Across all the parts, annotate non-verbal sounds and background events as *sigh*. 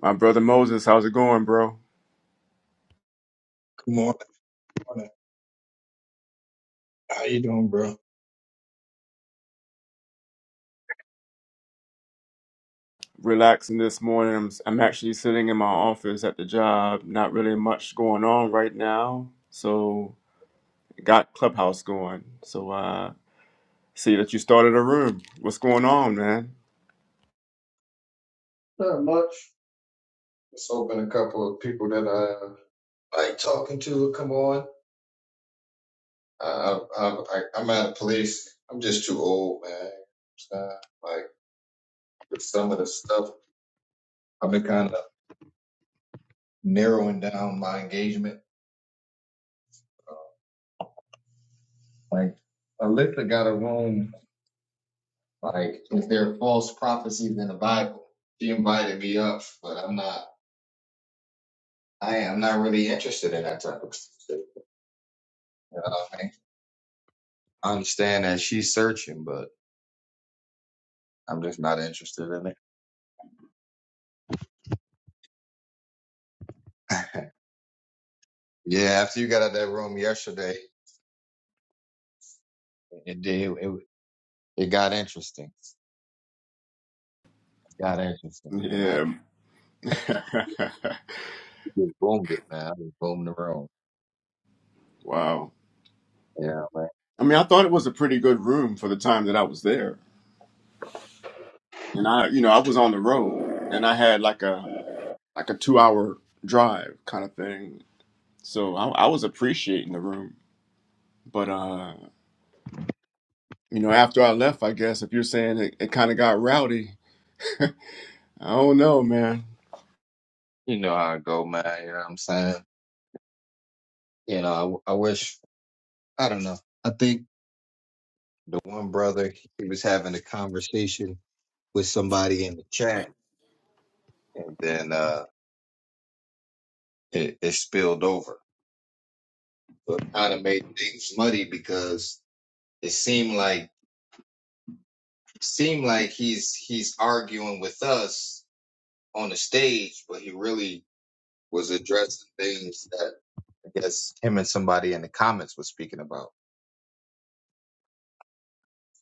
My brother Moses, how's it going, bro? Good morning. morning. How you doing, bro? Relaxing this morning. I'm, I'm actually sitting in my office at the job. Not really much going on right now. So, got Clubhouse going. So, uh, see that you started a room. What's going on, man? Not much. Just hoping a couple of people that I uh, like talking to will come on. I, I, I, I'm out of place. I'm just too old, man. Uh, like with some of the stuff, I've been kind of narrowing down my engagement. Uh, Like Alyssa got a room. Like is there false prophecies in the Bible, she invited me up, but I'm not. I am not really interested in that type of stuff. You know what I mean? I understand that she's searching, but. I'm just not interested in it. *laughs* yeah, after you got out of that room yesterday, it did. It, it got interesting. It got interesting, man. I Yeah. *laughs* just boomed it, man. I just boomed the room. wow. Yeah, man. I mean, I thought it was a pretty good room for the time that I was there. And I, you know, I was on the road and I had like a like a 2-hour drive kind of thing. So, I, I was appreciating the room. But uh you know, after I left, I guess if you're saying it, it kind of got rowdy, I don't know, man. You know how it go, man. You know what I'm saying? You know, I, I wish. I don't know. I think the one brother he was having a conversation with somebody in the chat, and then uh it, it spilled over. So it kind of made things muddy because it seemed like. seemed like he's he's arguing with us on the stage, but he really was addressing things that I guess him and somebody in the comments was speaking about.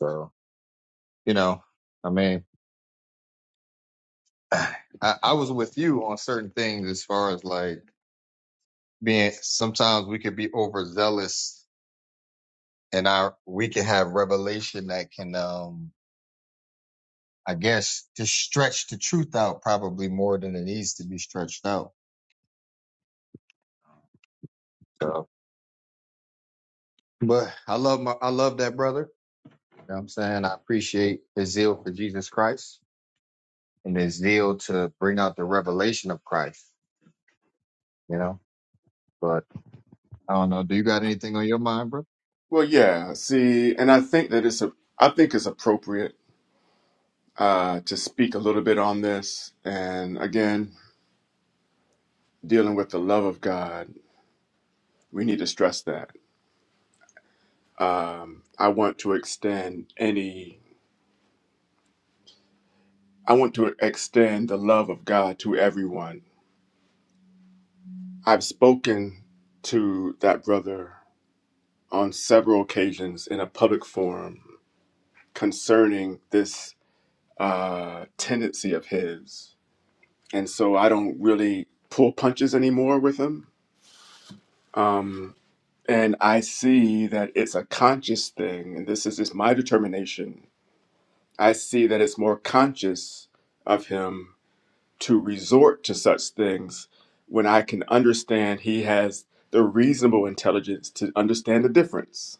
So you know, I mean, *sighs* I, I was with you on certain things as far as like being. Sometimes we could be overzealous, and our we can have revelation that can, um I guess, just stretch the truth out probably more than it needs to be stretched out. So, but I love my I love that brother know what I'm saying? I appreciate his zeal for Jesus Christ and his zeal to bring out the revelation of Christ, you know? But I don't know. Do you got anything on your mind, bro? Well, yeah, see, and I think that it's a, I think it's appropriate uh, to speak a little bit on this, and again, dealing with the love of God, we need to stress that. Um, I want to extend any, I want to extend the love of God to everyone. I've spoken to that brother on several occasions in a public forum concerning this uh, tendency of his. And so I don't really pull punches anymore with him. Um, and I see that it's a conscious thing. And this is just my determination. I see that it's more conscious of him to resort to such things when I can understand he has the reasonable intelligence to understand the difference.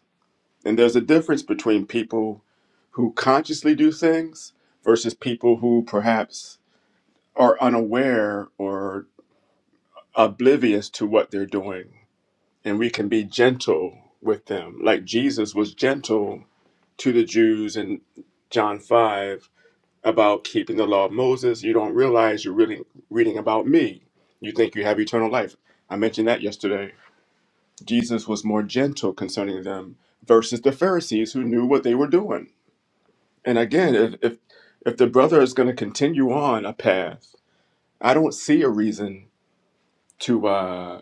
And there's a difference between people who consciously do things versus people who perhaps are unaware or oblivious to what they're doing. And we can be gentle with them, like Jesus was gentle to the Jews in John 5 about keeping the law of Moses. You don't realize you're really reading about me. You think you have eternal life. I mentioned that yesterday. Jesus was more gentle concerning them versus the Pharisees who knew what they were doing. And again, if, if, if the brother is going to continue on a path, I don't see a reason to. uh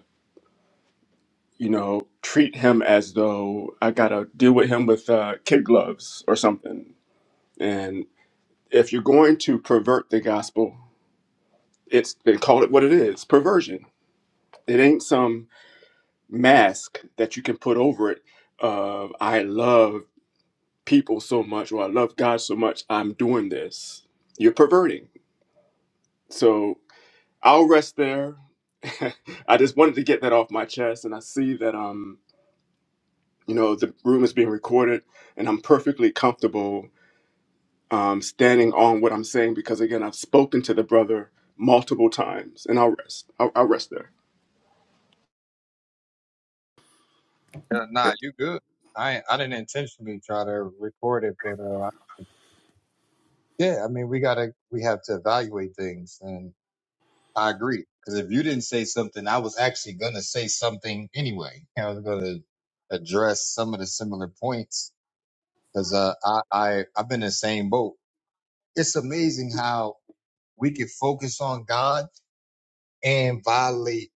you know, treat him as though I gotta deal with him with uh, kid gloves or something. And if you're going to pervert the gospel, it's they call it what it is, perversion. It ain't some mask that you can put over it of I love people so much or I love God so much, I'm doing this. You're perverting. So I'll rest there. *laughs* I just wanted to get that off my chest and I see that um you know the room is being recorded and i'm perfectly comfortable um, standing on what i'm saying because again i've spoken to the brother multiple times and i'll rest i'll, I'll rest there Uh, nah, you good. I ain't- I didn't intentionally try to record it, but uh, yeah, I mean, we gotta we have to evaluate things, and I agree because if you didn't say something, I was actually gonna say something anyway. *laughs* I was gonna address some of the similar points because uh, I I I've been in the same boat. It's amazing how We can focus on God and violate,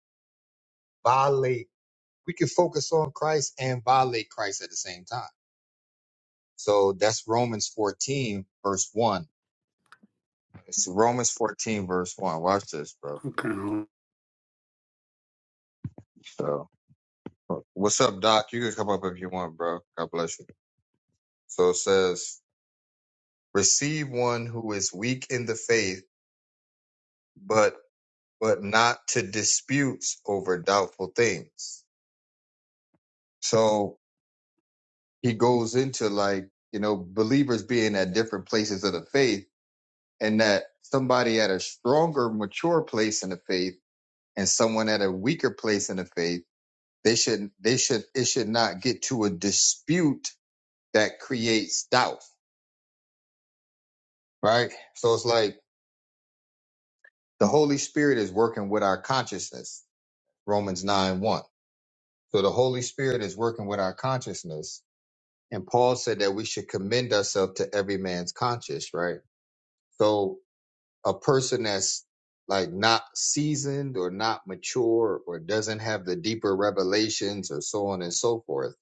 violate. We can focus on Christ and violate Christ at the same time. So that's Romans 14, verse 1. It's Romans 14, verse 1. Watch this, bro. Okay. So, uh, what's up, Doc? You can come up if you want, bro. God bless you. So it says, receive one who is weak in the faith, but but not to disputes over doubtful things. So he goes into like you know believers being at different places of the faith and that somebody at a stronger mature place in the faith and someone at a weaker place in the faith they should they should it should not get to a dispute that creates doubt right so it's like the holy spirit is working with our consciousness romans 9 1 so the holy spirit is working with our consciousness and paul said that we should commend ourselves to every man's conscience right so a person that's like not seasoned or not mature or doesn't have the deeper revelations or so on and so forth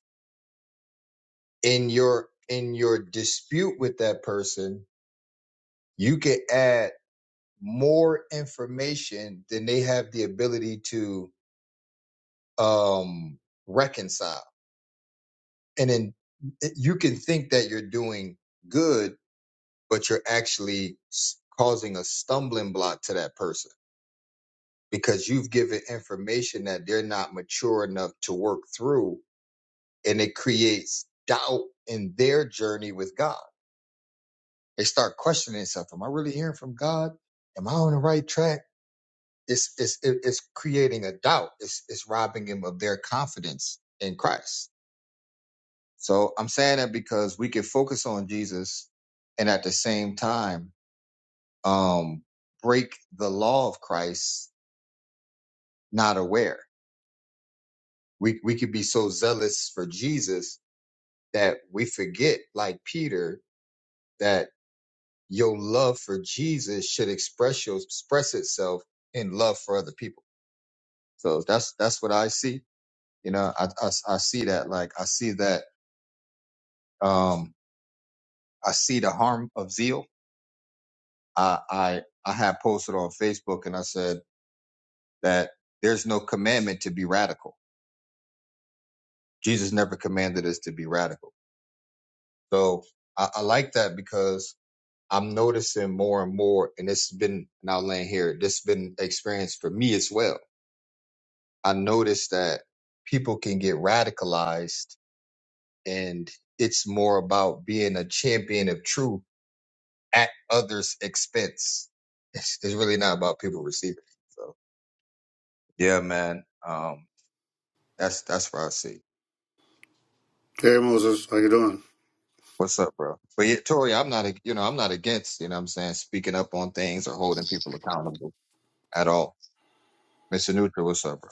in your in your dispute with that person you can add more information than they have the ability to um reconcile and then eh, you can think that you're doing good but you're actually s- causing a stumbling block to that person because you've given information that they're not mature enough to work through and it creates doubt in their journey with God. They start questioning themselves. Am I really hearing from God? Am I on the right track? It's, it's, it- it's creating a doubt. It's, it's robbing them of their confidence in Christ. So I'm saying that because we can focus on Jesus and at the same time, um, break the law of Christ, not aware. We, we could be so zealous for Jesus that we forget, like Peter, that your love for Jesus should express your, express itself in love for other people. So that's that's what I see. You know, I, I, I see that. Like I see that. Um, I see the harm of zeal. I I I had posted on Facebook and I said that there's no commandment to be radical. Jesus never commanded us to be radical. So I, I like that because I'm noticing more and more, and it's been now laying here, this has been experience for me as well. I noticed that people can get radicalized and it's more about being a champion of truth at others' expense. It's, it's really not about people receiving. it. So yeah, man. Um that's that's what I see. Hey Moses, how you doing? What's up, bro? But yeah, Tori, I'm not a- you know, I'm not against, you know what I'm saying, speaking up on things or holding people accountable at all. Mr. Neutral, what's up, bro?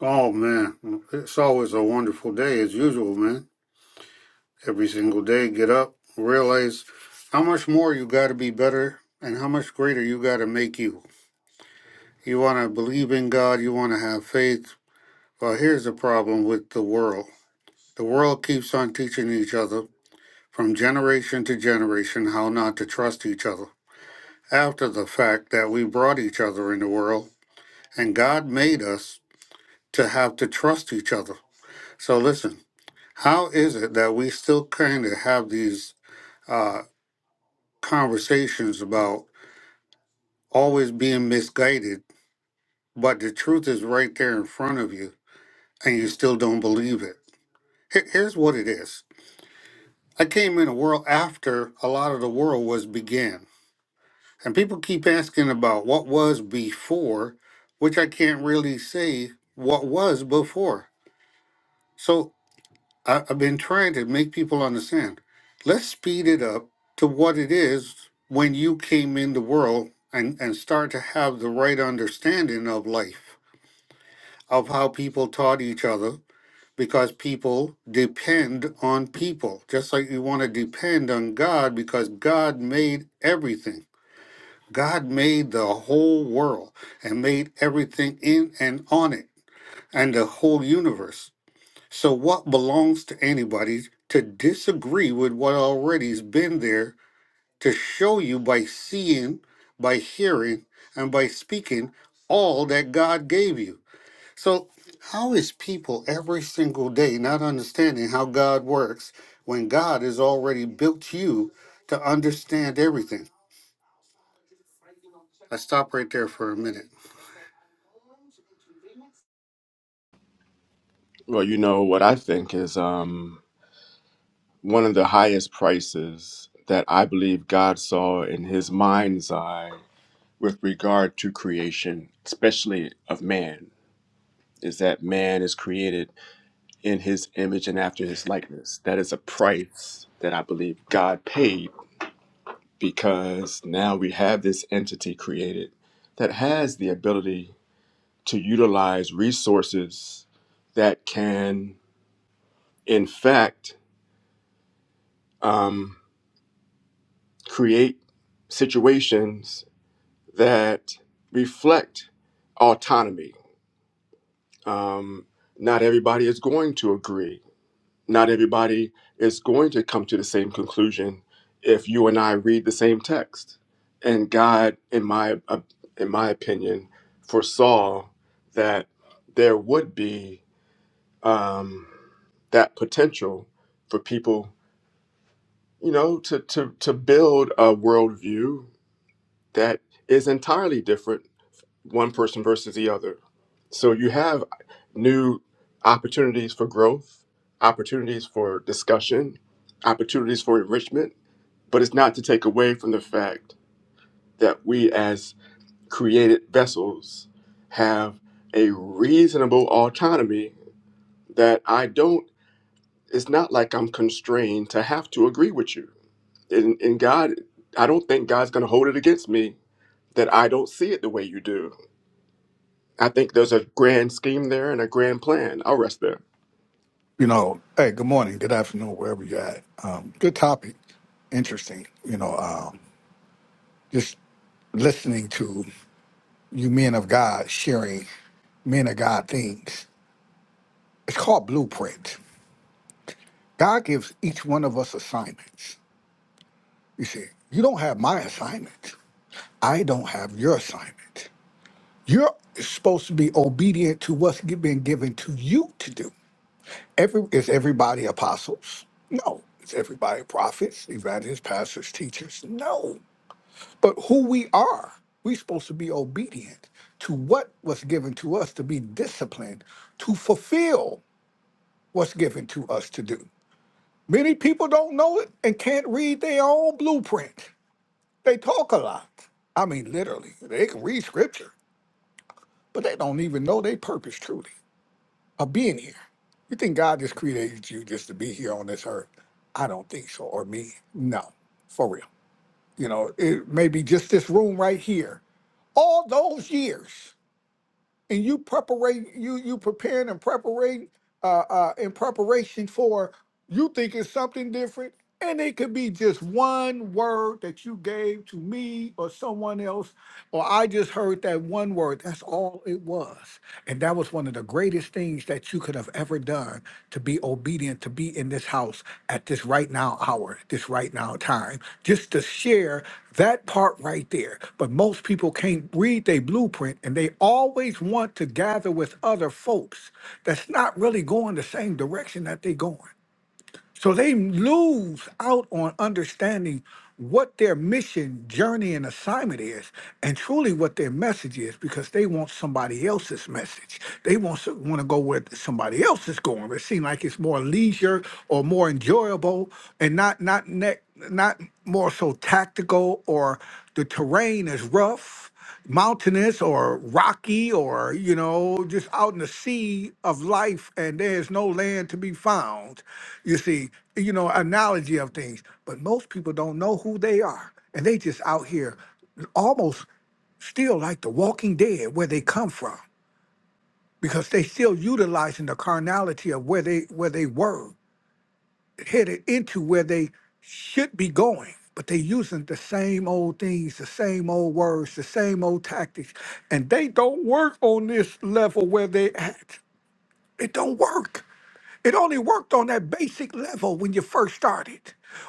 Oh man, it's always a wonderful day as usual, man. Every single day, get up, realize how much more you got to be better, and how much greater you got to make you. You want to believe in God, you want to have faith. Well, here's the problem with the world. The world keeps on teaching each other from generation to generation how not to trust each other. After the fact that we brought each other in the world, and God made us to have to trust each other. So listen, how is it that we still kind of have these uh, conversations about always being misguided, but the truth is right there in front of you, and you still don't believe it? Here- Here's what it is. I came in a world after a lot of the world was began, and people keep asking about what was before, which I can't really say what was before. So I, I've been trying to make people understand. Let's speed it up to what it is when you came in the world and, and start to have the right understanding of life, of how people taught each other, because people depend on people, just like you want to depend on God because God made everything. God made the whole world and made everything in and on it and the whole universe. So, what belongs to anybody to disagree with what already has been there to show you by seeing, by hearing, and by speaking all that God gave you? So, how is people every single day not understanding how God works when God has already built you to understand everything? I stop right there for a minute. Well, you know what I think is um, one of the highest prices that I believe God saw in His mind's eye with regard to creation, especially of man, is that man is created in His image and after His likeness. That is a price that I believe God paid because now we have this entity created that has the ability to utilize resources that can, in fact, um, create situations that reflect autonomy. Um, not everybody is going to agree not everybody is going to come to the same conclusion if you and I read the same text. And God, in my uh, in my opinion, foresaw that there would be um, that potential for people, you know, to to to build a worldview that is entirely different one person versus the other. So you have new opportunities for growth, opportunities for discussion, opportunities for enrichment, but it's not to take away from the fact that we as created vessels have a reasonable autonomy that I don't it's not like I'm constrained to have to agree with you. And, and God, I don't think God's going to hold it against me that I don't see it the way you do. I think there's a grand scheme there and a grand plan. I'll rest there. you know, hey, good morning, good afternoon, wherever you're at. Um, good topic, interesting. You know, um, just listening to you men of God sharing men of God things. It's called blueprint. God gives each one of us assignments. You see, you don't have my assignment. I don't have your assignment. You're supposed to be obedient to what's been given to you to do. Every is everybody apostles? No. Is everybody prophets, evangelists, pastors, teachers? No. But who we are, we're supposed to be obedient to what was given to us to be disciplined to fulfill what's given to us to do. Many people don't know it and can't read their own blueprint. They talk a lot. I mean, literally, they can read scripture, but they don't even know their purpose truly. of being here. You think God just created you just to be here on this earth? I don't think so. Or me? No, for real. You know, it may be just this room right here. All those years, and you preparing, you you preparing and preparing, uh, uh, in preparation for. You think it's something different, and it could be just one word that you gave to me or someone else, or I just heard that one word. That's all it was, and that was one of the greatest things that you that you could have ever done to be obedient, to be in this house at this right now hour, this right now time, just to share that part right there. But most people can't read their blueprint and they always want to gather with other folks that's not really going the same direction that they're going. So they lose out on understanding what their mission, journey, and assignment is, and truly what their message is, because they want somebody else's message. They want to want to go where somebody else is going. It seems like it's more leisure or more enjoyable, and not not ne- not more so tactical or the terrain is rough mountainous or rocky or you know just out in the sea of life and there is no land to be found you see you know analogy of things but most people don't know who they are and they just out here almost still like the walking dead where they come from because they still utilizing the carnality of where they where they were headed into where they should be going, but they're using the same old things, the same old words, the same old tactics, and they don't work on this level where they at. It don't work. It only worked on that basic level when you first started,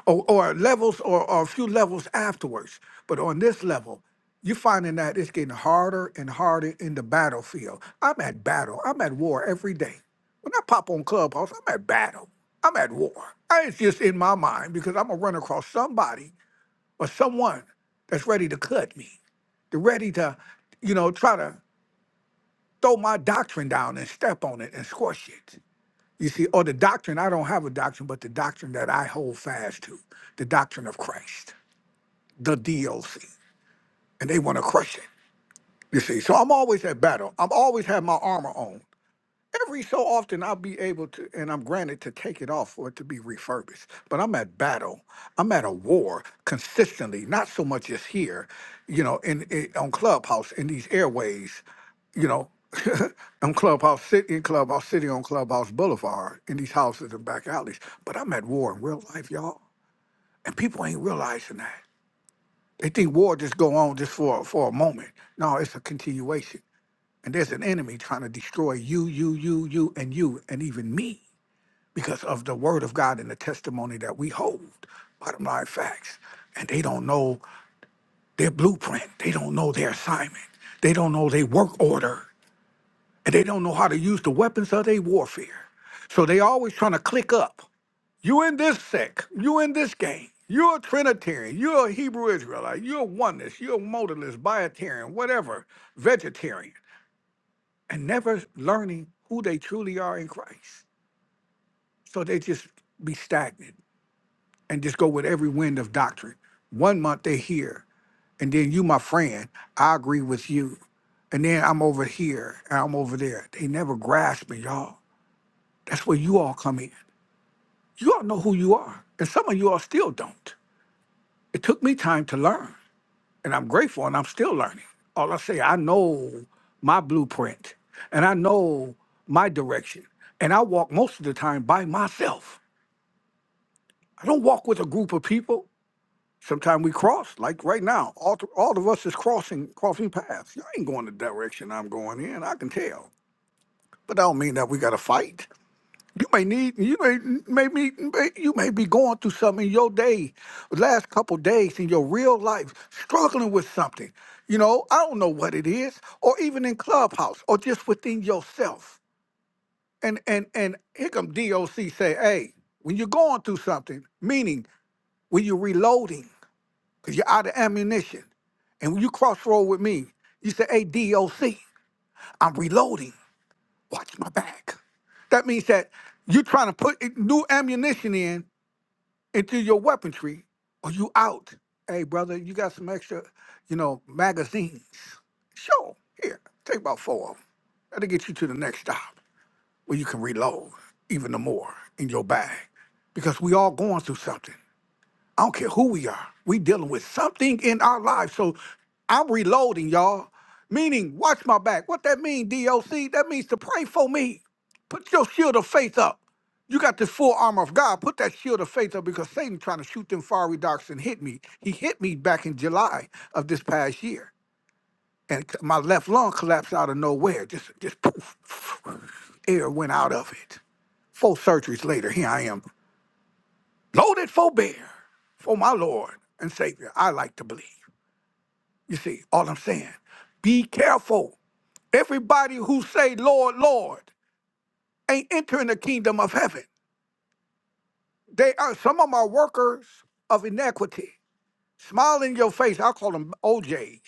or, or levels or, or a few levels afterwards. But on this level, you're finding that it's getting harder and harder in the battlefield. I'm at battle. I'm at war every day. When I pop on Clubhouse, I'm at battle. I'm at war. I, it's just in my mind because I'm going to run across somebody or someone that's ready to cut me. They're ready to, you know, try to throw my doctrine down and step on it and squash it. You see, or the doctrine, I don't have a doctrine, but the doctrine that I hold fast to, the doctrine of Christ, the DOC. And they want to crush it. You see, so I'm always at battle. I'm always have my armor on every so often I'll be able to, and I'm granted to take it off for it to be refurbished. But I'm at battle. I'm at a war consistently, not so much as here, you know, in, in on Clubhouse in these airways, you know, *laughs* on Clubhouse City, in Clubhouse City, on Clubhouse Boulevard, in these houses and back alleys. But I'm at war in real life, y'all, and people ain't realizing that. They think war just go on just for for a moment. No, it's a continuation. And there's an enemy trying to destroy you, you, you, you, and you, and even me because of the word of God and the testimony that we hold. Bottom line facts. And they don't know their blueprint. They don't know their assignment. They don't know their work order. And they don't know how to use the weapons of their warfare. So they always trying to click up. You in this sect. You in this game. You're a Trinitarian. You're a Hebrew Israelite. You're a oneness. You're a modalist, biotarian, whatever, vegetarian and never learning who they truly are in Christ. So they just be stagnant and just go with every wind of doctrine. One month they're here, and then you, my friend, I agree with you. And then I'm over here and I'm over there. They never grasp me, y'all. That's where you all come in. You all know who you are. And some of you all still don't. It took me time to learn. and I'm grateful and I'm still learning. All I say, I know my blueprint and I know my direction. And I walk most of the time by myself. I don't walk with a group of people. Sometimes we cross, like right now. All, th- all of us is crossing crossing paths. Y'all ain't going the direction I'm going in. I can tell, but I don't mean that we got to fight. You may need you may may be may- you may be going through something in your day, last couple days in your real life, struggling with something. You know, I don't know what it is, or even in clubhouse, or just within yourself. And and and here come DOC say, hey, when you're going through something, meaning when you're reloading, because you're out of ammunition, and when you crossroad with me, you say, hey, DOC, I'm reloading. Watch my back. That means that you're trying to put new ammunition in and through your weaponry, or you out. Hey, brother, you got some extra, you know, magazines. Sure, here, take about four of them. That'll get you to the next stop where you can reload even the more in your bag. Because we all going through something. I don't care who we are. We dealing with something in our life. So I'm reloading, y'all. Meaning, watch my back. What that mean, DOC? That means to pray for me. Put your shield of faith up. You got the full armor of God. Put that shield of faith up because Satan trying to shoot them fiery darts and hit me. He hit me back in July of this past year. And c- my left lung collapsed out of nowhere. Just just poof. *sniffs* Air went out of it. Four surgeries later, here I am. Loaded for bear for my Lord and Savior, I like to believe. You see, all I'm saying, be careful. Everybody who say, Lord, Lord, ain't entering the kingdom of heaven. They are some of them are workers of iniquity. Smile in your face. I call them OJs,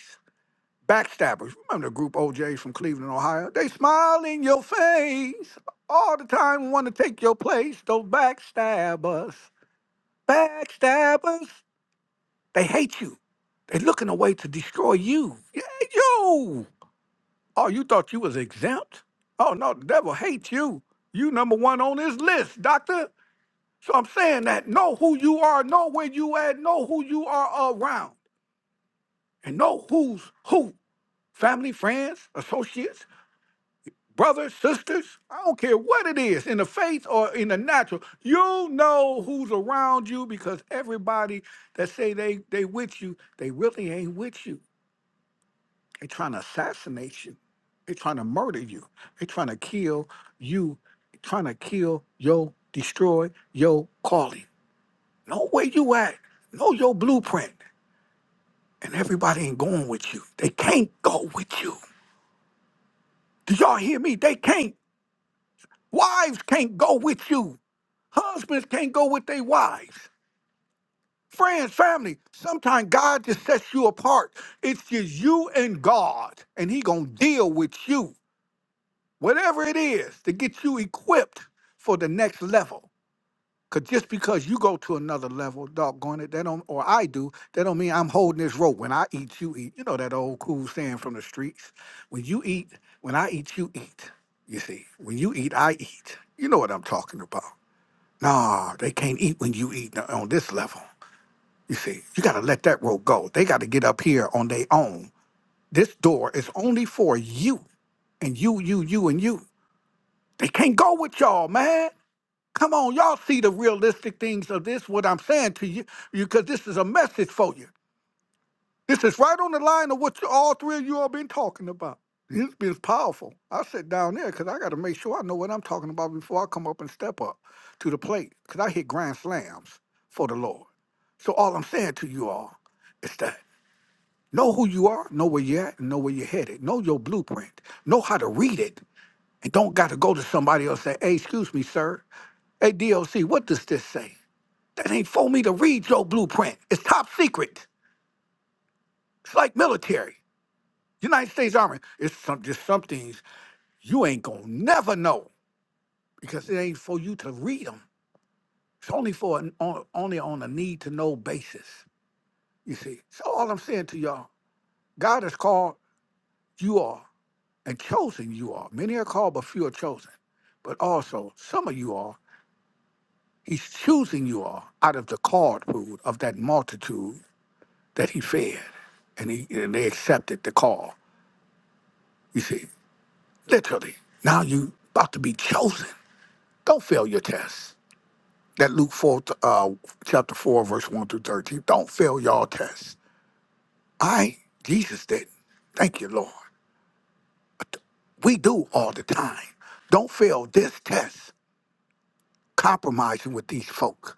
backstabbers. Remember the group OJs from Cleveland, Ohio? They smile in your face all the time, want to take your place. Those backstabbers, backstabbers. They hate you. They're looking a way to destroy you. Yeah, Yo! Oh, you thought you was exempt? Oh no, the devil hates you. You number one on his list, doctor. So I'm saying that know who you are, know where you at, know who you are around, and know who's who. Family, friends, associates, brothers, sisters. I don't care what it is, in the faith or in the natural. You know who's around you because everybody that say they they with you, they really ain't with you. They're trying to assassinate you. They're trying to murder you. They're trying to kill you. They're trying to kill your destroy your calling. Know where you at. Know your blueprint. And everybody ain't going with you. They can't go with you. Do y'all hear me? They can't. Wives can't go with you. Husbands can't go with their wives. Friends, family. Sometimes God just sets you apart. It's just you and God, and He gonna deal with you. whatever it is to get you equipped for the next level. Cause just because you go to another level, doggone it, that don't or I do, that don't mean I'm holding this rope. When I eat, you eat. You know that old cool saying from the streets. When you eat, when I eat, you eat. You see, when you eat, I eat. You know what I'm talking about. Nah, they can't eat when you eat on this level. You see, you gotta let that rope go. They gotta get up here on their own. This door is only for you and you, you, you, and you. They can't go with y'all, man. Come on, y'all see the realistic things of this, what I'm saying to you, because this is a message for you. This is right on the line of what you, all three of you all been talking about. This has been powerful. I sit down there because I got to make sure I know what I'm talking about before I come up and step up to the plate because I hit grand slams for the Lord. So all I'm saying to you all is that know who you are, know where you're at, and know where you're headed. Know your blueprint. Know how to read it, and don't got to go to somebody else and say, "Hey, excuse me, sir. Hey, DOC, what does this say? That ain't for me to read your blueprint. It's top secret. It's like military. United States Army. It's some, just some things you ain't gonna never know because it ain't for you to read them. It's only for an, on, only on a need to know basis. You see. So all I'm saying to y'all, God has called you all and chosen you all. Many are called, but few are chosen. But also, some of you all, He's choosing you all out of the card pool of that multitude that he fed, and he and they accepted the call. You see, literally, now you about to be chosen. Don't fail your test. That Luke four, uh, chapter four, verse one through thirteen. Don't fail y'all tests. I Jesus did. not Thank you, Lord. We do all the time. Don't fail this test. Compromising with these folks.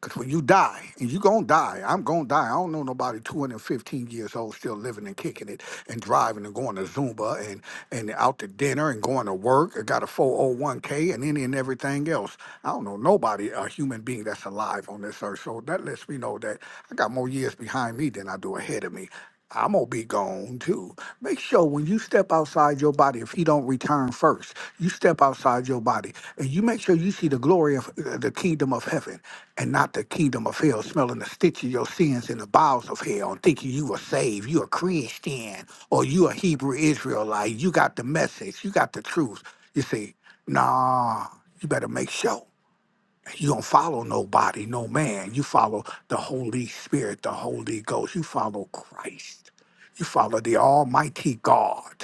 Because when you die, and you going to die, I'm going to die. I don't know nobody 215 years old still living and kicking it and driving and going to Zumba and, and out to dinner and going to work. I got a 401k and any and everything else. I don't know nobody, a human being that's alive on this earth. So that lets me know that I got more years behind me than I do ahead of me. I'm gonna be gone too. Make sure when you step outside your body, if he don't return first, you step outside your body and you make sure you see the glory of uh, the kingdom of heaven and not the kingdom of hell, smelling the stench of your sins in the bowels of hell, and thinking you are saved, you a Christian, or you a Hebrew Israelite, you got the message, you got the truth. You see, nah, you better make sure. You don't follow nobody, no man. You follow the Holy Spirit, the Holy Ghost. You follow Christ. You follow the Almighty God.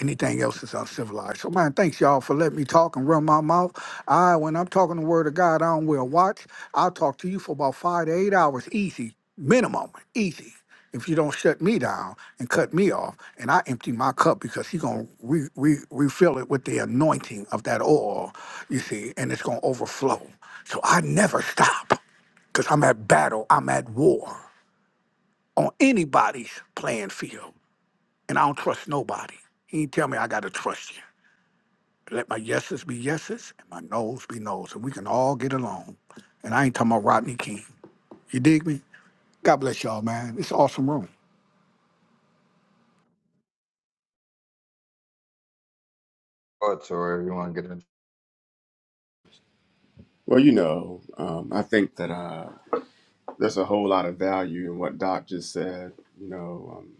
Anything else is uncivilized. So, man, thanks y'all for letting me talk and run my mouth. I, when I'm talking the word of God, I don't wear a watch. I'll talk to you for about five to eight hours, easy, minimum, easy. If you don't shut me down and cut me off, and I empty my cup because he's gonna re- re- refill it with the anointing of that oil, you see, and it's gonna overflow. So I never stop because I'm at battle, I'm at war on anybody's playing field, and I don't trust nobody. He ain't tell me I gotta trust you. Let my yeses be yeses and my nos be nos, and we can all get along. And I ain't talking about Rodney King. You dig me? God bless y'all, man. It's an awesome room. Oh, Tori, you wanna get in? Well, you know, um, I think that uh, there's a whole lot of value in what Doc just said. You know, um,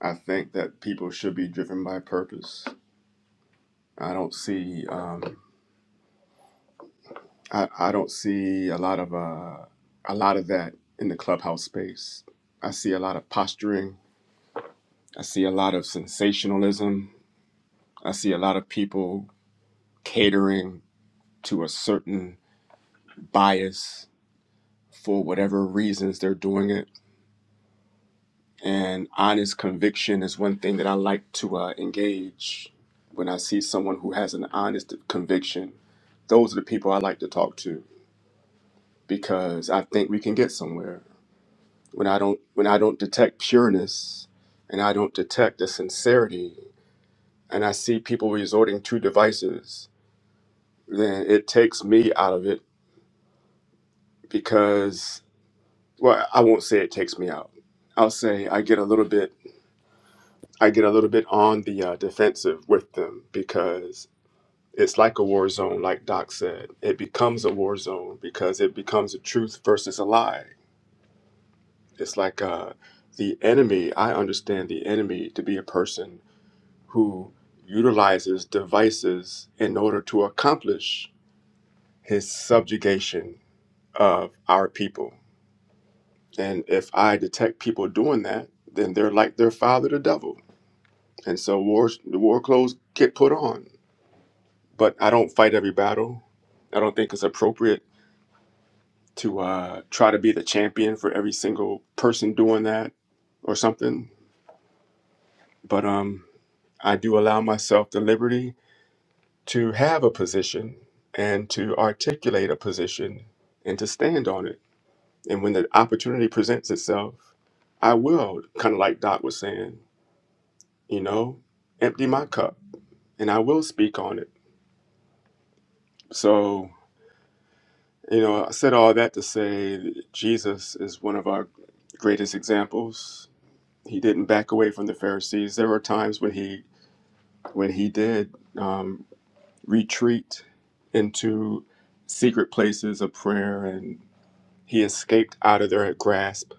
I think that people should be driven by purpose. I don't see, um, I, I don't see a lot of uh, a lot of that in the clubhouse space. I see a lot of posturing. I see a lot of sensationalism. I see a lot of people catering to a certain bias for whatever reasons they're doing it. And honest conviction is one thing that I like to uh, engage when I see someone who has an honest conviction. Those are the people I like to talk to because I think we can get somewhere. When I don't when I don't detect pureness and I don't detect the sincerity and I see people resorting to devices, then it takes me out of it because well, I won't say it takes me out. I'll say I get a little bit I get a little bit on the uh, defensive with them because it's like a war zone, like Doc said. It becomes a war zone because it becomes a truth versus a lie. It's like uh, the enemy, I understand the enemy to be a person who utilizes devices in order to accomplish his subjugation of our people. And if I detect people doing that, then they're like their father, the devil. And so wars, the war clothes get put on but I don't fight every battle. I don't think it's appropriate to uh, try to be the champion for every single person doing that or something. But um, I do allow myself the liberty to have a position and to articulate a position and to stand on it. And when the opportunity presents itself, I will, kind of like Doc was saying, you know, empty my cup and I will speak on it. So You know, I said all that to say that Jesus is one of our greatest examples. He didn't back away from the Pharisees. There were times when he when he did um, retreat into secret places of prayer, and he escaped out of their grasp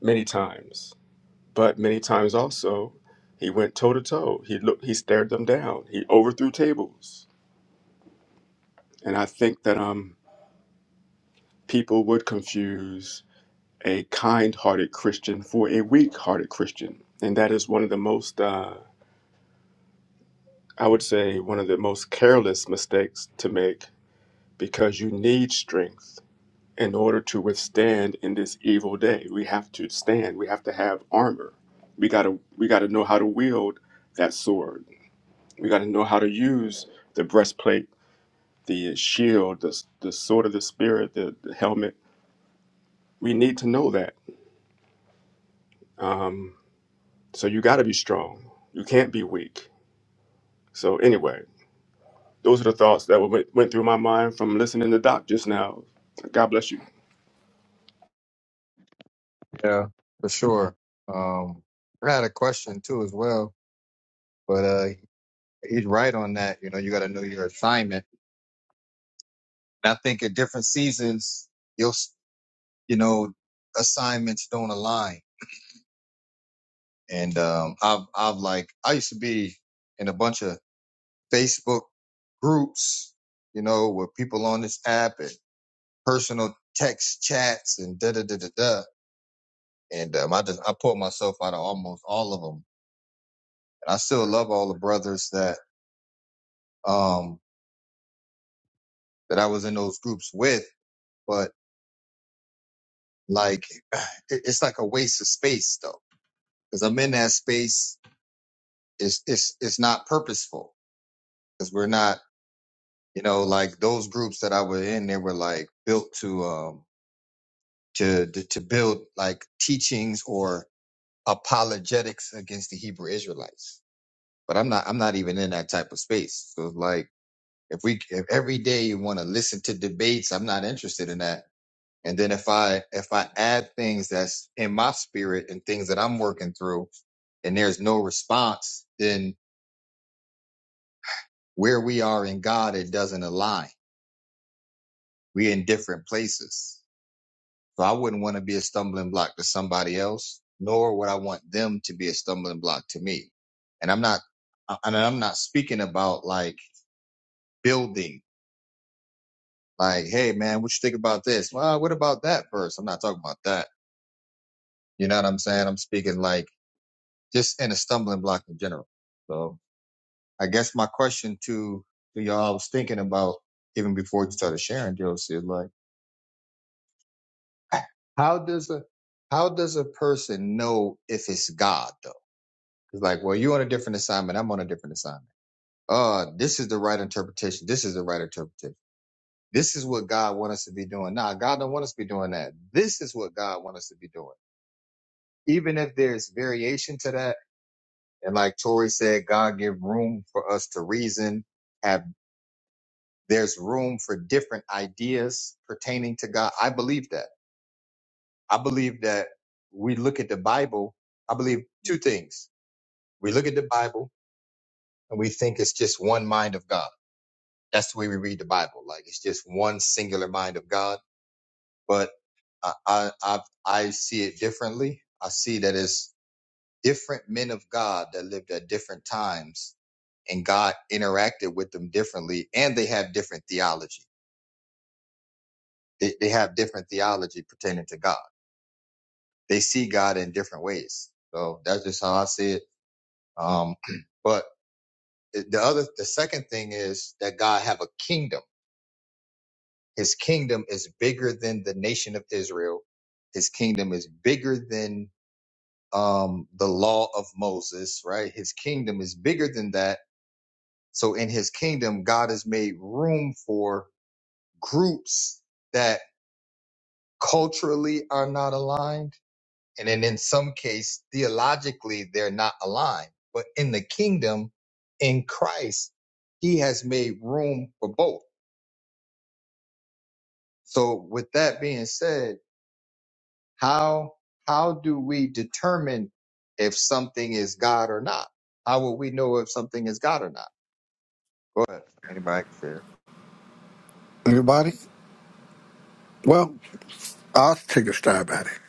many times. But many times also, he went toe to toe. He looked, he stared them down. He overthrew tables, and I think that um, people would confuse a kind hearted Christian for a weak hearted Christian. And that is one of the most, uh, I would say, one of the most careless mistakes to make because you need strength in order to withstand in this evil day. We have to stand, we have to have armor. We gotta, we gotta know how to wield that sword. We gotta know how to use the breastplate, the shield, the, the sword of the spirit, the, the helmet. We need to know that. Um, so you gotta be strong. You can't be weak So anyway, those are the thoughts that went, went through my mind from listening to Doc just now. God bless you. Yeah, for sure. Um, I had a question too as well, but uh, he's right on that. You know, you got to know your assignment. And I think at different seasons, you'll s- you know assignments don't align. And um, I've I've like I used to be in a bunch of Facebook groups, you know, with people on this app and personal text chats and da da da da da. And um, I just I pulled myself out of almost all of them. And I still love all the brothers that. um that I was in those groups with, but like *sighs* it- it's like a waste of space though, because I'm in that space. It's it's it's not purposeful because we're not, you know, like those groups that I was in. They were like built to um to to, to build like teachings or apologetics against the Hebrew Israelites. But I'm not I'm not even in that type of space. So like if we if every day you want to listen to debates, I'm not interested in that And then if I if I add things that's in my spirit and things that I'm working through and there's no response, then where we are in God, it doesn't align. We're in different places. So I wouldn't want to be a stumbling block to somebody else, nor would I want them to be a stumbling block to me. And I'm not I- and I'm not speaking about like building, like, hey man, what you think about this? Well, what about that verse? I'm not talking about that. You know what I'm saying? I'm speaking like just in a stumbling block in general. So I guess my question to, to y'all, I was thinking about even before you started sharing, Josie, is like, *clears throat* how does a, how does a person know if it's God though? It's like, well, you're on a different assignment. I'm on a different assignment. Uh, this is the right interpretation. This is the right interpretation. This is what God wants us to be doing. Nah, God don't want us to be doing that. This is what God wants us to be doing. Even if there's variation to that. And like Tori said, God give room for us to reason Have There's room for different ideas pertaining to God. I believe that. I believe that we look at the Bible. I believe two things. We look at the Bible and we think it's just one mind of God. That's the way we read the Bible. Like it's just one singular mind of God. But I, I, I, I see it differently. I see that it's different men of God that lived at different times and God interacted with them differently and they have different theology. They, they have different theology pertaining to God. they see God in different ways. So that's just how I see it. Um, *clears throat* but the other, the second thing is that God have a kingdom. His kingdom is bigger than the nation of Israel. His kingdom is bigger than um, the law of Moses, right? His kingdom is bigger than that. So in his kingdom, God has made room for groups that culturally are not aligned And then in some case, theologically, they're not aligned. But in the kingdom, in Christ, he has made room for both. So with that being said, how, how do we determine if something is God or not? How will we know if something is God or not? Go ahead. Anybody can share. Everybody? Well, I'll take a stab at it.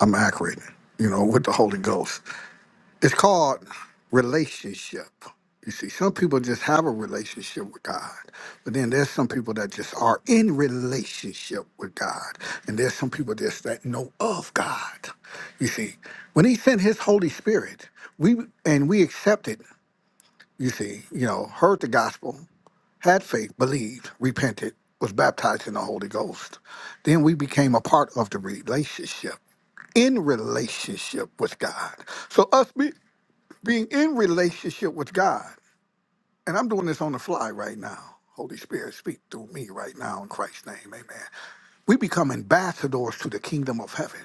I'm accurate, you know, with the Holy Ghost. It's called relationship. You see, some people just have a relationship with God, but then there's some people that just are in relationship with God, and there's some people just that know of God. You see, when He sent His Holy Spirit, we and we accepted. You see, you know, heard the gospel, had faith, believed, repented, was baptized in the Holy Ghost. Then we became a part of the relationship in relationship with God. So us be, being in relationship with God. And I'm doing this on the fly right now. Holy Spirit, speak through me right now in Christ's name. Amen. We become ambassadors to the kingdom of heaven.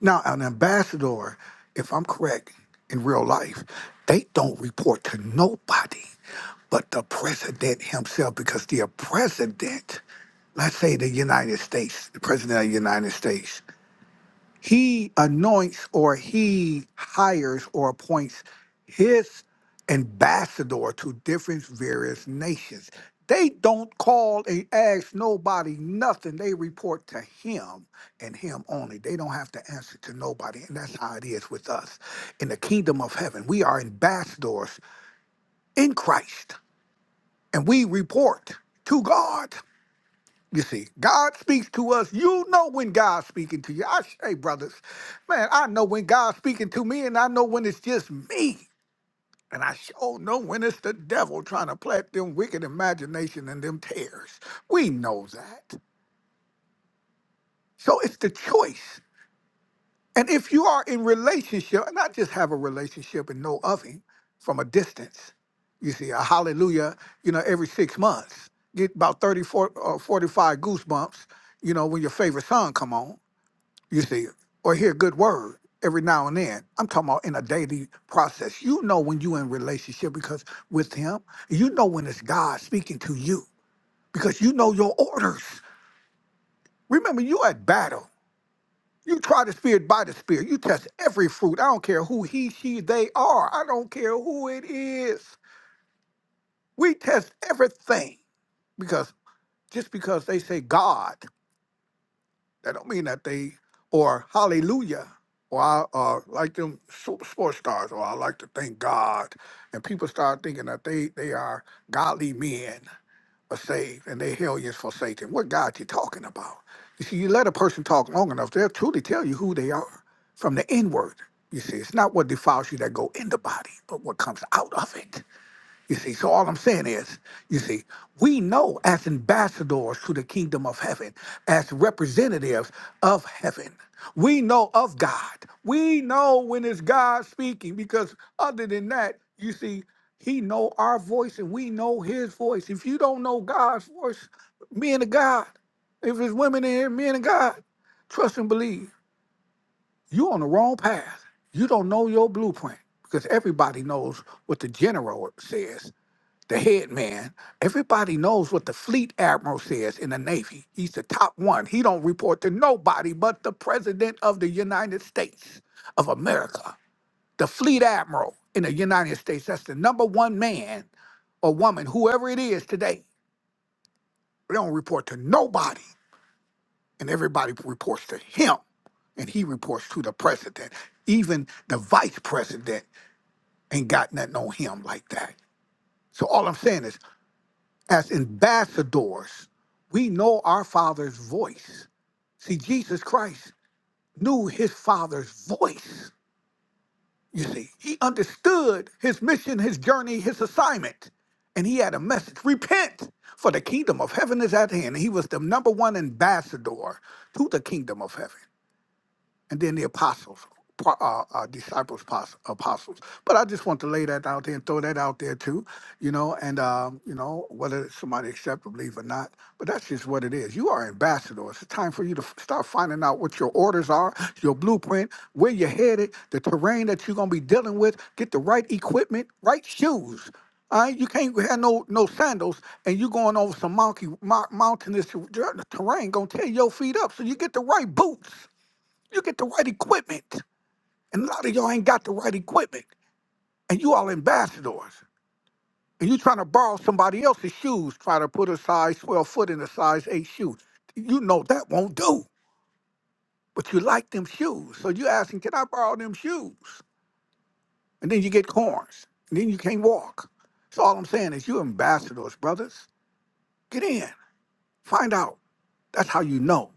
Now, an ambassador, if I'm correct, in real life, they don't report to nobody but the president himself because the president, let's say the United States, the president of the United States, he anoints or he hires or appoints his ambassador to different various nations. They don't call and ask nobody nothing. They report to him and him only. They don't have to answer to nobody. And that's how it is with us. In the kingdom of heaven, we are ambassadors in Christ and we report to God. You see, God speaks to us. You know when God's speaking to you. I say, brothers, man, I know when God's speaking to me, and I know when it's just me. And I sure know when it's the devil trying to plant them wicked imagination and them tears. We know that. So it's the choice. And if you are in relationship, and not just have a relationship and know of him from a distance, you see, a hallelujah, you know, every six months, get about 30, forty, uh, 45 goosebumps, you know, when your favorite song come on you see, or hear a good word every now and then. I'm talking about in a daily process. You know when you in relationship because with him, you know when it's God speaking to you because you know your orders. Remember, you at battle. You try the spirit by the spirit. You test every fruit. I don't care who he, she, they are. I don't care who it is. We test everything because just because they say God. That don't mean that they or hallelujah or I uh, like them so- sports stars or I like to thank God. And people start thinking that they they are godly men are saved and they hellions forsaken. What God you talking about? You see, you let a person talk long enough, they'll truly tell you who they are from the inward. You see, it's not what defiles you that go in the body, but what comes out of it. You see, so all I'm saying is, you see, we know as ambassadors to the kingdom of heaven, as representatives of heaven, we know of God. We know when it's God speaking, because other than that, you see, He know our voice and we know His voice. If you don't know God's voice, men of God, if it's women in here, men of God, trust and believe. you on the wrong path. You don't know your blueprint because everybody knows what the general says the head man. Everybody knows what the fleet admiral says in the Navy. He's the top one. He don't report to nobody but the president of the United States of America. The fleet admiral in the United States, that's the number one man or woman, whoever it is today. They don't report to nobody, and everybody reports to him, and he reports to the president. Even the vice president ain't got nothing on him like that. So all I'm saying is as ambassadors, we know our Father's voice. See, Jesus Christ knew his Father's voice. You see, he understood his mission, his journey, his assignment, and he had a message repent, for the kingdom of heaven is at hand. He was the number one ambassador to the kingdom of heaven and then the apostles, pro- uh, uh, disciples, pos- apostles. But I just want to lay that out there and throw that out there too, you know, and, um, you know, whether somebody accept or believe or not, but that's just what it is. You are ambassadors. It's time for you to f- start finding out what your orders are, your blueprint, where you're headed, the terrain that you're going to be dealing with, get the right equipment, right shoes. All right, you can't have no no sandals, and you going over some monkey mou- mountainous ter- terrain. Gonna tear your feet up, so you get the right boots. You get the right equipment. And a lot of y'all ain't got the right equipment. And you all ambassadors. And you trying to borrow somebody else's shoes, try to put a size 12 foot in a size 8 shoe. You know that won't do. But you like them shoes. So you asking, can I borrow them shoes? And then you get corns. And then you can't walk. So all I'm saying is you ambassadors, brothers. Get in. Find out. That's how you know.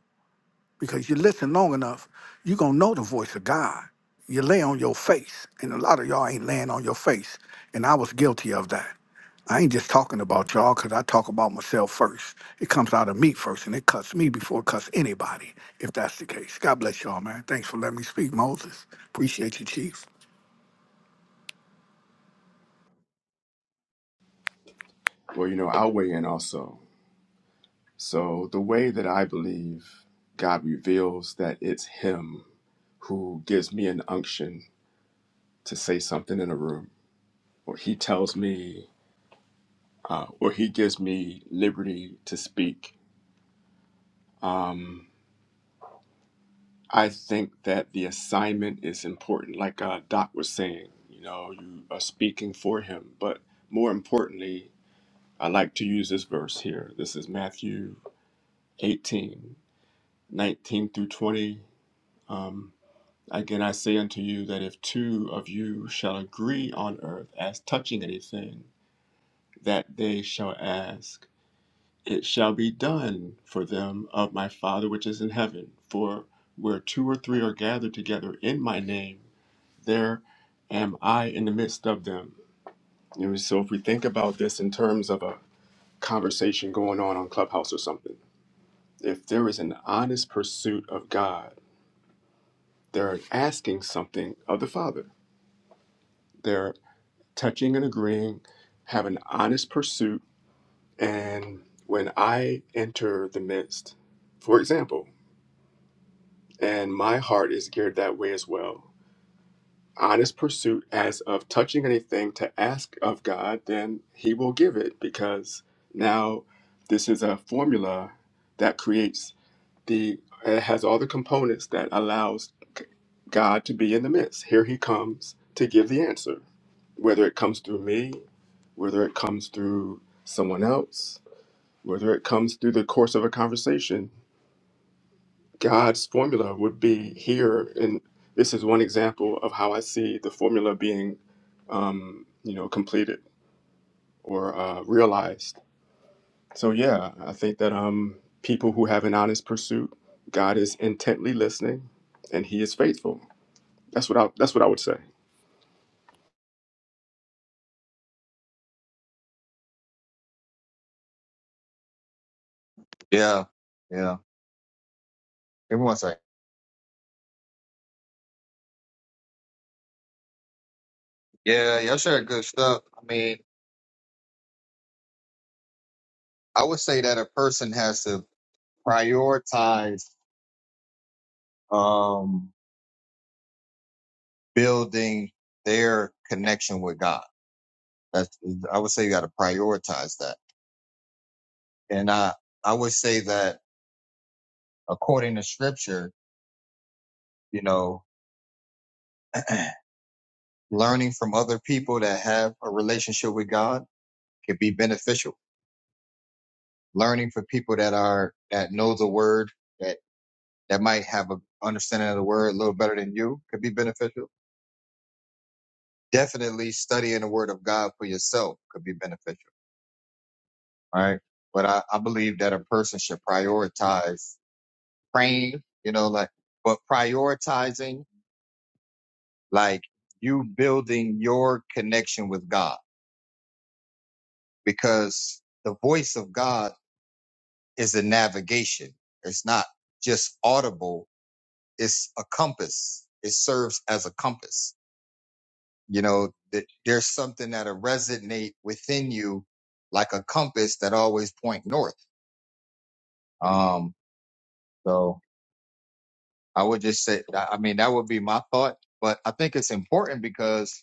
because you listen long enough, you're gonna know the voice of God. You lay on your face, and a lot of y'all ain't laying on your face. And I was guilty of that. I ain't just talking about y'all because I talk about myself first. It comes out of me first, and it cuts me before it cuts anybody, if that's the case. God bless y'all, man. Thanks for letting me speak, Moses. Appreciate you, Chief. Well, you know, I'll weigh in also. So the way that I believe God reveals that it's Him who gives me an unction to say something in a room, or He tells me, uh, or He gives me liberty to speak. Um, I think that the assignment is important, like uh, Doc was saying. You know, you are speaking for Him, but more importantly, I like to use this verse here. This is Matthew 18, 19 through 20. Um, Again, I say unto you that if two of you shall agree on earth as touching anything that they shall ask, it shall be done for them of my Father which is in heaven. For where two or three are gathered together in my name, there am I in the midst of them. You know, so if we think about this in terms of a conversation going on on Clubhouse or something, if there is an honest pursuit of God, they're asking something of the Father. They're touching and agreeing, have an honest pursuit. And when I enter the midst, for example, and my heart is geared that way as well, honest pursuit as of touching anything to ask of God, then He will give it because now this is a formula that creates. the it has all the components that allows God to be in the midst. Here he comes to give the answer. Whether it comes through me, whether it comes through someone else, whether it comes through the course of a conversation, God's formula would be here. And this is one example of how I see the formula being, um, you know, completed or uh, realized So yeah, I think that um people who have an honest pursuit, God is intently listening and he is faithful. That's what I that's what I would say. Yeah. Yeah. Give me one second. Yeah. Y'all share good stuff. I mean, I would say that a person has to prioritize, um, building their connection with God. That's, I would say you got to prioritize that. And I, I would say that according to scripture, you know, *clears throat* learning from other people that have a relationship with God could be beneficial. Learning from people that are, that know the word, that, that might have a understanding of the word a little better than you could be beneficial. Definitely studying the word of God for yourself could be beneficial. All right. But I, I believe that a person should prioritize praying, you know, like, but prioritizing, like you building your connection with God because the voice of God is a navigation. It's not just audible. It's a compass. It serves as a compass. You know, that there's something that'll resonate within you like a compass that always point north. Um, so I would just say, I I mean, that would be my thought, but I think it's important because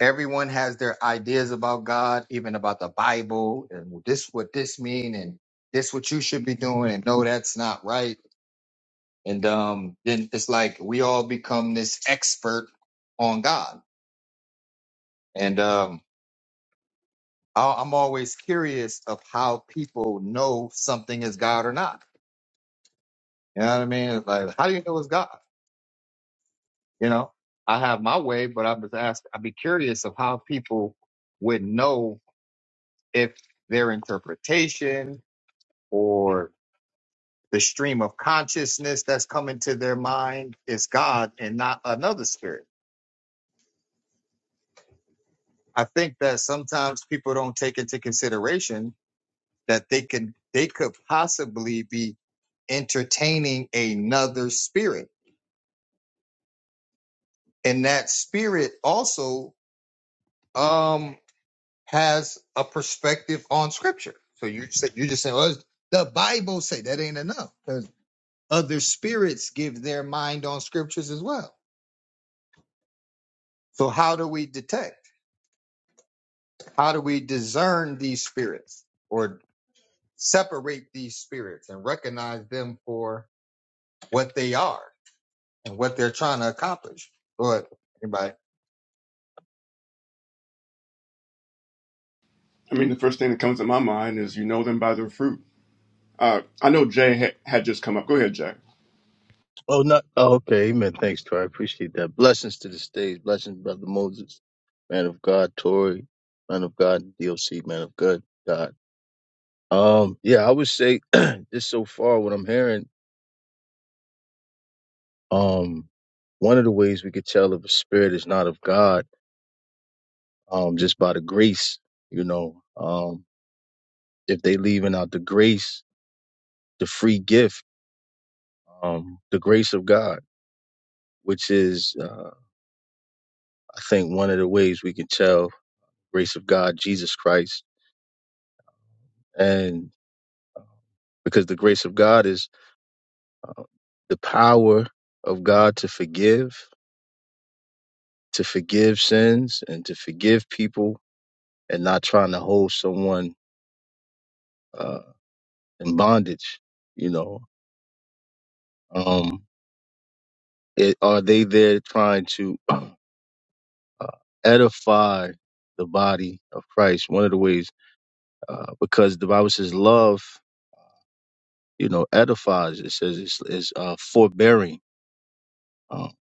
everyone has their ideas about God, even about the Bible, and this what this mean, and this what you should be doing, and no, that's not right. And um, then it's like we all become this expert on God. And um, I- I'm always curious of how people know something is God or not. You know what I mean? It's like, how do you know it's God? You know, I have my way, but I'm just ask. I'd be curious of how people would know if their interpretation or the stream of consciousness that's coming to their mind is God and not another spirit. I think that sometimes people don't take into consideration that they can they could possibly be entertaining another spirit. And that spirit also um has a perspective on scripture. So you said you just saying, well, the Bible say that ain't enough because other spirits give their mind on scriptures as well. So how do we detect? How do we discern these spirits or separate these spirits and recognize them for what they are and what they're trying to accomplish? Lord, anybody? I mean, the first thing that comes to my mind is you know them by their fruit. Uh, I know Jay ha- had just come up. Go ahead, Jay. Oh, not oh, okay. Amen. Thanks, Tori. I appreciate that. Blessings to the stage. Blessings, brother Moses, man of God, Tori, man of God, DOC. man of God, God. Um, yeah, I would say *clears throat* just so far what I'm hearing. Um, one of the ways we could tell if a spirit is not of God, um, just by the grace, you know, um, if they leaving out the grace, the free gift, um, the grace of God, which is, uh, I think one of the ways we can tell grace of God, Jesus Christ And because the grace of God is the power of God to forgive, to forgive sins, and to forgive people, and not trying to hold someone uh, in bondage. You know, um, it, are they there trying to *clears throat* uh, edify the body of Christ? One of the ways, uh, because the Bible says love, you know, edifies. It says it's, it's uh, forbearing. Um,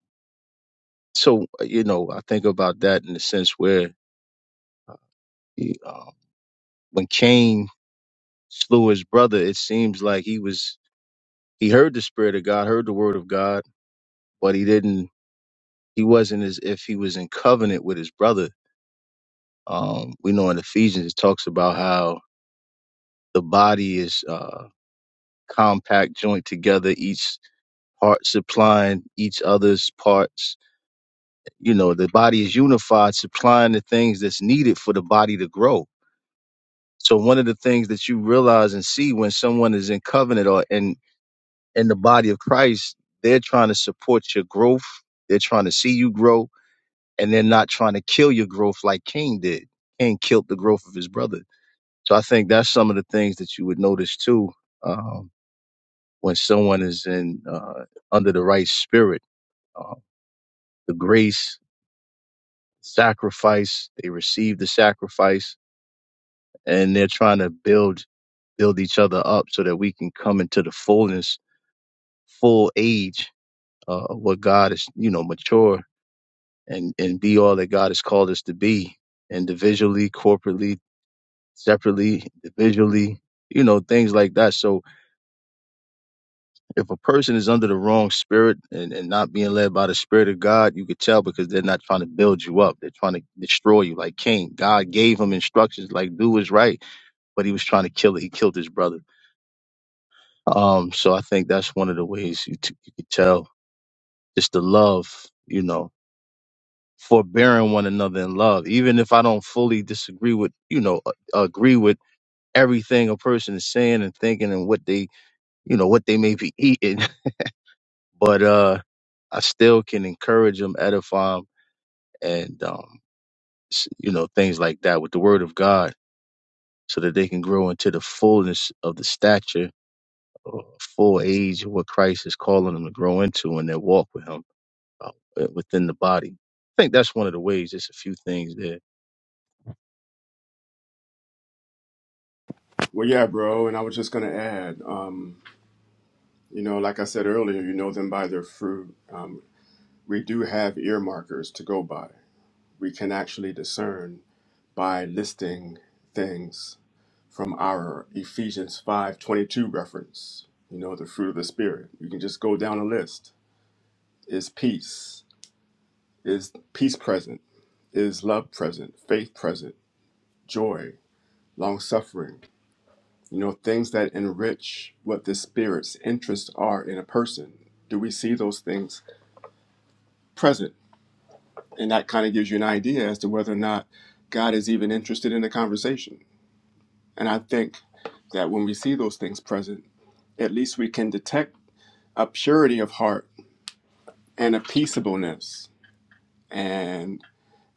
so, uh, you know, I think about that in the sense where. when Cain slew his brother, it seems like he was he heard the spirit of God, heard the word of God, but he didn't. He wasn't as if he was in covenant with his brother. Um, we know in Ephesians it talks about how the body is uh, compact, joint together, each part supplying each other's parts. You know, the body is unified, supplying the things that's needed for the body to grow. So one of the things that you realize and see when someone is in covenant or in in the body of Christ, they're trying to support your growth. They're trying to see you grow and they're not trying to kill your growth like Cain did. Cain killed the growth of his brother. So I think that's some of the things that you would notice too. Um, when someone is in, uh, under the right spirit, uh, the grace, sacrifice, they receive the sacrifice and they're trying to build, build each other up so that we can come into the fullness, full age, uh, of what God is, you know, mature and and be all that God has called us to be individually, corporately, separately, individually, you know, things like that. So if a person is under the wrong spirit and, and not being led by the spirit of God, you could tell because they're not trying to build you up. They're trying to destroy you like Cain. God gave him instructions like do what's right, but he was trying to kill it. He killed his brother. Um, so I think that's one of the ways you, t- you could tell just the love, you know, forbearing one another in love even if i don't fully disagree with you know a- agree with everything a person is saying and thinking and what they you know what they may be eating *laughs* but uh i still can encourage them edify them and um s- you know things like that with the word of god so that they can grow into the fullness of the stature or full age of what christ is calling them to grow into in their walk with him uh, within the body i think that's one of the ways there's a few things there Well, yeah, bro. And I was just going to add, um, you know, like I said earlier, you know them by their fruit. Um, we do have earmarkers to go by. We can actually discern by listing things from our Ephesians 5:22 reference. You know, the fruit of the spirit. You can just go down a list. Is peace? Is peace present? Is love present? Faith present? Joy, long suffering. You know, things that enrich what the spirit's interests are in a person. Do we see those things present? And that kind of gives you an idea as to whether or not God is even interested in the conversation. And I think that when we see those things present, at least we can detect a purity of heart and a peaceableness and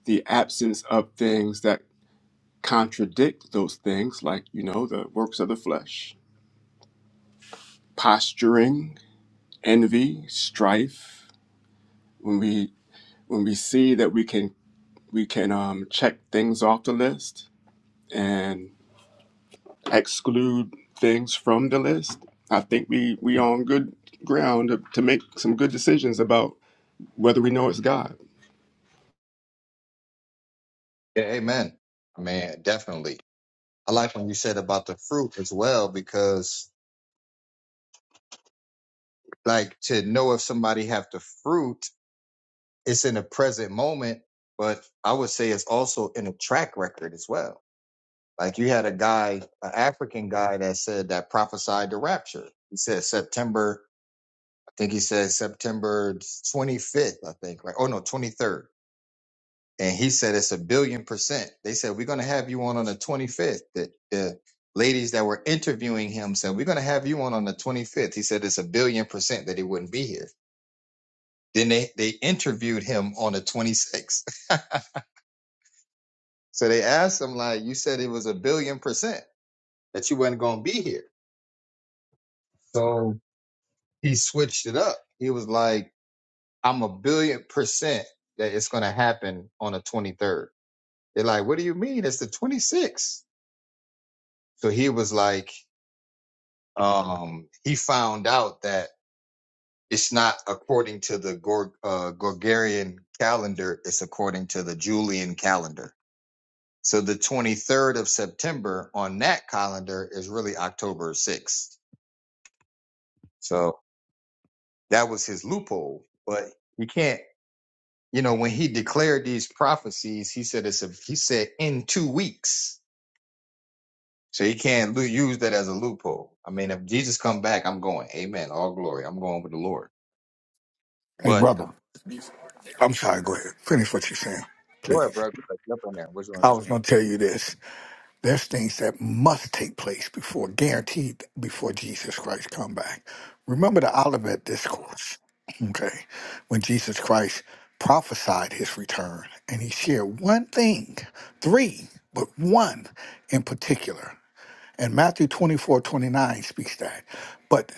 the absence of things that contradict those things, like, you know, the works of the flesh, posturing, envy, strife. When we when we see that we can we can um, check things off the list and exclude things from the list, I think we we on good ground to, to make some good decisions about whether we know it's God. Yeah, amen. Man, definitely. I like when you said about the fruit as well, because like to know if somebody have the fruit, it's in the present moment, but I would say it's also in a track record as well. Like you had a guy, an African guy that said that prophesied the rapture. He said September think he said September 25th, I think, right? Oh no, 23rd. And he said it's a billion percent. They said we're going to have you on on the 25th. The, the ladies that were interviewing him said we're going to have you on on the 25th. He said it's a billion percent that he wouldn't be here. Then they they interviewed him on the 26th. *laughs* So they asked him like, you said it was a billion percent that you weren't going to be here. So he switched it up. He was like, I'm a billion percent that it's going to happen on the 23rd They're like, what do you mean? It's the 26th. So he was like, um, he found out that it's not according to the Gor- uh, Gregorian calendar. It's according to the Julian calendar. So the 23rd of September on that calendar is really October 6th. So that was his loophole, but you can't, you know, when he declared these prophecies, he said it's a, he said in two weeks. So he can't lo- use that as a loophole. I mean, if Jesus come back, I'm going. Amen. All glory. I'm going with the Lord. Hey, But brother. I'm sorry, go ahead. Finish what you're saying, go ahead, please. bro. Go ahead. Jump in there. Which one, I bro? was gonna tell you this. There's things that must take place before, guaranteed before Jesus Christ come back. Remember the Olivet Discourse, okay, when Jesus Christ prophesied his return and he shared one thing, three, but one in particular. And Matthew 24 29 speaks that. But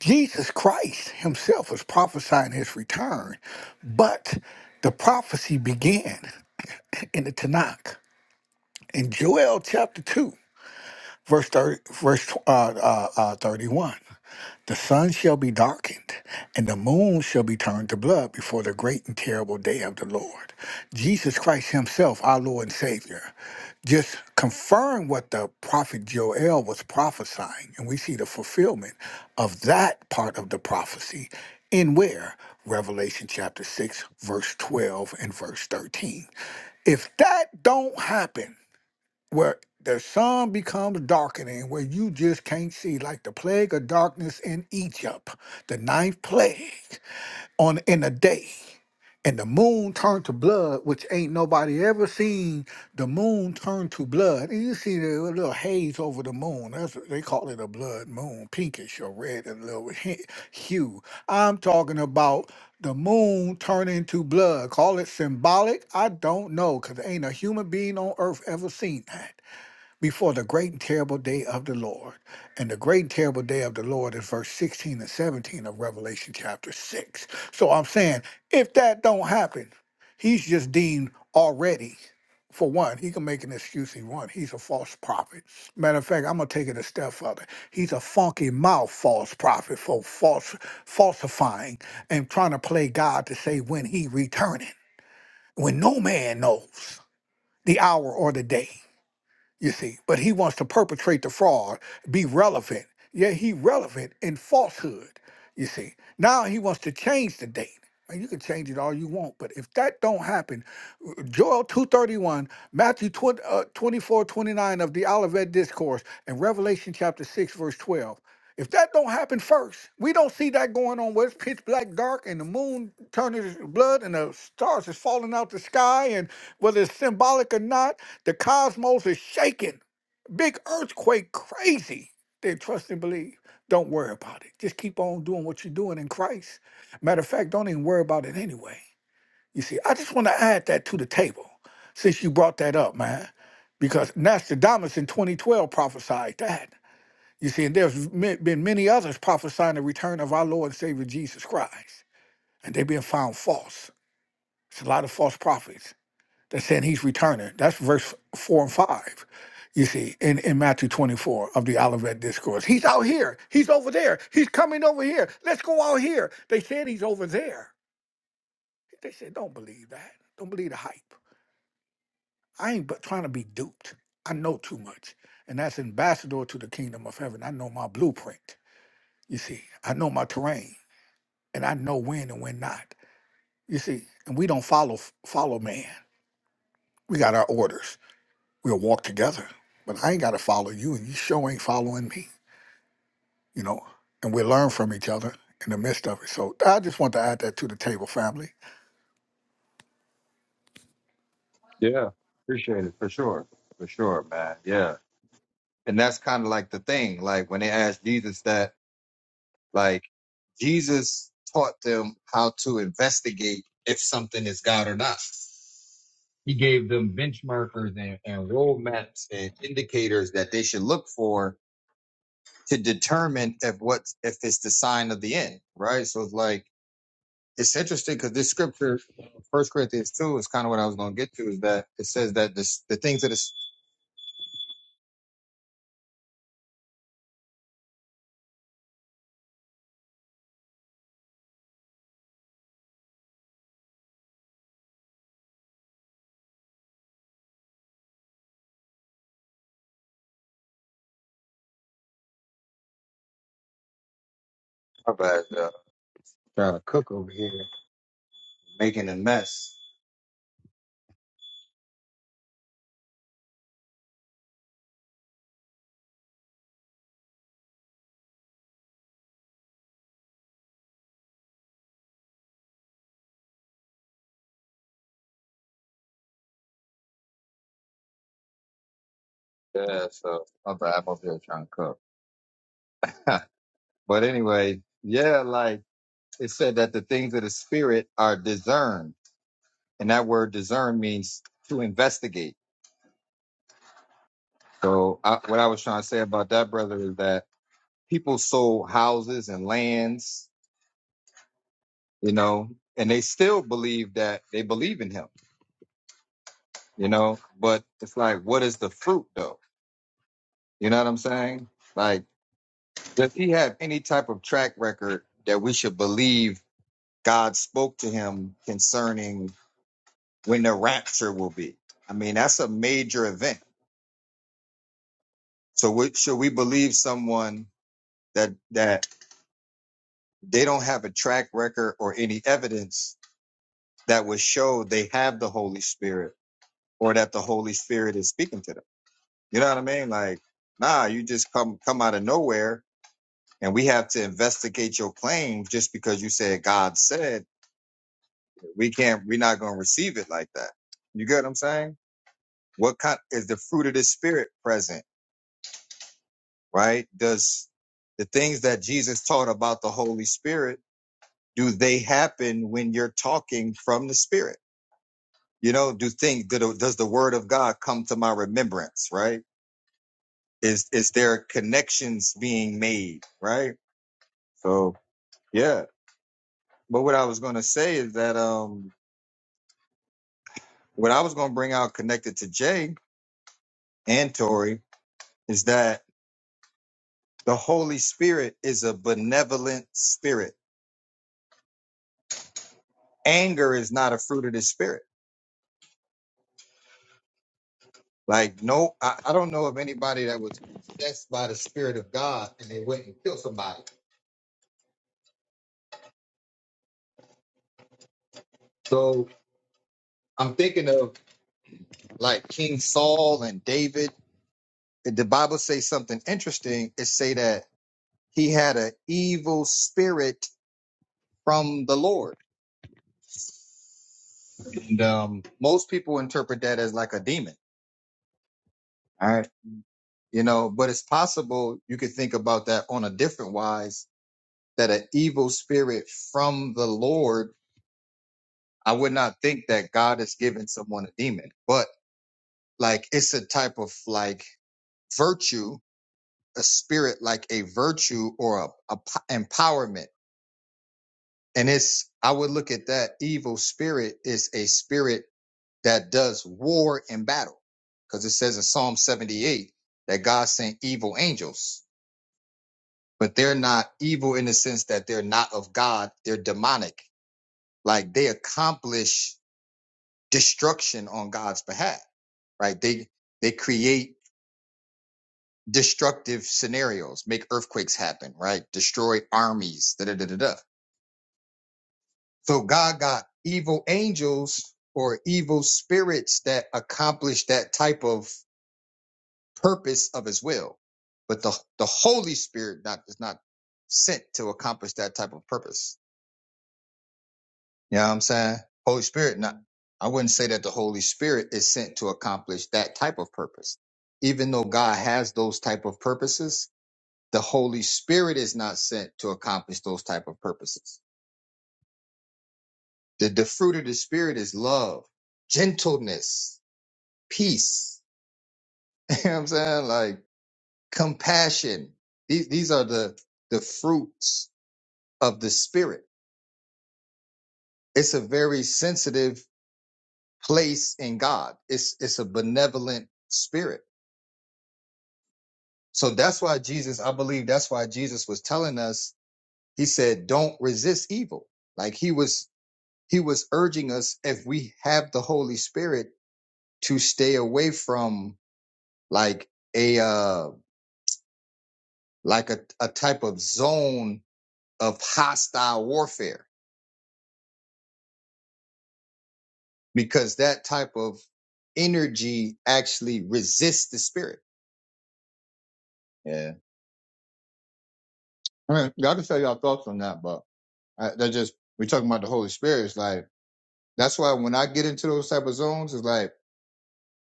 Jesus Christ himself was prophesying his return, but the prophecy began in the Tanakh in Joel chapter 2 verse 30, verse uh, uh, uh, 31. The sun shall be darkened, and the moon shall be turned to blood before the great and terrible day of the Lord. Jesus Christ Himself, our Lord and Savior, just confirmed what the prophet Joel was prophesying. And we see the fulfillment of that part of the prophecy in where? Revelation chapter 6, verse 12 and verse 13. If that don't happen, where the sun becomes darkening, where you just can't see, like the plague of darkness in Egypt, the ninth plague on in a day. And the moon turned to blood, which ain't nobody ever seen. The moon turned to blood, and you see the little haze over the moon. That's what they call it a blood moon, pinkish or red, a little *laughs* he- hue. I'm talking about the moon turning to blood. Call it symbolic. I don't know, cause ain't a human being on earth ever seen that before the great and terrible day of the Lord. And the great and terrible day of the Lord is verse 16 and 17 of Revelation chapter 6. So I'm saying if that don't happen, he's just deemed already. For one, he can make an excuse he want. He's a false prophet. Matter of fact, I'm gonna take it a step further. He's a funky mouth false prophet for false falsifying and trying to play God to say when he returning, when no man knows the hour or the day you see. But he wants to perpetrate the fraud, be relevant. Yeah, he relevant in falsehood, you see. Now he wants to change the date. And you can change it all you want, but if that don't happen, Joel 2.31, Matthew 20, uh, 24, twenty-nine of the Olivet Discourse, and Revelation chapter 6, verse 12. If that don't happen first, we don't see that going on where it's pitch black dark and the moon turning to blood and the stars is falling out the sky and whether it's symbolic or not, the cosmos is shaking. Big earthquake, crazy. Then trust and believe. Don't worry about it. Just keep on doing what you're doing in Christ. Matter of fact, don't even worry about it anyway. You see, I just want to add that to the table since you brought that up, man, because Nostradamus in 2012 prophesied that. You see, and there's ma- been many others prophesying the return of our Lord and Savior Jesus Christ, and they've been found false. It's a lot of false prophets that saying he's returning. That's verse four and five. You see, in, in Matthew 24 of the Olivet Discourse, he's out here, he's over there, he's coming over here. Let's go out here. They said he's over there. They said, don't believe that. Don't believe the hype. I ain't but trying to be duped. I know too much. And that's ambassador to the kingdom of heaven. I know my blueprint. You see, I know my terrain and I know when and when not. You see, and we don't follow follow man. We got our orders. We'll walk together. But I ain't gotta follow you and you sure ain't following me, you know. And we learn from each other in the midst of it. So I just want to add that to the table, family Yeah, appreciate it for sure, for sure, man. Yeah, and that's kind of like the thing. Like when they asked Jesus that, like Jesus taught them how to investigate if something is God or not. He gave them benchmarkers and, and roadmaps and indicators that they should look for to determine if what if it's the sign of the end, right? So it's like it's interesting because this scripture, First Corinthians two, is kind of what I was going to get to. Is that it says that this, the things that is my bad, uh, trying to cook over here, making a mess. Yeah, so my bad, I'm over here trying to cook. *laughs* but anyway, yeah, like it said that the things of the spirit are discerned, and that word discern means to investigate. So I, what I was trying to say about that, brother, is that people sold houses and lands, you know, and they still believe that they believe in him, you know. But it's like, what is the fruit though? You know what I'm saying? Like, does he have any type of track record that we should believe God spoke to him concerning when the rapture will be? I mean, that's a major event. So we, should we believe someone that that they don't have a track record or any evidence that would show they have the Holy Spirit? or that the Holy Spirit is speaking to them. You know what I mean? Like, nah, you just come come out of nowhere and we have to investigate your claim just because you said God said we can't we're not gonna receive it like that. You get what I'm saying? What kind is the fruit of the spirit present, right? Does the things that Jesus taught about the Holy Spirit, do they happen when you're talking from the Spirit? You know, do things do the- does the word of God come to my remembrance, right? is is there connections being made right so yeah but what i was going to say is that um what i was going to bring out connected to jay and tori is that the holy spirit is a benevolent spirit anger is not a fruit of the spirit like no i, I don't know of anybody that was possessed by the spirit of god and they went and killed somebody so i'm thinking of like king saul and david the bible says something interesting it say that He had an evil spirit from the Lord. And um, most people interpret that as like a demon. All right. You know, but it's possible you could think about that on a different wise that an evil spirit from the Lord, I would not think that God is giving someone a demon, but like it's a type of like virtue, a spirit like a virtue or a, a p- empowerment. And it's, I would look at that evil spirit is a spirit that does war and battle. Cause it says in Psalm 78 that God sent evil angels, but they're not evil in the sense that they're not of God. They're demonic. Like they accomplish destruction on God's behalf, right? They, they create destructive scenarios, make earthquakes happen, right? Destroy armies, da da da da da. So God got evil angels or evil spirits that accomplish that type of purpose of his will. But the, the Holy Spirit not, is not sent to accomplish that type of purpose. You know what I'm saying? Holy Spirit not, I wouldn't say that the Holy Spirit is sent to accomplish that type of purpose. Even though God has those type of purposes, the Holy Spirit is not sent to accomplish those type of purposes. The, the fruit of the Spirit is love, gentleness, peace. *laughs* You know what I'm saying? Like compassion. These, these are the, the fruits of the spirit. It's a very sensitive place in God. It's, it's a benevolent spirit. So that's why Jesus, I believe that's why Jesus was telling us, he said, don't resist evil. Like he was, he was urging us if we have the Holy Spirit to stay away from like a, uh, like a, a type of zone of hostile warfare because that type of energy actually resists the spirit. Yeah. I mean, y'all can tell y'all thoughts on that, but I, that just, we're talking about the Holy Spirit. It's like, that's why when I get into those type of zones, it's like,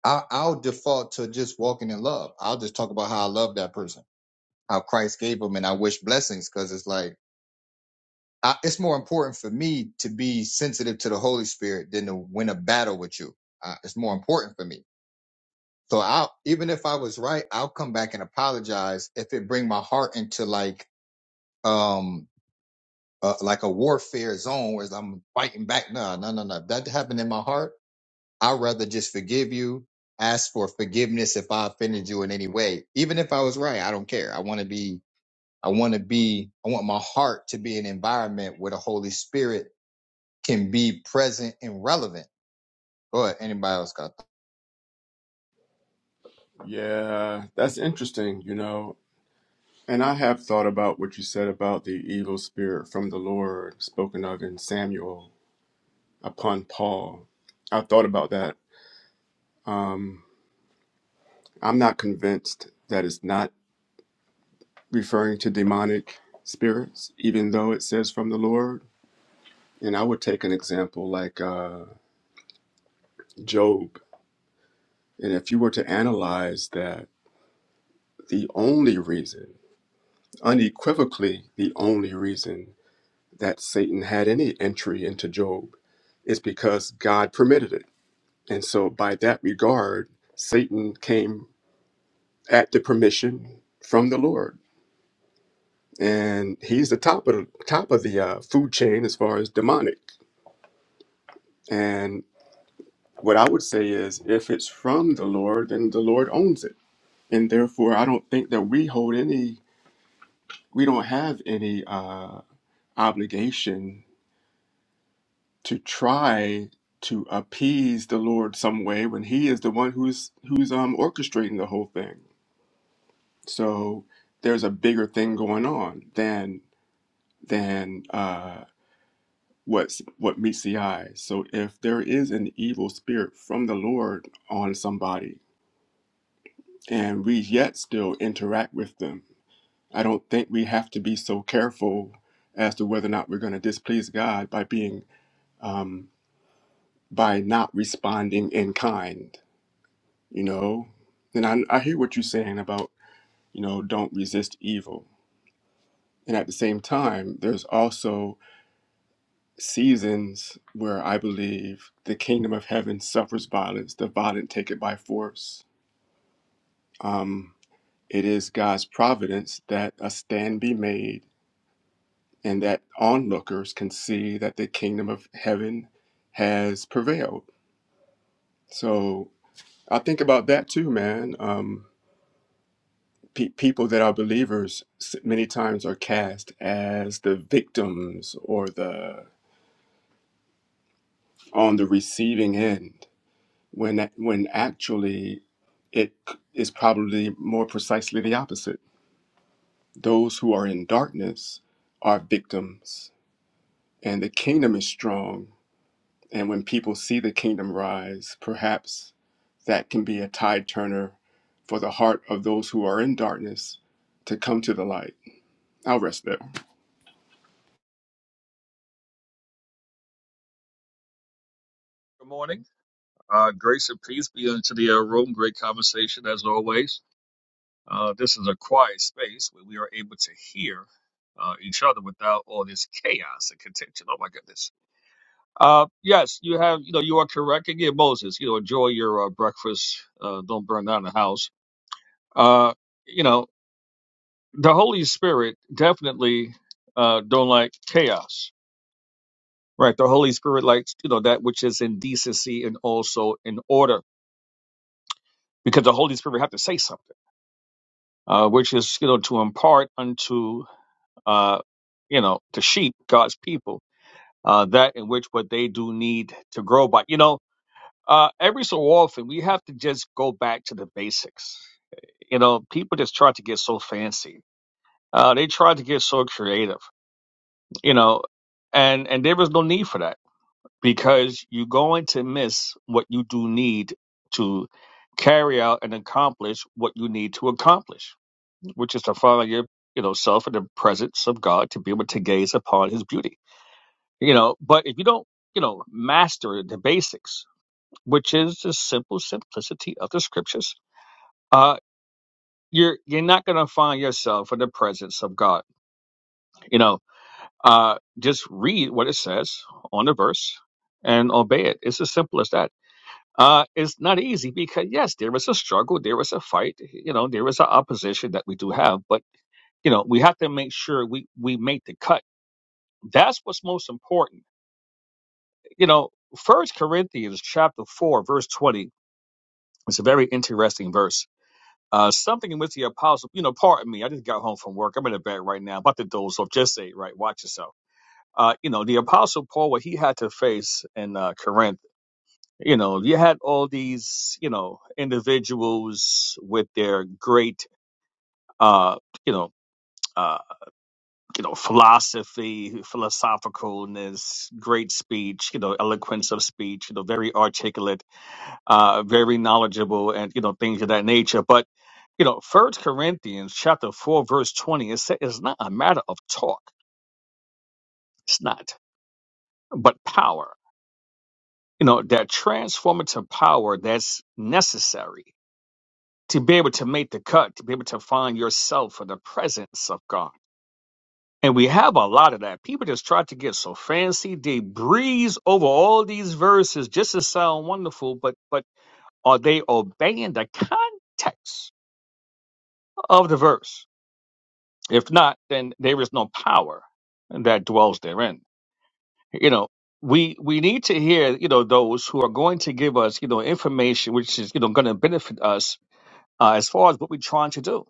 I, I'll default to just walking in love. I'll just talk about how I love that person, how Christ gave them, and I wish blessings because it's like, I, it's more important for me to be sensitive to the Holy Spirit than to win a battle with you. Uh, it's more important for me So i even if I was right, I'll come back and apologize if it bring my heart into like um uh, like a warfare zone where I'm fighting back. No, no, no, no. If that happened in my heart, I'd rather just forgive you, ask for forgiveness if I offended you in any way. Even if I was right, I don't care. I want to be I want to be I want my heart to be an environment where the Holy Spirit can be present and relevant. Go ahead, anybody else got that? Yeah, that's interesting. You know, And I have thought about what you said about the evil spirit from the Lord spoken of in Samuel upon Paul. I thought about that. Um, I'm not convinced that it's not referring to demonic spirits, even though it says from the Lord. And I would take an example like uh, Job. And if you were to analyze that, the only reason, unequivocally, the only reason that Satan had any entry into Job is because God permitted it And so, by that regard, Satan came at the permission from the Lord, and he's the top of the top of the uh, food chain as far as demonic. And what I would say is, if it's from the Lord, then the Lord owns it, and therefore, I don't think that we hold any, we don't have any uh, obligation to try to appease the Lord some way when He is the one who's who's um orchestrating the whole thing. So there's a bigger thing going on than than uh, what's what meets the eye. So if there is an evil spirit from the Lord on somebody, and we yet still interact with them, I don't think we have to be so careful as to whether or not we're going to displease God by being um, by not responding in kind. You know, and I, I hear what you're saying about you know don't resist evil, and at the same time, there's also seasons where I believe the kingdom of heaven suffers violence, the violent take it by force. Um, it is God's providence that a stand be made and that onlookers can see that the kingdom of heaven has prevailed. So I think about that too, man. Um, pe- people that are believers s- many times are cast as the victims or the on the receiving end when when actually it c- is probably more precisely the opposite. Those who are in darkness are victims, and the kingdom is strong. And when people see the kingdom rise, perhaps that can be a tide turner for the heart of those who are in darkness to come to the light. I'll rest there. Good morning. Uh, grace and peace be unto the uh, room. Great conversation as always. Uh, this is a quiet space where we are able to hear uh, each other without all this chaos and contention. Oh my goodness. Uh, yes, you have. You know, you are correct again, Moses. You know, enjoy your uh, breakfast. Uh, don't burn down the house. Uh, you know, the Holy Spirit definitely uh, don't like chaos. Right, the Holy Spirit likes you know that which is in decency and also in order, because the Holy Spirit have to say something uh, which is you know to impart unto uh, you know the sheep God's people uh, that in which what they do need to grow by. You know, uh, every so often we have to just go back to the basics. You know, people just try to get so fancy. Uh, they try to get so creative. You know, and and there is no need for that because you're going to miss what you do need to carry out and accomplish what you need to accomplish which is to find your you know self in the presence of God to be able to gaze upon His beauty. You know, but if you don't you know master the basics, which is the simple simplicity of the scriptures, uh, you're you're not going to find yourself in the presence of God. You know, uh, just read what it says on the verse and obey it. It's as simple as that. Uh, it's not easy because yes, there is a struggle, there is a fight, you know, there is an opposition that we do have, but you know, we have to make sure we we make the cut That's what's most important. You know, First Corinthians chapter four, verse twenty. It's a very interesting verse. Uh, something in which the apostle, you know, pardon me, I just got home from work. I'm in the bed right now, about to doze off. Just say, it right, watch yourself. Uh, you know, the apostle Paul, what he had to face in uh, Corinth, you know, you had all these, you know, individuals with their great, uh, you know, uh, you know, philosophy, philosophicalness, great speech, you know, eloquence of speech, you know, very articulate, uh, very knowledgeable, and you know, things of that nature. But you know, First Corinthians chapter four, verse twenty, it says it's not a matter of talk. It's not, but power. You know, that transformative power that's necessary to be able to make the cut, to be able to find yourself in the presence of God And we have a lot of that. People just try to get so fancy. They breeze over all these verses just to sound wonderful, but but are they obeying the context of the verse? If not, then there is no power that dwells therein. You know, we we need to hear, you know, those who are going to give us, you know, information which is, you know, going to benefit us uh, as far as what we're trying to do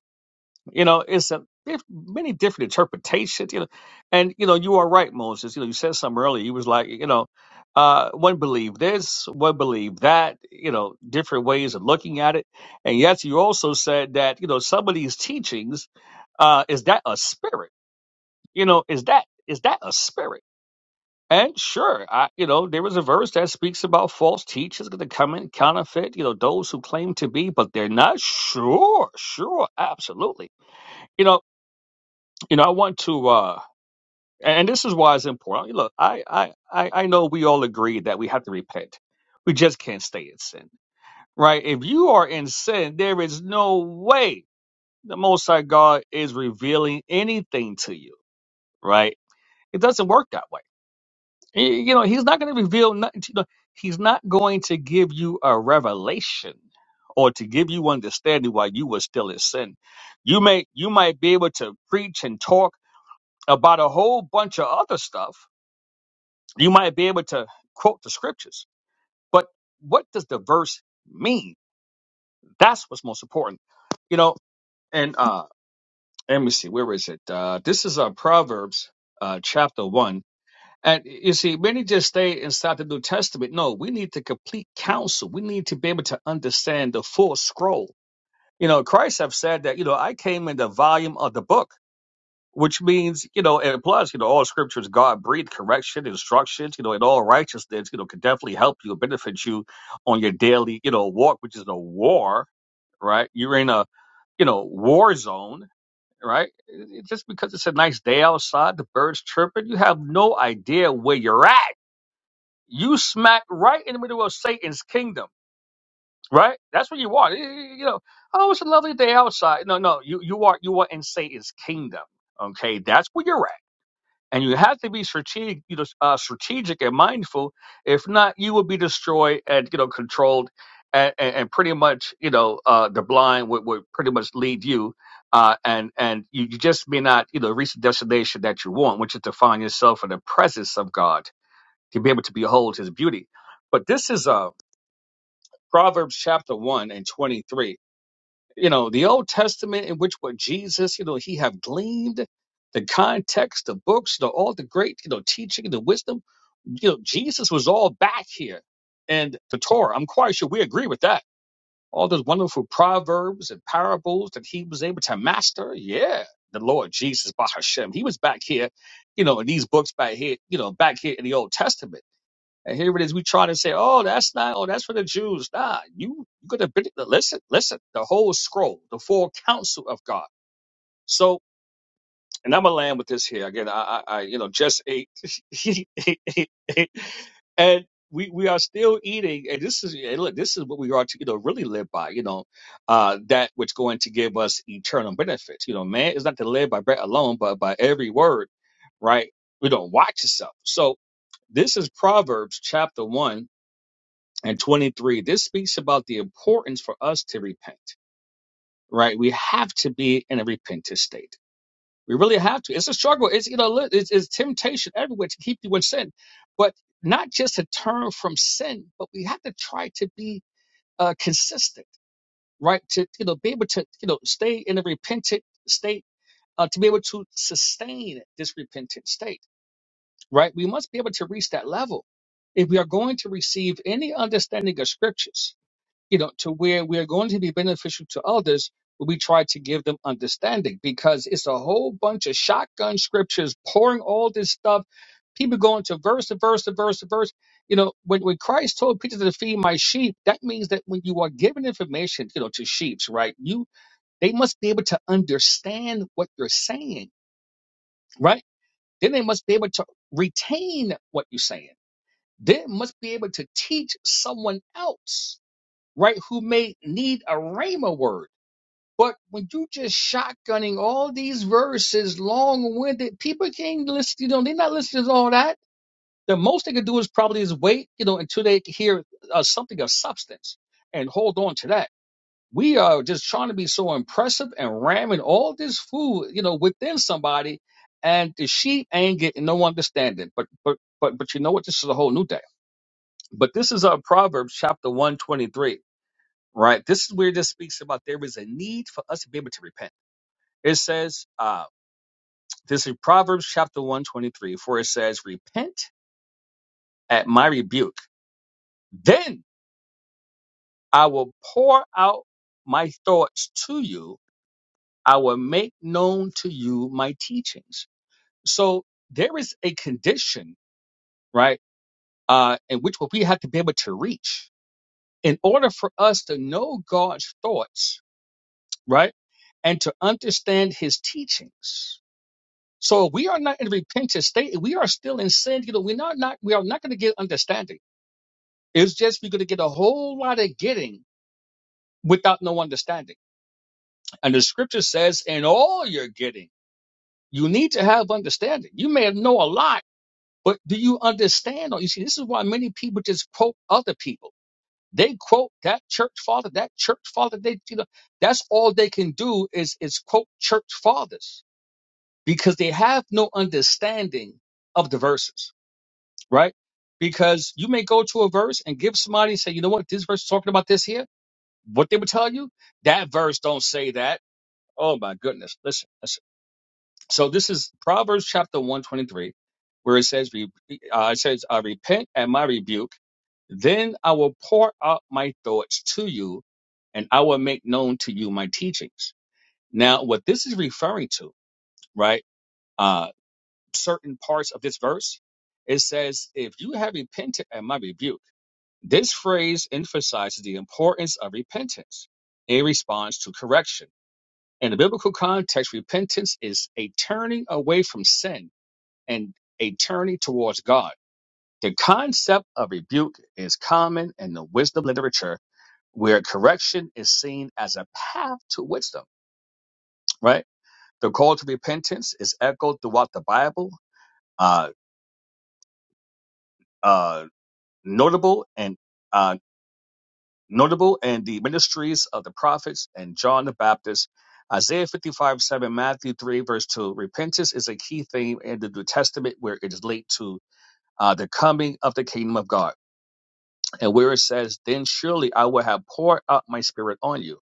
You know, it's a diff- many different interpretations. You know, and you know, you are right, Moses. You know, you said something earlier. You was like, you know, uh, one believe this, one believe that. You know, different ways of looking at it. And yes, you also said that you know some of these teachings, uh, is that a spirit? You know, is that is that a spirit? And sure, I, you know, there is a verse that speaks about false teachers going to come in counterfeit. You know, those who claim to be, but they're not. Sure, sure, absolutely You know. You know, I want to, uh, and this is why it's important. Look, I, I, I I know we all agree that we have to repent. We just can't stay in sin, right? If you are in sin, there is no way the Most High God is revealing anything to you, right? It doesn't work that way. Y- You know, He's not going to reveal nothing. To you. He's not going to give you a revelation or to give you understanding while you were still in sin. You may, you might be able to preach and talk about a whole bunch of other stuff. You might be able to quote the scriptures, but what does the verse mean? That's what's most important, you know. And uh, let me see, where is it? Uh, this is uh, Proverbs uh, chapter one, and you see, many just stay inside the New Testament. No, we need the complete counsel. We need to be able to understand the full scroll. You know, Christ have said that. You know, I came in the volume of the book. which means, you know, and plus, you know, all scriptures God breathed correction, instructions, you know, and all righteousness, you know, can definitely help you, benefit you on your daily, you know, walk, which is a war, right? You're in a, you know, war zone, right? It- it- just because it's a nice day outside, the birds chirping, you have no idea where you're at. You smack right in the middle of Satan's kingdom, right? That's what you are. You you know, oh, it's a lovely day outside. No, no, you you are you are in Satan's kingdom. Okay, that's where you're at and you have to be strategic, you know, uh, strategic and mindful. If not, you will be destroyed and you know controlled, and, and, and pretty much you know uh, the blind would, would pretty much lead you, uh, and and you, you just may not you know reach the destination that you want, which is to find yourself in the presence of God to be able to behold His beauty. But this is uh, Proverbs chapter one and twenty three you know the old testament in which what jesus you know he have gleaned the context the books the all the great you know teaching the wisdom you know jesus was all back here and the torah i'm quite sure we agree with that all those wonderful proverbs and parables that he was able to master yeah the lord jesus by hashem he was back here you know in these books back here you know back here in the old testament and here it is. We try to say, oh, that's not, oh, that's for the Jews. Nah, you, you could have been, listen, listen, the whole scroll, the full counsel of God. So, and I'm going to land with this here. Again, I, I, I you know, just ate. *laughs* and we, we are still eating. And this is, and look, this is what we are to, you know, really live by, you know, uh, that which going to give us eternal benefits. You know, man is not to live by bread alone, but by every word, right? We don't watch yourself. So this is Proverbs chapter one and 23 this speaks about the importance for us to repent right we have to be in a repentant state we really have to it's a struggle it's you know li- it's, it's temptation everywhere to keep you in sin but not just to turn from sin but we have to try to be uh, consistent right to you know be able to you know stay in a repentant state uh, to be able to sustain this repentant state right we must be able to reach that level if we are going to receive any understanding of scriptures you know, to where we are going to be beneficial to others, but we try to give them understanding because it's a whole bunch of shotgun scriptures pouring all this stuff. People going to verse to verse to verse to verse. You know, when, when Christ told Peter to feed my sheep, that means that when you are giving information, you know, to sheeps, right? You they must be able to understand what you're saying, right? Then they must be able to retain what you're saying. They must be able to teach someone else right, who may need a rhema word. But when you just shotgunning all these verses, long-winded, people can't listen, you know, they're not listening to all that. The most they can do is probably is wait, you know, until they hear uh, something of substance and hold on to that. We are just trying to be so impressive and ramming all this food, you know, within somebody, and the sheep ain't getting no understanding. But but but but you know what? This is a whole new day. But this is uh, Proverbs chapter one twenty three right? This is where this speaks about there is a need for us to be able to repent. It says, uh, this is Proverbs chapter 123, for it says, Repent at my rebuke, then I will pour out my thoughts to you, I will make known to you my teachings. So there is a condition, right, uh, in which we have to be able to reach in order for us to know God's thoughts, right, and to understand his teachings So we are not in a repentant state. We are still in sin. You know, we're not, not we are not going to get understanding. It's just we're going to get a whole lot of getting without no understanding. And the scripture says, in all your getting, you need to have understanding. You may know a lot, but do you understand? Or you see, this is why many people just quote other people. They quote that church father, that church father. They, you know, that's all they can do is is quote church fathers because they have no understanding of the verses right? Because you may go to a verse and give somebody and say, you know what, this verse is talking about this here. What they would tell you, that verse don't say that. Oh my goodness. Listen, listen. So this is Proverbs chapter 123, where it says, re- uh, it says, I repent at my rebuke, then I will pour out my thoughts to you, and I will make known to you my teachings. Now, what this is referring to, right? Uh, certain parts of this verse, it says, if you have repented at my rebuke, This phrase emphasizes the importance of repentance in response to correction. In the biblical context, repentance is a turning away from sin and a turning towards God. The concept of rebuke is common in the wisdom literature, where correction is seen as a path to wisdom, right? The call to repentance is echoed throughout the Bible, uh, uh, notable and uh, notable in the ministries of the prophets and John the Baptist. Isaiah 55 7, Matthew 3, verse 2. Repentance is a key theme in the New Testament where it is linked to uh, the coming of the kingdom of God. And where it says, Then surely I will have poured out my spirit on you.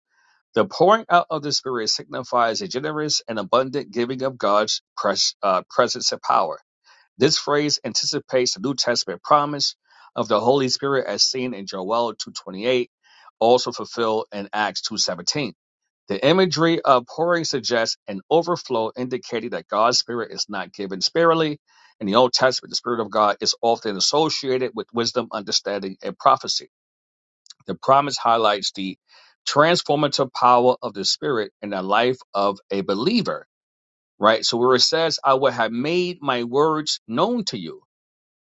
The pouring out of the spirit signifies a generous and abundant giving of God's pres- uh, presence and power. This phrase anticipates the New Testament promise of the Holy Spirit as seen in Joel 2:28, also fulfilled in Acts 2:17. The imagery of pouring suggests an overflow indicating that God's Spirit is not given sparingly. In the Old Testament, the Spirit of God is often associated with wisdom, understanding, and prophecy. The promise highlights the transformative power of the Spirit in the life of a believer, right? So, where it says, I will have made my words known to you,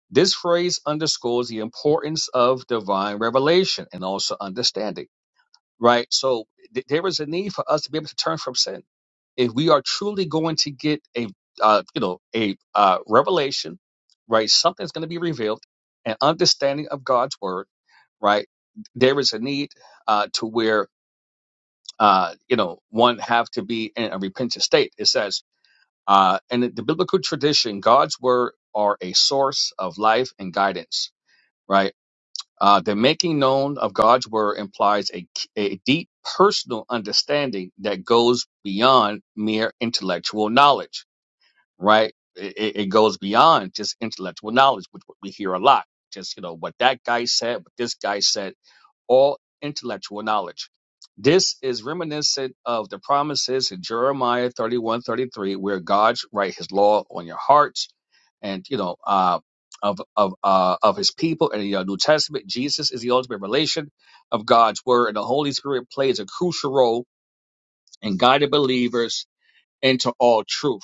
this phrase underscores the importance of divine revelation and also understanding, right? So th- there is a need for us to be able to turn from sin. If we are truly going to get a, uh, you know, a uh, revelation, right? Something's going to be revealed, an understanding of God's word, right? There is a need uh, to where, uh, you know, one have to be in a repentant state. It says, uh, in the biblical tradition, God's word are a source of life and guidance right? Uh, the making known of God's word implies a, a deep personal understanding that goes beyond mere intellectual knowledge, right? It, it it goes beyond just intellectual knowledge, which we hear a lot. Just, you know, what that guy said, what this guy said all intellectual knowledge. This is reminiscent of the promises in Jeremiah 31, 33, where God write his law on your hearts and, you know, uh, of of uh, of his people And in the uh, New Testament, Jesus is the ultimate revelation of God's word, and the Holy Spirit plays a crucial role in guiding believers into all truth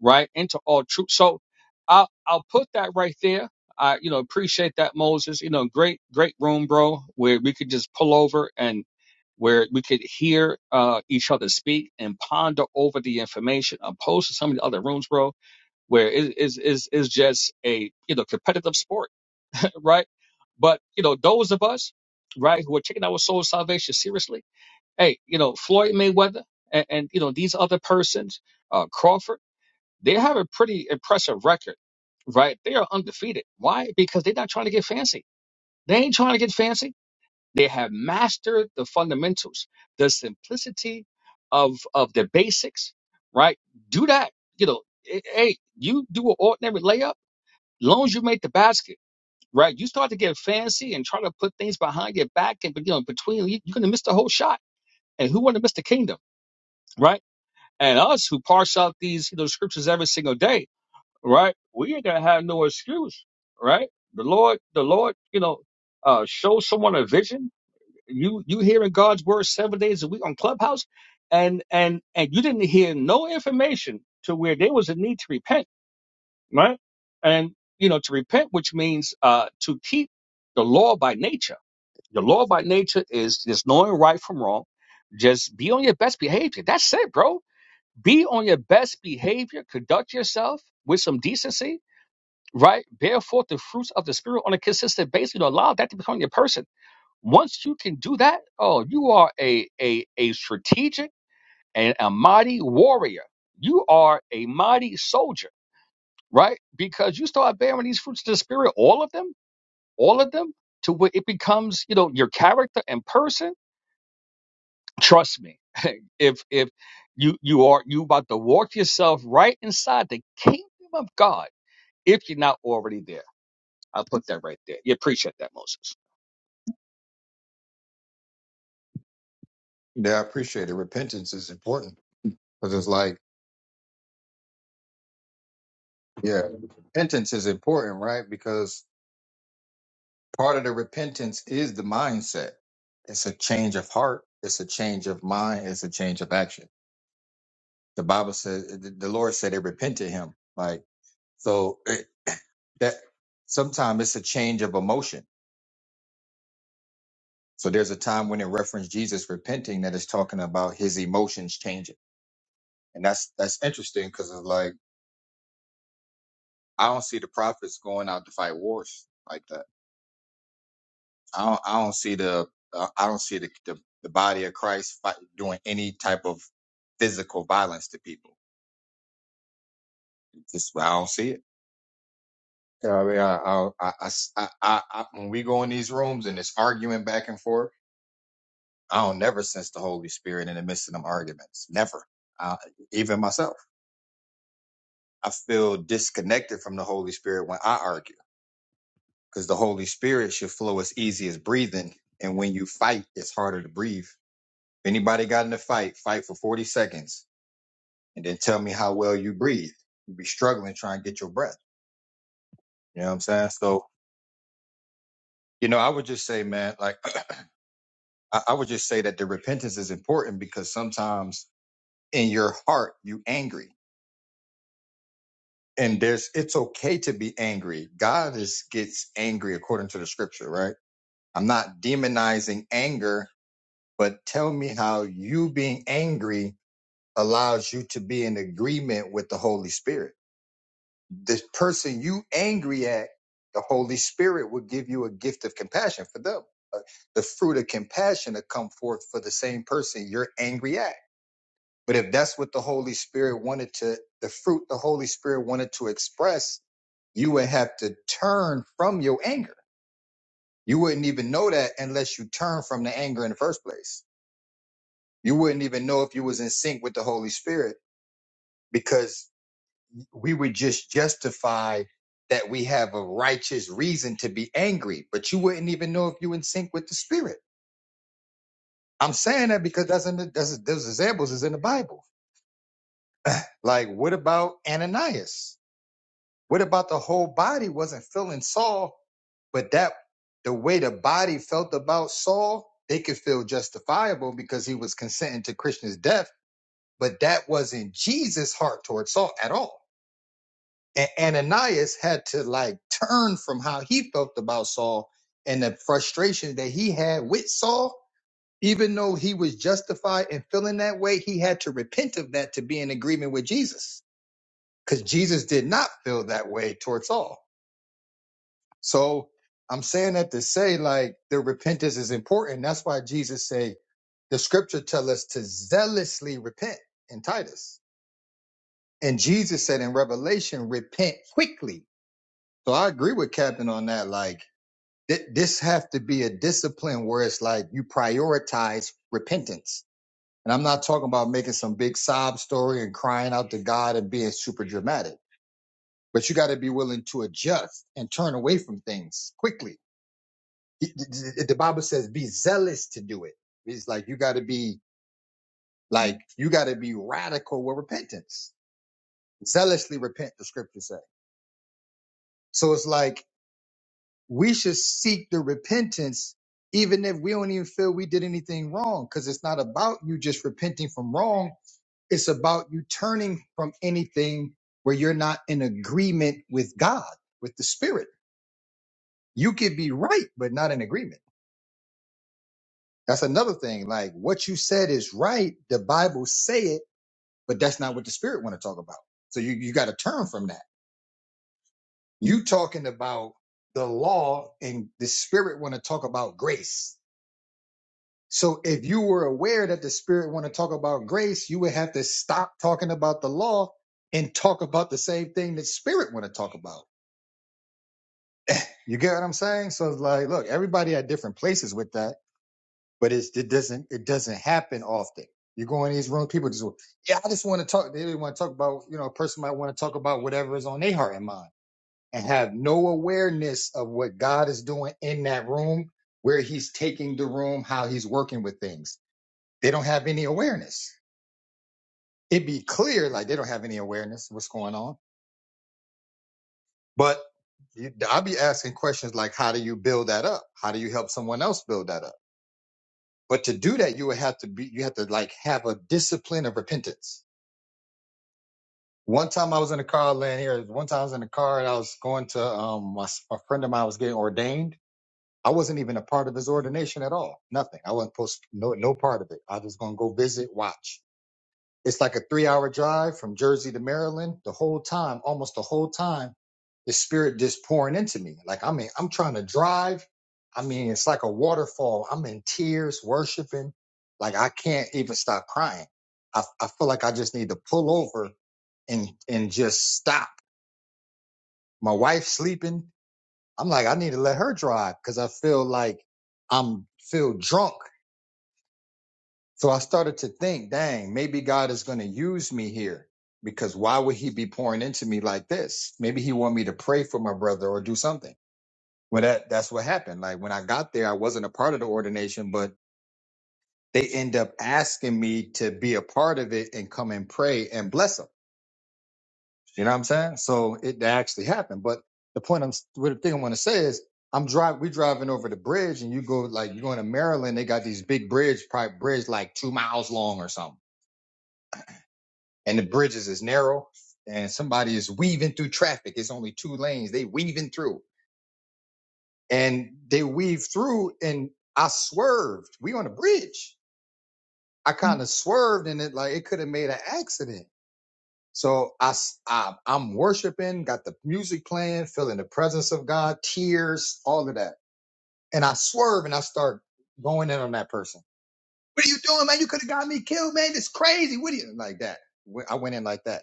right? Into all truth. So I'll I'll put that right there. I you know appreciate that Moses. You know, great great room, bro, where we could just pull over and where we could hear uh, each other speak and ponder over the information opposed to some of the other rooms, bro, where it is is is just a you know competitive sport, *laughs* right? But you know, those of us, right, who are taking our soul salvation seriously, hey, you know, Floyd Mayweather and, and you know these other persons, uh, Crawford. They have a pretty impressive record, right? They are undefeated. Why? Because they're not trying to get fancy. They ain't trying to get fancy. They have mastered the fundamentals, the simplicity of of the basics, right? Do that. You know, eh, hey, you do an ordinary layup, long as you make the basket, right? You start to get fancy and try to put things behind your back and you know between you, you're gonna miss the whole shot. And who wanna miss the kingdom, right? and us who parse out these you know scriptures every single day right? We ain't gonna have no excuse, right? The Lord, the Lord, you know, uh, show someone a vision. You you hearing God's word seven days a week on Clubhouse, and and and you didn't hear no information to where there was a need to repent, right? And you know, to repent, which means uh, to keep the law by nature. The law by nature is just knowing right from wrong. Just be on your best behavior. That's it, bro. Be on your best behavior. Conduct yourself with some decency right? Bear forth the fruits of the spirit on a consistent basis. You know, allow that to become your person. Once you can do that, oh, you are a a a strategic and a mighty warrior. You are a mighty soldier, right? Because you start bearing these fruits of the spirit, all of them, all of them, to where it becomes, you know, your character and person. Trust me, *laughs* if if you you are you about to walk yourself right inside the kingdom of God, if you're not already there I'll put that right there. You appreciate that, Moses. Yeah, I appreciate it. Repentance is important because it's like Yeah. Repentance is important, right? Because part of the repentance is the mindset. It's a change of heart. It's a change of mind. It's a change of action. The Bible says the the Lord said it repented him. Like, so it, *coughs* that sometimes it's a change of emotion. So there's a time when it referenced Jesus repenting that is talking about his emotions changing. And that's, that's interesting because it's like, I don't see the prophets going out to fight wars like that I don't, I don't see the uh, I don't see the, the the body of Christ fight, doing any type of physical violence to people. It's Just I don't see it. Yeah, I mean, I, I, I, I s- I- I- I- when we go in these rooms and it's arguing back and forth, I don't never sense the Holy Spirit in the midst of them arguments. Never. Uh, even myself, I feel disconnected from the Holy Spirit when I argue because the Holy Spirit should flow as easy as breathing, and when you fight, it's harder to breathe. If anybody got in a fight, fight for forty seconds and then tell me how well you breathe. You'd be struggling trying to get your breath. You know what I'm saying? So, you know, I would just say, man, like, *clears throat* I, I would just say that the repentance is important because sometimes in your heart, you angry and there's, it's okay to be angry. God is, gets angry according to the scripture, right? I'm not demonizing anger, but tell me how you being angry allows you to be in agreement with the Holy Spirit the person you angry at, the Holy Spirit will give you a gift of compassion for them. Uh, The fruit of compassion to come forth for the same person you're angry at. But if that's what the Holy Spirit wanted to, the fruit the Holy Spirit wanted to express, you would have to turn from your anger. You wouldn't even know that unless you turn from the anger in the first place. You wouldn't even know if you was in sync with the Holy Spirit because we would just justify that we have a righteous reason to be angry, but you wouldn't even know if you in sync with the spirit. I'm saying that because that's in the, that's, those examples is in the Bible. Like, what about Ananias? What about the whole body wasn't feeling Saul, but that the way the body felt about Saul, they could feel justifiable because he was consenting to Krishna's death, but that wasn't Jesus' heart towards Saul at all And Ananias had to like turn from how he felt about Saul and the frustration that he had with Saul. Even though he was justified in feeling that way, he had to repent of that to be in agreement with Jesus because Jesus did not feel that way towards Saul. So I'm saying that to say like the repentance is important. That's why Jesus said, the scripture tell us to zealously repent in Titus. And Jesus said in Revelation, repent quickly So I agree with Captain on that. Like thi- this have to be a discipline where it's like you prioritize repentance. And I'm not talking about making some big sob story and crying out to God and being super dramatic, but you got to be willing to adjust and turn away from things quickly. Th- th- th- The Bible says be zealous to do it. It's like you got to be like you got to be radical with repentance. Zealously repent, the scriptures say. So it's like we should seek the repentance even if we don't even feel we did anything wrong because it's not about you just repenting from wrong it's about you turning from anything where you're not in agreement with god with the spirit you could be right but not in agreement that's another thing like what you said is right the bible say it but that's not what the spirit want to talk about so you, you got to turn from that you talking about the law and the spirit want to talk about grace So if you were aware that the spirit want to talk about grace, you would have to stop talking about the law and talk about the same thing that spirit want to talk about. You get what I'm saying? So it's like, look, everybody at different places with that, but it's, it doesn't it doesn't happen often. You go in these rooms, people just yeah, I just want to talk. They want to talk about you know, a person might want to talk about whatever is on their heart and mind, and have no awareness of what God is doing in that room, where He's taking the room, how He's working with things. They don't have any awareness. it be clear like they don't have any awareness of what's going on. But you, I'll be asking questions like, how do you build that up? How do you help someone else build that up? But to do that, you would have to be, you have to like have a discipline of repentance. One time I was in the car laying here. One time I was in the car and I was going to um my, a friend of mine was getting ordained. I wasn't even a part of his ordination at all. Nothing. I wasn't supposed to, no no part of it. I was gonna go visit, watch. It's like a three hour drive from Jersey to Maryland. The whole time, almost the whole time, the spirit just pouring into me. Like, I mean, I'm trying to drive. I mean, it's like a waterfall. I'm in tears, worshiping. Like, I can't even stop crying. I, I feel like I just need to pull over and, and just stop. My wife's sleeping. I'm like, I need to let her drive because I feel like I'm feel drunk So I started to think, dang, maybe God is going to use me here because why would he be pouring into me like this? Maybe he want me to pray for my brother or do something. Well, that, that's what happened. Like when I got there, I wasn't a part of the ordination, but they end up asking me to be a part of it and come and pray and bless them. You know what I'm saying? So it actually happened. But the point I'm, what the thing I want to say is I'm driving, we driving over the bridge and you go like, you're going to Maryland. They got these big bridge, probably bridge like two miles long or something and the bridges is narrow and somebody is weaving through traffic it's only two lanes they weaving through and they weave through and i swerved we on a bridge i kind of swerved and it like it could have made an accident so I, s- I i'm worshiping got the music playing feeling the presence of god tears all of that and i swerve and i start going in on that person what are you doing man you could have got me killed man it's crazy what are you like that Wh- i went in like that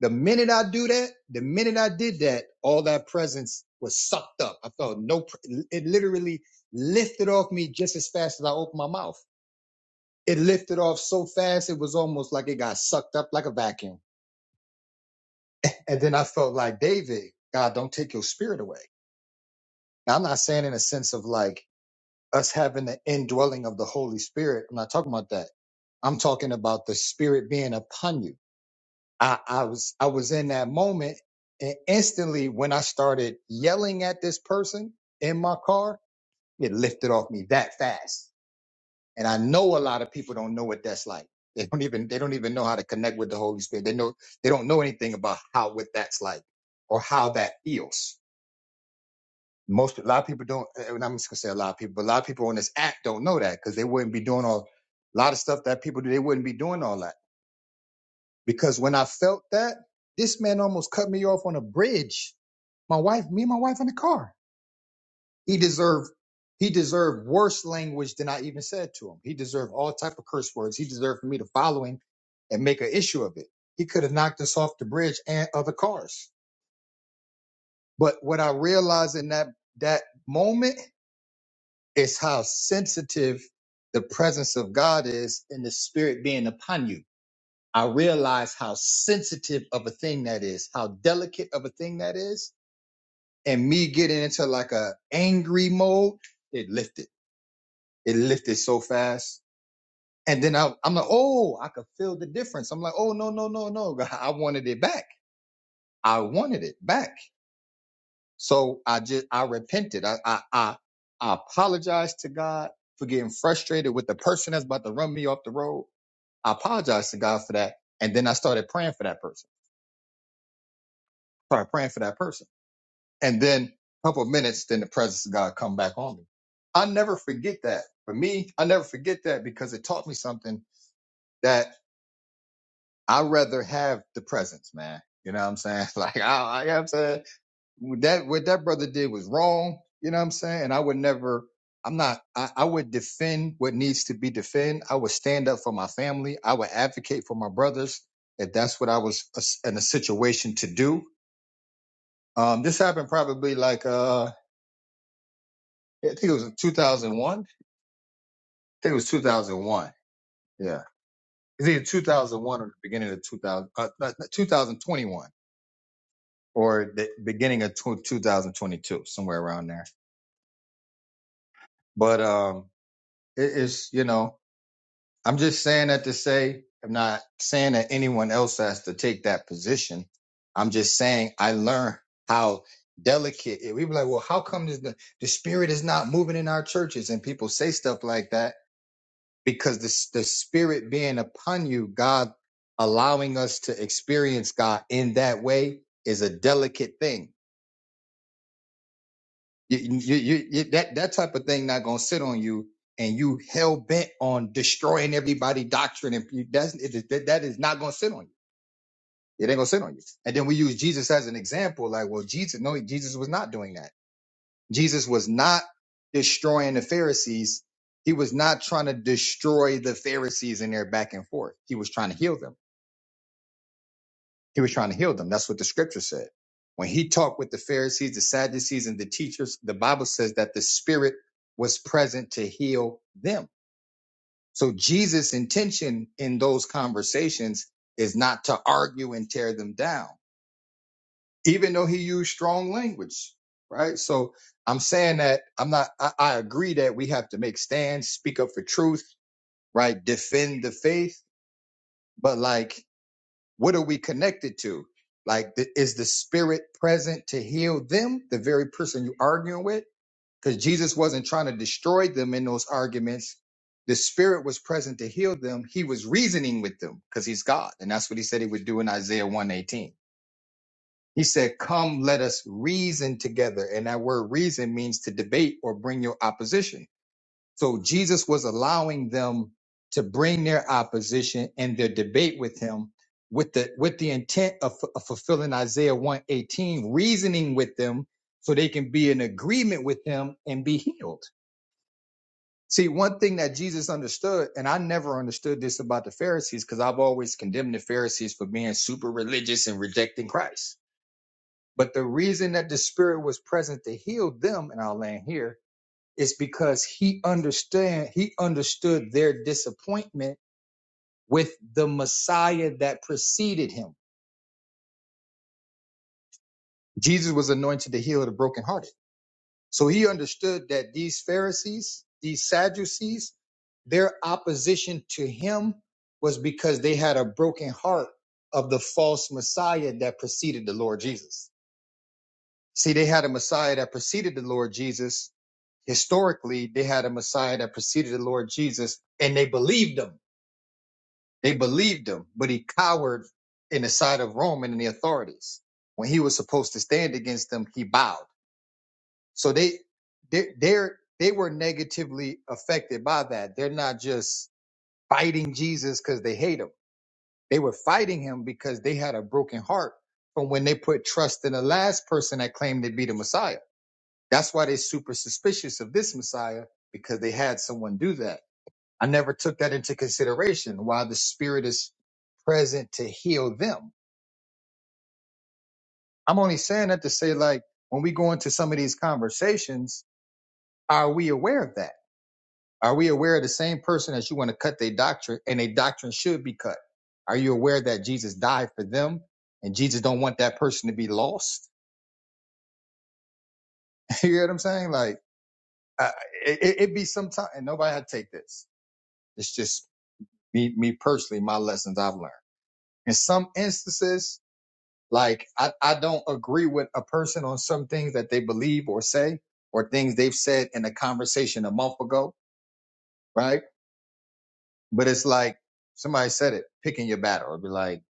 The minute I do that, the minute I did that, all that presence was sucked up. I felt no, pr- it literally lifted off me just as fast as I opened my mouth. It lifted off so fast, it was almost like it got sucked up like a vacuum. And then I felt like, David, God, don't take your spirit away. Now, I'm not saying in a sense of like us having the indwelling of the Holy Spirit. I'm not talking about that. I'm talking about the spirit being upon you. I, I was I was in that moment and instantly when I started yelling at this person in my car, it lifted off me that fast. And I know a lot of people don't know what that's like. They don't even they don't even know how to connect with the Holy Spirit. They know they don't know anything about how what that's like or how that feels. Most a lot of people don't eh, and I'm just gonna say a lot of people, but a lot of people on this app don't know that because they wouldn't be doing all a lot of stuff that people do, they wouldn't be doing all that. because when I felt that, this man almost cut me off on a bridge. My wife, me and my wife in the car. He deserved he deserved worse language than I even said to him. He deserved all type of curse words. He deserved for me to follow him and make an issue of it. He could have knocked us off the bridge and other cars. But what I realized in that that moment is how sensitive the presence of God is and the spirit being upon you I realized how sensitive of a thing that is, how delicate of a thing that is. And me getting into like a angry mode, it lifted. It lifted so fast. And then I, I'm like, oh, I could feel the difference. I'm like, oh, no, no, no, no. *laughs* I wanted it back. I wanted it back. So I just, I repented. I, I, I, I apologized to God for getting frustrated with the person that's about to run me off the road. I apologized to God for that. And then I started praying for that person. Started praying for that person and then a couple of minutes, then the presence of God come back on me. I never forget that. For me, I never forget that because it taught me something that I rather have the presence, man. You know what I'm saying? *laughs* Like I, I you know what I'm saying What that what that brother did was wrong. You know what I'm saying? And I would never. I'm not. I, I would defend what needs to be defended. I would stand up for my family. I would advocate for my brothers if that's what I was uh, in a situation to do. Um, this happened probably like uh, Yeah, I think it was in 2001. I think it was 2001. Yeah. It's either 2001 or the beginning of 2000, uh, 2021 or the beginning of tw 2022, somewhere around there. But, um, it is, you know, I'm just saying that to say, I'm not saying that anyone else has to take that position. I'm just saying I learned how delicate it, we be like, well, how come this, the, the spirit is not moving in our churches? And people say stuff like that because the, the spirit being upon you, God allowing us to experience God in that way is a delicate thing. You, you, you, you, that, that type of thing not going to sit on you and you hell bent on destroying everybody doctrine. And you, that's, it, that, that is not going to sit on you. It ain't going to sit on you. And then we use Jesus as an example. Like, well, Jesus, no, Jesus was not doing that. Jesus was not destroying the Pharisees. He was not trying to destroy the Pharisees in their back and forth. He was trying to heal them He was trying to heal them. That's what the scripture said. When he talked with the Pharisees, the Sadducees, and the teachers, the Bible says that the Spirit was present to heal them. So Jesus' intention in those conversations is not to argue and tear them down, even though he used strong language, right? So I'm saying that I'm not, I, I agree that we have to make stands, speak up for truth, right? Defend the faith. But like what are we connected to like th- is the spirit present to heal them the very person you're arguing with because jesus wasn't trying to destroy them in those arguments the spirit was present to heal them he was reasoning with them because he's god and that's what he said he would do in isaiah 118 he said come let us reason together and that word reason means to debate or bring your opposition so Jesus was allowing them to bring their opposition and their debate with him with the with the intent of, of fulfilling Isaiah 118, reasoning with them so they can be in agreement with him and be healed. See, one thing that Jesus understood, and I never understood this about the Pharisees, because I've always condemned the Pharisees for being super religious and rejecting Christ. But the reason that the Spirit was present to heal them, and I'll land here, is because he understand he understood their disappointment with the Messiah that preceded him. Jesus was anointed to heal the brokenhearted. So he understood that these Pharisees, these Sadducees, their opposition to him was because they had a broken heart of the false Messiah that preceded the Lord Jesus. See, they had a Messiah that preceded the Lord Jesus. Historically, they had a Messiah that preceded the Lord Jesus and they believed him They believed him, but he cowered in the side of Rome and in the authorities. When he was supposed to stand against them, he bowed. So they they they're, they were negatively affected by that. They're not just fighting Jesus because they hate him. They were fighting him because they had a broken heart from when they put trust in the last person that claimed to be the Messiah. That's why they're super suspicious of this Messiah because they had someone do that. I never took that into consideration why the spirit is present to heal them. I'm only saying that to say, like, when we go into some of these conversations, are we aware of that? Are we aware of the same person that you want to cut their doctrine and their doctrine should be cut? Are you aware that Jesus died for them and Jesus don't want that person to be lost? *laughs* you know what I'm saying? Like, uh, it, it, it'd be sometime, and nobody had to take this. It's just me, me personally, my lessons I've learned. In some instances, Like I, I don't agree with a person on some things that they believe or say or things they've said in a conversation a month ago, right? But it's like somebody said it, picking your battle. It'd be like,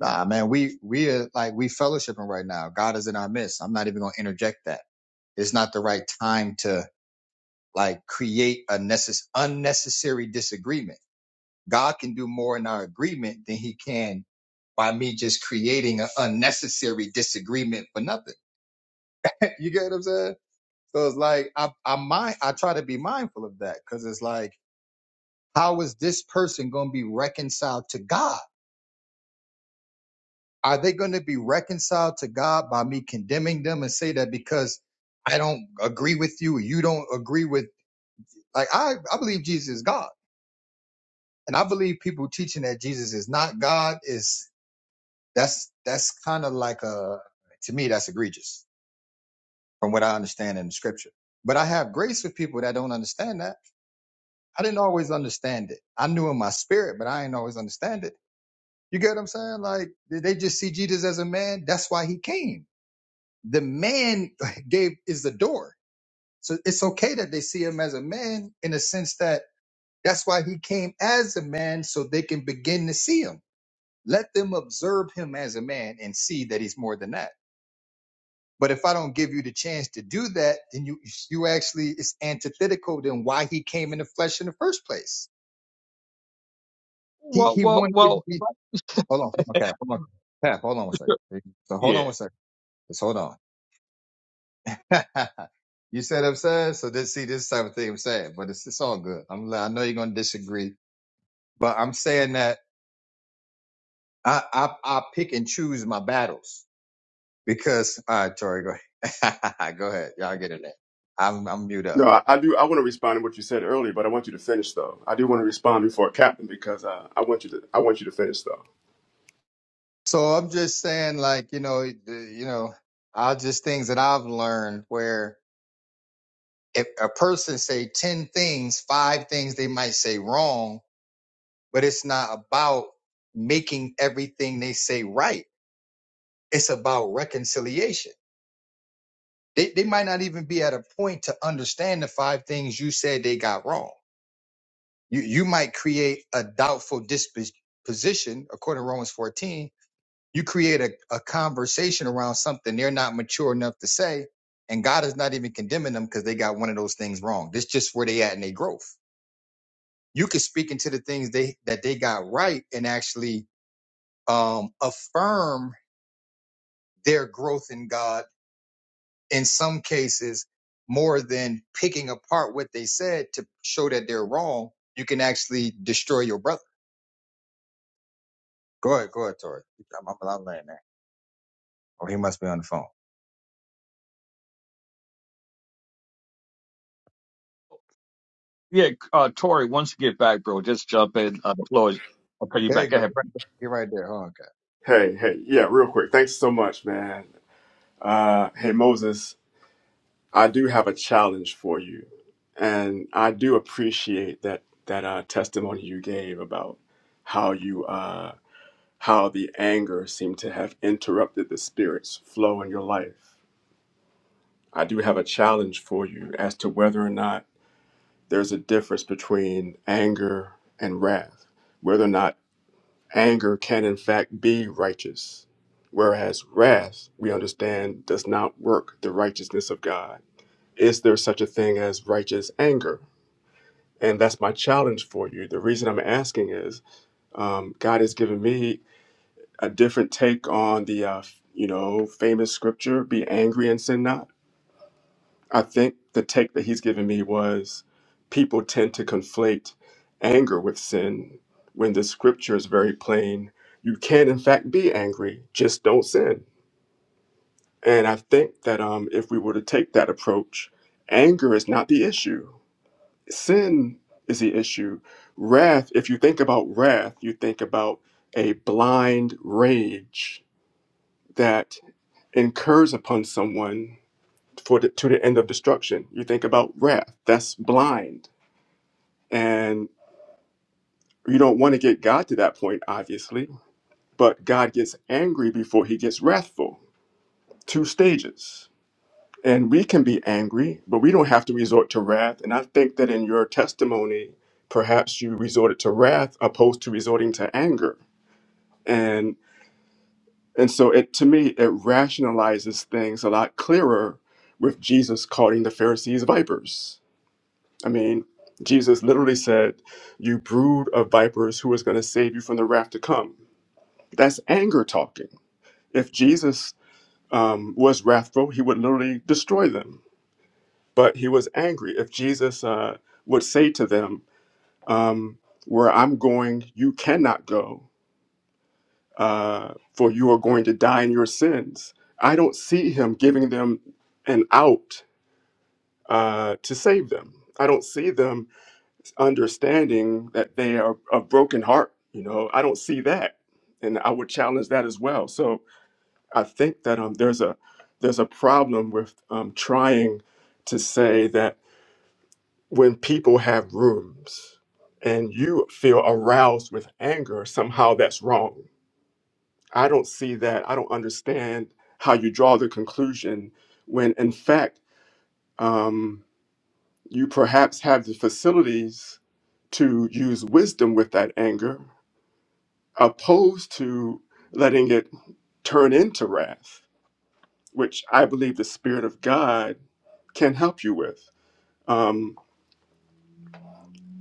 nah, man, we we are like we fellowshipping right now. God is in our midst. I'm not even gonna interject that. It's not the right time to like create a necess- unnecessary disagreement. God can do more in our agreement than he can by me just creating an unnecessary disagreement for nothing. *laughs* you get what I'm saying? So it's like I I mind I try to be mindful of that because it's like how is this person going to be reconciled to God? Are they going to be reconciled to God by me condemning them and say that because I don't agree with you, or you don't agree with like I I believe Jesus is God, and I believe people teaching that Jesus is not God is that's that's kind of like a to me that's egregious from what I understand in the scripture. But I have grace with people that don't understand that I didn't always understand it. I knew in my spirit, but I didn't always understand it. You get what I'm saying? Like did they just see Jesus as a man. That's why he came. The man *laughs* gave is the door. So it's okay that they see him as a man in a sense that that's why he came as a man so they can begin to see him. Let them observe him as a man and see that he's more than that. But if I don't give you the chance to do that, then you you actually it's antithetical than why he came in the flesh in the first place. He Well, he well, wanted to well. be if I- *laughs* Hold on. hold on, Cap. Hold on. Cap, hold on one second. So hold on Yeah, one second. Just hold on. *laughs* you said upset. So this, see, this type of thing I'm saying, but it's, it's all good. I'm, I know you're going to disagree, but I'm saying that I, I, I pick and choose my battles because, all right, Tori, go ahead. *laughs* go ahead. Y'all get in there. I'm, I'm mute up. No, I, I do. I want to respond to what you said earlier, but I want you to finish though. I do want to respond before Captain because uh, I want you to. I want you to finish though. So I'm just saying like, you know, the- you know, I just things that I've learned where if a person say 10 things, five things they might say wrong, but it's not about making everything they say right. It's about reconciliation. They, they might not even be at a point to understand the five things you said they got wrong. You, you might create a doubtful disposition, according to Romans 14. You create a, a conversation around something they're not mature enough to say, and God is not even condemning them because they got one of those things wrong. This just where they at in their growth. You could speak into the things they that they got right and actually um, affirm their growth in God in some cases more than picking apart what they said to show that they're wrong. You can actually destroy your brother. Go ahead, go ahead, Tori. I'm, I'm, I'm laying there. Oh, he must be on the phone. yeah. Uh, Tori, once you get back, bro, just jump in. Uh, the floor is. Okay, you There back. you Go go. ahead. You're right there. You're right there. Oh, okay. Hey, hey, yeah, real quick. Thanks so much, man. Uh, hey, Moses, I do have a challenge for you. And I do appreciate that, that uh, testimony you gave about how you, uh, how the anger seemed to have interrupted the spirit's flow in your life. I do have a challenge for you as to whether or not there's a difference between anger and wrath, whether or not anger can in fact be righteous, whereas wrath, we understand, does not work the righteousness of God. Is there such a thing as righteous anger? And that's my challenge for you. The reason I'm asking is um, God has given me a different take on the, uh, you know, famous scripture, be angry and sin not. I think the take that he's given me was people tend to conflate anger with sin when the scripture is very plain. You can, in fact, be angry, just don't sin. And I think that um, if we were to take that approach, anger is not the issue. sin is the issue. Wrath, if you think about wrath, you think about a blind rage that incurs upon someone for the, to the end of destruction. You think about wrath, that's blind. And you don't want to get God to that point, obviously, but God gets angry before he gets wrathful. Two stages. And we can be angry, but we don't have to resort to wrath. And I think that in your testimony, perhaps you resorted to wrath opposed to resorting to anger. And and so it to me it rationalizes things a lot clearer with Jesus calling the Pharisees vipers. I mean, Jesus literally said, "You brood of vipers, who is going to save you from the wrath to come?" That's anger talking. If Jesus um, was wrathful, he would literally destroy them But he was angry. If Jesus uh, would say to them, um, Where I'm going, you cannot go, uh, for you are going to die in your sins, I don't see him giving them an out uh, to save them. I don't see them understanding that they are of broken heart. You know, I don't see that. And I would challenge that as well. So I think that um, there's a there's a problem with um, trying to say that when people have rooms and you feel aroused with anger, somehow that's wrong. I don't see that. I don't understand how you draw the conclusion when, in fact, um, you perhaps have the facilities to use wisdom with that anger, opposed to letting it turn into wrath, which I believe the Spirit of God can help you with. Um,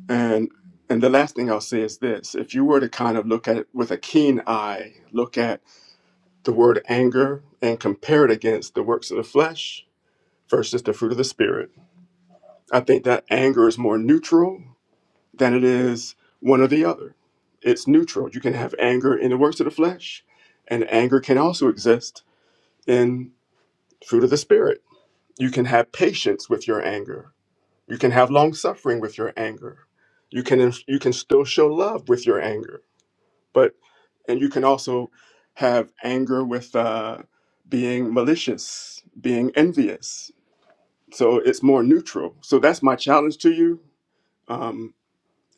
And and the last thing I'll say is this: if you were to kind of look at it with a keen eye, look at the word anger and compare it against the works of the flesh versus the fruit of the spirit, I think that anger is more neutral than it is one or the other. It's neutral. You can have anger in the works of the flesh, and anger can also exist in fruit of the spirit. You can have patience with your anger. You can have long suffering with your anger. You can you can still show love with your anger but and you can also have anger with uh, being malicious, being envious. So it's more neutral. So that's my challenge to you, um,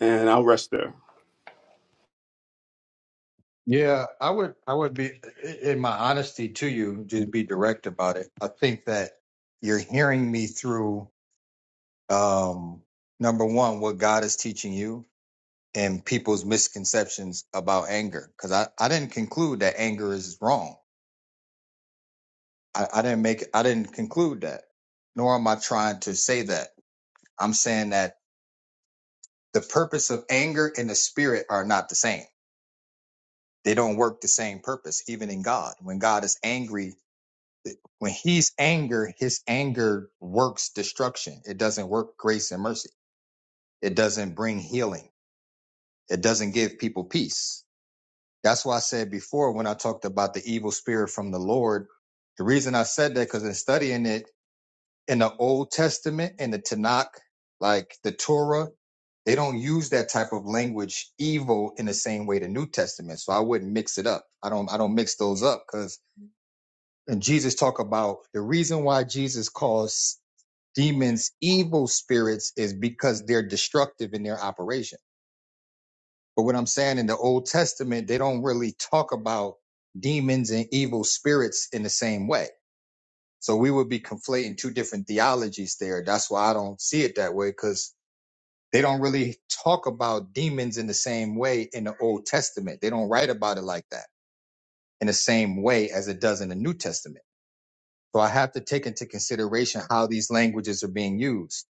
and I'll rest there. Yeah, I would. I would be, in my honesty to you, just be direct about it. I think that you're hearing me through. Um, number one, what God is teaching you, and people's misconceptions about anger because I, I didn't conclude that anger is wrong. I, I didn't make I didn't conclude that, nor am I trying to say that. I'm saying that the purpose of anger and the spirit are not the same. They don't work the same purpose, even in God. When God is angry, when he's anger, his anger works destruction. It doesn't work grace and mercy. It doesn't bring healing. It doesn't give people peace That's why I said before when I talked about the evil spirit from the Lord, the reason I said that because in studying it in the Old Testament and the Tanakh, like the Torah, they don't use that type of language evil in the same way the New Testament. So I wouldn't mix it up. I don't I don't mix those up because and Jesus talk about the reason why Jesus calls demons evil spirits is because they're destructive in their operation but what I'm saying in the Old Testament, they don't really talk about demons and evil spirits in the same way. So we would be conflating two different theologies there. That's why I don't see it that way because they don't really talk about demons in the same way in the Old Testament. They don't write about it like that in the same way as it does in the New Testament. So I have to take into consideration how these languages are being used.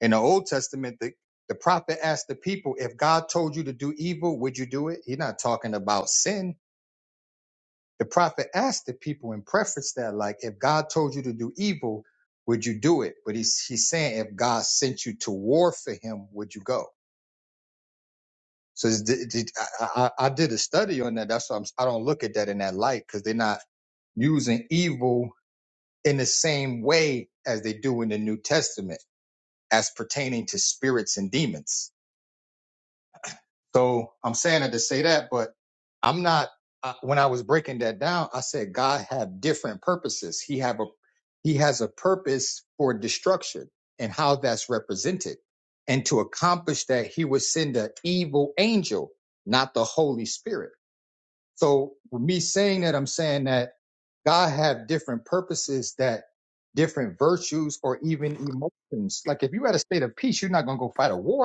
In the Old Testament, the, the prophet asked the people, if God told you to do evil, would you do it? He's not talking about sin The prophet asked the people and prefaced that, like, if God told you to do evil, would you do it? But he's he's saying, if God sent you to war for Him, would you go? So it's, di- I, I I did a study on that. That's why I'm, I don't look at that in that light because they're not using evil in the same way as they do in the New Testament as pertaining to spirits and demons. So I'm saying it to say that, but I'm not. Uh, when I was breaking that down, I said God have different purposes. He have a he has a purpose for destruction and how that's represented, and to accomplish that, he would send an evil angel, not the Holy Spirit. So with me saying that, I'm saying that God have different purposes that different virtues or even emotions. Like if you're at a state of peace, you're not gonna go fight a war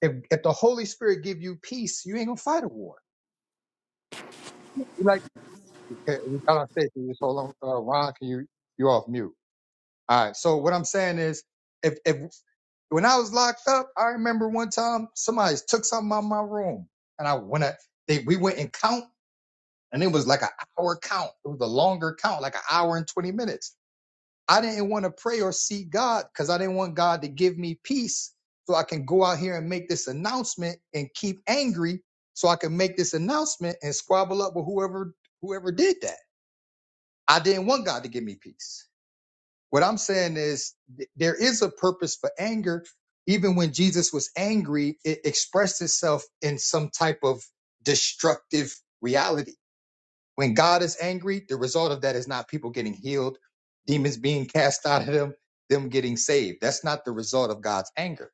if if the Holy Spirit give you peace, you ain't gonna fight a war. Like okay, y'all not safe, you just hold on, uh, Ron, can you you off mute? All right. So what I'm saying is, if if when I was locked up, I remember one time somebody took something out of my room, and I went. At, they we went and count, and it was like an hour count. It was a longer count, like an hour and twenty minutes. I didn't want to pray or seek God because I didn't want God to give me peace so I can go out here and make this announcement and keep angry so I can make this announcement and squabble up with whoever whoever did that. I didn't want God to give me peace. What I'm saying is th- there is a purpose for anger. Even when Jesus was angry, it expressed itself in some type of destructive reality when God is angry, the result of that is not people getting healed, demons being cast *laughs* out of them, them getting saved. That's not the result of God's anger.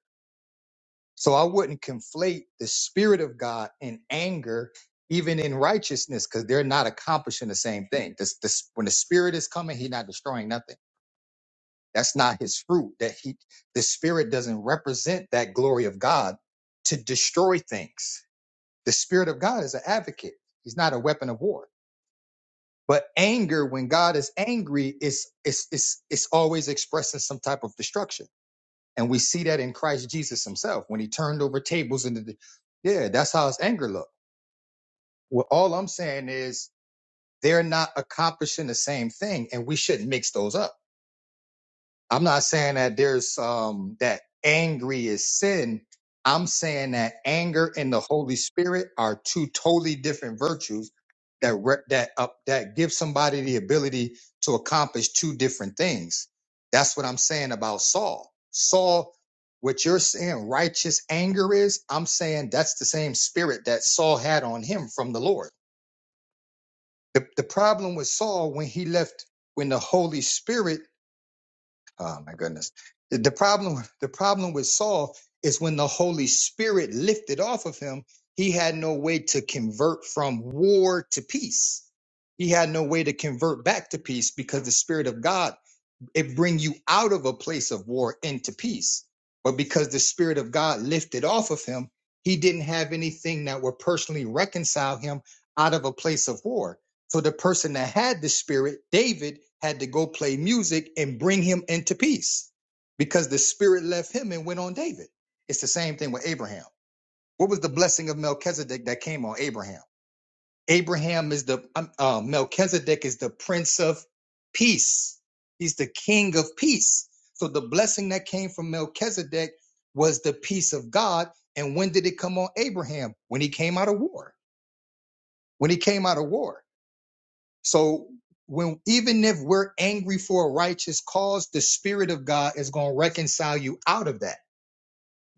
So I wouldn't conflate the spirit of God and anger, even in righteousness, because they're not accomplishing the same thing. This, this, when the spirit is coming, he's not destroying nothing. That's not his fruit. That he, the spirit doesn't represent that glory of God to destroy things. The spirit of God is an advocate. He's not a weapon of war. But anger, when God is angry, is is is it's always expressing some type of destruction, and we see that in Christ Jesus Himself when He turned over tables and the, yeah, that's how His anger looked. Well, all I'm saying is they're not accomplishing the same thing, and we shouldn't mix those up. I'm not saying that there's um that angry is sin. I'm saying that anger and the Holy Spirit are two totally different virtues that re- that up that give somebody the ability to accomplish two different things. That's what I'm saying about Saul. Saul, what you're saying righteous anger is, I'm saying that's the same spirit that Saul had on him from the Lord. The, the problem with Saul when he left when the Holy Spirit Oh my goodness. The the problem the problem with Saul is when the Holy Spirit lifted off of him, he had no way to convert from war to peace. He had no way to convert back to peace because the Spirit of God it bring you out of a place of war into peace. But because the spirit of God lifted off of him, he didn't have anything that would personally reconcile him out of a place of war. So the person that had the spirit, David, had to go play music and bring him into peace because the spirit left him and went on David. It's the same thing with Abraham. What was the blessing of Melchizedek that came on Abraham? Abraham is the um, uh, Melchizedek is the prince of peace. He's the king of peace. So the blessing that came from Melchizedek was the peace of God. And when did it come on Abraham? When he came out of war. When he came out of war. So when even if we're angry for a righteous cause, the spirit of God is going to reconcile you out of that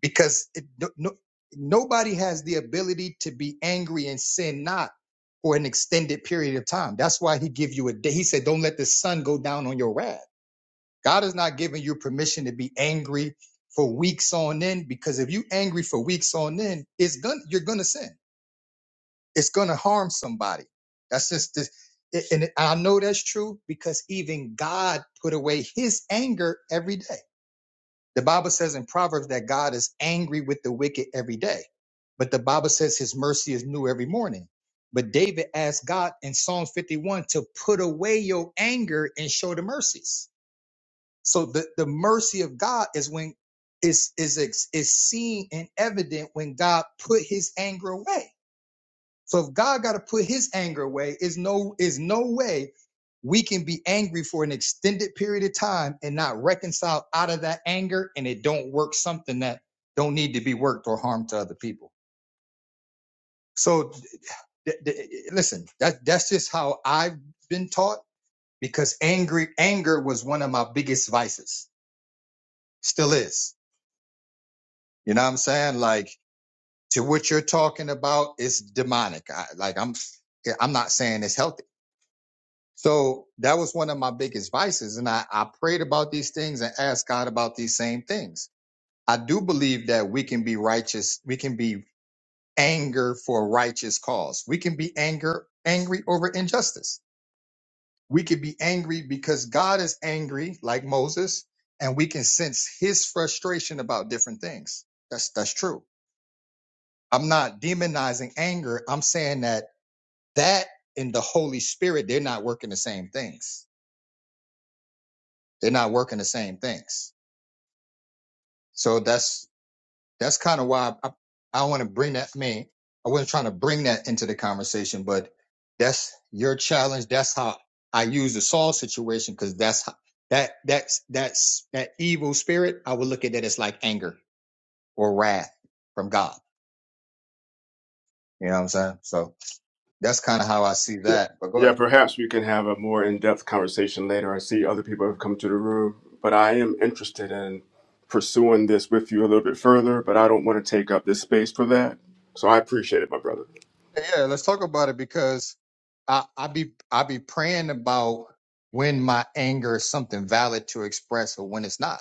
because it, no, no- nobody has the ability to be angry and sin not for an extended period of time. That's why he give you a day. He said, "Don't let the sun go down on your wrath." God is not giving you permission to be angry for weeks on end because if you angry for weeks on end, it's gonna you're gonna sin. It's gonna harm somebody. That's just this. And I know that's true because even God put away His anger every day. The Bible says in Proverbs that God is angry with the wicked every day, but the Bible says his mercy is new every morning. But David asked God in Psalm 51 to put away your anger and show the mercies. So the, the mercy of God is when is is ex- is seen and evident when God put his anger away. So if God got to put his anger away, is no is no way we can be angry for an extended period of time and not reconcile out of that anger and it don't work something that don't need to be worked or harm to other people. So th- th- listen, that that's just how I've been taught because angry anger was one of my biggest vices. Still is. You know what I'm saying? Like to what you're talking about it's demonic. I, like I'm I'm not saying it's healthy. So that was one of my biggest vices. And I, I prayed about these things and asked God about these same things. I do believe that we can be righteous. We can be anger for a righteous cause. We can be anger, angry over injustice. We can be angry because God is angry like Moses and we can sense his frustration about different things. That's, that's true. I'm not demonizing anger. I'm saying that that and the Holy Spirit, they're not working the same things. They're not working the same things So that's that's kind of why I, I want to bring that. I mean, I wasn't trying to bring that into the conversation, but that's your challenge. That's how I use the Saul situation because that's how, that that's that's that evil spirit. I would look at that as like anger or wrath from God. You know what I'm saying? So that's kind of how I see Yeah, that. But go Yeah, ahead. perhaps we can have a more in-depth conversation later. I see other people have come to the room, but I am interested in pursuing this with you a little bit further. But I don't want to take up this space for that. So I appreciate it, my brother. Yeah, let's talk about it because I I be I be praying about when my anger is something valid to express or when it's not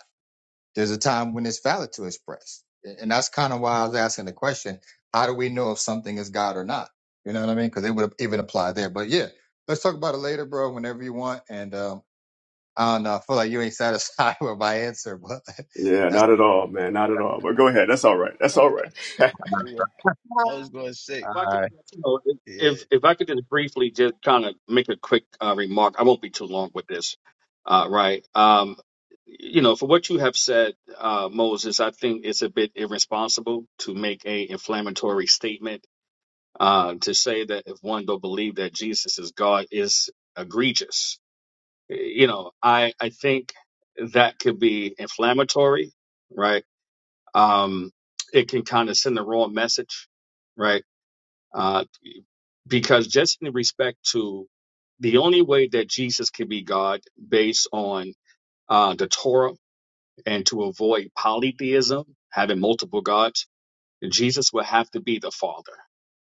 There's a time when it's valid to express. And that's kind of why I was asking the question, how do we know if something is God or not? You know what I mean? Because it would even apply there. But yeah, let's talk about it later, bro, whenever you want. And um, I don't know, I feel like you ain't satisfied *laughs* with my answer, but *laughs* Yeah, that's not at all, man, not at all. But go ahead. That's all right. That's all right. *laughs* Yeah. all I was going to say If I could, right. you know, Yeah. if if I could just briefly just kind of make a quick uh, remark, I won't be too long with this, uh, right? Um, you know, for what you have said, uh, Moses, I think it's a bit irresponsible to make a inflammatory statement uh, to say that if one don't believe that Jesus is God is egregious. you know, I I think that could be inflammatory, right? Um, it can kind of send the wrong message, right? Uh, because just in respect to the only way that Jesus can be God based on uh, the Torah and to avoid polytheism, having multiple gods, Jesus would have to be the Father,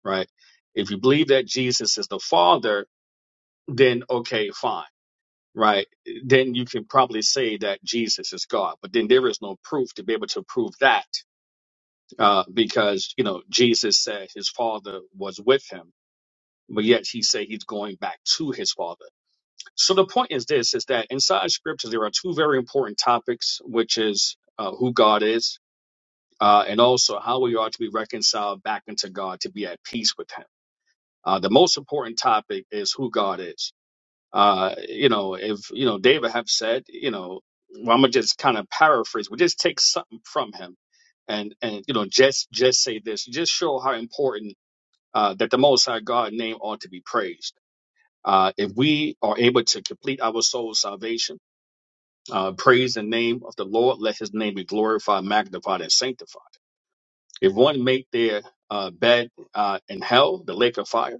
right? If you believe that Jesus is the Father, then okay, fine right, then you can probably say that Jesus is God. But then there is no proof to be able to prove that uh, because, you know, Jesus said his father was with him, but yet he said he's going back to his father. So the point is this, is that inside scriptures, there are two very important topics, which is uh, who God is uh, and also how we are to be reconciled back into God to be at peace with him. Uh, the most important topic is who God is Uh, you know, if you know David have said, you know, well, I'm gonna just kind of paraphrase. We just take something from him, and and you know, just just say this, just show how important uh, that the Most High God name ought to be praised. Uh, if we are able to complete our soul's salvation, uh, praise the name of the Lord. Let His name be glorified, magnified, and sanctified. If one make their uh, bed uh, in hell, the lake of fire.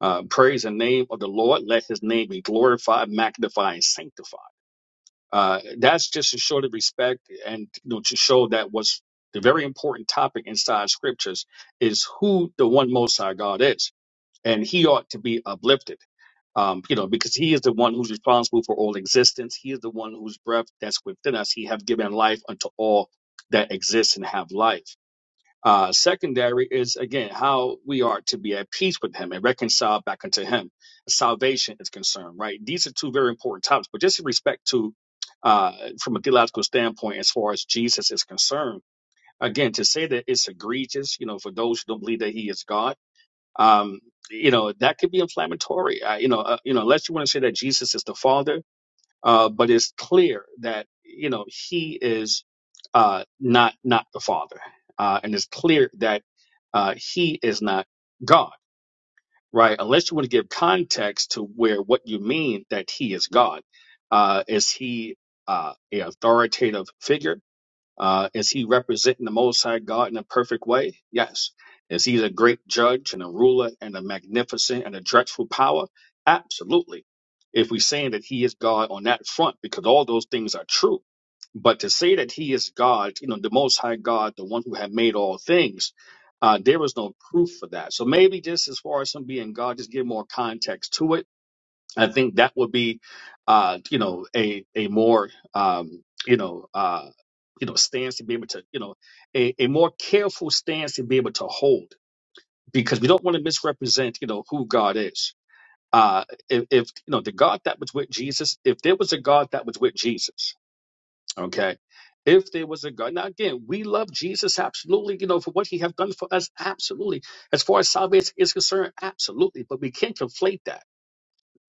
Uh, praise the name of the Lord. Let his name be glorified, magnified, and sanctified Uh, that's just to show the respect and you know to show that what's the very important topic inside scriptures is who the one Most High God is, and He ought to be uplifted. Um, you know, because He is the one who's responsible for all existence. He is the one whose breath that's within us. He have given life unto all that exists and have life. Uh, secondary is again how we are to be at peace with Him and reconciled back unto Him. Salvation is concerned, right? These are two very important topics, but just in respect to, uh, from a theological standpoint, as far as Jesus is concerned, again, to say that it's egregious, you know, for those who don't believe that He is God, um, you know, that could be inflammatory. Uh, you know, uh, you know, unless you want to say that Jesus is the Father, uh, but it's clear that you know he is uh, not not the Father, uh, and it's clear that uh, he is not God, right? Unless you want to give context to where what you mean that he is God. Uh, is he uh, a authoritative figure? Uh, is he representing the Most High God in a perfect way? Yes. Is he a great judge and a ruler and a magnificent and a dreadful power? Absolutely. If we're saying that he is God on that front, because all those things are true. But to say that he is God, you know, the Most High God, the one who had made all things, uh, there is no proof for that. So maybe just as far as him being God, just give more context to it I think that would be, uh, you know, a a more um, you know, uh, you know, stance to be able to, you know, a, a more careful stance to be able to hold because we don't want to misrepresent, you know, who God is. Uh, if, if you know the God that was with Jesus, if there was a God that was with Jesus, okay. If there was a God, now again, we love Jesus absolutely, you know, for what He have done for us, absolutely. As far as salvation is concerned, absolutely. But we can't conflate that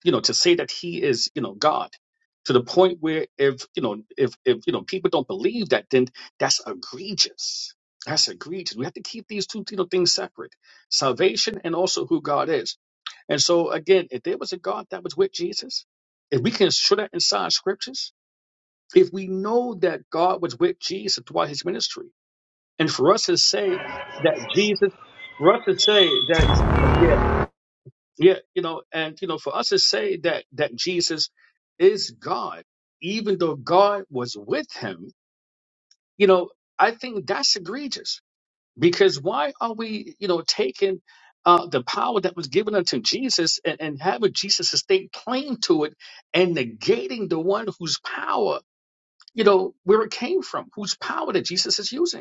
you know, to say that he is, you know, God to the point where if, you know, if, if, you know, people don't believe that, then that's egregious. That's egregious. We have to keep these two, you know, things separate, salvation and also who God is. And so again, if there was a God that was with Jesus, if we can show that inside scriptures, if we know that God was with Jesus throughout his ministry, and for us to say that Jesus, for us to say that, yeah, yeah, you know, and you know, for us to say that that Jesus is God, even though God was with him, you know, I think that's egregious. Because why are we, you know, taking uh, the power that was given unto Jesus and, and having Jesus estate claim to it and negating the one whose power, you know, where it came from, whose power that Jesus is using?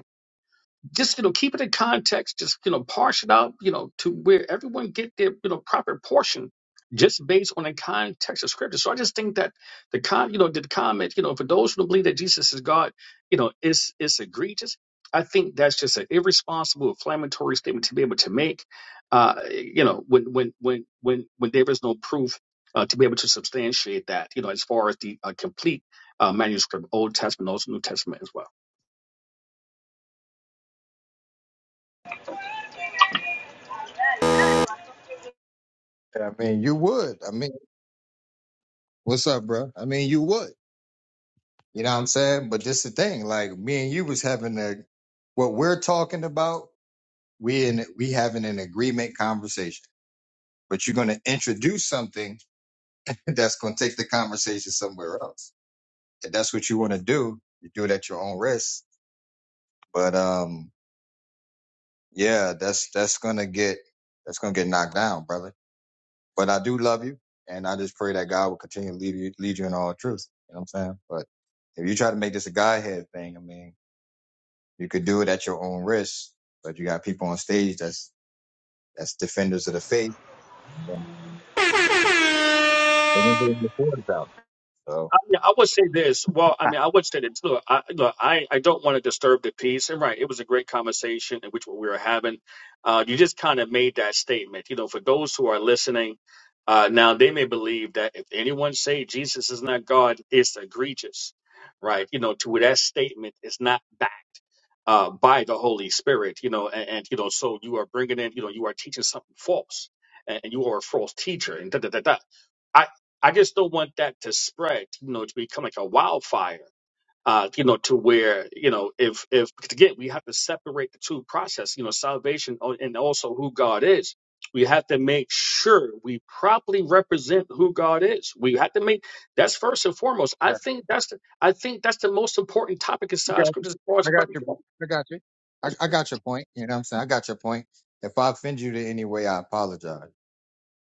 just you know keep it in context just you know parse it out you know to where everyone get their you know proper portion just based on the context of scripture so i just think that the con you know the comment you know for those who don't believe that jesus is god you know is is egregious i think that's just an irresponsible inflammatory statement to be able to make uh you know when when when when when there is no proof uh, to be able to substantiate that you know as far as the uh, complete uh, manuscript old testament also new testament as well I mean, you would. I mean, what's up, bro? I mean, you would. You know what I'm saying? But this the thing, like me and you was having a what we're talking about, we in we having an agreement conversation. But you're gonna introduce something that's going to take the conversation somewhere else. If that's what you want to do, you do it at your own risk. But um, yeah, that's that's going to get that's going to get knocked down, brother. But I do love you, and I just pray that God will continue to lead you lead you in all truth. You know what I'm saying? But if you try to make this a guy thing, I mean, you could do it at your own risk. But you got people on stage that's that's defenders of the faith. Um, they don't do it before it's out. So. I, mean, I would say this. Well, I mean, I would say this. Look, I, look, I, I don't want to disturb the peace. And right, it was a great conversation in which we were having. Uh, you just kind of made that statement. You know, for those who are listening, uh, now they may believe that if anyone say Jesus is not God, it's egregious, right? You know, to that statement is not backed uh, by the Holy Spirit. You know, and, and you know, so you are bringing in, you know, you are teaching something false, and, and you are a false teacher, and da da da da. I I just don't want that to spread, you know, to become like a wildfire. Uh, you know, to where you know, if if because again, we have to separate the two process. You know, salvation o- and also who God is. We have to make sure we properly represent who God is. We have to make that's first and foremost. I think that's the I think that's the most important topic I inside got you. scriptures as far as I got probably your. go. I got you. I, That's I got your point. You know what I'm saying? I got your point. If I offend you in any way, I apologize.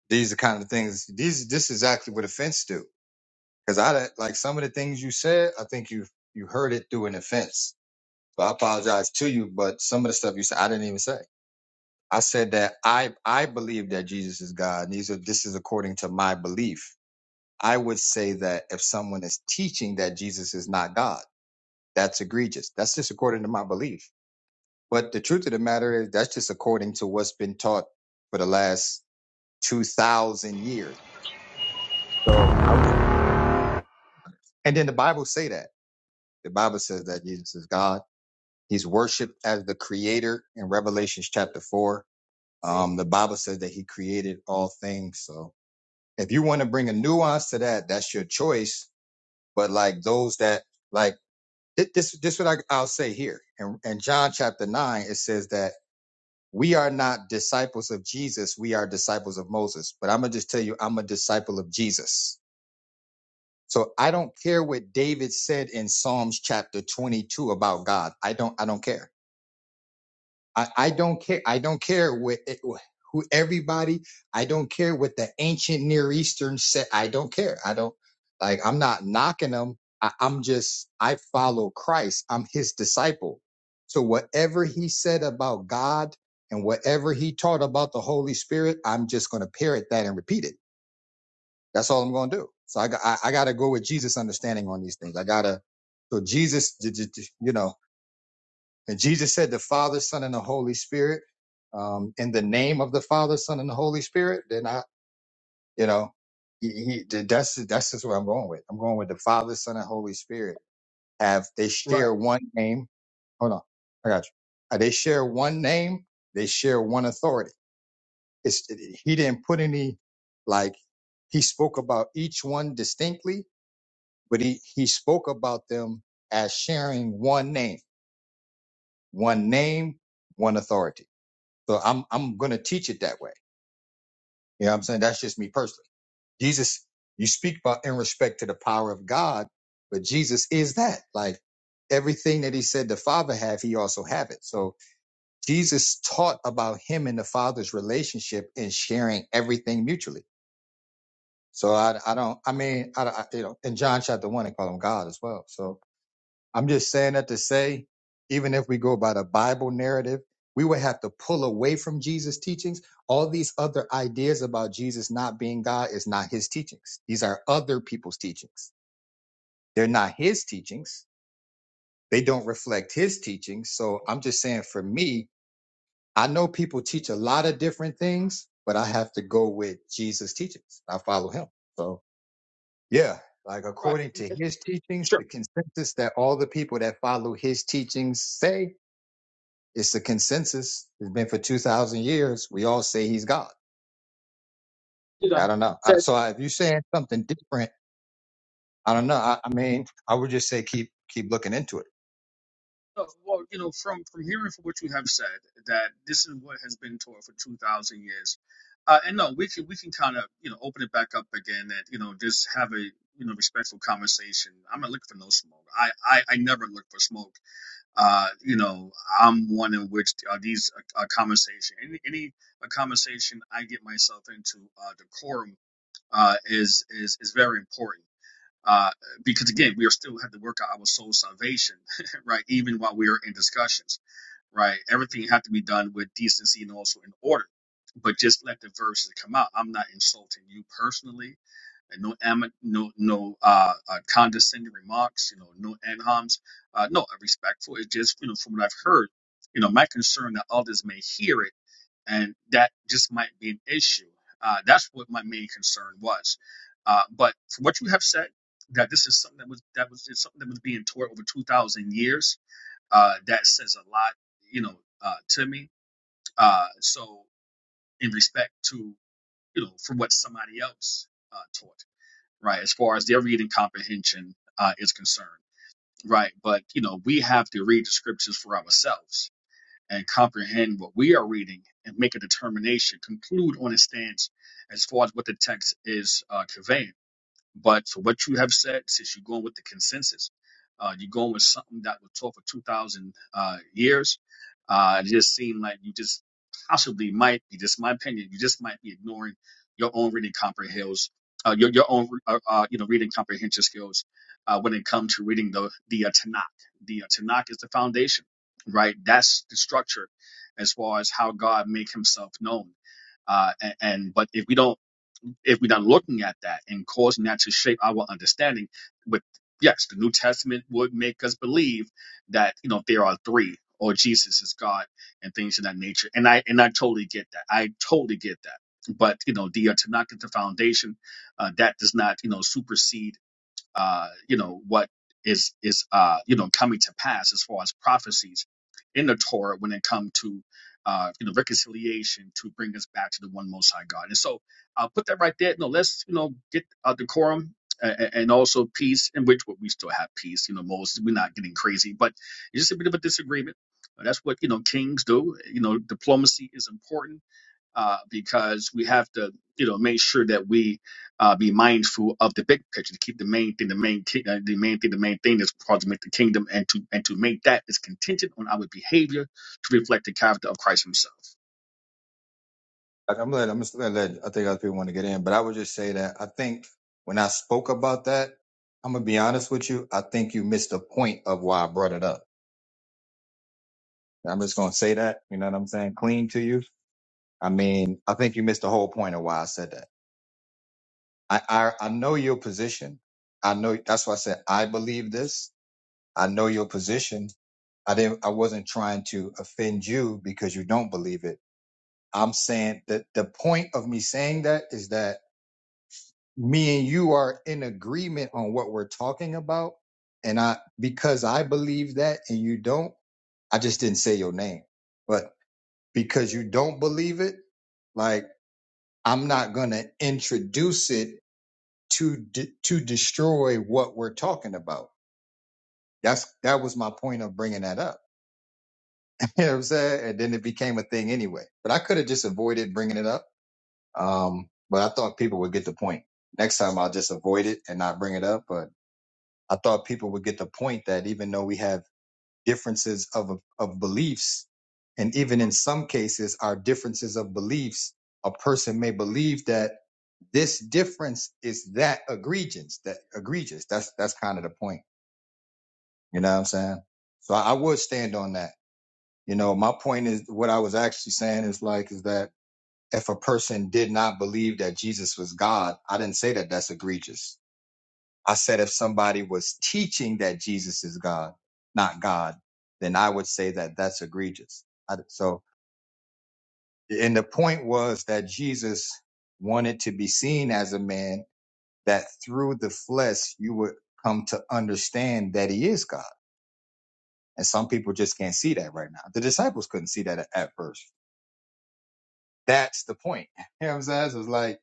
These are kind of things. These. This is actually what offense do. Because I don't- like some of the things you said. I think you you heard it through an offense. So I apologize to you. But some of the stuff you said, I didn't even say. I said that I I believe that Jesus is God. And these are this is according to my belief. I would say that if someone is teaching that Jesus is not God, that's egregious. That's just according to my belief. But the truth of the matter is that's just according to what's been taught for the last two thousand years. So, I, and then the Bible say that the Bible says that Jesus is God. He's worshipped as the Creator in Revelations chapter four. Um, the Bible says that He created all things. So, if you want to bring a nuance to that, that's your choice. But like those that like thi- this, this is what I, I'll say here. And in in John chapter nine, it says that we are not disciples of Jesus. We are disciples of Moses. But I'm going to just tell you, I'm a disciple of Jesus. So I don't care what David said in Psalms chapter 22 about God. I don't, I don't care. I, I don't care. I don't care what it, who everybody. I don't care what the ancient Near Eastern said. I don't care. I don't like. I'm not knocking them. I, I'm just. I follow Christ. I'm His disciple. So whatever He said about God and whatever He taught about the Holy Spirit, I'm just going to parrot that and repeat it. That's all I'm going to do. So I got. I, I got to go with Jesus' understanding on these things. I gotta. So Jesus, you know. And Jesus said, the Father, Son, and the Holy Spirit, um, in the name of the Father, Son, and the Holy Spirit, then I, you know, he, he, that's, that's just what I'm going with. I'm going with the Father, Son, and Holy Spirit have, they right, share one name. Hold on. I got you. Uh, They share one name. They share one authority. It's, he didn't put any, like, he spoke about each one distinctly, but he, he spoke about them as sharing one name, one name, one authority. So I'm I'm gonna teach it that way. You know what I'm saying? That's just me personally. Jesus, you speak about in respect to the power of God, but Jesus is that. Like everything that he said the Father have, he also have it. So Jesus taught about him and the Father's relationship and sharing everything mutually. So I, I don't, I mean, I, I, you know, in John chapter one, they call him God as well. So I'm just saying that to say, even if we go by the Bible narrative, we would have to pull away from Jesus' teachings. All these other ideas about Jesus not being God is not his teachings. These are other people's teachings. They're not his teachings. They don't reflect his teachings. So I'm just saying for me, I know people teach a lot of different things, but I have to go with Jesus' teachings. I follow him. So yeah, like right, according to his teachings, sure. the consensus that all the people that follow his teachings say It's the consensus. It's been for 2,000 years. We all say he's God. You know, I don't know. so I, so I, if you're saying something different, I don't know. I, I mean, I would just say keep keep looking into it. No, well, you know, from from hearing from what you have said, that this is what has been taught for two thousand years, uh, and no, we can we can kind of you know open it back up again, and you know just have a you know respectful conversation. I'm not looking for no smoke. I I, I never look for smoke. Uh, you know, I'm one in which uh, these uh, uh, conversation any any a conversation I get myself into uh, decorum uh, is is is very important. Uh, because again, we are still have to work out our soul salvation, *laughs* right? Even while we are in discussions, right? Everything had to be done with decency and also in order. But just let the verses come out. I'm not insulting you personally, and no am- no no uh, uh, condescending remarks, you know, no anhams, uh, no respectful. It's just you know from what I've heard, you know, my concern that others may hear it and that just might be an issue. Uh, that's what my main concern was. Uh, but from what you have said, that this is something that was that was it's something that was being taught over two thousand years. Uh, that says a lot, you know, uh, to me. Uh, so in respect to you know for what somebody else uh, taught, right? As far as their reading comprehension uh, is concerned, right? But you know we have to read the scriptures for ourselves and comprehend what we are reading and make a determination, conclude on a stance as far as what the text is uh, conveying. But for what you have said, since you're going with the consensus, uh, you're going with something that was taught for 2,000 uh, years, uh, it just seemed like you just possibly might be, just my opinion, you just might be ignoring your own reading comprehensions, uh, your, your own, uh, uh, you know, reading comprehension skills uh, when it comes to reading the, the uh, Tanakh. The uh, Tanakh is the foundation, right? That's the structure as far as how God make himself known. Uh, a- and, but if we don't if we're not looking at that and causing that to shape our understanding. But yes, the New Testament would make us believe that you know there are three, or Jesus is God, and things of that nature. And I and I totally get that. I totally get that. But you know, the uh, Tanakh is the foundation uh, that does not you know supersede uh, you know what is is uh, you know coming to pass as far as prophecies in the Torah when it comes to uh, you know reconciliation to bring us back to the one Most High God. And so I'll put that right there. No, let's you know get uh, decorum and, and also peace, in which well, we still have peace. You know, Moses, we're not getting crazy, but it's just a bit of a disagreement. That's what you know kings do. You know, diplomacy is important uh, because we have to, you know, make sure that we uh, be mindful of the big picture to keep the main thing, the main ki- uh, the main thing, the main thing that's ultimate the kingdom, and to and to make that is contingent on our behavior to reflect the character of Christ Himself. Like, I'm let I'm just gonna let I think other people want to get in, but I would just say that I think when I spoke about that, I'm gonna be honest with you. I think you missed the point of why I brought it up. I'm just gonna say that. You know what I'm saying? Clean to you. I mean, I think you missed the whole point of why I said that. I I, I know your position. I know that's why I said I believe this I know your position. I didn't I wasn't trying to offend you because you don't believe it. I'm saying that the point of me saying that is that me and you are in agreement on what we're talking about. And I because I believe that and you don't, I just didn't say your name. But because you don't believe it, like I'm not gonna introduce it to de- to destroy what we're talking about. That's that was my point of bringing that up *laughs* You know what I'm saying? And then it became a thing anyway. But I could have just avoided bringing it up. Um, but I thought people would get the point. Next time I'll just avoid it and not bring it up. But I thought people would get the point that even though we have differences of, of beliefs, and even in some cases, our differences of beliefs, a person may believe that this difference is that egregious, that egregious. That's, that's kind of the point. You know what I'm saying? So I, I would stand on that You know, my point is what I was actually saying is like, is that if a person did not believe that Jesus was God, I didn't say that that's egregious. I said if somebody was teaching that Jesus is God, not God, then I would say that that's egregious. I, so, and the point was that Jesus wanted to be seen as a man that through the flesh you would come to understand that he is God. And some people just can't see that right now. The disciples couldn't see that at at first That's the point. *laughs* You know what I'm saying? So it's like,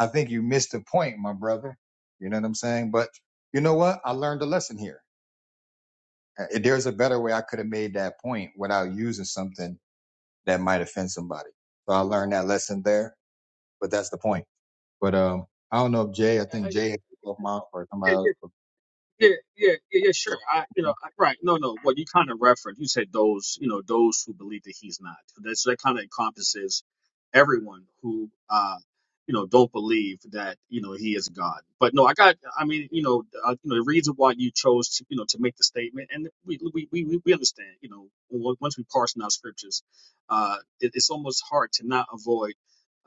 I think you missed the point, my brother. You know what I'm saying? But you know what? I learned a lesson here. Uh, There's a better way I could have made that point without using something that might offend somebody. So I learned that lesson there, but that's the point. But um, I don't know if Jay, I think Jay had to go off or somebody else. But Yeah, yeah, yeah, yeah, sure. but I, you know, I, right. No, no. What you kind of referenced, you said those, you know, those who believe that he's not. That's that kind of encompasses everyone who, uh, you know, don't believe that you know he is God. But no, I got. I mean, you know, uh, you know, the reason why you chose to, you know, to make the statement, and we we we we we understand. You know, on- once we parse in our scriptures, uh, it, it's almost hard to not avoid.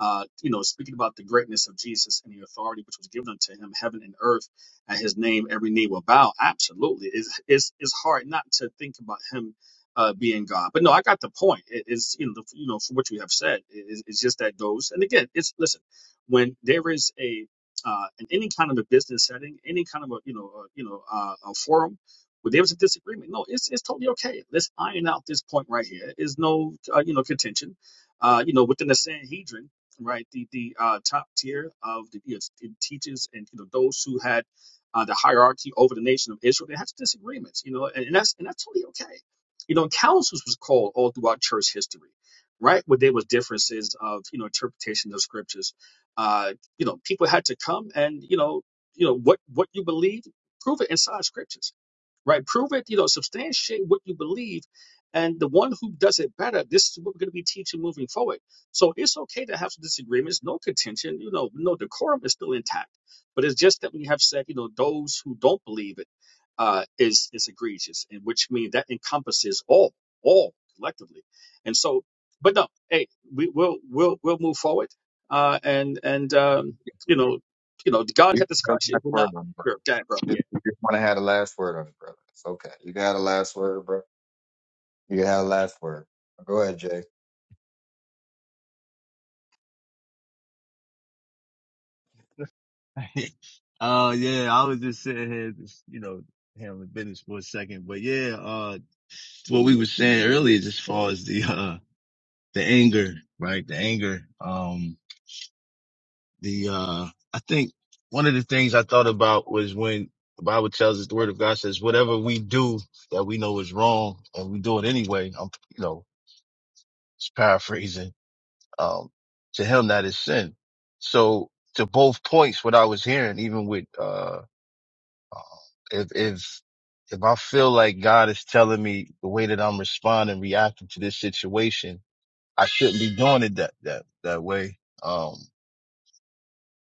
Uh, you know, speaking about the greatness of Jesus and the authority which was given unto him, heaven and earth at his name every knee will bow absolutely it's it's, it's hard not to think about him uh, being god but no i got the point it is you know the, you know for what you have said it, it's it's just that goes and again it's listen when there is a uh, in any kind of a business setting any kind of a you know uh, you know uh, a forum where there was a disagreement no it's it's totally okay let's iron out this point right here is no uh, you know contention uh, you know within the sanhedrin right the the uh, top tier of the, you know, teachers and you know those who had uh, the hierarchy over the nation of Israel. They had disagreements, you know, and, and that's and that's totally okay. You know, councils was called all throughout church history, right? Where there was differences of you know interpretation of scriptures. Uh, you know, people had to come and you know, you know what what you believe, prove it inside scriptures right? Prove it, you know, substantiate what you believe. And the one who does it better, this is what we're going to be teaching moving forward. So it's okay to have some disagreements, no contention, you know, no decorum is still intact. But it's just that we have said, you know, those who don't believe it uh, is is egregious, and which means that encompasses all, all collectively. And so, but no, hey, we will we'll we'll move forward, uh, and and um, you know, you know, God you had got the discussion It last will word not. on it, bro. Sure, go ahead, bro. Yeah. You just, you just want to have the last word on it, brother. It's okay. You got the last word, bro. You got the last word. Go ahead, Jay. *laughs* uh, yeah, I was just sitting here, just, you know, handling business for a second. But yeah, uh, so what we were saying earlier, just as far as the, *laughs* uh, the anger, right? The anger. Um, the, uh, I think one of the things I thought about was when the Bible tells us the word of God says, whatever we do that we know is wrong and we do it anyway, I'm, you know, just paraphrasing, um, to him that is sin. So to both points, what I was hearing, even with, uh. Um, If, if, if I feel like God is telling me the way that I'm responding, reacting to this situation, I shouldn't be doing it that, that, that way. Um,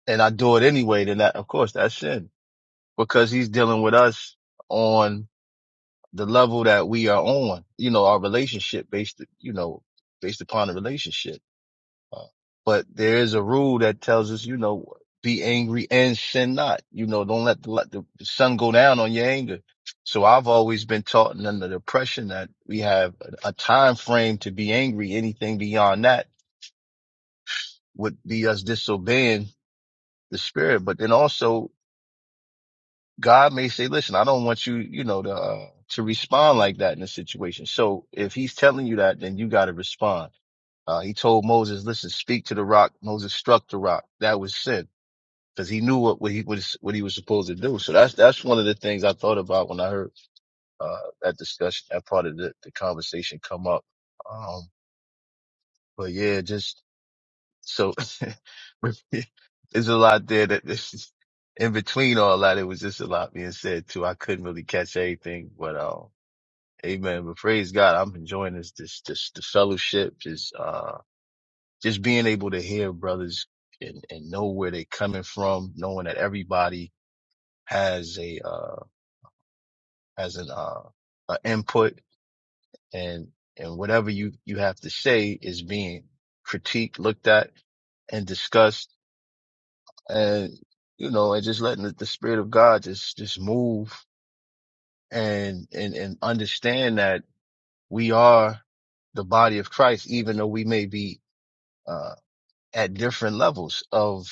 and I do it anyway, then that, of course, that's sin because he's dealing with us on the level that we are on, you know, our relationship based, you know, based upon the relationship. Uh, but there is a rule that tells us, you know, be angry and sin not. You know, don't let the, let the sun go down on your anger. So I've always been taught and under the impression that we have a a time frame to be angry. Anything beyond that would be us disobeying the spirit. But then also God may say, listen, I don't want you, you know, to, uh, to respond like that in a situation. So if he's telling you that, then you got to respond. Uh, he told Moses, listen, speak to the rock. Moses struck the rock. That was sin. because he knew what, what he was what he was supposed to do. So that's that's one of the things I thought about when I heard uh, that discussion, that part of the, the conversation come up. Um, but yeah, just so *laughs* there's a lot there that *laughs* in between all that, it was just a lot being said too. I couldn't really catch anything, but uh, amen. But praise God, I'm enjoying this this this the fellowship, just uh, just being able to hear brothers and and know where they are coming from, knowing that everybody has a uh as an uh, a input and and whatever you you have to say is being critiqued, looked at, and discussed, and you know, and just letting the, the spirit of God just just move and and and understand that we are the body of Christ, even though we may be uh, at different levels of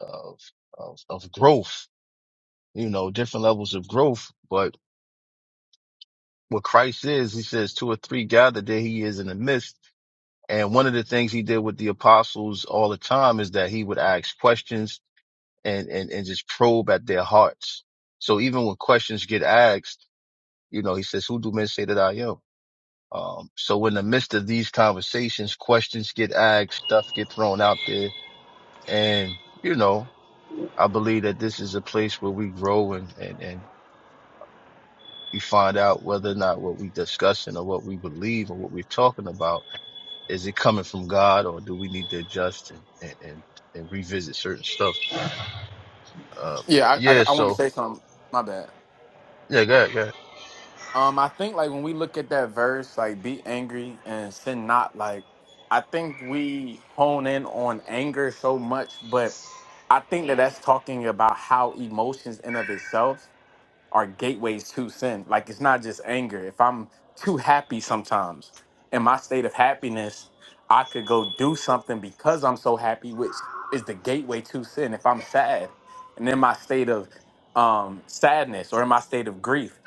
of of of growth, you know, different levels of growth, but what Christ is, he says two or three gathered there he is in the midst And one of the things he did with the apostles all the time is that he would ask questions and, and, and just probe at their hearts. So even when questions get asked, you know, he says, who do men say that I am? Um, so in the midst of these conversations, questions get asked, stuff get thrown out there. And, you know, I believe that this is a place where we grow and, and, and we find out whether or not what we're discussing or what we believe or what we're talking about is it coming from God or do we need to adjust and, and, and, and revisit certain stuff? Uh, Yeah, I, yeah. I, I wanted to So say something. My bad. yeah, go ahead, go ahead. Um, I think like when we look at that verse, like be angry and sin not, like I think we hone in on anger so much, but I think that that's talking about how emotions in of itself are gateways to sin. Like it's not just anger. If I'm too happy sometimes, in my state of happiness, I could go do something because I'm so happy, which is the gateway to sin. If I'm sad and in my state of um, sadness or in my state of grief,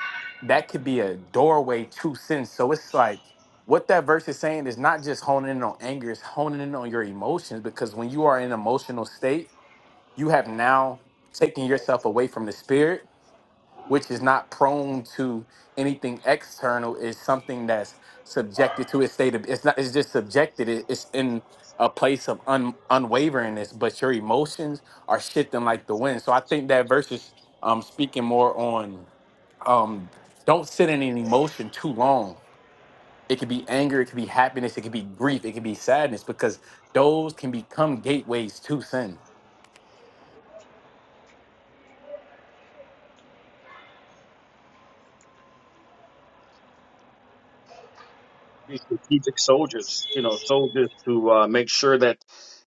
that could be a doorway to sin. So it's like what that verse is saying is not just honing in on anger, it's honing in on your emotions because when you are in an emotional state, you have now taken yourself away from the spirit which is not prone to anything external is something that's subjected to its state of it's not it's just subjected it, it's in a place of un, unwaveringness but your emotions are shifting like the wind so i think that verse is um speaking more on um don't sit in an emotion too long it could be anger it could be happiness it could be grief it could be sadness because those can become gateways to sin be strategic soldiers, you know, soldiers to uh, make sure that,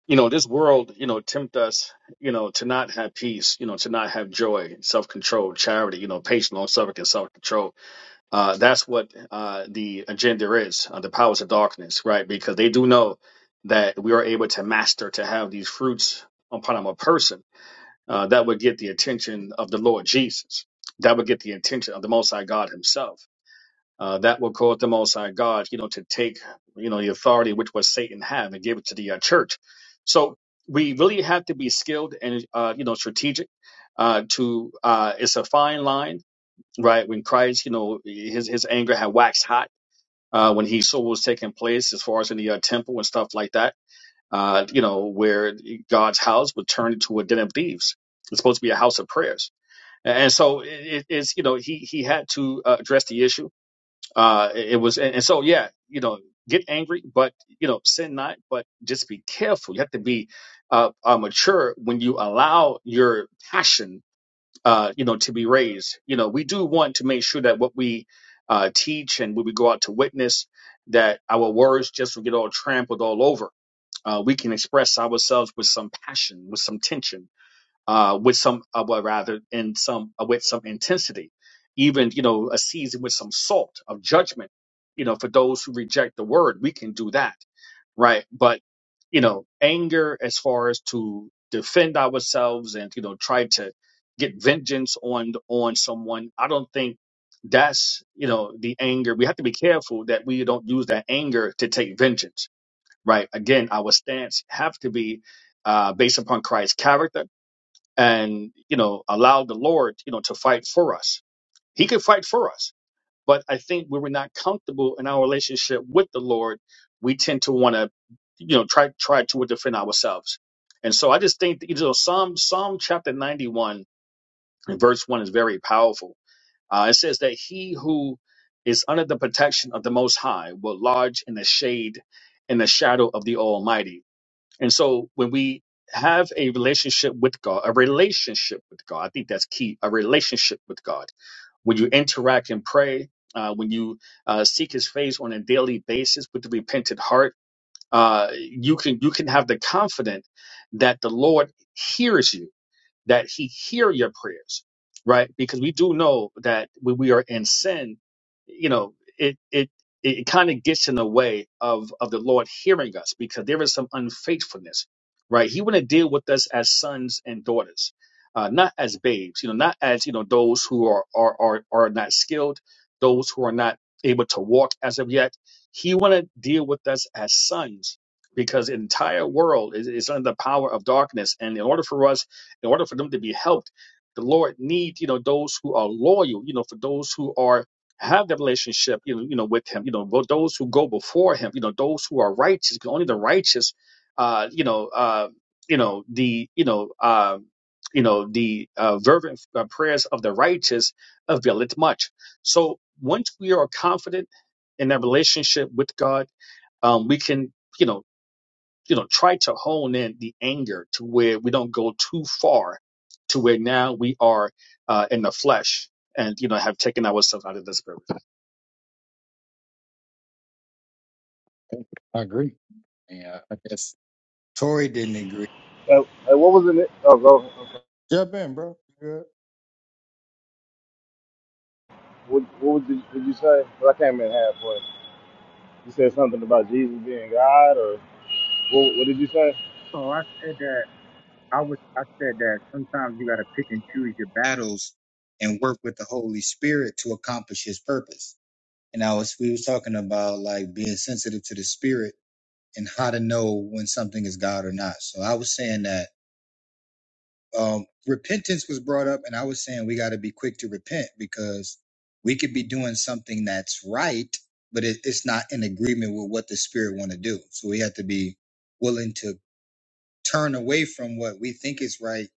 you know, this world, you know, tempt us, you know, to not have peace, you know, to not have joy, self control, charity, you know, patience, long suffering, and self control. Uh, that's what uh, the agenda is, uh, the powers of darkness, right? Because they do know that we are able to master, to have these fruits upon a person. Uh, that would get the attention of the Lord Jesus. That would get the attention of the Most High God Himself uh, that will cause the Most High God, you know, to take, you know, the authority which was Satan have and give it to the uh, church. So we really have to be skilled and, uh, you know, strategic. Uh, to uh, it's a fine line, right? When Christ, you know, his his anger had waxed hot uh, when he saw what was taking place as far as in the uh, temple and stuff like that. Uh, you know, where God's house would turn into a den of thieves. It's supposed to be a house of prayers, and so it, it's you know he he had to uh, address the issue uh, it was, and, and so yeah, you know, get angry, but you know, sin not, but just be careful. You have to be uh, uh, mature when you allow your passion, uh, you know, to be raised. You know, we do want to make sure that what we uh, teach and when we go out to witness, that our words just don't get all trampled all over. Uh, we can express ourselves with some passion, with some tension uh, with some, uh, well, rather, in some uh, with some intensity, even you know, a season with some salt of judgment. You know, for those who reject the word, we can do that, right? But you know, anger as far as to defend ourselves and you know try to get vengeance on on someone. I don't think that's you know the anger. We have to be careful that we don't use that anger to take vengeance, right? Again, our stance have to be uh, based upon Christ's character and you know allow the lord you know to fight for us he could fight for us but i think when we're not comfortable in our relationship with the lord we tend to want to you know try try to defend ourselves and so i just think that, you know psalm psalm chapter 91 and verse 1 is very powerful uh, it says that he who is under the protection of the most high will lodge in the shade in the shadow of the almighty and so when we have a relationship with God, a relationship with God, I think that's key, a relationship with God. When you interact and pray, uh, when you uh, seek his face on a daily basis with a repentant heart, uh, you can you can have the confidence that the Lord hears you that he hear your prayers, right? Because we do know that when we are in sin, you know, it it it kind of gets in the way of of the Lord hearing us because there is some unfaithfulness, right? He want to deal with us as sons and daughters, uh, not as babes, you know, not as you know those who are are are are not skilled, those who are not able to walk as of yet. He want to deal with us as sons because the entire world is, is under the power of darkness, and in order for us in order for them to be helped, the Lord needs, you know, those who are loyal, you know, for those who are have the relationship, you know, you know, with him, you know, but those who go before him, you know, those who are righteous, because only the righteous, uh, you know, uh, you know, the, you know, uh, you know, the uh, fervent uh, prayers of the righteous availeth much. So once we are confident in that relationship with God, um, we can, you know, you know, try to hone in the anger to where we don't go too far to where now we are uh, in the flesh and, you know, have taken ourselves out of the spirit. I agree. Yeah, I guess Tory didn't agree. Uh, uh, what was in it? Oh, go. Jump in, bro. You Good. What, what was the, did you say? Well, I came in halfway. You said something about Jesus being God, or what, what did you say? So I said that I was I said that sometimes you gotta pick and choose your battles and work with the Holy Spirit to accomplish his purpose. And I was we was talking about like being sensitive to the spirit and how to know when something is God or not. So I was saying that um repentance was brought up and I was saying we gotta be quick to repent because we could be doing something that's right, but it, it's not in agreement with what the spirit wanna do. So we have to be willing to turn away from what we think is right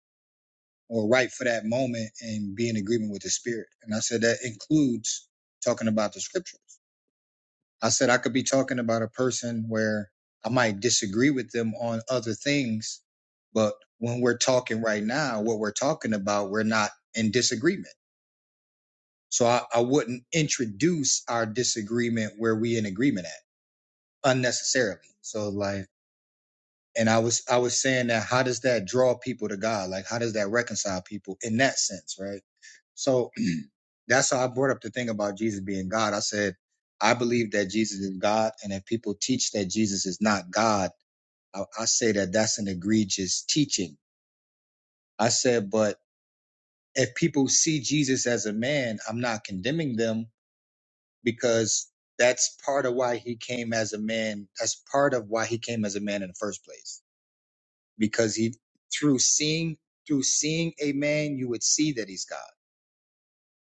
or right for that moment and be in agreement with the spirit. And I said that includes talking about the scriptures. I said I could be talking about a person where I might disagree with them on other things, but when we're talking right now, what we're talking about, we're not in disagreement. So I, I wouldn't introduce our disagreement where we in agreement at unnecessarily. So like and I was I was saying that how does that draw people to God? Like how does that reconcile people in that sense, right? So *clears throat* that's how I brought up the thing about Jesus being God. I said I believe that Jesus is God, and if people teach that Jesus is not God, I, I say that that's an egregious teaching. I said, but if people see Jesus as a man, I'm not condemning them because that's part of why he came as a man. That's part of why he came as a man in the first place because he through seeing through seeing a man you would see that he's god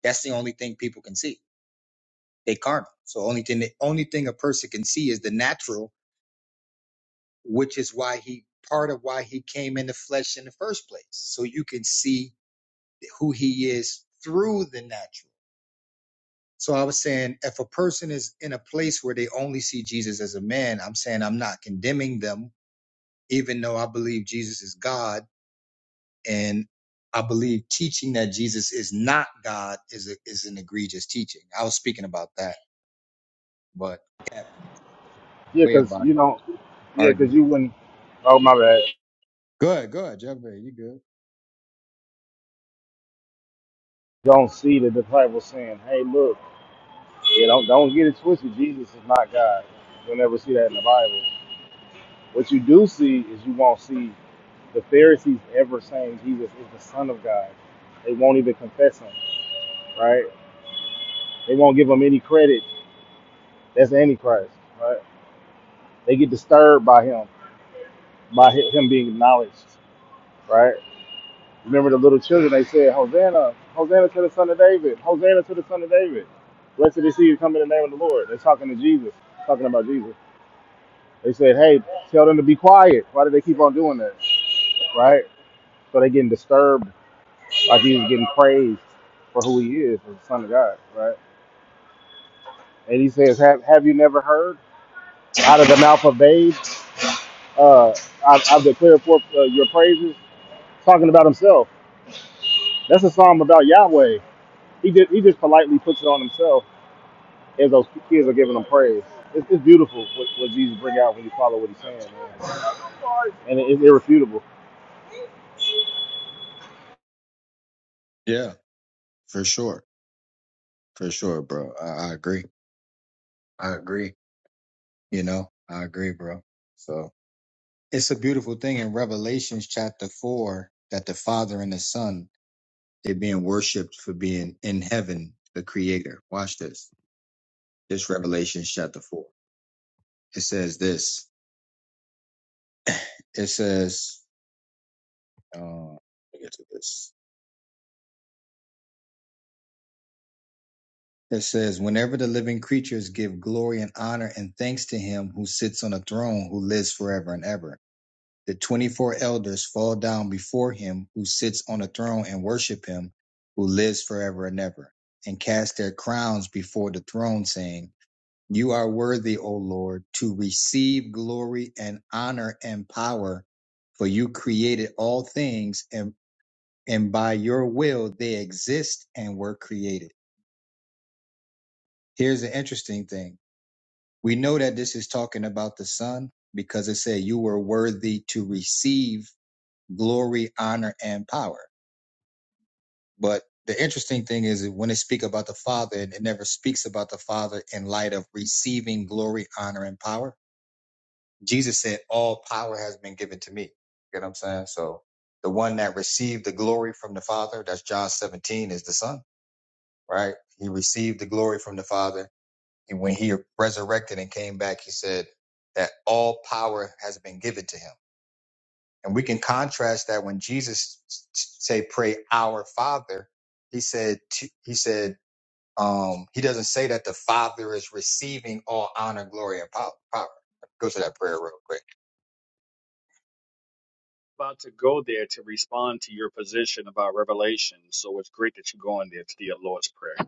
that's the only thing people can see they carnal so only thing the only thing a person can see is the natural which is why he part of why he came in the flesh in the first place so you can see who he is through the natural so i was saying if a person is in a place where they only see jesus as a man i'm saying i'm not condemning them even though i believe jesus is god and I believe teaching that Jesus is not God is a, is an egregious teaching. I was speaking about that, but that Yeah, way cause about you don't. Yeah, Yeah, cause arguing. you wouldn't. Oh my bad. Good, good, Jeff. Bezos, You good? Don't see the disciples saying, "Hey, look." Yeah, don't don't get it twisted. Jesus is not God. You'll never see that in the Bible. What you do see is you won't see the Pharisees ever saying Jesus is the Son of God. They won't even confess him, right? They won't give him any credit. That's Antichrist, right? They get disturbed by him, by hi- him being acknowledged, right? Remember the little children, they said, Hosanna, Hosanna to the son of David, Hosanna to the son of David. Blessed is he who come in the name of the Lord. They're talking to Jesus, talking about Jesus. They said, hey, tell them to be quiet. Why do they keep on doing that, right? So they're getting disturbed, like he's getting praised for who he is, as the son of God, right? And he says, have, have you never heard out of the mouth of babes, uh, I, I declare forth uh, your praises, talking about himself That's a song about Yahweh. He just he just politely puts it on himself as those kids are giving him praise. It's, it's beautiful what, what Jesus bring out when you follow what he's saying, man. and it, it's irrefutable. Yeah, for sure, for sure, bro. I, I agree. I agree. You know, I agree, bro. So it's a beautiful thing in Revelations chapter four that the Father and the Son they're being worshipped for being in heaven, the Creator. Watch this. This Revelation chapter four. It says this. It says, uh, let me get to this. It says, whenever the living creatures give glory and honor and thanks to him who sits on a throne who lives forever and ever, the 24 elders fall down before him who sits on a throne and worship him who lives forever and ever, and cast their crowns before the throne, saying, You are worthy, O Lord, to receive glory and honor and power, for you created all things and and by your will they exist and were created. Here's the interesting thing. We know that this is talking about the Son because it said you were worthy to receive glory, honor, and power. But the interesting thing is when it speaks about the Father, and it never speaks about the Father in light of receiving glory, honor, and power. Jesus said, All power has been given to me. You know what I'm saying? So the one that received the glory from the Father, that's John 17, is the Son right? He received the glory from the Father. And when he resurrected and came back, he said that all power has been given to him. And we can contrast that when Jesus s- s- say, "Pray our Father," he said, t- he said, um, he doesn't say that the Father is receiving all honor, glory, and pow- power. Go to that prayer real quick. About to go there to respond to your position about revelation. So it's great that you're going there to the Lord's Prayer.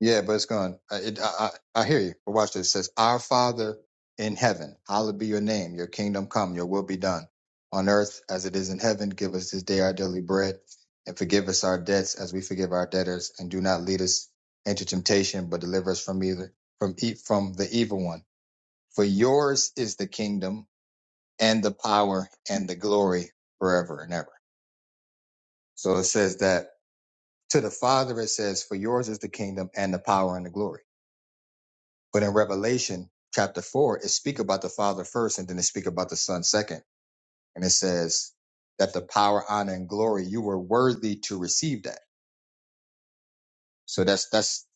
Yeah, but it's gone. I, it, I, I I hear you. But watch this. It says, Our Father in heaven, hallowed be your name. Your kingdom come, your will be done on earth as it is in heaven. Give us this day our daily bread and forgive us our debts as we forgive our debtors. And do not lead us into temptation, but deliver us from either, from, e- from the evil one. For yours is the kingdom and the power and the glory forever and ever. So it says that to the Father, it says, For yours is the kingdom and the power and the glory But in Revelation chapter four, it speak about the Father first, and then it speak about the Son second, and it says that the power, honor, and glory you were worthy to receive that. So that's that's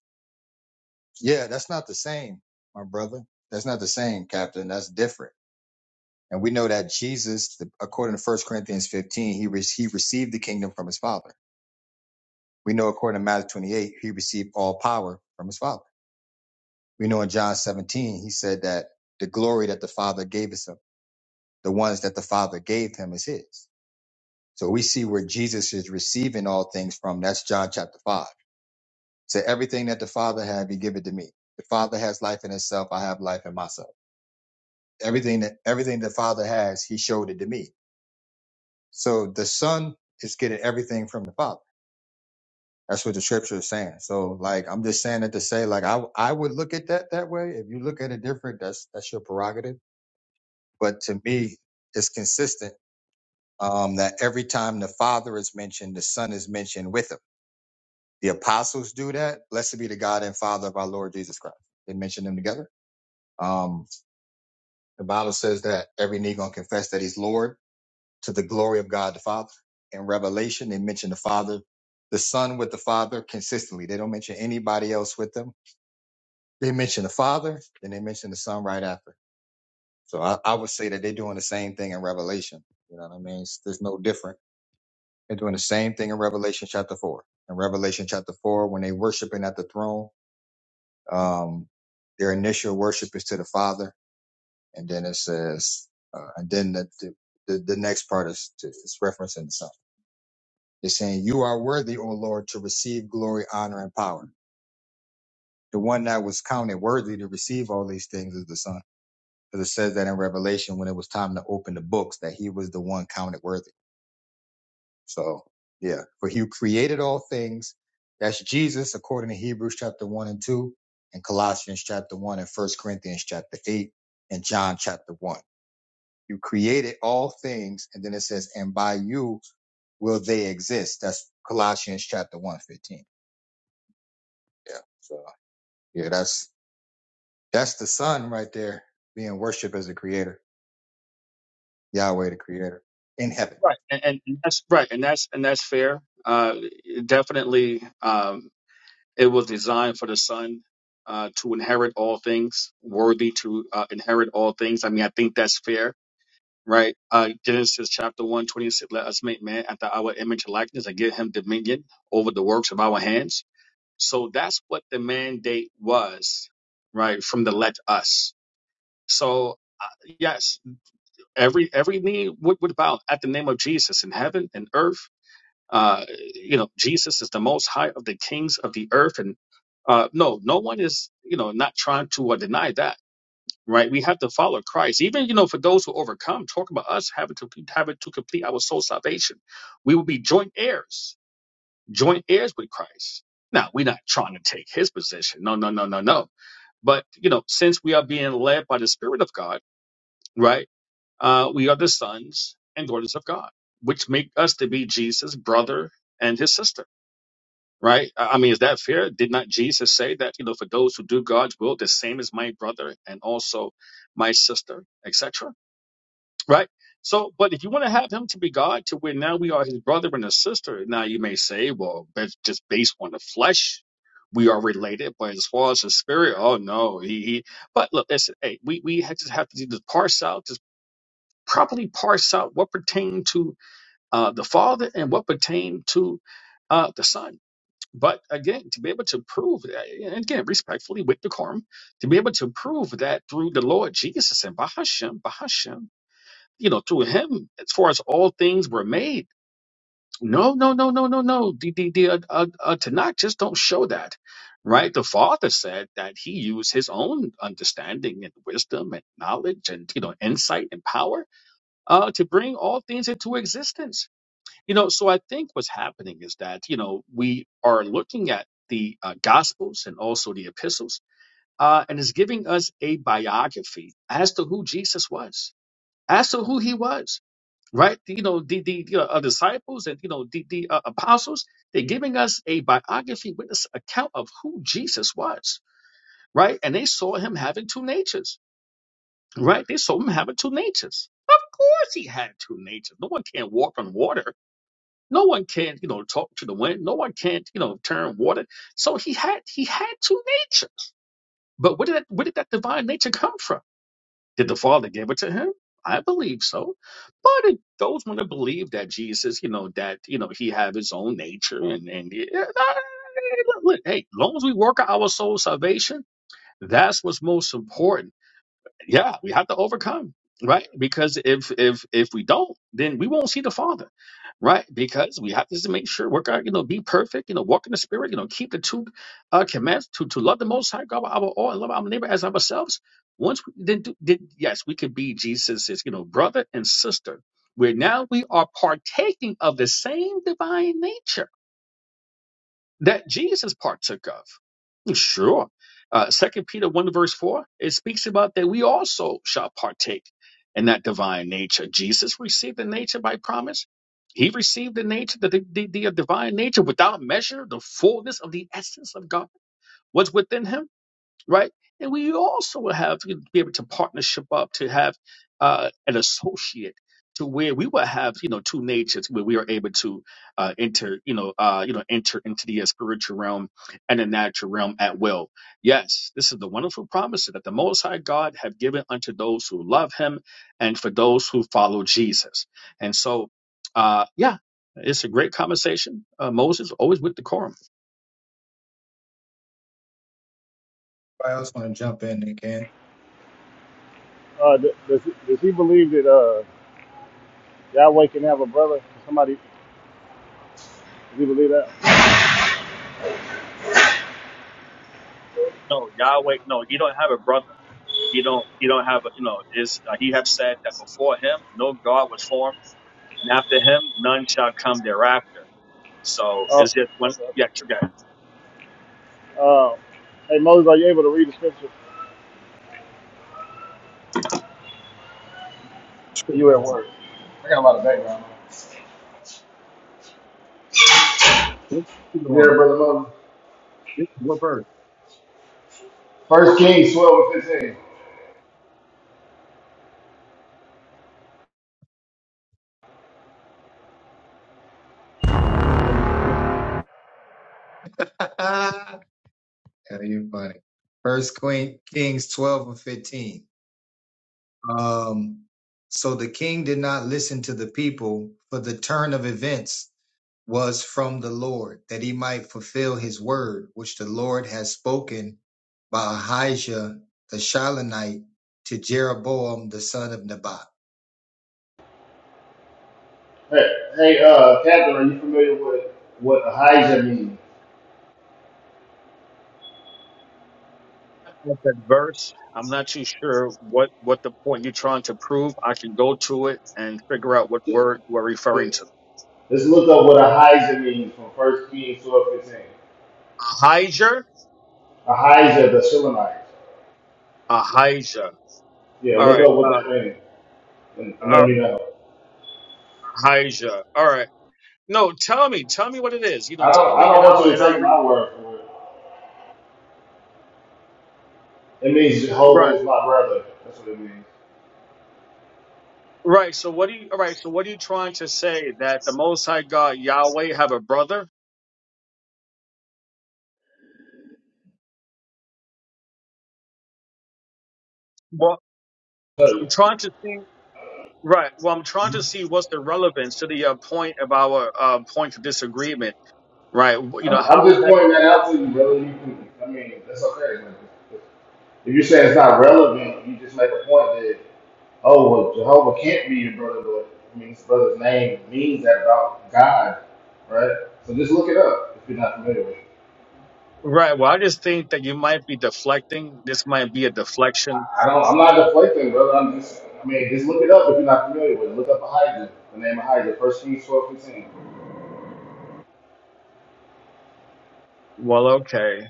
yeah, that's not the same, my brother. That's not the same, Captain. That's different. And we know that Jesus, the- according to First Corinthians 15, he, re- he received the kingdom from his Father. We know according to Matthew 28, he received all power from his Father. We know in John 17, he said that the glory that the Father gave us. the ones that the Father gave him is his. So we see where Jesus is receiving all things from. That's John chapter five. So everything that the Father have, he give it to me. The Father has life in himself. I have life in myself. Everything that everything the Father has, he showed it to me. So the Son is getting everything from the Father. That's what the scripture is saying. So like I'm just saying it to say like I I would look at that that way. If you look at it different, that's that's your prerogative. But to me, it's consistent um, that every time the Father is mentioned, the Son is mentioned with him. The apostles do that. Blessed be the God and Father of our Lord Jesus Christ. They mention them together. Um, the Bible says that every knee gonna confess that He's Lord to the glory of God the Father. In Revelation, they mention the Father, the Son with the Father consistently. They don't mention anybody else with them. They mention the Father, then they mention the Son right after. So I, I would say that they're doing the same thing in Revelation. You know what I mean? It's- there's no different. They're doing the same thing in Revelation chapter four. In Revelation chapter four, when they worshiping at the throne, um, their initial worship is to the Father, and then it says, uh, and then the, the the the next part is to, is referencing the Son. It's saying, "You are worthy, O Lord, to receive glory, honor, and power." The one that was counted worthy to receive all these things is the Son, because it says that in Revelation when it was time to open the books that He was the one counted worthy. So yeah, for you created all things. That's Jesus according to Hebrews chapter one and two and Colossians chapter one and first Corinthians chapter eight and John chapter one. You created all things. And then it says, and by you will they exist. That's Colossians chapter one 15. Yeah. So yeah, that's, that's the son right there being worshiped as the creator, Yahweh, the creator in heaven. Right. And, and that's right. And that's, and that's fair. Uh, definitely, um, it was designed for the son. Uh, to inherit all things, worthy to uh, inherit all things. I mean, I think that's fair right? Uh, Genesis chapter 1, 26, let us make man after our image and likeness and give him dominion over the works of our hands. So that's what the mandate was, right? From the let us. So, uh, yes, every every knee would, would bow at the name of Jesus in heaven and earth. Uh, you know, Jesus is the most high of the kings of the earth. And uh, no, no one is, you know, not trying to uh, deny that right? We have to follow Christ. Even you know, for those who overcome, talk about us having to having to complete our soul salvation. We will be joint heirs, joint heirs with Christ. Now, we're not trying to take his position. No, no, no, no, no. But you know, since we are being led by the Spirit of God, right? Uh, we are the sons and daughters of God, which make us to be Jesus' brother and his sister. Right? I I mean, is that fair? Did not Jesus say that, you know, for those who do God's will, the same is my brother and also my sister, etc.? Right? So, but if you want to have him to be God, to where now we are his brother and his sister, now you may say, well, that's just based on the flesh. We are related, but as far as the spirit, oh no, he. he but look, listen, hey, we we had- just have to do parse out, just properly parse out what pertained to uh, the father and what pertained to uh, the son. But again, to be able to prove, that, and again, respectfully with decorum, to be able to prove that through the Lord Jesus and Bahashem, Bahashem you know, through him, as far as all things were made. No, no, no, no, no, no. The, the, the, uh, uh, uh, Tanakh just don't show that, right? The Father said that he used his own understanding and wisdom and knowledge and, you know, insight and power uh, to bring all things into existence. You know, so I think what's happening is that, you know, we are looking at the uh, Gospels and also the epistles, uh, and it's giving us a biography as to who Jesus was, as to who he was right? You know, the, the you know, uh, disciples and, you know, the, the uh, apostles, they're giving us a biography witness account of who Jesus was, right? And they saw him having two natures, right? They saw him having two natures. Of course he had two natures. No one can walk on water. No one can, you know, talk to the wind. No one can't, you know, turn water. So he had he had two natures. But where did that where did that divine nature come from? Did the Father give it to him? I believe so. But it, those want to believe that Jesus, you know, that you know he have his own nature and and yeah, I- look, hey, as long as we work out our soul salvation, that's what's most important yeah we have to overcome right because if if if we don't then we won't see the father right because we have to make sure work out you know be perfect you know walk in the spirit you know keep the two uh commands to to love the most high god with our all and love our neighbor as ourselves once we then, do, then yes we could be jesus's you know brother and sister where now we are partaking of the same divine nature that Jesus partook of. Sure. Uh, 2 Peter 1 verse 4, it speaks about that we also shall partake in that divine nature. Jesus received the nature by promise. He received the nature, the, the, the divine nature without measure, the fullness of the essence of God was within him right? And we also will have to be able to partnership up to have uh, an associate to where we will have you know two natures where we are able to uh, enter you know uh, you know enter into the spiritual realm and the natural realm at will. Yes, this is the wonderful promise that the Most High God have given unto those who love Him and for those who follow Jesus. And so, uh, yeah. It's a great conversation. Uh, Moses always with decorum. Anybody else want to jump in? They can. Uh, th- does he, does he believe that uh, Yahweh can have a brother? Does somebody does he believe that? No, Yahweh. No, he don't have a brother. He don't. He don't have. A, you know, is uh, he have said that before him no God was formed, and after him none shall come thereafter. So Oh, is it when? okay. Yeah, you got Uh, hey Moses, are you able to read the scripture? Are you at work? I got a lot of background. What you You there, brother Moses? What bird? First Kings twelve and fifteen. *laughs* Yeah, you're funny. First Queen, Kings 12 and 15. Um, so the king did not listen to the people, for the turn of events was from the Lord, that he might fulfill his word, which the Lord has spoken by Ahijah the Shilonite to Jeroboam the son of Nebat. Hey, hey, uh, Catherine, are you familiar with what Ahijah means? that verse. I'm not too sure what what the point you're trying to prove. I can go to it and figure out what word we're referring to. Let's look up what Ahijah means from 1 Kings 12:15. 15. Ahijah. Ahijah the Shulamite. Ahijah. Yeah, All look right. up what that Uh, means and, and let uh, me know. Ahijah. All right. No, tell me. Tell me what it is. You know, I tell don't I me, and don't I'll want you and to I'll take read. my it. word for it. It means Right. Jehovah is my brother. That's what it means. Right. So what are you? All right. So what are you trying to say that the Most High God Yahweh have a brother? Well, I'm So, trying to see. Right. Well, I'm trying to see what's the relevance to the uh, point of our uh, point of disagreement. Right. W- You know I'm, I'm how is just that? pointing that out to you, brother. You can, I mean, that's okay. man. If you're saying it's not relevant, you just make a point that, oh, well, Jehovah can't be your brother, but I mean, his brother's name means that about God, right? So just look it up if you're not familiar with it. Right. Well, I just think that you might be deflecting. This might be a deflection. I don't. I'm not deflecting, brother. I'm just. I mean, just look it up if you're not familiar with it. Look up Ahijah, the name Ahijah, First Kings twelve fifteen. Well, okay.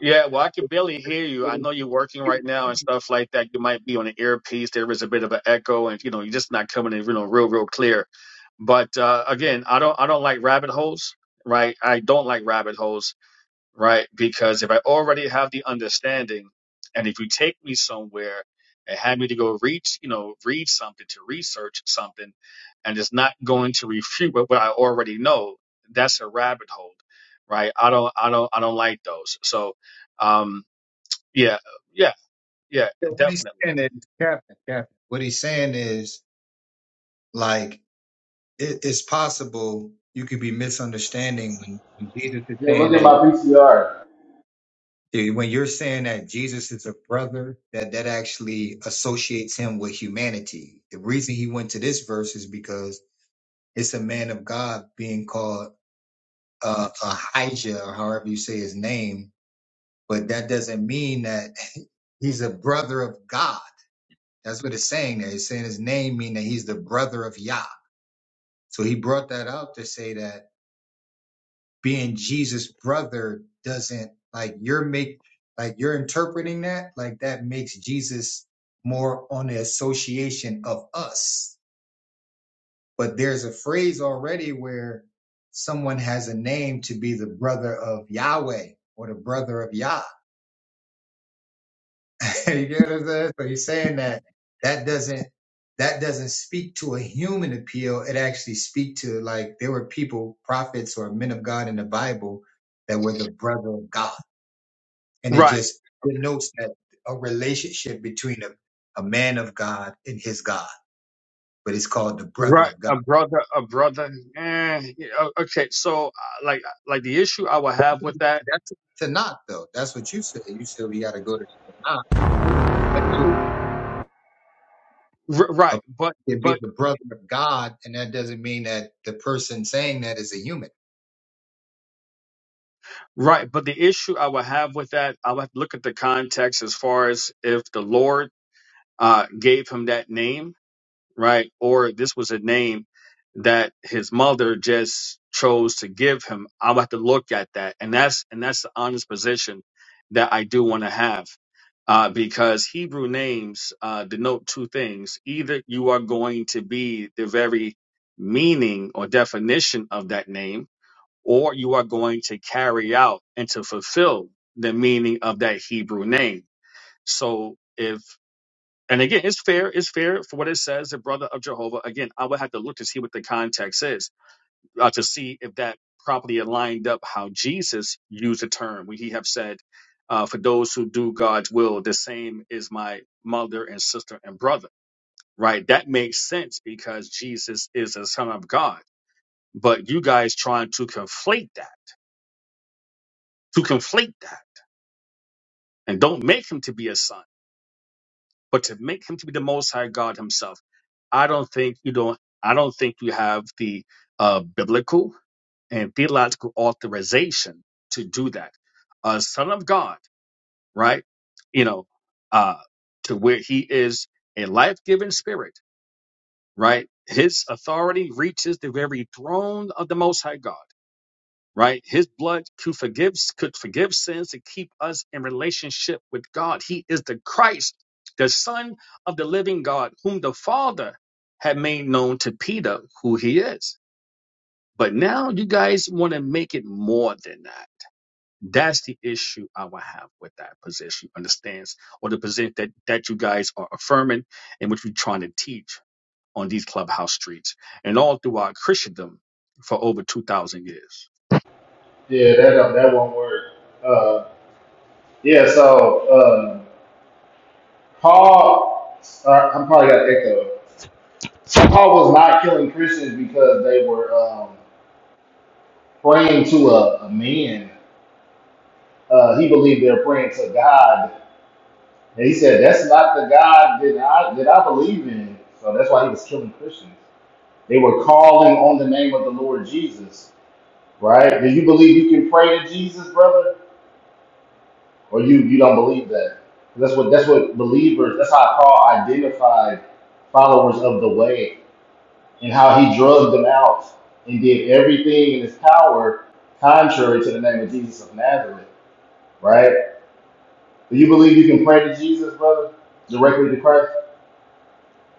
Yeah, well, I can barely hear you. What I he- know you're working right now and stuff like that. You might be on an earpiece. There is a bit of an echo, and you know, you're just not coming in, you know, real, real clear. But uh, again, I don't, I don't like rabbit holes, right? I don't like rabbit holes right? Because if I already have the understanding, and if you take me somewhere and have me to go read, you know, read something to research something, and it's not going to refute what, what I already know, that's a rabbit hole, right? I don't, I don't, I don't like those. So, um, yeah, yeah, yeah, so what he's definitely. saying is, Captain, Captain, what he's saying is, like, it, it's possible you could be misunderstanding when, when Jesus is Yeah, saying look at that my PCR. Yeah, When you're saying that Jesus is a brother, that that actually associates him with humanity. The reason he went to this verse is because it's a man of God being called uh, Ahijah, or however you say his name, but that doesn't mean that *laughs* he's a brother of God. That's what it's saying there. It's saying his name mean that he's the brother of Yah. So he brought that up to say that being Jesus' brother doesn't like you're make like you're interpreting that like that makes Jesus more on the association of us. But there's a phrase already where someone has a name to be the brother of Yahweh or the brother of Yah. *laughs* you get what I'm saying? So he's saying that that doesn't that doesn't speak to a human appeal. It actually speak to like there were people, prophets or men of God in the Bible that were the brother of God. and it Right, just denotes that a relationship between a, a man of God and his God, but it's called the brother right. of God. A brother, a brother. Eh, yeah, o- okay, so uh, like, like the issue I would have with that, That's the Tanakh, though. That's what you said. You said we got to go to the Tanakh, and we went to r- right? a, But, it but be the brother of God, and that doesn't mean that the person saying that is a human. Right, but the issue I would have with that, I would have to look at the context as far as if the Lord uh, gave him that name, right, or this was a name that his mother just chose to give him. I would have to look at that, and that's and that's the honest position that I do want to have, uh, because Hebrew names uh, denote two things: either you are going to be the very meaning or definition of that name or you are going to carry out and to fulfill the meaning of that Hebrew name. So if and again, it's fair. It's fair for what it says, the brother of Jehovah. Again, I would have to look to see what the context is uh, to see if that properly aligned up how Jesus used the term. When he have said, uh, "For those who do God's will, the same is my mother and sister and brother." Right? That makes sense because Jesus is the Son of God. But you guys trying to conflate that, to conflate that and don't make him to be a son, but to make him to be the Most High God Himself. I don't think you don't. I don't think you have the uh, biblical and theological authorization to do that. A son of God, right? You know, uh, to where He is a life-giving Spirit, right? His authority reaches the very throne of the Most High God right? His blood could forgive could forgive sins and keep us in relationship with God. He is the Christ, the Son of the living God, whom the Father had made known to Peter who he is. But now you guys want to make it more than that. That's the issue I would have with that position, understands, or the position that, that you guys are affirming and which you're trying to teach on these clubhouse streets and all throughout Christendom for over 2,000 years. Yeah, that uh, that one word. Uh, yeah. So um, Paul, uh, I'm probably got an echo. So Paul was not killing Christians because they were um, praying to a, a man. Uh, he believed they were praying to God, and he said that's not the God that I that I believe in. So that's why he was killing Christians. They were calling on the name of the Lord Jesus, right? Do you believe you can pray to Jesus, brother, or you you don't believe that? That's what that's what believers. That's how Paul identified followers of the way and how he drugged them out and did everything in his power contrary to the name of Jesus of Nazareth, right? Do you believe you can pray to Jesus, brother, directly to Christ?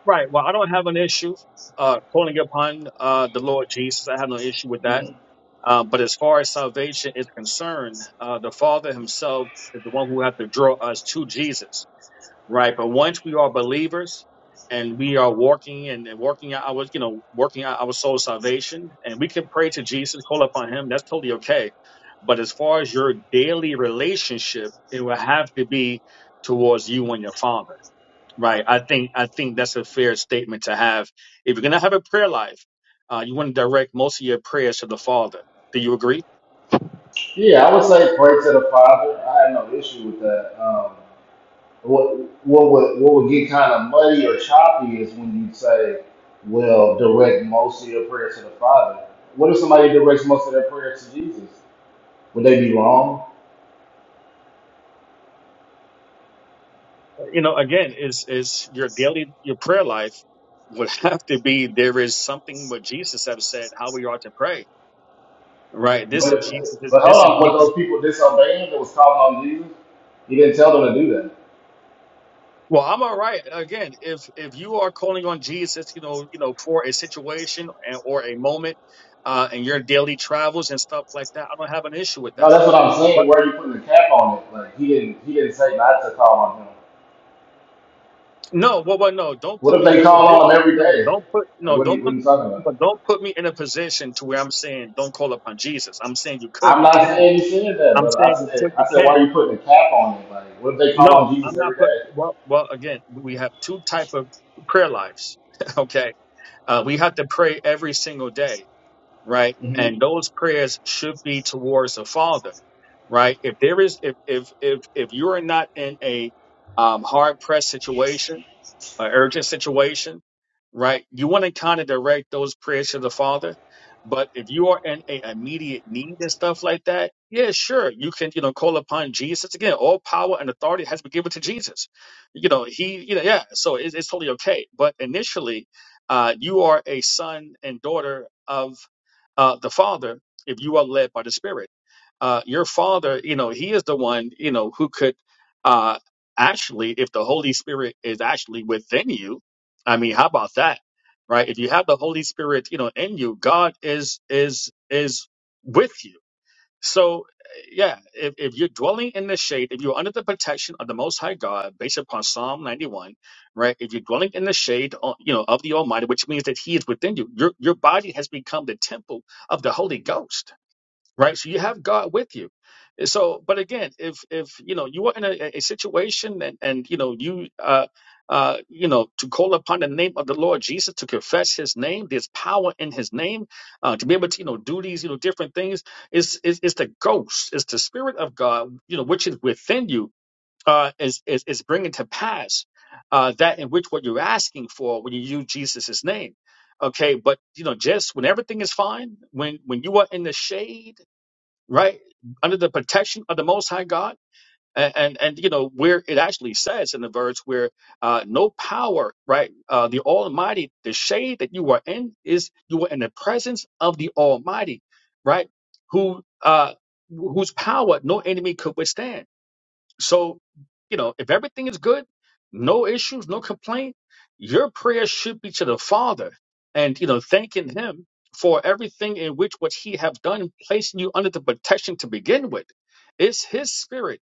Right. Well, I don't have an issue uh, calling upon uh, the Lord Jesus. I have no issue with that. Mhm. Uh, but as far as salvation is concerned, uh, the Father Himself is the one who has to draw us to Jesus. Right. But once we are believers and we are walking and and working out our, you know, working out our soul salvation, and we can pray to Jesus, call upon Him. That's totally okay. But as far as your daily relationship, it will have to be towards you and your Father Right. I think I think that's a fair statement to have. If you're gonna have a prayer life, uh, you want to direct most of your prayers to the Father. Do you agree? Yeah, I would say pray to the Father. I have no issue with that. Um, what what would what would get kind of muddy or choppy is when you say, "Well, direct most of your prayer to the Father." What if somebody directs most of their prayer to Jesus? Would they be wrong? You know, again, is is your daily your prayer life would *laughs* have to be there is something what Jesus have said how we ought to pray. Right. This But is Jesus. but hold This is on, but Jesus. those people disobeying that was calling on Jesus, he didn't tell them to do that. Well, I'm all right. Again, if if you are calling on Jesus, you know, you know, for a situation and, or a moment, uh, in your daily travels and stuff like that, I don't have an issue with No, that that's what I'm saying. Where are you putting the cap on it? Like he didn't he didn't say not to call on him. No, well, well, no, don't put What if me in they a call on position. him every No, day? don't put Like no, what are don't you what put, are you talking about? but don't put me in a position to where I'm saying don't call upon Jesus. I'm saying you could, I'm you not can. saying he said that, I'm but saying I you said, could, you I said, why are can. you putting a cap on it? Like, what if they call on No, I'm Jesus every not put. day? Well, well, again, we have two type of prayer lives. *laughs* Okay, uh, we have to pray every single day, right? And hmm those prayers should be towards the Father, right? If there is, if if if if you are not in a um, hard pressed situation an urgent situation, right? You want to kind of direct those prayers to the Father. But if you are in a immediate need and stuff like that, yeah, sure, you can, you know, call upon Jesus again. All power and authority has been given to Jesus. You know, he, you know, yeah. So it's, it's totally okay. But initially, uh, you are a son and daughter of uh, the Father if you are led by the Spirit uh, your father, you know, he is the one, you know, who could uh, actually, if the Holy Spirit is actually within you, I mean, how about that, right? If you have the Holy Spirit, you know, in you, God is is is with you. So, yeah, if, if you're dwelling in the shade, if you're under the protection of the Most High God, based upon Psalm 91, right? If you're dwelling in the shade, uh, you know, of the Almighty, which means that He is within you, your your body has become the temple of the Holy Ghost right? So you have God with you. Eh, So, but again, if if you know you are in a, a situation and and you know you uh uh you know to call upon the name of the Lord Jesus to confess His name, there's power in His name uh, to be able to you know do these you know different things. It's it's, it's the ghost, it's the spirit of God, you know, which is within you. Uh, is, is is bringing to pass uh, that in which what you're asking for when you use Jesus's name, okay? But you know, just when everything is fine, when when you are in the shade right under the protection of the most high god and and, and you know where it actually says in the verse where uh no power right uh the almighty the shade that you are in is you are in the presence of the almighty right who uh whose power no enemy could withstand so, you know, if everything is good, no issues, no complaint, your prayer should be to the Father and, you know, thanking Him for everything in which what He have done, placing you under the protection to begin with. It's His Spirit,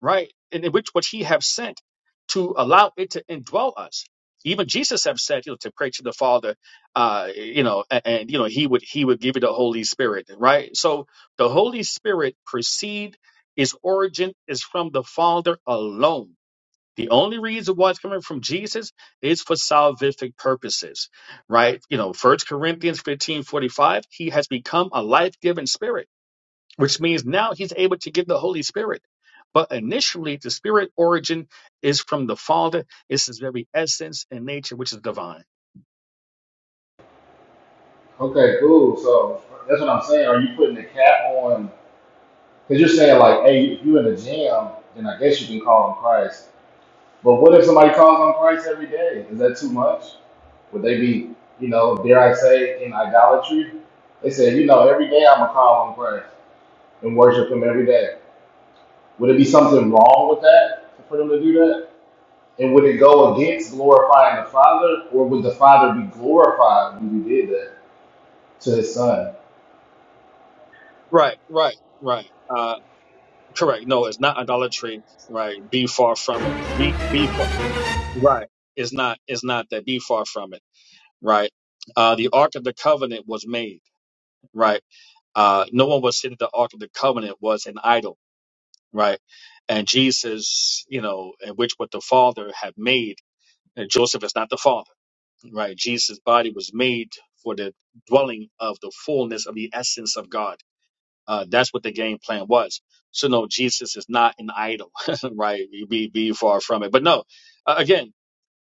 right? And in which what He have sent to allow it to indwell us. Even Jesus have said, you know, to pray to the Father, uh, you know, and, and you know, He would He would give you the Holy Spirit, right? So the Holy Spirit proceed its origin is from the Father alone. The only reason why it's coming from Jesus is for salvific purposes, right? You know, First Corinthians 15 45. he has become a life giving spirit, which means now he's able to give the Holy Spirit. But initially, the spirit origin is from the Father. It's his very essence and nature, which is divine. Okay, cool. So that's what I'm saying. Are you putting a cap on? Because you're saying like, hey, if you're in the gym, then I guess you can call on Christ. But what if somebody calls on Christ every day? Is that too much? Would they be, you know, dare I say, in idolatry? They say, you know, every day I'm gonna call on Christ and worship Him every day. Would it be something wrong with that for them to do that? And would it go against glorifying the Father, or would the Father be glorified when we did that to his son? Right, right, right. Uh, correct. No, it's not idolatry. Right. Be far from it. Be, be far. Right. It's not it's not that be far from it. Right. Uh the Ark of the Covenant was made, right? Uh no one would say that the Ark of the Covenant was an idol, right? And Jesus, you know, and which what the Father had made, and Joseph is not the Father, right? Jesus' body was made for the dwelling of the fullness of the essence of God. Uh that's what the game plan was. So no, Jesus is not an idol, *laughs* right? Be be far from it. But no, uh, again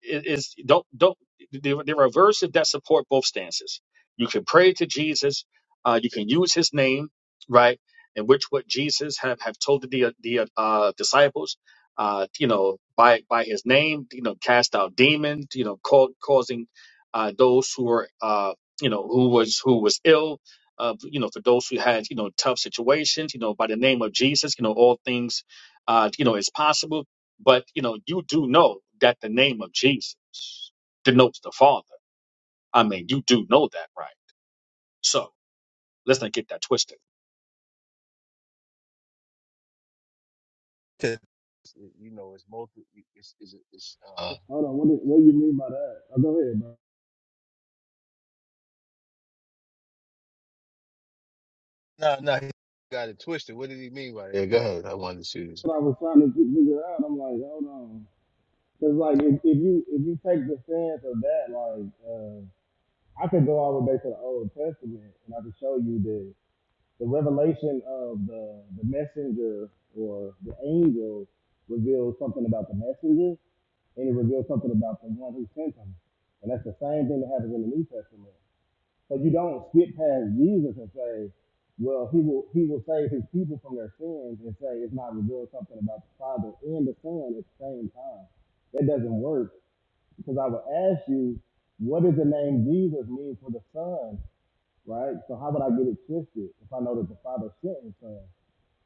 it is don't don't there, there are verses that support both stances. You can pray to Jesus, uh, you can use his name, right? In which what Jesus have, have told the the uh, disciples, uh, you know, by by his name, you know, cast out demons, you know, cau- causing uh, those who were uh, you know who was who was ill. Uh, you know, for those who had you know tough situations, you know, by the name of Jesus, you know, all things, uh, you know, is possible but you know, you do know that the name of Jesus denotes the Father. I mean, you do know that, right? So let's not get that twisted. 'Cause, You know, it's multi, it's, it's, it's uh, Hold on, what, do- what do you mean by that? Oh, go ahead, bro. no, no, he got it twisted. What did he mean by that? Yeah, go ahead. I wanted to see this. What I was trying to figure out, I'm like, hold on, because like if, if you if you take the stance of that, like I could go all the way back to the Old Testament and I could show you that the revelation of the the messenger or the angel reveals something about the messenger and it reveals something about the one who sent him, and that's the same thing that happens in the New Testament. So you don't skip past Jesus and say, well, he will he will save his people from their sins and say it's not revealed something about the Father and the Son at the same time. That doesn't work because I would ask you, what does the name Jesus mean for the Son, right? So how would I get it twisted if I know that the Father sent his Son?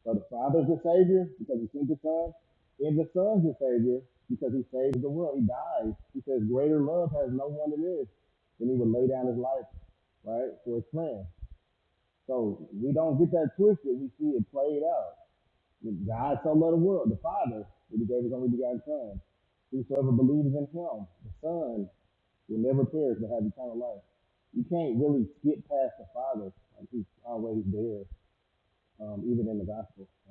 So the Father's the Savior because He sent the Son, and the Son's the Savior because He saves the world. He dies. He says, "Greater love has no one than this." Then He would lay down His life, right, for His friend. So we don't get that twisted. We see it played out. God so loved the world, the Father, that He gave His only begotten Son. Whosoever believes in Him, the Son, will never perish but have eternal life. You can't really skip past the Father. Like he's always there, um, even in the Gospel. right?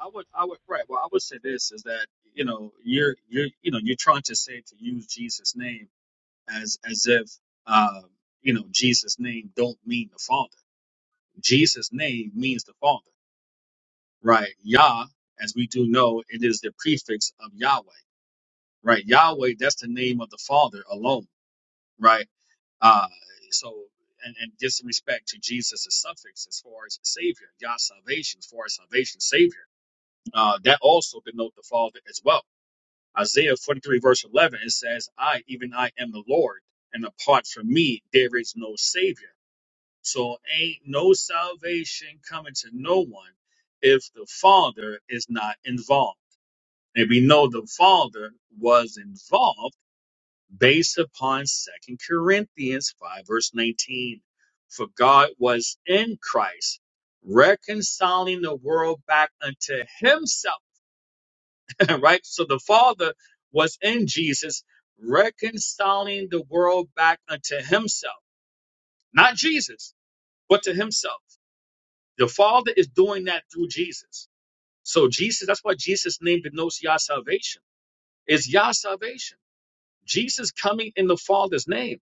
I would, I would, right. Well, I would say this is that you know you're you're you know you're trying to say to use Jesus' name as as if uh, you know Jesus' name don't mean the Father. Jesus' name means the Father, right? Yah, as we do know, it is the prefix of Yahweh, right? Yahweh, that's the name of the Father alone, right? Uh, so, and, and just respect to Jesus' suffix as far as Savior, God's salvation, as far as salvation, Savior, uh, that also denote the Father as well. Isaiah 43, verse 11, it says, I, even I, am the Lord, and apart from me, there is no Savior. So, ain't no salvation coming to no one if the Father is not involved. And we know the Father was involved based upon Second Corinthians 5, verse 19. For God was in Christ, reconciling the world back unto himself. *laughs* right? So the Father was in Jesus, reconciling the world back unto himself. Not Jesus, but to himself. The Father is doing that through Jesus. So Jesus, that's why Jesus' name denotes Yah salvation. It's Yah salvation. Jesus coming in the Father's name.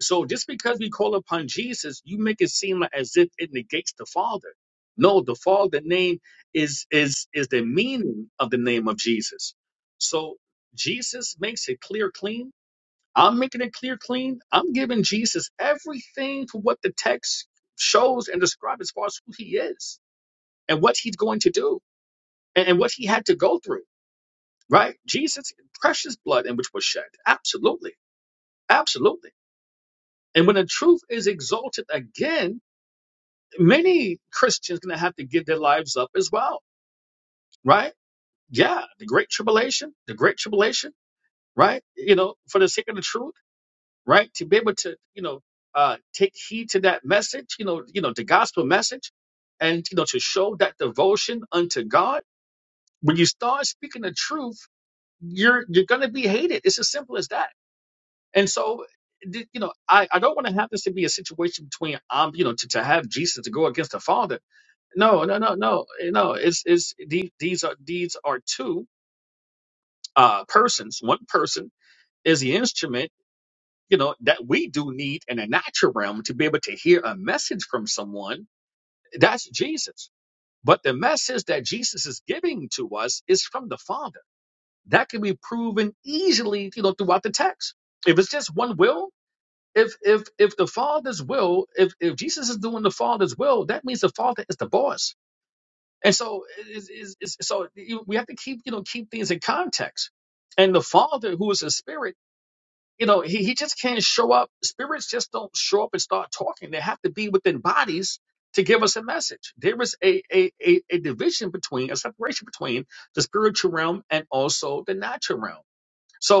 So just because we call upon Jesus, you make it seem like as if it negates the Father. No, the Father name is is is the meaning of the name of Jesus. So Jesus makes it clear clean. I'm making it clear clean. I'm giving Jesus everything for what the text shows and describes as far as who he is and what he's going to do and, and what he had to go through. Right? Jesus precious blood in which was shed. Absolutely. Absolutely. And when the truth is exalted again, many Christians gonna have to give their lives up as well, right? Yeah, the great tribulation, the great tribulation, right? You know, for the sake of the truth, right? To be able to, you know, uh, take heed to that message, you know, you know, the gospel message, and you know, to show that devotion unto God. When you start speaking the truth, you're you're gonna be hated. It's as simple as that. And so, th- you know, I I don't want to have this to be a situation between um, you know, to to have Jesus to go against the Father No, no, no, no, eh, no. It's it's the- these are these are two uh persons. One person is the instrument, you know, that we do need in a natural realm to be able to hear a message from someone. That's Jesus. But the message that Jesus is giving to us is from the Father. That can be proven easily, you know, throughout the text. If it's just one will, if if if the Father's will, if if Jesus is doing the Father's will, that means the Father is the boss And so, is is is so you- we have to keep you know keep things in context. And the Father, who is a spirit, you know, he, he just can't show up. Spirits just don't show up and start talking. They have to be within bodies to give us a message. There is a a a, a division between a separation between the spiritual realm and also the natural realm. So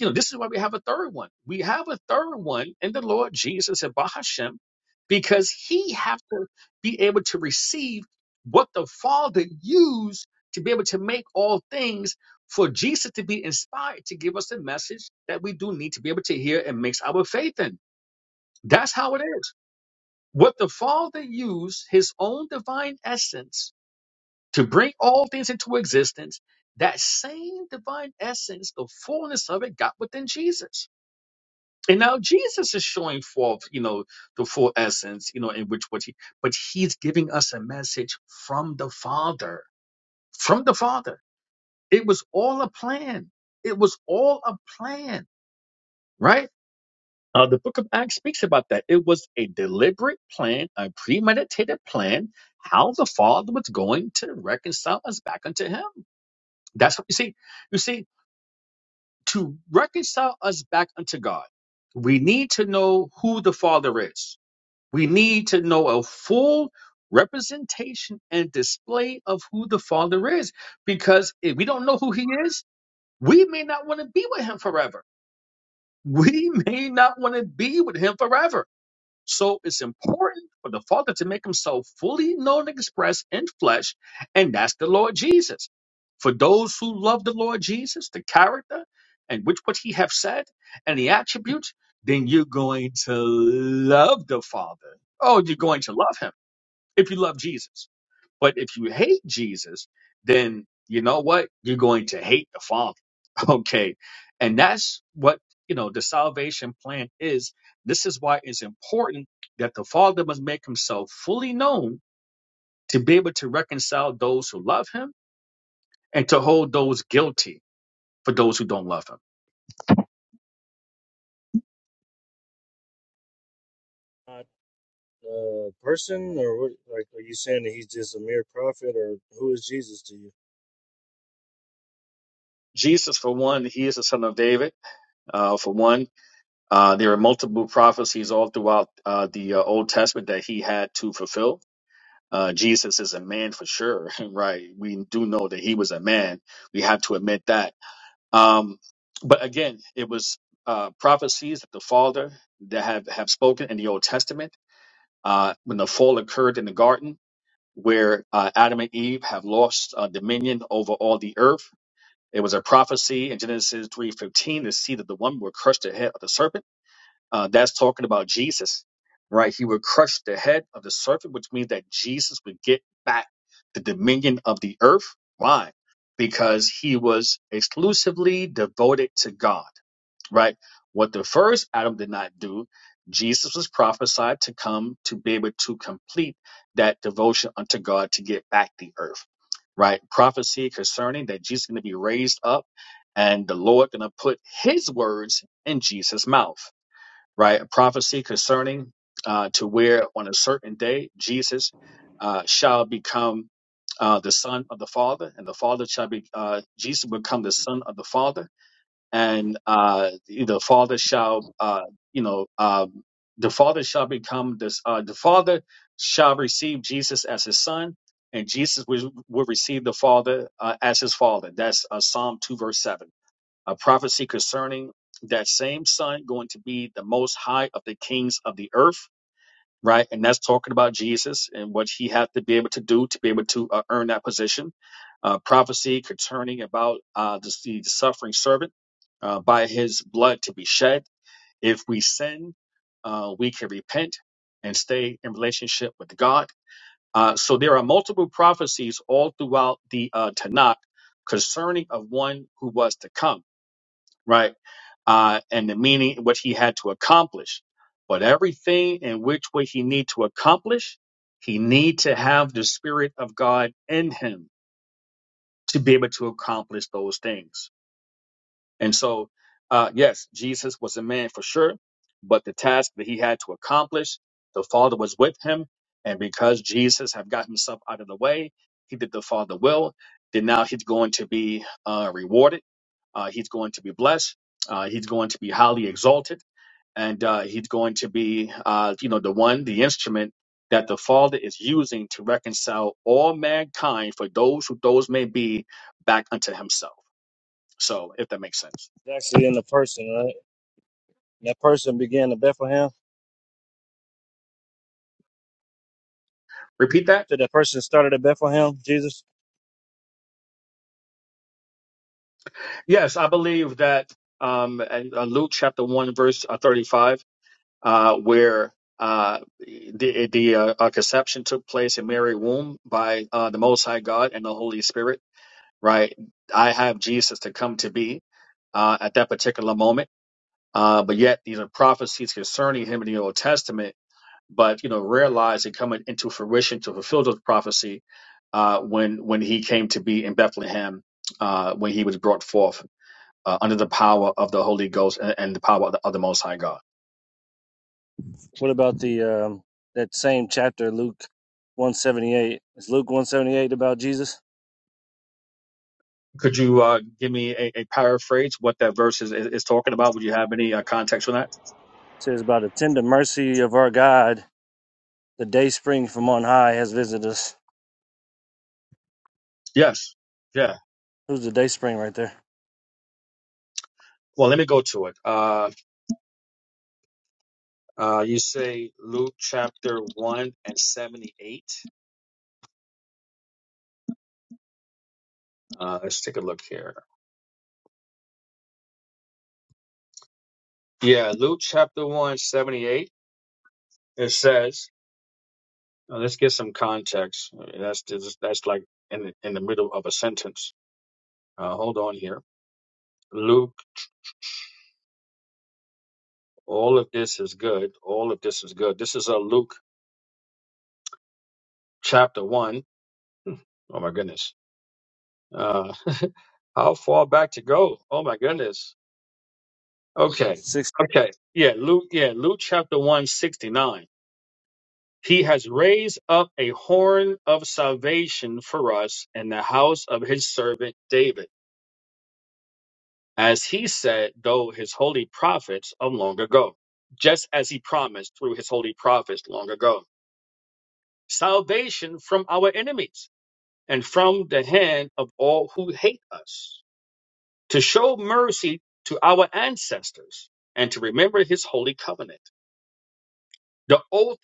you know, this is why we have a third one. We have a third one in the Lord Jesus and Bahashem because he have to be able to receive what the Father used to be able to make all things for Jesus to be inspired to give us the message that we do need to be able to hear and mix our faith in. That's how it is. What the Father used, his own divine essence, to bring all things into existence, that same divine essence, the fullness of it, got within Jesus. And now Jesus is showing forth, you know, the full essence, you know, in which what he, but he's giving us a message from the Father, from the Father. It was all a plan. It was all a plan, right? Uh, the book of Acts speaks about that. It was a deliberate plan, a premeditated plan, how the Father was going to reconcile us back unto Him. That's what you see. You see, to reconcile us back unto God, we need to know who the Father is We need to know a full representation and display of who the Father is, because if we don't know who He is, we may not want to be with Him forever. We *laughs* may not want to be with Him forever. So it's important for the Father to make himself fully known and expressed in flesh, and that's the Lord Jesus. For those who love the Lord Jesus, the character and which what he have said and the attributes, then you're going to love the Father. Oh, you're going to love him if you love Jesus. But if you hate Jesus, then you know what? You're going to hate the Father. *laughs* Okay. And that's what, you know, the salvation plan is. This is why it's important that the Father must make himself fully known to be able to reconcile those who love him and to hold those guilty for those who don't love him. not a person, or what, like, are you saying that he's just a mere prophet, or who is Jesus to you? Jesus, for one, he is the son of David. Uh, for one, uh, there are multiple prophecies all throughout uh, the uh, Old Testament that he had to fulfill Uh, Jesus is a man for sure, *laughs* right? We do know that he was a man. We have to admit that. Um, but again, it was uh, prophecies that the Father that have, have spoken in the Old Testament uh, when the fall occurred in the garden, where uh, Adam and Eve have lost uh, dominion over all the earth. It was a prophecy in Genesis 3:15, the seed of the woman will crush the head of the serpent uh, that's talking about Jesus, right? He would crush the head of the serpent, which means that Jesus would get back the dominion of the earth. Why? Because he was exclusively devoted to God, right? What the first Adam did not do, Jesus was prophesied to come to be able to complete that devotion unto God to get back the earth, right? Prophecy concerning that Jesus is going to be raised up and the Lord going to put his words in Jesus' mouth right? A prophecy concerning uh, to where on a certain day Jesus uh, shall become uh, the son of the Father, and the Father shall be uh, Jesus will become the son of the Father, and uh, the Father shall uh, you know uh, the Father shall become this uh, the Father shall receive Jesus as his son. And Jesus will, will receive the Father uh, as his Father. That's uh, Psalm 2, verse 7 a prophecy concerning that same son going to be the most high of the kings of the earth, right? And that's talking about Jesus and what he had to be able to do to be able to uh, earn that position. Uh, prophecy concerning about uh, the, the suffering servant uh, by his blood to be shed. If we sin, uh, we can repent and stay in relationship with God. Uh, so there are multiple prophecies all throughout the uh, Tanakh concerning of one who was to come right? uh, and the meaning in which he had to accomplish. But everything in which way he need to accomplish, he need to have the spirit of God in him to be able to accomplish those things. And so, uh, yes, Jesus was a man for sure, but the task that he had to accomplish, the Father was with him, and because Jesus had got himself out of the way, he did the Father will. Then now he's going to be uh, rewarded. Uh, he's going to be blessed. Uh, he's going to be highly exalted and uh, he's going to be, uh, you know, the one, the instrument that the Father is using to reconcile all mankind for those who those may be back unto Himself. So, if that makes sense, He's actually in the person, right? that person began at Bethlehem. repeat that. So that person started at Bethlehem, Jesus. Yes, I believe that um, and, uh, Luke chapter one verse uh, thirty-five, uh, where uh, the the uh, uh, conception took place in Mary's womb by uh, the Most High God and the Holy Spirit. Right, I have Jesus to come to be uh, at that particular moment Uh, but yet these are prophecies concerning him in the Old Testament, but you know, realized and coming into fruition to fulfill those prophecy uh, when when he came to be in Bethlehem, uh, when he was brought forth uh, under the power of the Holy Ghost and, and the power of the, of the Most High God. What about the um, that same chapter, Luke one seventy eight? Is Luke one seventy eight about Jesus? Could you uh, give me a, a paraphrase what that verse is, is, is talking about? Would you have any uh, context for that? It says about the tender mercy of our God, the day spring from on high has visited us. Yes. Yeah. Who's the day spring right there? Well, let me go to it. Uh, uh, you say Luke chapter 1 and 78. Uh, let's take a look here. Yeah, Luke chapter one 78. It says, Now, let's get some context. I That's just, that's like in the, in the middle of a sentence. Uh, hold on here. Luke, all of this is good. All of this is good. This is a Luke chapter one. Oh my goodness. Uh, *laughs* how far back to go? Oh my goodness. Okay. Six. Okay. Yeah. Luke. Yeah. Luke chapter one sixty nine. He has raised up a horn of salvation for us in the house of his servant David as he said, though his holy prophets of long ago, just as he promised through his holy prophets long ago. Salvation from our enemies and from the hand of all who hate us, to show mercy to our ancestors and to remember his holy covenant, the oath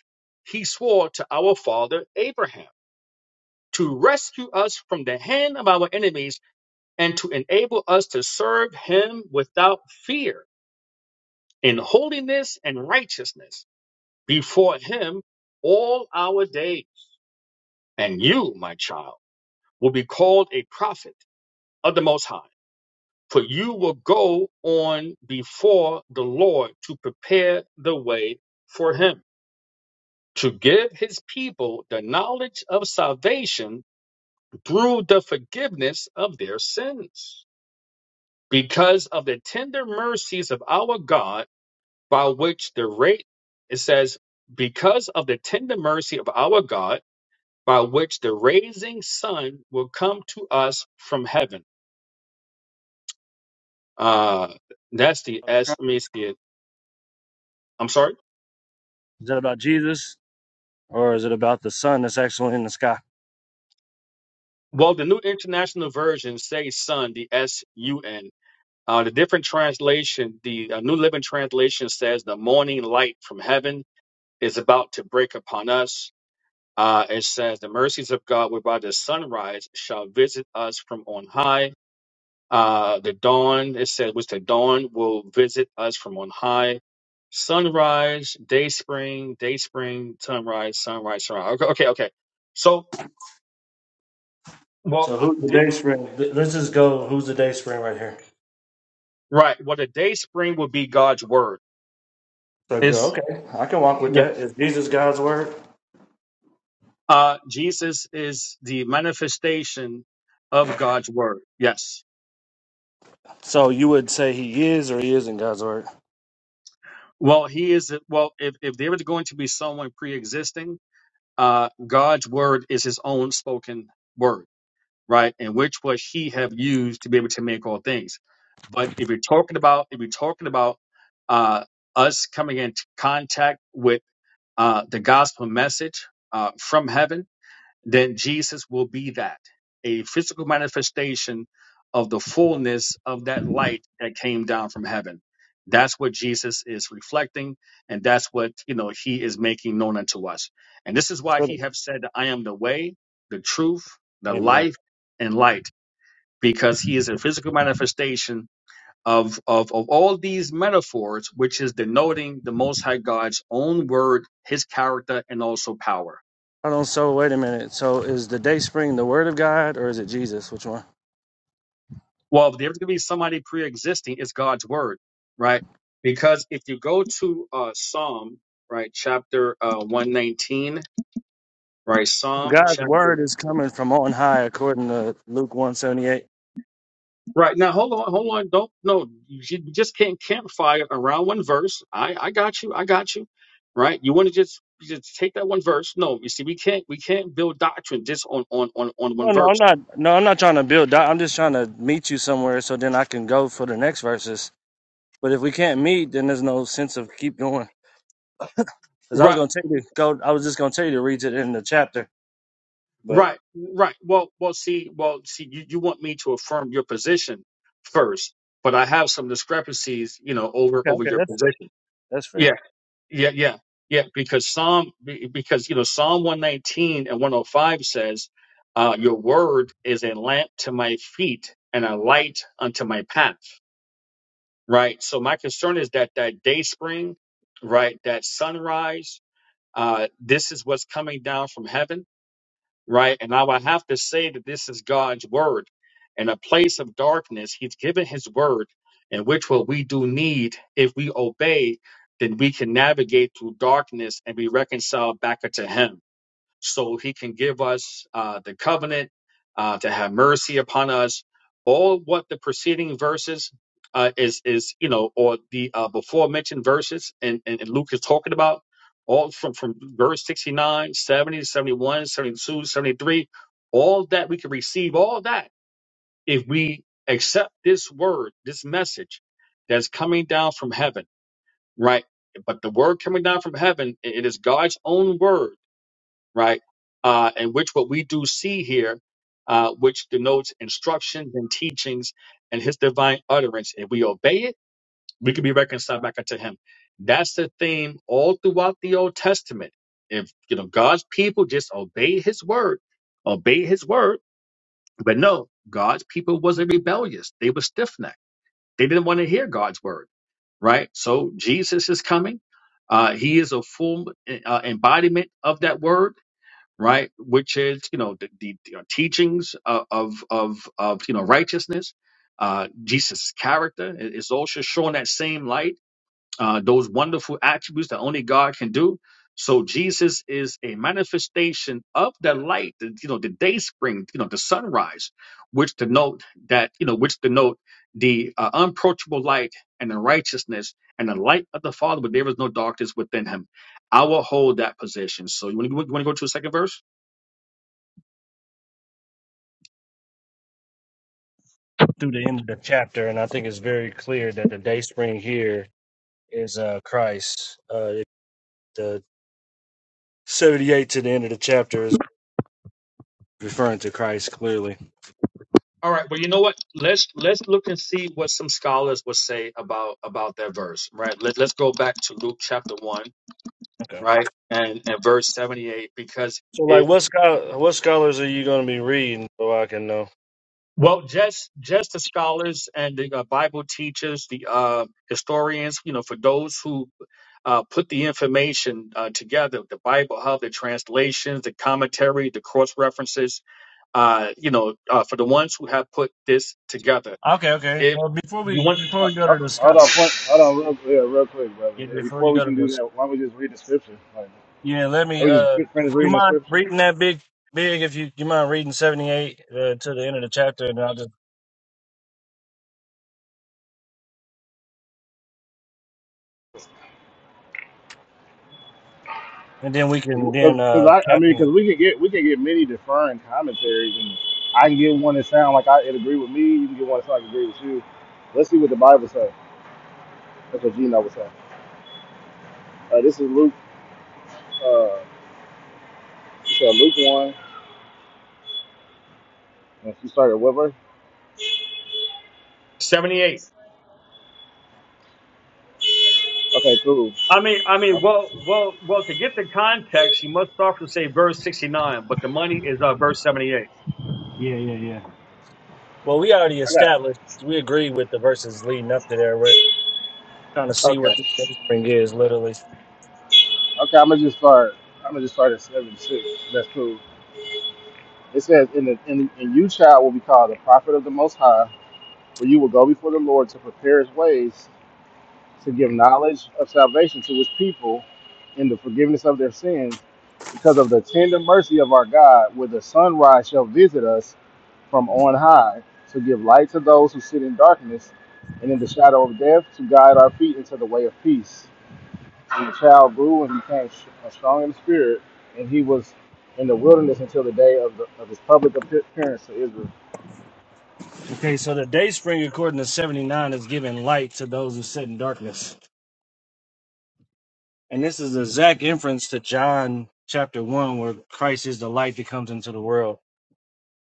he swore to our father Abraham, to rescue us from the hand of our enemies and to enable us to serve him without fear in holiness and righteousness before him all our days. And you, my child, will be called a prophet of the Most High, for you will go on before the Lord to prepare the way for him, to give his people the knowledge of salvation through the forgiveness of their sins. Because of the tender mercies of our God, by which the rate, it says, because of the tender mercy of our God, by which the raising sun will come to us from heaven. Uh, that's the S. Is I mean, it's the, I'm sorry. that about Jesus, or is it about the sun that's actually in the sky? Well, the New International Version says sun, the S U N. Uh, the different translation, the uh, New Living Translation says the morning light from heaven is about to break upon us. Uh, it says the mercies of God whereby the sunrise shall visit us from on high Uh, the dawn, it said, which the dawn will visit us from on high. Sunrise, day spring, day spring, sunrise, sunrise, sunrise. Okay, okay. okay. So, So well, I who's the did, day spring? Th- Let's just go. Who's the day spring right here? right. Well, the day spring will be God's word. So go. It's, Okay, I can walk with yeah. that. Is Jesus God's word? Uh, Jesus is the manifestation of God's word. Yes. So you would say he is or he isn't God's word? Well, he is, well, if, if there was going to be someone pre existing, uh, God's word is his own spoken word. right? And which was he have used to be able to make all things. But if you're talking about if you're talking about uh, us coming into contact with uh, the gospel message uh, from heaven then Jesus will be that a physical manifestation of the fullness of that light that came down from heaven. That's what Jesus is reflecting, and that's what you know he is making known unto us. And this is why So- he have said, "I am the way, the truth, the Amen. life, and light," because he is a physical manifestation of of, of all these metaphors, which is denoting the Most High God's own word, His character, and also power. I don't. So wait a minute. So is the day spring the word of God or is it Jesus? Which one? Well, there's going to be somebody pre-existing, it's God's word, right? Because if you go to uh, Psalm, right, chapter uh, 119, right, Psalm God's word chapter, is coming from on high, according to Luke one seventy eight. right. Now, hold on, hold on. Don't, no, you you just can't campfire around one verse. I, I got you, I got you, right? You want to just, you just take that one verse. No, you see, we can't, we can't build doctrine just on, on, on, on one No, no, I'm verse. not. No, I'm not trying to build. doubt. I'm just trying to meet you somewhere so then I can go for the next verses. But if we can't meet, then there's no sense of keep going. Because I Right. was going to tell you, go. I was just going to tell you to read it in the chapter, but Right, right. Well, well, see, well, see, you, you want me to affirm your position first, but I have some discrepancies, you know, over okay, over okay, your that's fair. position. That's Yeah, fair. yeah, yeah, yeah. Because Psalm, be- because you know, Psalm one nineteen and one hundred five says, uh, "Your word is a lamp to my feet and a light unto my path." Right. So my concern is that that day spring, right, that sunrise, uh, this is what's coming down from heaven right? And I would have to say that this is God's word. In a place of darkness, He's given His word, and which what we do need, if we obey, then we can navigate through darkness and be reconciled back unto Him so he can give us uh, the covenant uh, to have mercy upon us. All what the preceding verses uh, is is you know, or the uh, before mentioned verses, and, and, and Luke is talking about all from from verse 69, 70, 71, 72, 73. all that we can receive, all that if we accept this word, this message that's coming down from heaven, right? But the word coming down from heaven, it is God's own word right? Uh, and which what we do see here, uh, which denotes instructions and teachings and his divine utterance. If we obey it, we can be reconciled back unto him. That's the theme all throughout the Old Testament. If you know God's people just obey his word, obey his word, but no, God's people wasn't rebellious. They were stiff necked. They didn't want to hear God's word, right? So Jesus is coming. Uh, he is a full uh, embodiment of that word right? Which is, you know, the, the, the uh, teachings of, of, of, of, you know, righteousness, uh, Jesus' character. It- It's also shown that same light, uh, those wonderful attributes that only God can do. So Jesus is a manifestation of the light, the, you know, the day spring, you know, the sunrise, which denote that, you know, which denote the uh, unapproachable light and the righteousness and the light of the Father, but there is no darkness within him. I will hold that position. So you want to go you wanna go to the second verse? Through the end of the chapter, and I think it's very clear that the day spring here is uh Christ. Uh, it- the seventy-eight to the end of the chapter is referring to Christ clearly. All right, well, you know what? Let's let's look and see what some scholars would say about about that verse, right? Let, let's go back to Luke chapter one, Okay. right, and and verse seventy eight, because So, like, if what scho- what scholars are you going to be reading so I can know? well, just just the scholars and the uh, Bible teachers, the uh, historians, you know, for those who uh, put the information uh, together, the Bible Hub, the translations, the commentary, the cross references, uh, you know, uh, for the ones who have put this together, Okay, okay. if Well, before you we want before we go to Hold the scho- hold on, point, hold on, real, yeah, real quick, brother. yeah, Yeah, before you before we go to can do the that, why don't we just read the scripture? Like, Yeah, let can me. we just Uh, fi- finish you reading the mind scripture? reading that big, big? If you you mind reading seventy eight uh, to the end of the chapter, and I'll just and then we can then Because, uh I, I mean, capping. because we can get, we can get many deferring commentaries, and I can get one that sound like I it agree with me. You can get one that sound like it agree with you. Let's see what the Bible says. That's what Gino was saying. Uh, this is Luke. Uh, you said Luke one, and she started with her. seventy eight. Okay, cool. I mean, I mean, well, well, well. To get the context, you must start from say verse sixty-nine, but the money is uh, verse seventy-eight. Yeah, yeah, yeah. Well, we already I got. established we agree with the verses leading up to there. We're trying to see Okay. what the day spring is, literally. Okay, I'm gonna just start. I'm gonna just start at 76. That's cool. It says, "In the in, in you, child, will be called the prophet of the Most High, for you will go before the Lord to prepare His ways, to give knowledge of salvation to His people, in the forgiveness of their sins, because of the tender mercy of our God, where the sunrise shall visit us from on high, to give light to those who sit in darkness, and in the shadow of death, to guide our feet into the way of peace." And the child grew and became sh- uh, strong in the spirit, and he was in the wilderness until the day of, the, of his public appearance to Israel. Okay, so the day spring, according to seventy nine, is giving light to those who sit in darkness, and this is the exact inference to John chapter one, where Christ is the light that comes into the world.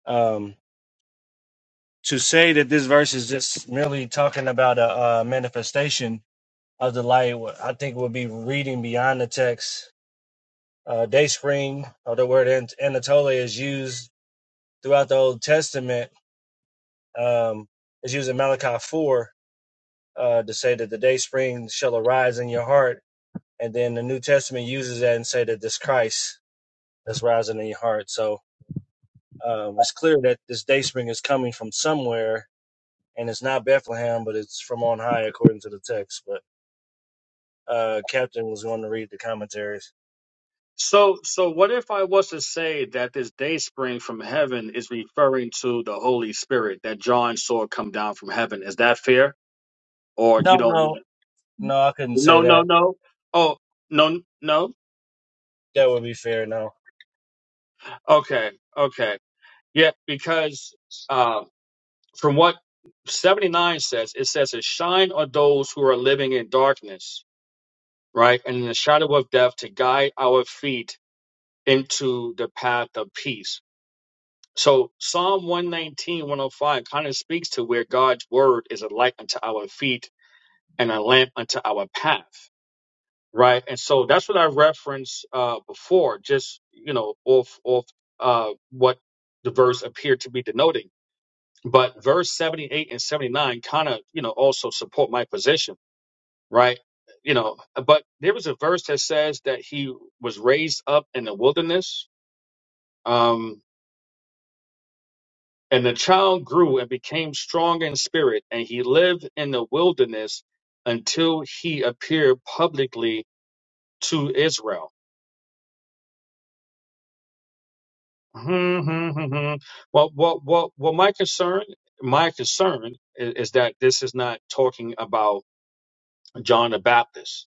Um, to say that this verse is just merely talking about a, uh manifestation of the light, I think would be reading beyond the text. Uh, day spring, or the word An- Anatolia, is used throughout the Old Testament. Um, is used in Malachi four uh, to say that the day spring shall arise in your heart, and then the New Testament uses that and say that this Christ is rising in your heart. So um, it's clear that this day spring is coming from somewhere, and it's not Bethlehem, but it's from on high according to the text. But uh, Captain was going to read the commentaries. So, so what if I was to say that this day spring from heaven is referring to the Holy Spirit that John saw come down from heaven? Is that fair? Or you No, don't no, want? no, I couldn't say No, no, that. no. Oh, no, no. That would be fair. No. Okay, okay. Yeah, because uh, from what seventy nine says, it says, "It shine on those who are living in darkness." right? And in the shadow of death to guide our feet into the path of peace. So Psalm 119, 105 kind of speaks to where God's word is a light unto our feet and a lamp unto our path, right? And so that's what I referenced uh, before, just, you know, off, off uh, what the verse appeared to be denoting. But verse 78 and 79 kind of, you know, also support my position right? You know, but there was a verse that says that he was raised up in the wilderness. Um, and the child grew and became strong in spirit, and he lived in the wilderness until he appeared publicly to Israel. Hmm, hmm, hmm, hmm. Well, well, well, well, my concern, my concern is, is that this is not talking about John the Baptist,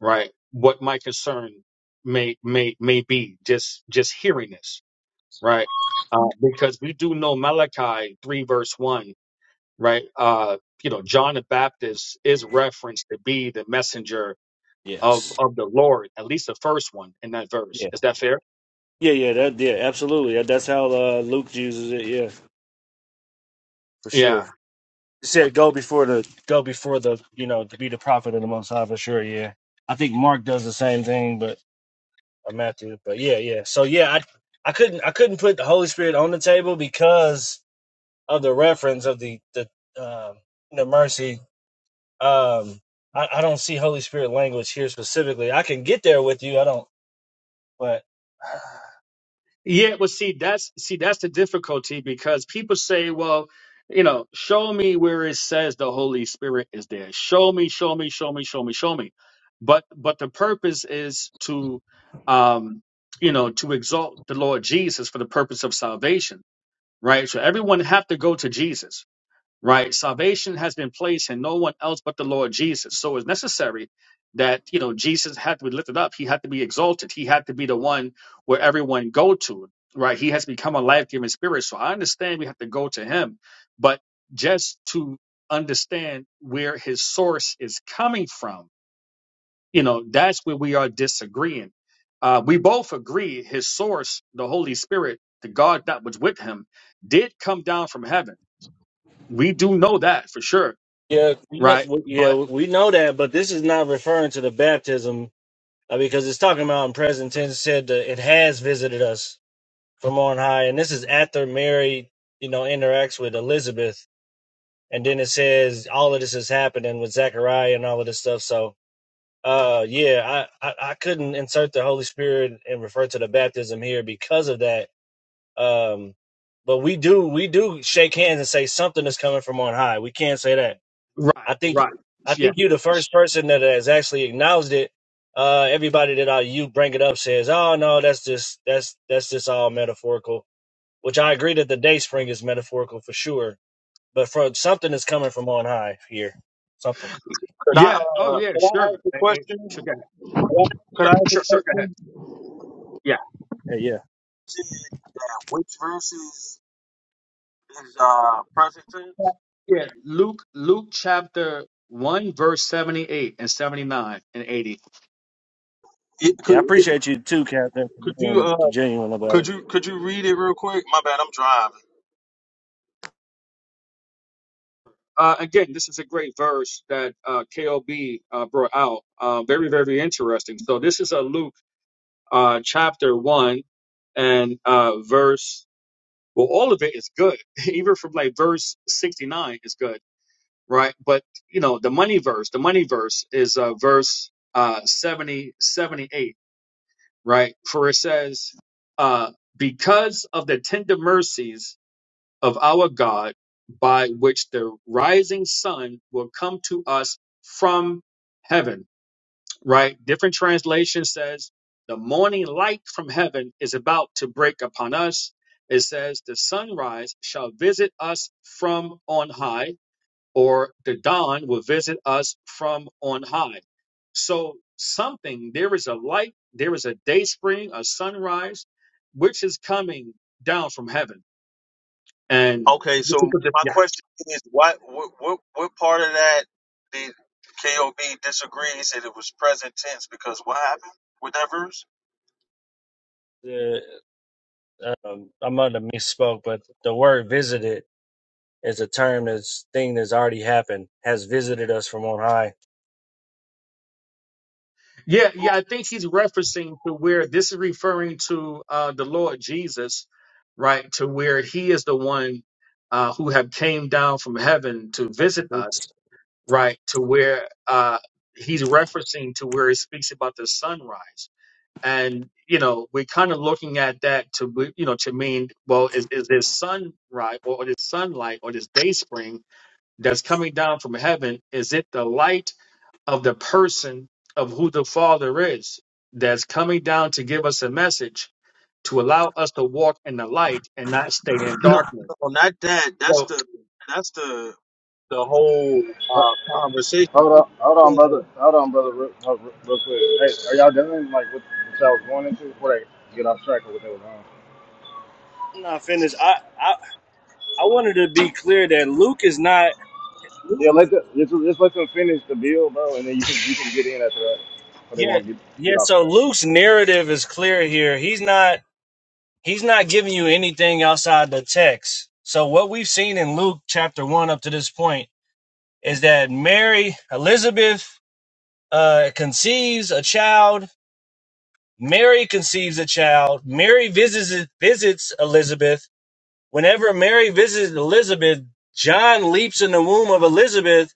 right? What my concern may may may be just just hearing this right? Uh, because we do know Malachi 3, verse 1, right? Uh, you know, John the Baptist is referenced to be the messenger of, Yes. of the Lord, at least the first one in that verse. Yeah. Is that fair? Yeah. Yeah. That. Yeah. Absolutely. That's how uh, Luke uses it. Yeah, for Yeah. sure. It said go before the go before the you know to be the prophet of the Most High for sure. Yeah. I think Mark does the same thing, but or Matthew. But yeah, yeah. So yeah, I I couldn't I couldn't put the Holy Spirit on the table because of the reference of the the um the mercy Um, I, I don't see Holy Spirit language here specifically. I can get there with you. I don't, but *sighs* Yeah, well, see, that's see, that's the difficulty because people say, well, you know, show me where it says the Holy Spirit is there. Show me, show me, show me, show me, show me. But but the purpose is to um you know to exalt the Lord Jesus for the purpose of salvation right? So everyone have to go to Jesus, right? Salvation has been placed in no one else but the Lord Jesus. So it's necessary that you know Jesus had to be lifted up. He had to be exalted. He had to be the one where everyone go to, right? He has become a life giving spirit. So I understand we have to go to Him, but just to understand where His source is coming from you know, that's where we are disagreeing. Uh, we both agree his source, the Holy Spirit, the God that was with him, did come down from heaven. We do know that for sure, yeah, we know, right? yeah, But we know that. But this is not referring to the baptism uh, because it's talking about in present tense said that it has visited us from on high, and this is after Mary, you know, interacts with Elizabeth, and then it says all of this is happening with Zechariah and all of this stuff. So. Uh yeah, I, I I couldn't insert the Holy Spirit and refer to the baptism here because of that Um, but we do we do shake hands and say something is coming from on high. We can't say that. right, I think right, I yeah, think you're the first person that has actually acknowledged it. Uh, everybody that I you bring it up says, "Oh no, that's just that's that's just all metaphorical." Which I agree that the day spring is metaphorical for sure. But from something is coming from on high here. Something. Could I yeah, oh uh yeah, could I sure, ask a Eh, eh, question? sure, go ahead. Oh, Could sure, I ask a sure, sure, go ahead, question? yeah, Hey, yeah. Saying Which verses is uh present tense? yeah. Luke, Luke chapter one, verse seventy-eight and seventy-nine and eighty. It, could, Yeah, I could appreciate you too, Captain, for could you being uh genuine could about you could you read it real quick? My bad, I'm driving. Uh, again, this is a great verse that uh, KOB uh, brought out. Uh, very, very interesting. So this is a Luke. uh, chapter one and uh, verse. Well, all of it is good. *laughs* Even from like verse sixty nine is good, right? But you know, the money verse, the money verse is uh, verse uh, 70, seventy-eight, right? For it says, uh, "Because of the tender mercies of our God, by which the rising sun will come to us from heaven." right? Different translation says the morning light from heaven is about to break upon us. It says the sunrise shall visit us from on high, or the dawn will visit us from on high. So something, there is a light, there is a day spring, a sunrise, which is coming down from heaven. And Okay, so my question is what what what, what part of that did KOB disagree? He said it was present tense because what happened with that verse? it. Uh, um, I might have misspoke, but the word visited is a term that's thing that's already happened, has visited us from on high. Yeah, yeah, I think he's referencing to where this is referring to uh, the Lord Jesus, right? To where he is the one uh, who have came down from heaven to That's what visit Luke. us, right? To where uh, he's referencing to where he speaks about the sunrise, and you know we're kind of looking at that to be- you know to mean well is is this sunrise or, or this sunlight or this day spring that's coming down from heaven? Is it the light? of the person of who the Father is that's coming down to give us a message to allow us to walk in the light and not stay in No, darkness. no, not that. That's So the that's the the whole uh conversation. Hold on, hold on, brother. Hold on, brother. Real, real real quick. Hey, are y'all done? Like what the child was going into before they get off track of what they were on? I'm not finished. I, I I wanted to be clear that Luke is not. Luke, Yeah, let the just, just let them finish the bill, bro, and then you can you can get in after that, but they yeah, won't get get yeah. off So track. Luke's narrative is clear here. He's not. He's not giving you anything outside the text. So what we've seen in Luke chapter one up to this point is that Mary Elizabeth uh, conceives a child. Mary conceives a child. Mary visits visits Elizabeth Whenever Mary visits Elizabeth, John leaps in the womb of Elizabeth,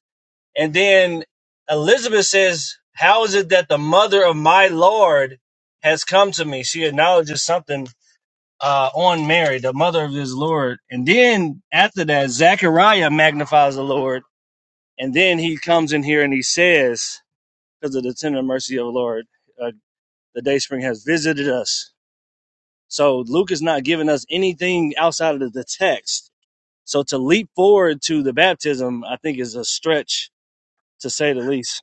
and then Elizabeth says, How is it that the mother of my Lord has come to me? She acknowledges something uh, on Mary, the mother of his Lord. And then after that, Zechariah magnifies the Lord. And then he comes in here and he says, Because of the tender mercy of the Lord, uh, the day spring has visited us. So Luke is not giving us anything outside of the text So to leap forward to the baptism, I think is a stretch to say the least.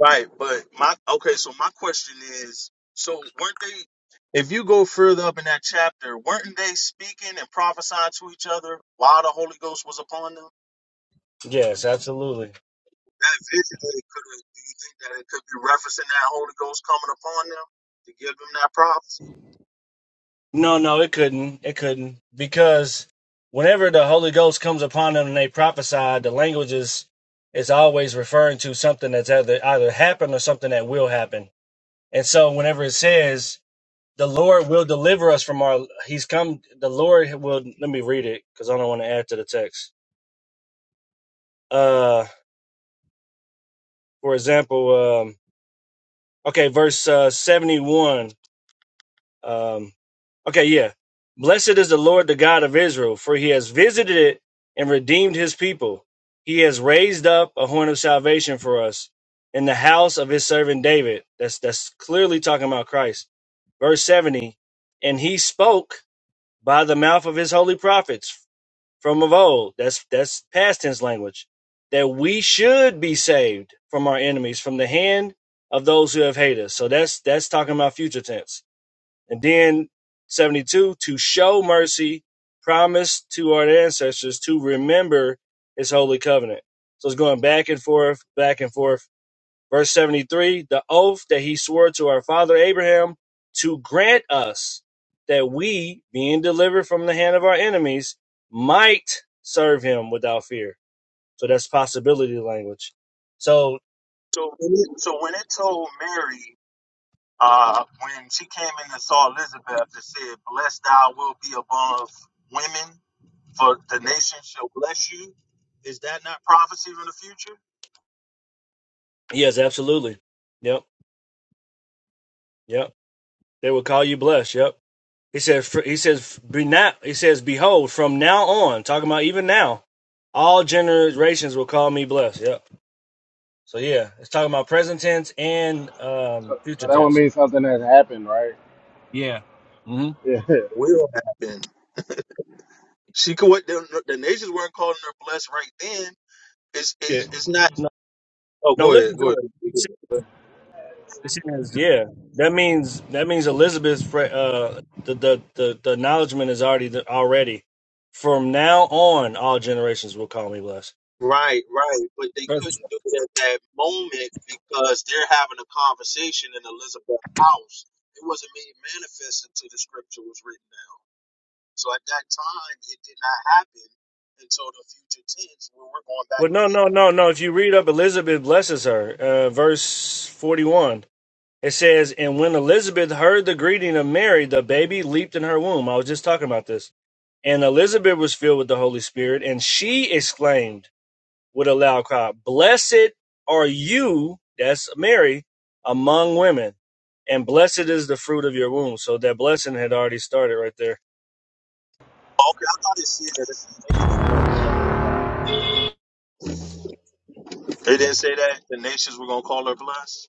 Right, but my okay, so my question is, so weren't they if you go further up in that chapter, weren't they speaking and prophesying to each other while the Holy Ghost was upon them? Yes, absolutely. That vision that it could have do you think that it could be referencing that Holy Ghost coming upon them to give them that prophecy? No, no, it couldn't. It couldn't. Because whenever the Holy Ghost comes upon them and they prophesy, the language is, is always referring to something that's either, either happened or something that will happen. And so whenever it says, the Lord will deliver us from our, he's come, the Lord will, let me read it because I don't want to add to the text. Uh, for example, um, okay, verse uh, 71. Um, okay, yeah. Blessed is the Lord, the God of Israel, for he has visited it and redeemed his people. He has raised up a horn of salvation for us in the house of his servant David. That's that's clearly talking about Christ. Verse 70, and he spoke by the mouth of his holy prophets from of old. That's that's past tense language. That we should be saved from our enemies, from the hand of those who have hated us. So that's that's talking about future tense and then 72, to show mercy promised to our ancestors to remember his holy covenant. So it's going back and forth, back and forth. Verse 73, the oath that he swore to our father Abraham to grant us that we, being delivered from the hand of our enemies, might serve him without fear. So that's possibility language. So, So when it, so when it told Mary, uh, when she came in and saw Elizabeth, it said, Blessed thou will be above women, for the nation shall bless you. Is that not prophecy from the future? yes, absolutely. Yep, yep. They will call you blessed. Yep. He said, he says, be not. he says, behold, from now on, talking about even now, all generations will call me blessed. Yep. So yeah, it's talking about present tense and um, So, so future that would tense. mean something has happened, right? Yeah. hmm Yeah, *laughs* that will happen. She could. What the, the nations weren't calling her blessed right then. It's Yeah. it's it's not. No, Oh, no, go ahead, listen go to it. It ahead. says, yeah, that means that means Elizabeth's fr- uh, the, the the the acknowledgement is already already. From now on, all generations will call me blessed. Right, right. But they couldn't do it at that moment because they're having a conversation in Elizabeth's house. It wasn't made manifest until the scripture was written down. So at that time, it did not happen until the future tense when we're going back Well, no, no, reading. no, no. If you read up, Elizabeth blesses her. Uh, verse 41. It says, And when Elizabeth heard the greeting of Mary, the baby leaped in her womb. I was just talking about this. And Elizabeth was filled with the Holy Spirit, and she exclaimed with a loud cry, Blessed are you, that's Mary, among women, and blessed is the fruit of your womb. So that blessing had already started right there. Okay, I thought it said that the nations were going to call her blessed. It didn't say that the nations were going to call her blessed.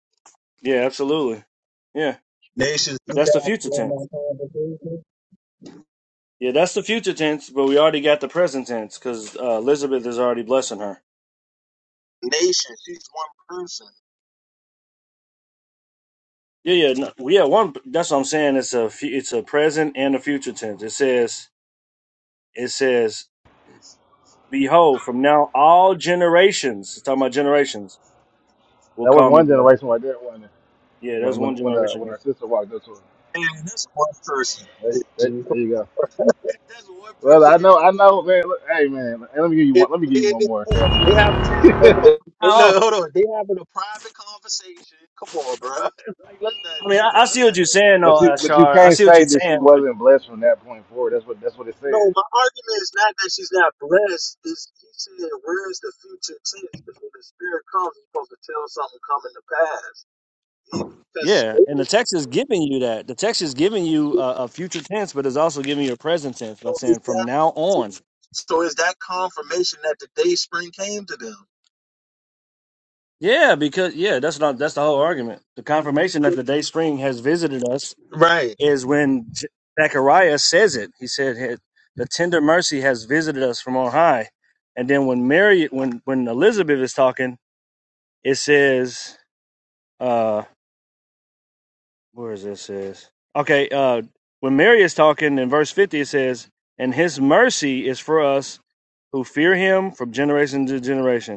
Yeah, absolutely. Yeah, Nations. that's the future tense. Yeah, that's the future tense, but we already got the present tense because uh, Elizabeth is already blessing her. nations. She's one person. Yeah, yeah, no, well, yeah. One, that's what I'm saying. It's a fu- it's a present and a future tense. It says it says, "Behold, from now all generations." It's talking about generations will was call me one blessed. generation right there when Yeah, when that's when one when, uh, generation. when right her sister walked up to her. And this one person. There, there, there you go. That's one Well, person I in know, the I movie. know, man. Look, hey, man. Let me give you It, one. Let me give you they, one they more. they having a hold *laughs* on. They Oh, look, hold on. They having a private conversation. Come on, bro. *laughs* Like, let's not. I mean, Come I, I on, see let's what not. you're saying, But though, you but you Ashar. I can't see what you're say that she saying, but wasn't blessed from that point forward. That's what that's what it said. No, my argument is not that she's not blessed. It's he said, where's the future tense? Because when the spirit comes, he's supposed to tell something coming to pass. He, because yeah, and the text is giving you that. The text is giving you a, a future tense, but it's also giving you a present tense by so is saying, "From that now on." so is that confirmation that the day spring came to them? Yeah, because yeah, that's not that's the whole argument. The confirmation that the day spring has visited us Right. is when J- Zechariah says it. He said, "Hey, "The tender mercy has visited us from on high." And then when Mary, when when Elizabeth is talking, it says, uh, "Where is this?" Says okay. Uh, when Mary is talking in verse fifty, it says, "And His mercy is for us who fear Him from generation to generation."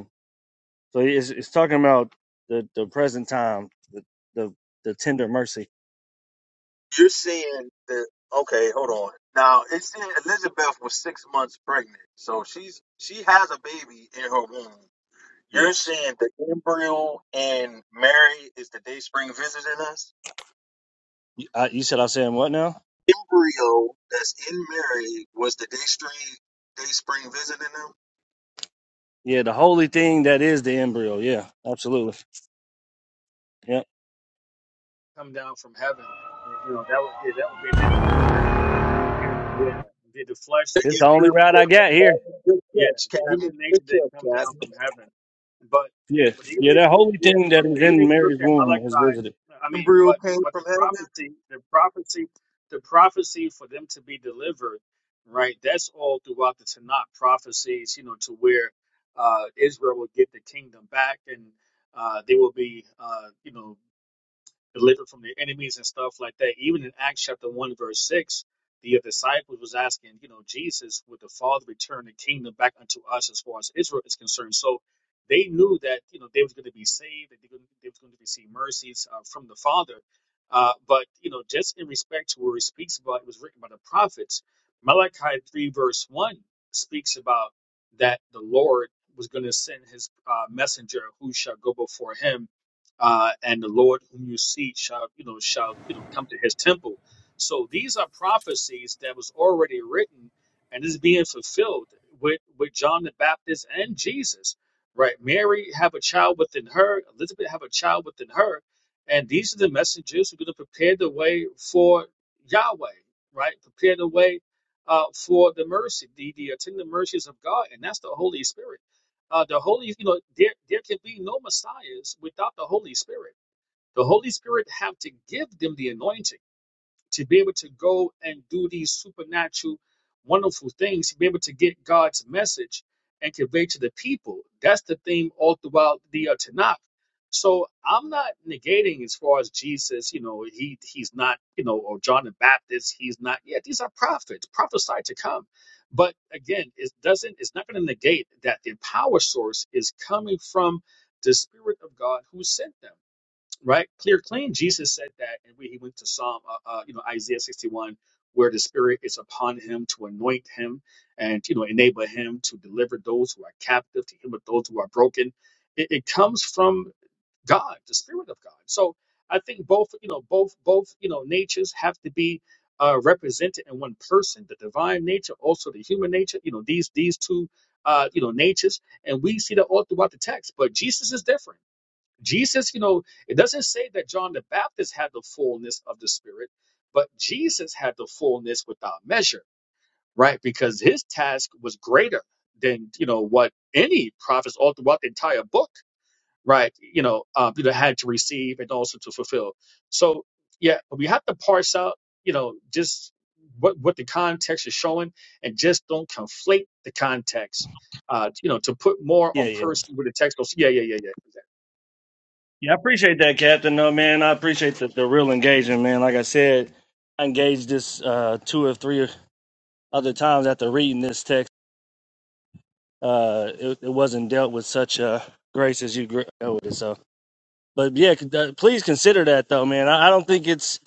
So it's, it's talking about the, the present time, the, the the tender mercy. You're saying that okay, hold on. Now it's saying Elizabeth was six months pregnant. So she's she has a baby in her womb. You're Yes. saying the embryo in Mary is the day spring visiting us? I, you said I said what now? Embryo that's in Mary was the day spring day spring visiting them? Yeah, the holy thing that is the embryo. Yeah, absolutely. Yeah, come down from heaven. You know, that would be that would be an issue. Yeah. The the flesh, The the It's the human only nature embryo didn't route I come got here. Good Yeah, catch, the Captain. human Good nature didn't come catch, down Captain. from heaven, but yeah, Yeah. but even Yeah, if that you holy yeah, thing that but, but is even in if you look Mary's at womb is Malachi, visited. I mean, Embryo but came but from the heaven? prophecy, the prophecy, the prophecy for them to be delivered, right? That's all throughout the Tanakh prophecies, you know, to where uh, Israel will get the kingdom back and uh, they will be, uh, you know delivered from their enemies and stuff like that. Even in Acts chapter 1, verse 6, the disciples was asking, you know, Jesus, would the Father return the kingdom back unto us as far as Israel is concerned? So they knew that, you know, they was going to be saved, that they, going they was going to receive mercies uh, from the Father. Uh, but, you know, just in respect to where he speaks about, it was written by the prophets. Malachi 3, verse 1 speaks about that the Lord was going to send his uh, messenger who shall go before him uh, and the Lord whom you see shall you know shall you know come to his temple. So these are prophecies that was already written and is being fulfilled with with John the Baptist and Jesus. Right, Mary have a child within her, Elizabeth have a child within her, and these are the messengers who are going to prepare the way for Yahweh. Right, prepare the way uh, for the mercy, the the attendant mercies of God, and that's the Holy Spirit. Uh, the Holy, you know, there there can be no messiahs without the Holy Spirit. The Holy Spirit have to give them the anointing to be able to go and do these supernatural, wonderful things, to be able to get God's message and convey to the people. That's the theme all throughout the uh, Tanakh. So I'm not negating as far as Jesus, you know, he he's not, you know, or John the Baptist, he's not. Yeah, these are prophets, prophesied to come. But again, it doesn't, it's not going to negate that their power source is coming from the Spirit of God who sent them right? Clear, clean. Jesus said that, and when he went to Psalm, uh, uh, you know, Isaiah 61, where the Spirit is upon him to anoint him and you know enable him to deliver those who are captive, to heal those who are broken. It, it comes from God, the Spirit of God. So I think both, you know, both both you know natures have to be uh, represented in one person: the divine nature, also the human nature. You know, these these two. Uh, you know natures, and we see that all throughout the text. But Jesus is different. Jesus, you know, it doesn't say that John the Baptist had the fullness of the Spirit, but Jesus had the fullness without measure, right? Because his task was greater than, you know, what any prophets all throughout the entire book, right? You know, um, you know, had to receive and also to fulfill. So, yeah, we have to parse out, you know, just what what the context is showing, and just don't conflate the context. Uh, you know, to put more Yeah, on yeah. person with the text. Oh, Yeah, yeah, yeah, yeah. Yeah, I appreciate that, Captain. No, man, I appreciate the, the real engagement, man. Like I said, I engaged this uh, two or three other times after reading this text. Uh, it, it wasn't dealt with such uh, grace as you gr- dealt with it. so. But yeah, con- uh, please consider that though, man. I, I don't think it's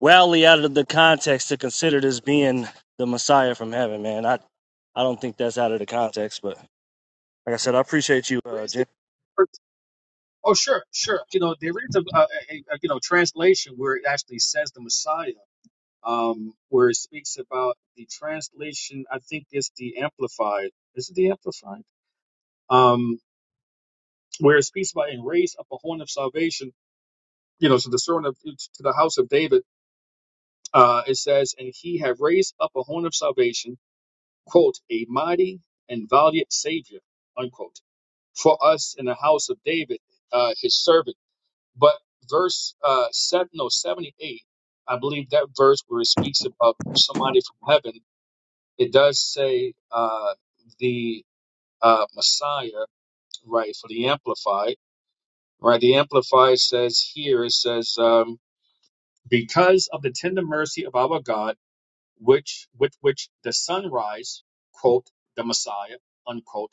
wildly out of the context to consider this being the Messiah from heaven, man. I I don't think that's out of the context. But like I said, I appreciate you, There uh, is Jen. the Oh, sure, sure. You know, there is a, a, a a you know translation where it actually says the Messiah, um, where it speaks about the translation. I think it's the Amplified. Is it the Amplified? Um, where it speaks about and raise up a horn of salvation. You know, so the servant of to the house of David. Uh, it says, and he have raised up a horn of salvation, quote, a mighty and valiant Savior, unquote, for us in the house of David, uh, his servant. But verse uh seven, no seventy eight, I believe that verse where it speaks about somebody from heaven, it does say uh the uh Messiah, right, for the Amplified, right? The Amplified says here it says um because of the tender mercy of our God, which with which the sunrise, quote, the Messiah, unquote,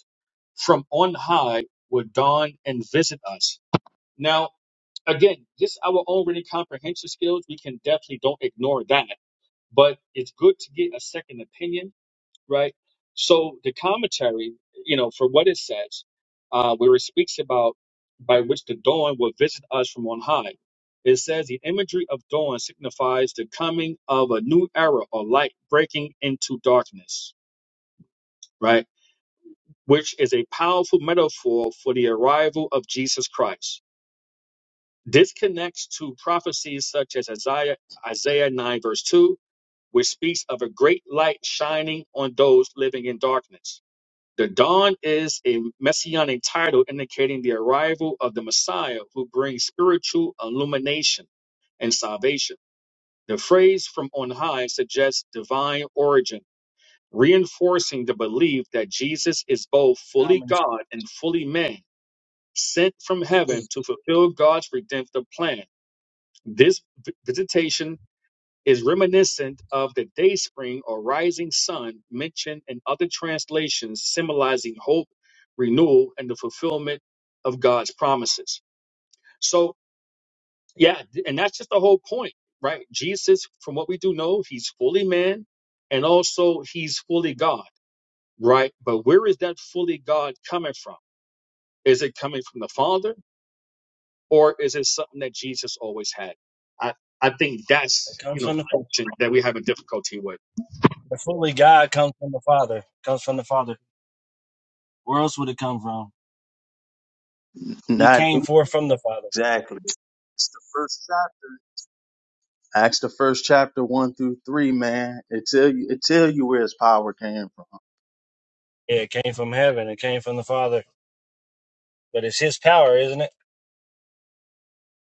from on high would dawn and visit us. Now again, just our own reading comprehension skills, we can definitely don't ignore that. But it's good to get a second opinion, right? So the commentary, you know, for what it says, uh, where it speaks about by which the dawn will visit us from on high. It says the imagery of dawn signifies the coming of a new era or light breaking into darkness, right? Which is a powerful metaphor for the arrival of Jesus Christ This connects to prophecies such as Isaiah, Isaiah 9, verse 2, which speaks of a great light shining on those living in darkness. The dawn is a messianic title indicating the arrival of the Messiah who brings spiritual illumination and salvation. The phrase from on high suggests divine origin, reinforcing the belief that Jesus is both fully Comments. God and fully man, sent from It's heaven beautiful. to fulfill God's redemptive plan. This v- visitation is reminiscent of the day spring or rising sun mentioned in other translations, symbolizing hope, renewal, and the fulfillment of God's promises. So, yeah, th- and that's just the whole point, right? Jesus, from what we do know, he's fully man and also he's fully God, right? But where is that fully God coming from? Is it coming from the Father? or is it something that Jesus always had? I, I think It that's you comes know from the, the question that we have a difficulty with. the fully God comes from the Father. Comes from the Father. Where else would it come from? He Not came forth from the Father. exactly. It's the first chapter. Acts the first chapter one through three, man. It tell you it tell you where his power came from. Yeah, it came from heaven. It came from the Father. But it's His power, isn't it?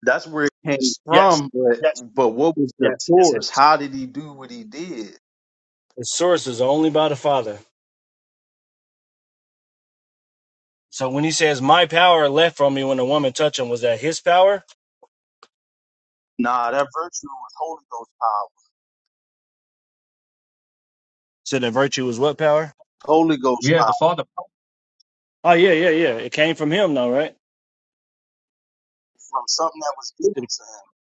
That's where it came It's- yes, from, but yes, but what was the yes, it's source? his. How did he do what he did? Its source is only by the Father. So when He says, "My power left from me when the woman touched Him," was that His power? Nah, that virtue was Holy Ghost power. So that virtue was what power? Holy Ghost Yeah, the power Father. Oh yeah, yeah, yeah. It came from him though, right? from something that was given It to him.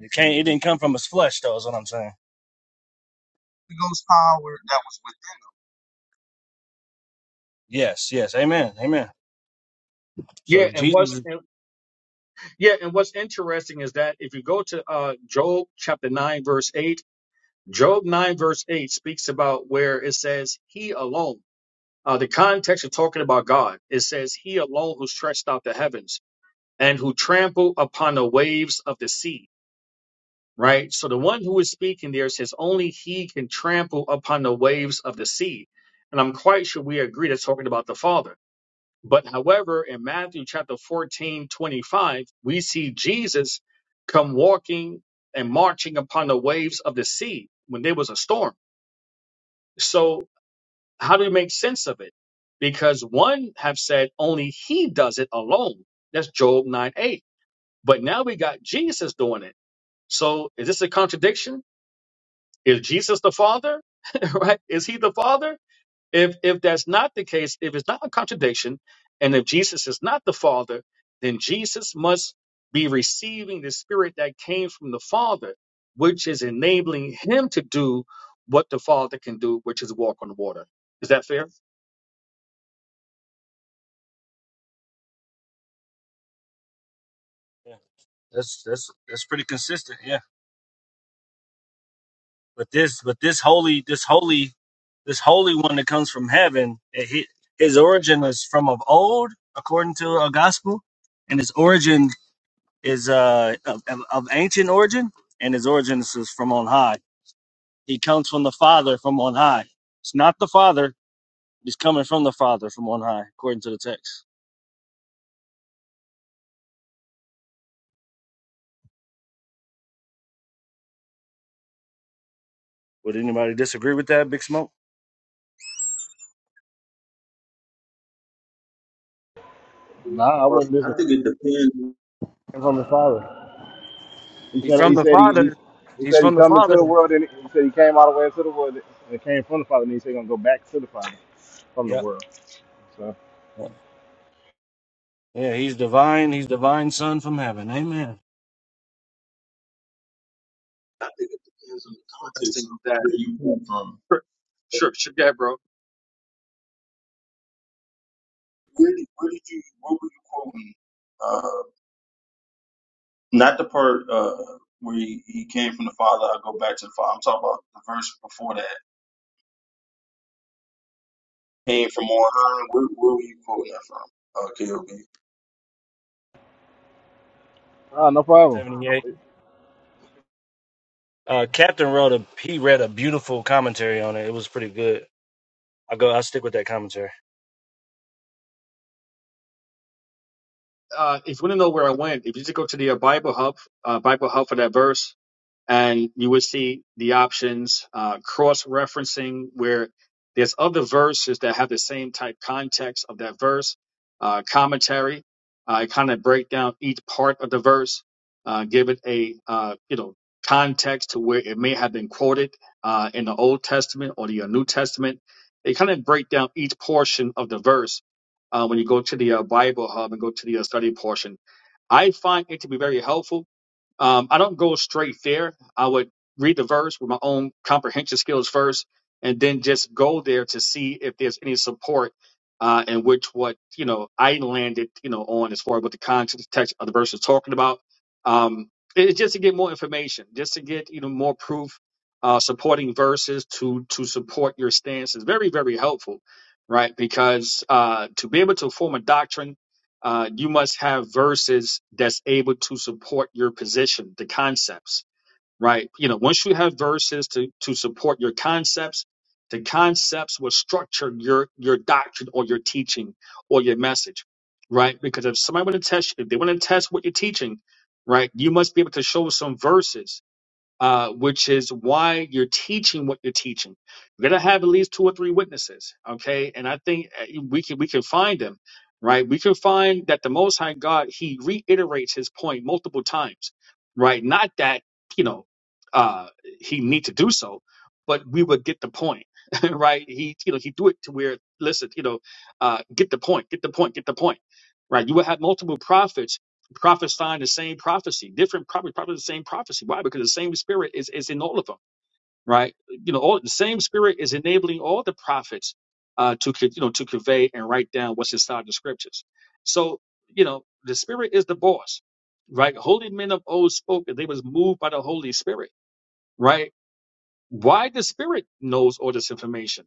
It can It didn't come from his flesh though. Is what I'm saying. Holy Ghost power that was within. Yes, yes. Amen. Amen. Yeah, So and what's Jesus, and, yeah, and what's interesting is that if you go to uh, Job chapter nine verse eight, Job nine verse eight speaks about where it says He alone. Uh, the context of talking about God, it says He alone who stretched out the heavens and who trampled upon the waves of the sea right? So the one who is speaking there says only he can trample upon the waves of the sea. And I'm quite sure we agree that's talking about the Father. But however, in Matthew chapter 14, 25, we see Jesus come walking and marching upon the waves of the sea when there was a storm. So how do we make sense of it? Because one have said only he does it alone. That's Job 9, 8. But now we got Jesus doing it. So is this a contradiction? Is Jesus the Father? *laughs* right? Is he the Father? If if that's not the case, if it's not a contradiction, and if Jesus is not the Father, then Jesus must be receiving the Spirit that came from the Father, which is enabling him to do what the Father can do, which is walk on water. Is that fair? yeah, that's that's that's pretty consistent. Yeah. But this, but this holy, this holy, this holy one that comes from heaven, it, hi- his origin is from of old, according to a gospel, and his origin is uh of, of of ancient origin, and his origin is from on high. He comes from the Father from on high. It's not the Father He's coming from the Father from on high, according to the text. Would anybody disagree with that, Big Smoke? Nah, I Or wasn't listening I think it depends. from his father. He He's said from he the said he he, Father. he He's said he from the come into the Father. world and he said he came all the way into the world and came from the father and he said he gonna go back to the father from the Yep. world. So Yeah, he's divine. He's divine Son from heaven. Amen. I think it depends on the context of Interesting that. where you come from. Sure, sure, sure yeah, bro. Where did, where did you? What were you quoting? Uh, Not the part uh, where he, he came from the Father. I go back to the Father. I'm talking about the verse before that. Came from on high. Where, where were you quoting that from? Okay. KOB. ah, no problem. 78. Uh, Captain wrote a, he read a beautiful commentary on it. It was pretty good. I go, I'll stick with that commentary. Uh, if you want to know where I went, if you just go to the uh, Bible Hub, uh, Bible Hub for that verse, and you would see the options uh, cross-referencing where there's other verses that have the same type context of that verse uh, commentary i kind of break down each part of the verse uh, give it a uh, you know context to where it may have been quoted uh, in the old testament or the uh, new testament they kind of break down each portion of the verse uh, when you go to the uh, bible hub and go to the uh, study portion i find it to be very helpful um, I don't go straight there. I would read the verse with my own comprehension skills first, and then just go there to see if there's any support uh, in which what you know I landed you know on as far as what the context of the verse is talking about. Um, it- it's just to get more information, just to get you know more proof, uh, supporting verses to to support your stance is very very helpful, right? Because uh, to be able to form a doctrine uh, you must have verses that's able to support your position, the concepts, right? You know, once you have verses to to support your concepts, the concepts will structure your your doctrine or your teaching or your message, right? Because if somebody want to test, if they want to test what you're teaching, right, you must be able to show some verses uh, which is why you're teaching what you're teaching. You're gonna have at least two or three witnesses, okay? And I think uh, we can we can find them, right? We can find that the Most High God He reiterates His point multiple times, right? Not that you know uh, He need to do so, but we would get the point, *laughs* right? He you know He do it to where listen, you know, uh, get the point, get the point, get the point, right? You will have multiple prophets prophesying the same prophecy, different prophets prophesying the same prophecy. Why? Because the same spirit is, is in all of them, right? You know, all the same spirit is enabling all the prophets uh, to co- you know to convey and write down what's inside the scriptures. So you know, the spirit is the boss, right? Holy men of old spoke and they was moved by the Holy Spirit, right? Why the spirit knows all this information,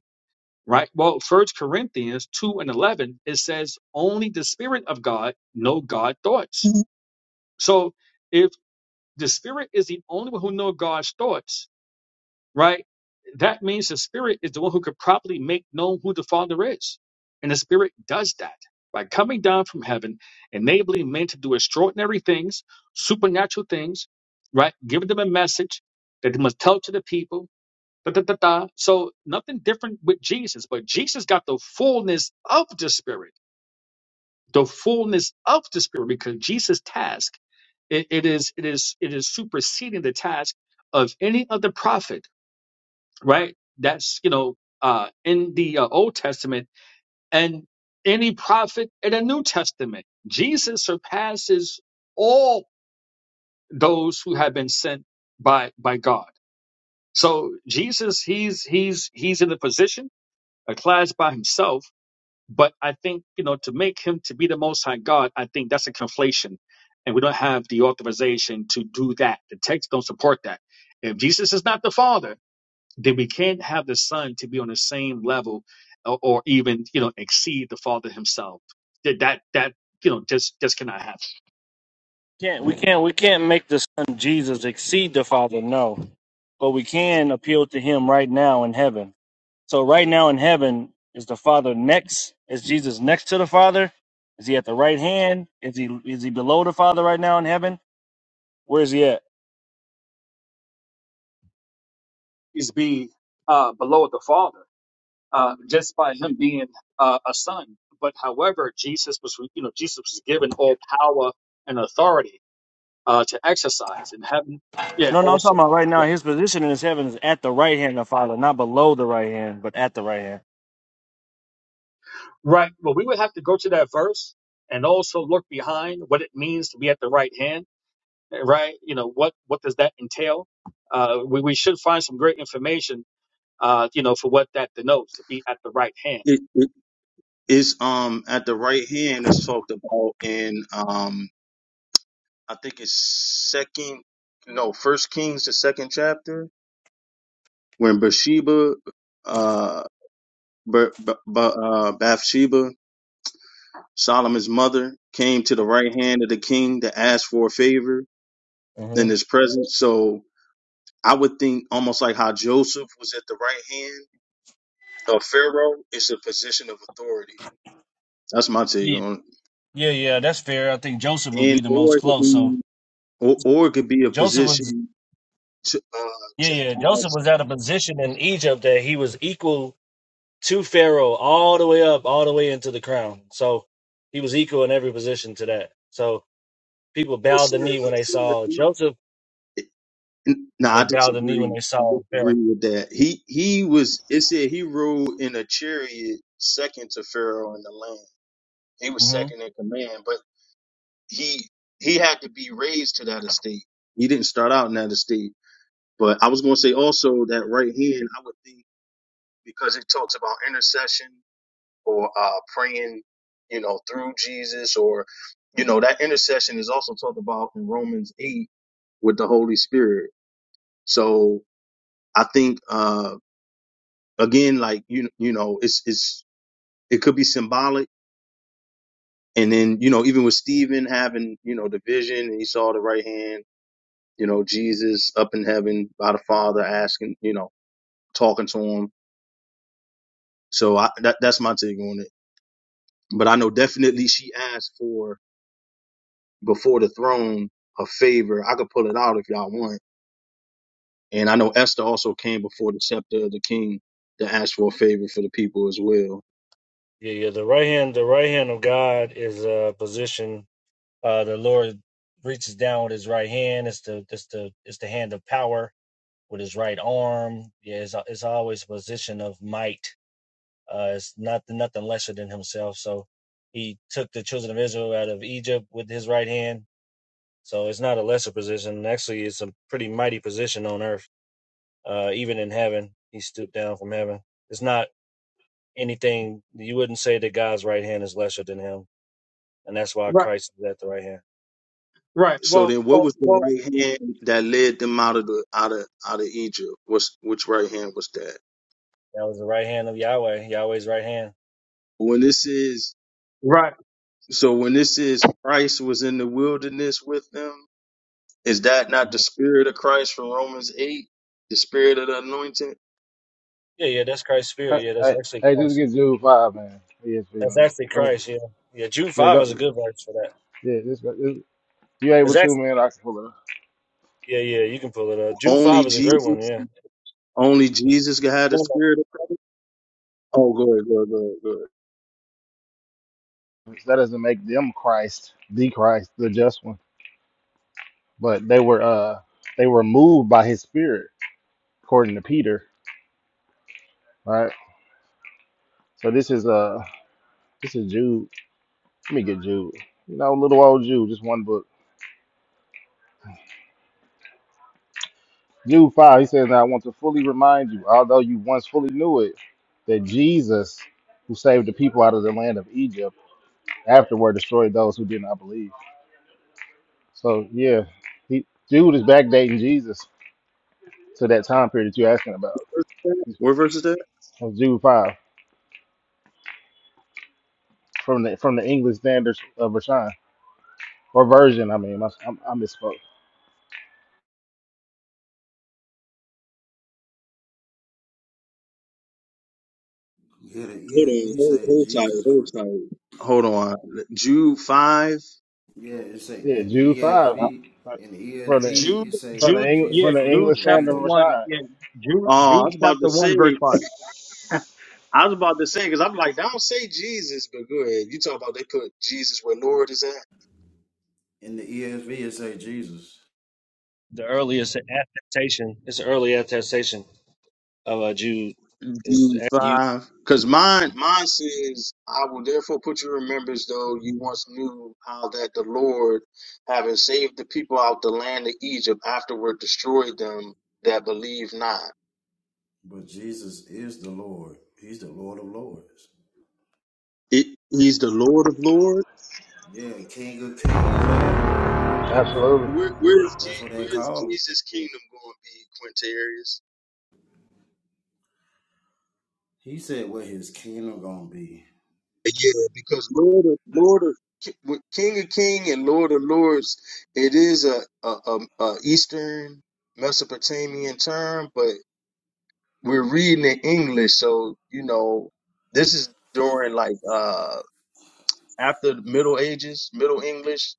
right? Well, First Corinthians two and eleven it says only the spirit of God know God thoughts. So the spirit is the only one who knows God's thoughts, right? That means the spirit is the one who could properly make known who the Father is. And the spirit does that by coming down from heaven, enabling men to do extraordinary things, supernatural things, right? Giving them a message that they must tell to the people. Da, da, da, da. So nothing different with Jesus, but Jesus got the fullness of the spirit the fullness of the spirit because jesus task it, it is it is it is superseding the task of any other prophet right that's you know uh in the uh, old testament and any prophet in the new testament jesus surpasses all those who have been sent by by god so jesus he's he's he's in a position a class by himself But I think, you know, to make him to be the most high God, I think that's a conflation. And we don't have the authorization to do that. The text don't support that. If Jesus is not the Father, then we can't have the Son to be on the same level or, or even, you know, exceed the Father himself. That that that you know just just cannot happen. Can't, we can't, we can't make the Son Jesus exceed the Father, no. But we can appeal to him right now in heaven So right now in heaven, is the Father next? Is Jesus next to the Father? Is he at the right hand? Is he is he below the Father right now in heaven? Where is he at? He's be uh below the Father, uh just by him being uh, a son. But however, Jesus was you know, Jesus was given all power and authority uh, to exercise and having, Yeah, No, no, I'm also. talking about right now. Right. His position in his heaven is at the right hand of the Father, not below the right hand, but at the right hand. Right. Well, we would have to go to that verse and also look behind what it means to be at the right hand, right? You know, what, what does that entail? Uh, we, we should find some great information, uh, you know, for what that denotes to be at the right hand. It, it, it's um at the right hand is talked about in um I think it's second no First Kings the second chapter when Bathsheba uh Ba- Ba- Ba- uh, Bathsheba Solomon's mother came to the right hand of the king to ask for a favor hmm in his presence. So I would think almost like how Joseph was at the right hand of Pharaoh. It's a position of authority. That's my take Yeah, on yeah, yeah. That's fair. I think Joseph it. would And be the or most it could close. So be, or, or it could be a Joseph was, position to uh, yeah, to yeah. Joseph ask. was at a position in Egypt that he was equal to Pharaoh all the way up, all the way into the crown. So he was equal in every position to that. So people No bowed sir, the knee no when they sir. saw He- Joseph, N- No, and I they bowed the knee disagree. when they I saw disagree Pharaoh. with that. He he was. It said he ruled in a chariot, second to Pharaoh in the land. He was hmm second in command, but he he had to be raised to that estate. He didn't start out in that estate But I was going to say also that right hand, I would think because it talks about intercession or uh, praying, you know, through Jesus, or you know, that intercession is also talked about in Romans eight with the Holy Spirit. So I think uh, again, like you, you know, it's it's it could be symbolic, and then you know, even with Stephen having you know the vision and he saw the right hand, you know, Jesus up in heaven by the Father asking, you know, talking to him. So I, that, that's my take on it. but I know definitely she asked for before the throne a favor. I could pull it out if y'all want. And I know Esther also came before the scepter of the king to ask for a favor for the people as well. Yeah, yeah. The right hand, the right hand of God is a position. Uh, the Lord reaches down with His right hand. It's the it's the it's the hand of power with His right arm. Yeah, it's it's always a position of might. Uh, it's not nothing lesser than Himself. So He took the children of Israel out of Egypt with His right hand. So it's not a lesser position. Actually, it's a pretty mighty position on earth. Uh, even in heaven, he stooped down from heaven. It's not anything you wouldn't say that God's right hand is lesser than him, and that's why Right. Christ is at the right hand. Right. So Well, then, what well, was the well, right hand that led them out of the out of out of Egypt? What's which right hand was that? That was the right hand of Yahweh, Yahweh's right hand. When this is right. so, when this is Christ was in the wilderness with them, is that not the hmm spirit of Christ from Romans eight? The spirit of the anointing. Yeah, yeah, that's Christ's Hey, spirit. Yeah, that's hey, actually hey just Christ. get Jude five man. ESV That's man. actually Go ahead. Christ. Yeah, yeah. Jude Yeah, five go is a good verse for that. yeah, just go just, you able It's to actually man, I can pull it yeah, yeah. You can pull it up. Jude Only five is a great one. Jesus. Yeah. Only Jesus can have the No, no. spirit of Oh, go ahead, go ahead, go ahead, go ahead. up. That doesn't make them Christ, the Christ, the just one. But they were uh they were moved by his spirit according to Peter, right? So this is uh this is Jude. Let me get Jude. You know, little old Jude, just one book. Jude five, he says, Now I want to fully remind you, although you once fully knew it, that Jesus, who saved the people out of the land of Egypt, afterward destroyed those who did not believe. So yeah, he Jude is backdating Jesus to that time period that you're asking about. Where's that? Where verse is that? That's Jude five from the from the English Standard of Rashan or version. I mean, I, I, misspoke. Yeah, the Hold on, ESV hold, say hold tight, Jesus hold free. tight. Hold on. Jude 5. Yeah, it say Yeah, in Jude the five. Uh, ESV, Right. in the from the ESV, Jude, it From say the Jude, English, yeah, Jesus from the Jude freedom English from standard, chapter of Egypt. one, Rashad. yeah, Jude, Oh, I Jude was about to chapter say, one, verse five. I was about to say, because I'm like, don't say Jesus, but go ahead. You talk about they put Jesus where Lord is at. In the ESV, it say Jesus, The earliest attestation. It's the early attestation of uh, Jude is actually five. Because mine, mine says, I will therefore put you in remembrance, though you once knew how that the Lord, having saved the people out the land of Egypt, afterward destroyed them that believe not. but Jesus is the Lord. He's the Lord of lords. It, he's the Lord of Lords. Yeah, King of kings and Lord of lords. Absolutely. Where, where is Je- That's what they where is call him. Jesus' kingdom going to be, Quintarius? He said what his kingdom gonna be. Yeah, because Lord of Lord of Ki- with King of King and Lord of Lords, it is a a, a, a Eastern Mesopotamian term, but we're reading in English, so you know, this is during like uh after the Middle Ages, Middle English,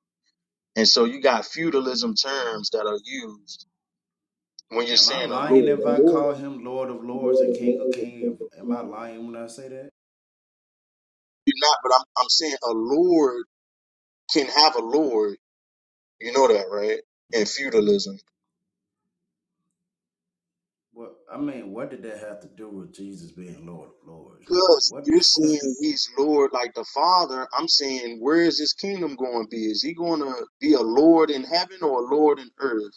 and so you got feudalism terms that are used when you're Am I saying a lying lord. if I A lord call is him Lord of the lords and lord of King of lords and kings? king of Am I kings. lying when I say that? you're not, but I'm I'm saying a lord can have a lord. You know that, right? In feudalism. Well, I mean, what did that have to do with Jesus being Lord of Lords, man? Because What? you're *laughs* saying he's Lord like the Father, I'm saying where is his kingdom going to be? Is he going to be a Lord in heaven or a Lord in earth?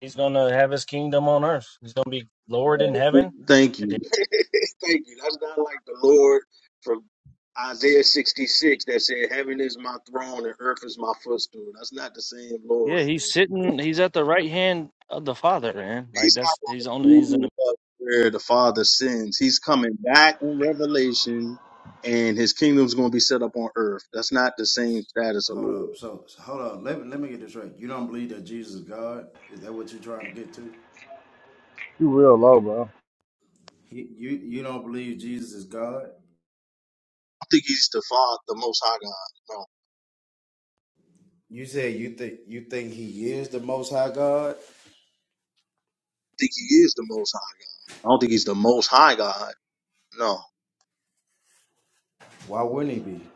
He's gonna have his kingdom on earth. He's gonna be Lord in heaven. Thank you. *laughs* Thank you. That's not like the Lord from Isaiah 66 that said, Heaven is my throne and earth is my footstool. That's not the same Yeah, Lord, he's man. sitting. He's at the right hand of the Father, man. Like He's not that's he's on. going to He's in move the. up where the Father sends. He's coming back in Revelation and his kingdom's going to be set up on earth. That's not the same status of hold Lord. up. I So, so hold up. Let me let me get this right. You don't believe that Jesus is God? Is that what you're trying to get to? You real low, bro. You you, you don't believe Jesus is God? don't think he's the Father, the Most High God. No. I You said you think you think he is the Most High God? think he is the Most High God. I don't think he's the Most High God. No. Why wouldn't he be?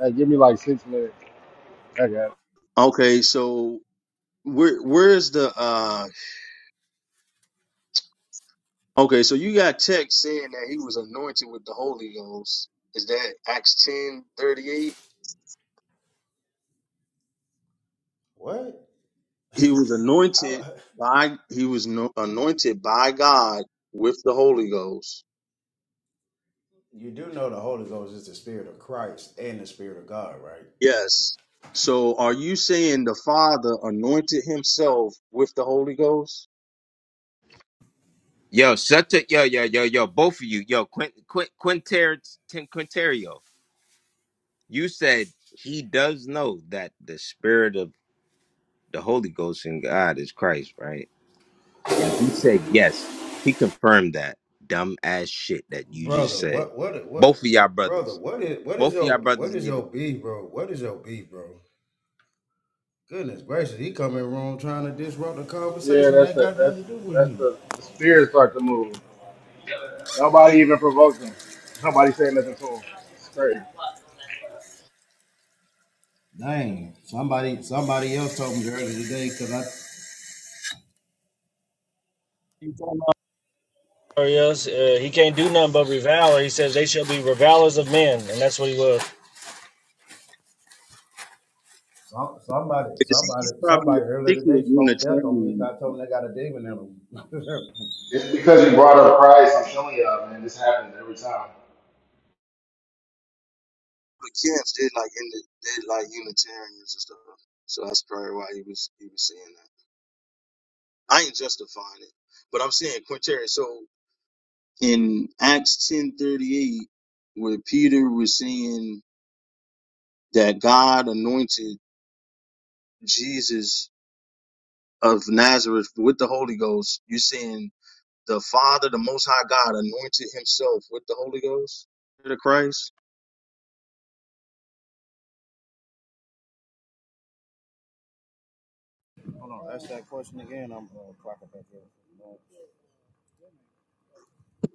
Hey, give me like six minutes. I got. Okay, so where where's the uh Okay, so you got text saying that he was anointed with the Holy Ghost. Is that Acts ten thirty eight? What? He was *laughs* How? anointed by he was no, anointed by God with the Holy Ghost. You do know the Holy Ghost is the Spirit of Christ and the Spirit of God, right? Yes. So are you saying the Father anointed himself with the Holy Ghost? Yo, shut up. Yo, yo, yo, yo. Both of you. Yo, Quint, Quint, Quinter, Tin- Quinterio, you said he does know that the spirit of the Holy Ghost in God is Christ, right? And he said yes. He confirmed that dumb ass shit that you just brother. said. What what what Both of y'all brother? brothers. What is what is Both of your y'all what brothers is need your beef, bro? What is your beef, bro? Goodness gracious, he come in wrong trying to disrupt the It. Yeah, conversation that that's ain't the got nothing to that's do with that's him. the the spirits start to move. Nobody even provoked him. Nobody said nothing to him. It's crazy. Dang, somebody somebody else told me earlier today because I. some- He's on the- Yes, uh, he can't do nothing but revile. He says they shall be revilers of men, and that's what he was. Somebody, Because he, somebody, he probably somebody I earlier think he was today spoke death on me Unitarian. because I told them they got a demon in them. *laughs* It's because you brought up Christ. I'm telling y'all, man, this happens every time. But camps did like in the did like Unitarians and stuff. So that's probably why he was he was saying that. I ain't justifying it. But I'm saying Quintarian. So in Acts ten thirty eight, where Peter was saying that God anointed Jesus of Nazareth with the Holy Ghost, you're saying the Father, the Most High God, anointed Himself with the Holy Ghost, the Christ. Hold on, ask that question again. I'm uh, clocking back in.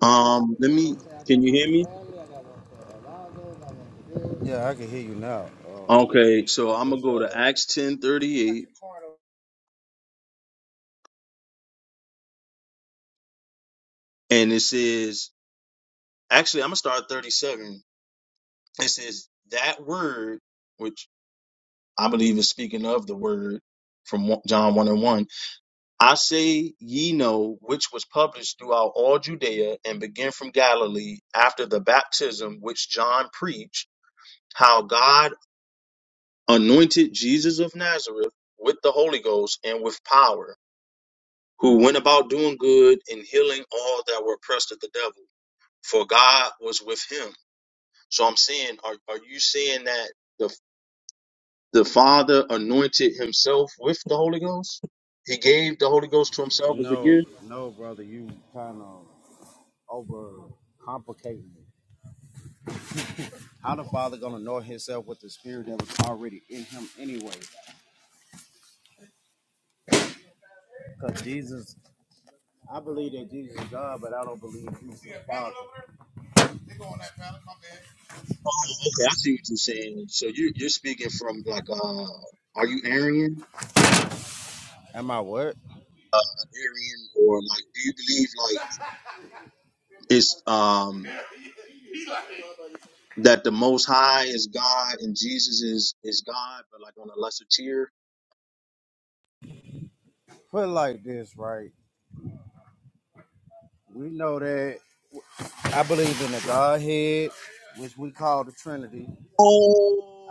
It don't matter who Um, it let is. me. I'm saying I got Can you one hear for me? Bradley, I got one for Alonzo, I got one for this. Yeah, I can hear you now. Uh, You get what I'm Uh, saying? Okay, I so was I'm gonna just uh, go to I Acts ten got thirty eight, your card over. and it says actually I'm gonna start thirty seven. It says that word, which I believe is speaking of the word from John one and one I say ye know which was published throughout all Judea and began from Galilee after the baptism which John preached, how God anointed Jesus of Nazareth with the Holy Ghost and with power, who went about doing good and healing all that were oppressed of the devil, for God was with him. So I'm saying, are, are you saying that the the Father anointed himself with the Holy Ghost? He gave the Holy Ghost to himself as a no, gift? no, brother, you kind of over complicating it. How the Father gonna know Himself with the Spirit that was already in Him anyway? Because Jesus, I believe that Jesus is God, but I don't believe He's the Father. Oh, okay, I see what you're saying. So you you're speaking from like uh are you Aryan? Am I what? Aryan or like do you believe like it's um that the most high is God and Jesus is is God but like on a lesser tier? Put it like this, right? We know that I believe in the Godhead, which we call the Trinity.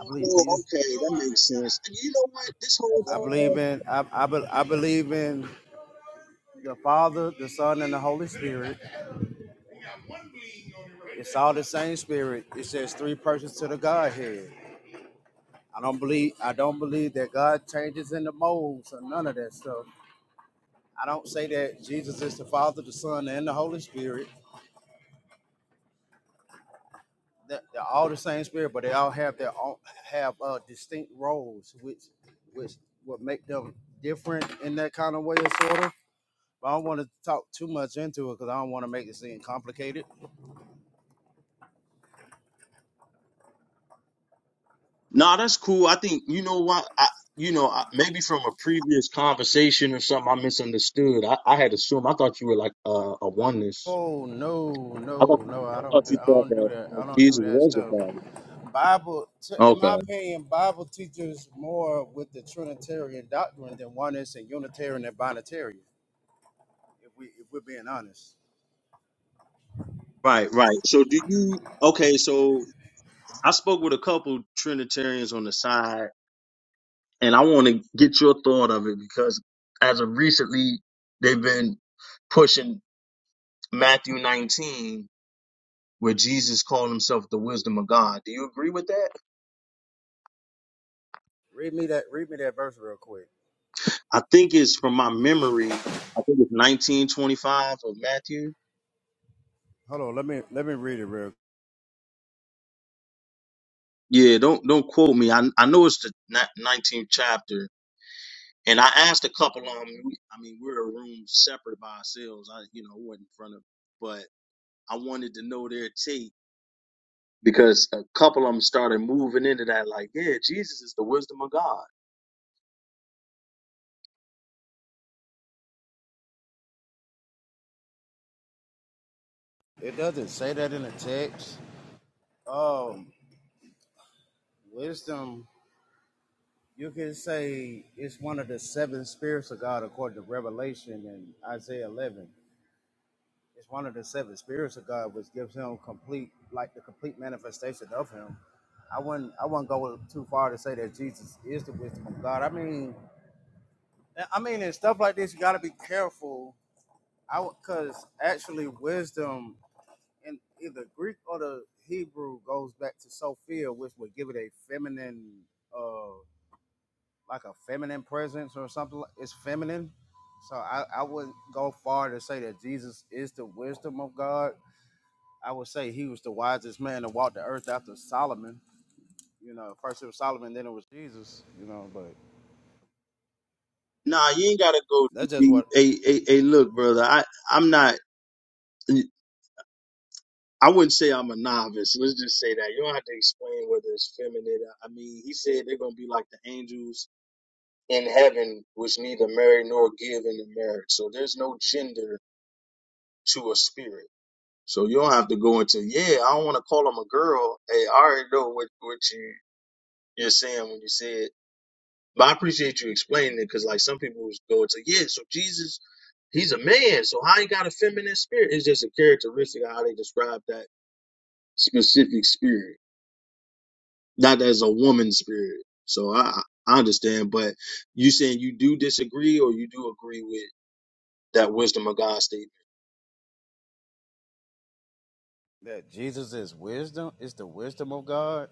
I believe Jesus. okay, that makes sense. And you know what? This whole I believe time, in. I, I, be- I believe in the Father, the Son, and the Holy Spirit. It's all the same Spirit. It says three persons to the Godhead. I don't believe. I don't believe that God changes in the molds or none of that stuff. I don't say that Jesus is the Father, the Son, and the Holy Spirit. That They're all the same Spirit, but they all have their own have uh, distinct roles, which which would make them different in that kind of way, sort of. But I don't want to talk too much into it because I don't want to make it seem complicated. Nah, that's cool. I think you know what I you know, I, maybe from a previous conversation or something I misunderstood. I, I had assumed I thought you were like uh, a oneness. Oh no, I no, thought, no! I I thought don't do, you I thought don't do that, that. that I don't do Jesus that was the stuff. Father. Bible, t- in my Okay. opinion, Bible teaches more with the Trinitarian doctrine than oneness and Unitarian and Binitarian. If we if we're being honest, Right, right. So do you? Okay, so I spoke with a couple Trinitarians on the side, and I want to get your thought of it because as of recently, they've been pushing Matthew 19, where Jesus called himself the wisdom of God. Do you agree with that? read me that read me that verse real quick. I think it's from my memory. I think it's 1925 of Matthew. Hold on, let me let me read it real. Yeah, don't don't quote me. I I know it's the 19th chapter, And I asked a couple of them. I mean, we were a room separate by ourselves. I, you know, wasn't in front of, but I wanted to know their take because a couple of them started moving into that. Like, yeah, Jesus is the wisdom of God. It doesn't say that in the text. Um, wisdom You can say it's one of the seven spirits of God according to Revelation and Isaiah 11. It's one of the seven spirits of God, which gives him complete, like the complete manifestation of him. I wouldn't, I wouldn't go too far to say that Jesus is the wisdom of God. I mean, I mean, in stuff like this, you got to be careful. I because actually, wisdom in either Greek or the Hebrew goes back to Sophia, which would give it a feminine. uh. like a feminine presence or something. like- It's feminine. So I, I wouldn't go far to say that Jesus is the wisdom of God. I would say he was the wisest man to walk the earth after Solomon. You know, first it was Solomon, then it was Jesus. You know, but Nah, you ain't gotta go. too that's just deep. what Hey, hey, hey, look, brother. I, I'm not. I wouldn't say I'm a novice. Let's just say that you don't have to explain whether it's feminine. I mean, he said they're gonna be like the angels in heaven, which neither marry nor give in the marriage. So there's no gender to a spirit. So you don't have to go into, yeah, I don't want to call them a girl. Hey, I already know what, what you, you're saying when you say it. But I appreciate you explaining it because, like, some people go into, yeah, so Jesus, he's a man. So how he got a feminine spirit? It's just a characteristic of how they describe that specific spirit, not as a woman's spirit. So I, I understand. But you saying you do disagree or you do agree with that wisdom of God statement? that Jesus is wisdom. Is the wisdom of God.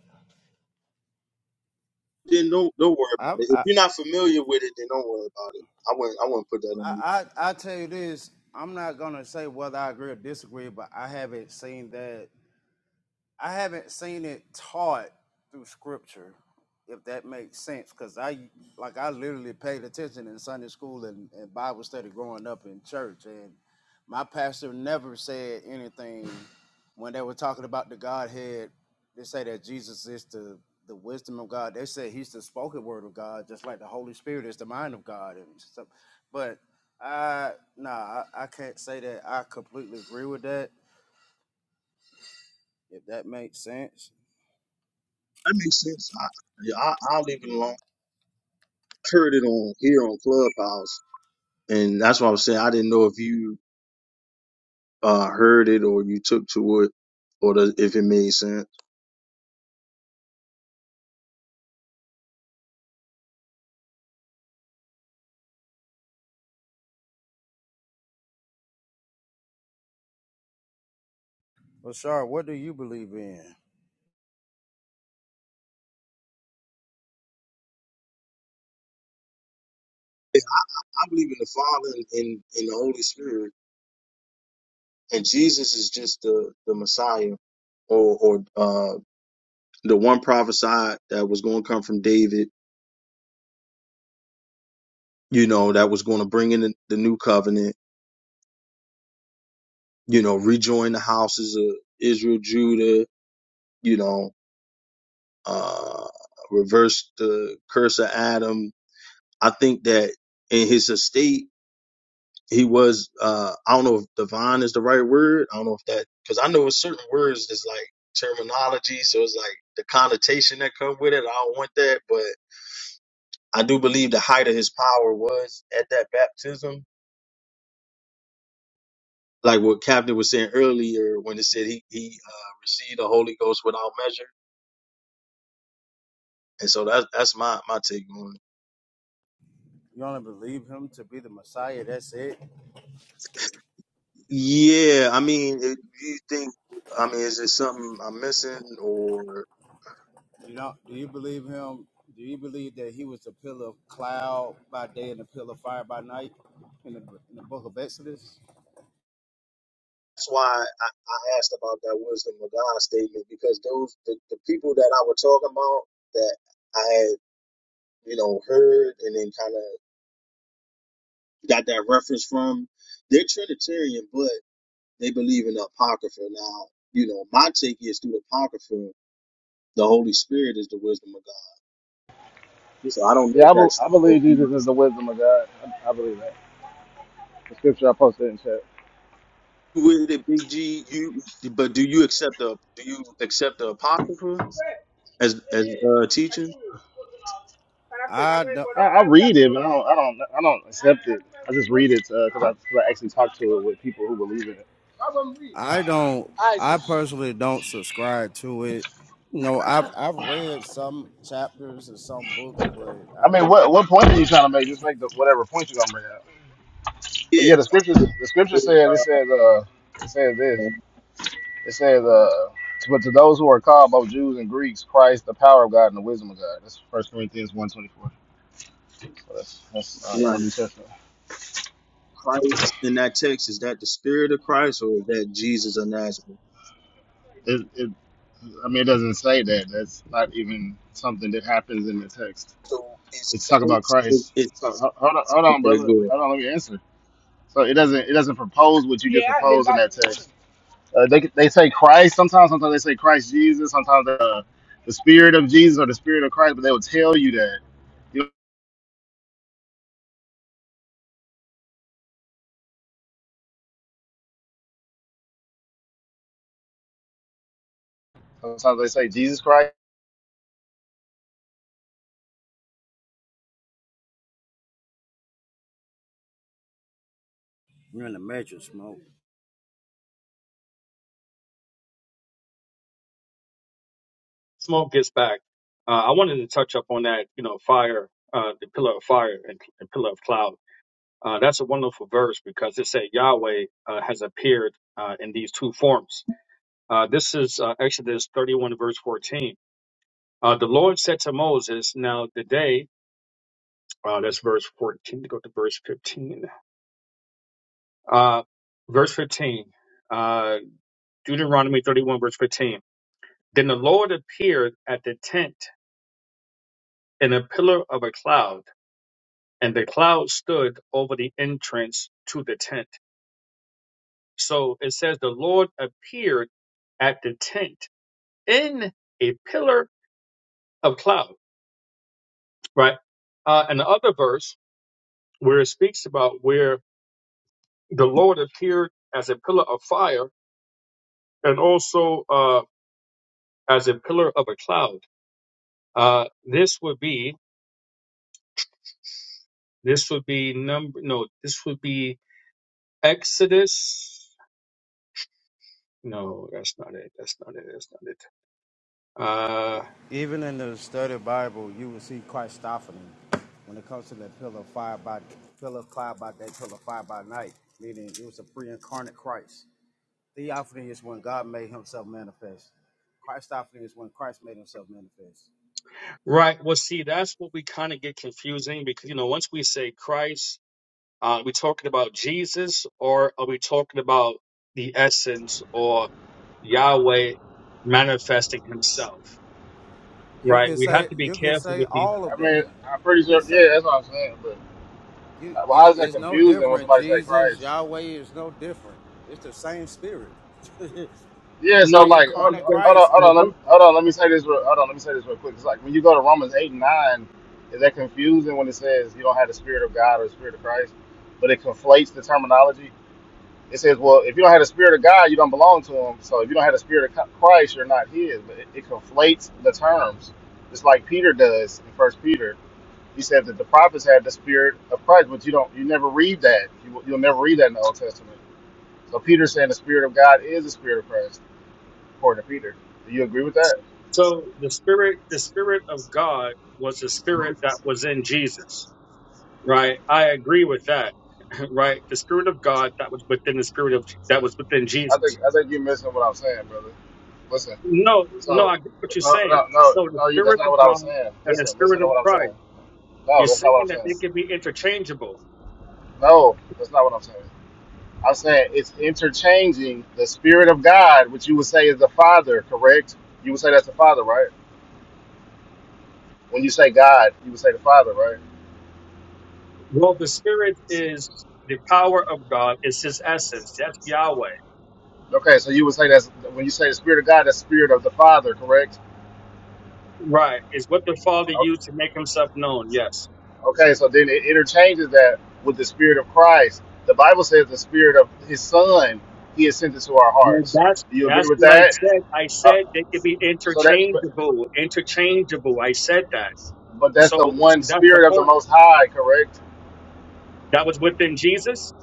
Then don't don't worry about I'm, it. If I you're not familiar with it, then don't worry about it. I wouldn't I wouldn't put that on I you. I I tell you this. I'm not gonna say whether I agree or disagree, but I haven't seen that I haven't seen it taught through scripture, if that makes sense. Cause I like I literally paid attention in Sunday school and, and Bible study growing up in church, and my pastor never said anything when they were talking about the Godhead. They say that Jesus is the the wisdom of God. They say he's the spoken word of God, just like the Holy Spirit is the mind of God and stuff. But I nah, I, I can't say that I completely agree with that, if that makes sense That makes sense. I, yeah, I, I'll leave it alone. Heard it on here on Clubhouse, and that's what I was saying. I didn't know if you uh, heard it or you took to it, or the, if it made sense. Bashar, what do you believe in? Yeah, I believe in the Father and in, in the Holy Spirit, and Jesus is just the the Messiah, or or uh, the one prophesied that was going to come from David. You know, that was going to bring in the, the new covenant. You know, rejoin the houses of Israel, Judah. You know, uh, reversed the curse of Adam. I think that in his estate, he was, uh, I don't know if divine is the right word. I don't know if that, because I know with certain words, there's like terminology. So it's like the connotation that come with it. I don't want that. But I do believe the height of his power was at that baptism. Like what Captain was saying earlier when it said he, he uh, received the Holy Ghost without measure. And so that's that's my, my take on it. You only believe him to be the Messiah. That's it. Yeah, I mean, it, do you think? I mean, is it something I'm missing, or You know, do you believe him? Do you believe that he was the pillar of cloud by day and the pillar of fire by night in the, in the book of Exodus? that's why I, I asked about that wisdom of God statement because those the, the people that I was talking about that I had you know heard and then kind of got that reference from, they're Trinitarian, but they believe in the Apocrypha. Now, you know, my take is through the Apocrypha, the Holy Spirit is the wisdom of God. So I don't know Yeah, if I, bel that's I believe Jesus is the wisdom of God. I, I believe that. The scripture I posted in chat. with it, Big G. You, but do you accept the do you accept the apocrypha as as uh, teaching? I don't. I, I read it, but I don't, I don't, I don't accept it. I just read it because I, 'cause I actually talk to it with people who believe in it. I don't. I personally don't subscribe to it. You know, I've I've read some chapters of some books, but I I, mean, what what point are you trying to make? Just make the, whatever point you're gonna bring up. Yeah, But yeah, the scriptures the scripture no. said it says uh it says this it says uh but to those who are called both Jews and Greeks, Christ the power of God and the wisdom of God. That's First Corinthians one twenty four. So that's that's uh, in the Right. New Testament. Christ in that text is that the spirit of Christ or is that Jesus of Nazareth? It, it I mean it doesn't say that. That's not even something that happens in the text. So it's It's talk about Christ. It's, Christ. it's So ho- hold on, hold on, okay. brother. Good. Hold on, let me answer. So it doesn't it doesn't propose what you just proposed in that text. Uh, they they say Christ sometimes. Sometimes they say Christ Jesus. Sometimes the the Spirit of Jesus or the Spirit of Christ. But they will tell you that. You know, sometimes they say Jesus Christ. you're in the matrix, smoke. smoke gets back. Uh, I wanted to touch up on that, you know, fire, uh, the pillar of fire and the pillar of cloud. Uh, that's a wonderful verse because it said Yahweh uh, has appeared uh, in these two forms. Uh, this is uh, Exodus 31, verse 14. Uh, the Lord said to Moses, Now the day, uh, that's verse 14, go to verse 15. Uh, verse 15, uh, Deuteronomy 31, verse 15. Then the Lord appeared at the tent in a pillar of a cloud and the cloud stood over the entrance to the tent. So it says the Lord appeared at the tent in a pillar of cloud, right? Uh, and the other verse where it speaks about where the Lord appeared as a pillar of fire and also uh, as a pillar of a cloud. Uh, this would be this would be number no this would be Exodus. No, that's not it. That's not it. That's not it. Uh, Even in the study Bible, you will see Christophany. When it comes to that pillar of fire by pillar of cloud by day, pillar of fire by night, meaning it was a pre-incarnate Christ. Theophany is when God made himself manifest. Christophany is when Christ made himself manifest. Right. Well, see, that's what we kind of get confusing because, you know, once we say Christ, uh, are we talking about Jesus or are we talking about the essence or Yahweh manifesting himself? You Right. can We say have to be you can careful say with the, all I of mean, that. I'm You pretty can sure. say Yeah, that's what I'm saying. But you uh, well, how it's is that is no confusing when different. somebody say Jesus, Christ? Yahweh is no different. It's the same spirit. Yeah. *laughs* So no, like, hold, pre-incarnate because, hold on, Christ. hold on, let me, hold on. Let me say this. Real, hold on, let me say this real quick. It's like when you go to Romans eight and nine, is that confusing when it says you don't have the Spirit of God or the Spirit of Christ? But it conflates the terminology. It says, well, if you don't have the spirit of God, you don't belong to Him. So if you don't have the spirit of Christ, you're not His. But it, it conflates the terms, It's like Peter does in First Peter. He said that the prophets had the spirit of Christ, but you don't, you never read that. You, you'll never read that in the Old Testament. So Peter's saying the spirit of God is the spirit of Christ, according to Peter. Do you agree with that? so the spirit, the spirit of God was the hmm spirit that was in Jesus. Right. I agree with that. *laughs* Right. The spirit of God that was within the spirit of, that was within I Jesus think I think you're missing what I'm saying, brother. Listen, No, no, I so get what you're no, saying. no, no, No, the no. You, that's Spirit not of what I was God saying. and the Listen, Spirit listen to of what I'm Christ. saying. No, You're that's not saying what that I'm they saying. can be interchangeable. No, that's not what I'm saying. I'm saying it's interchanging the spirit of God, which you would say is the Father, correct? You would say that's the Father, right? When you say God, you would say the Father, right? Well, the Spirit is the power of God, it's His essence. That's Yahweh. Okay, so you would say that's when you say the Spirit of God, that's the Spirit of the Father, correct? Right. Is what the Father O- used to make Himself known. Yes. Okay, so then it interchanges that with the Spirit of Christ. The Bible says the Spirit of His Son He has sent into our Well, hearts. that's Do you agree that's with what I that? said. I So, said they could be so that, but, interchangeable. Interchangeable. I said that. but that's the So so one that's the Spirit of the point. Most High, correct, That was within Jesus.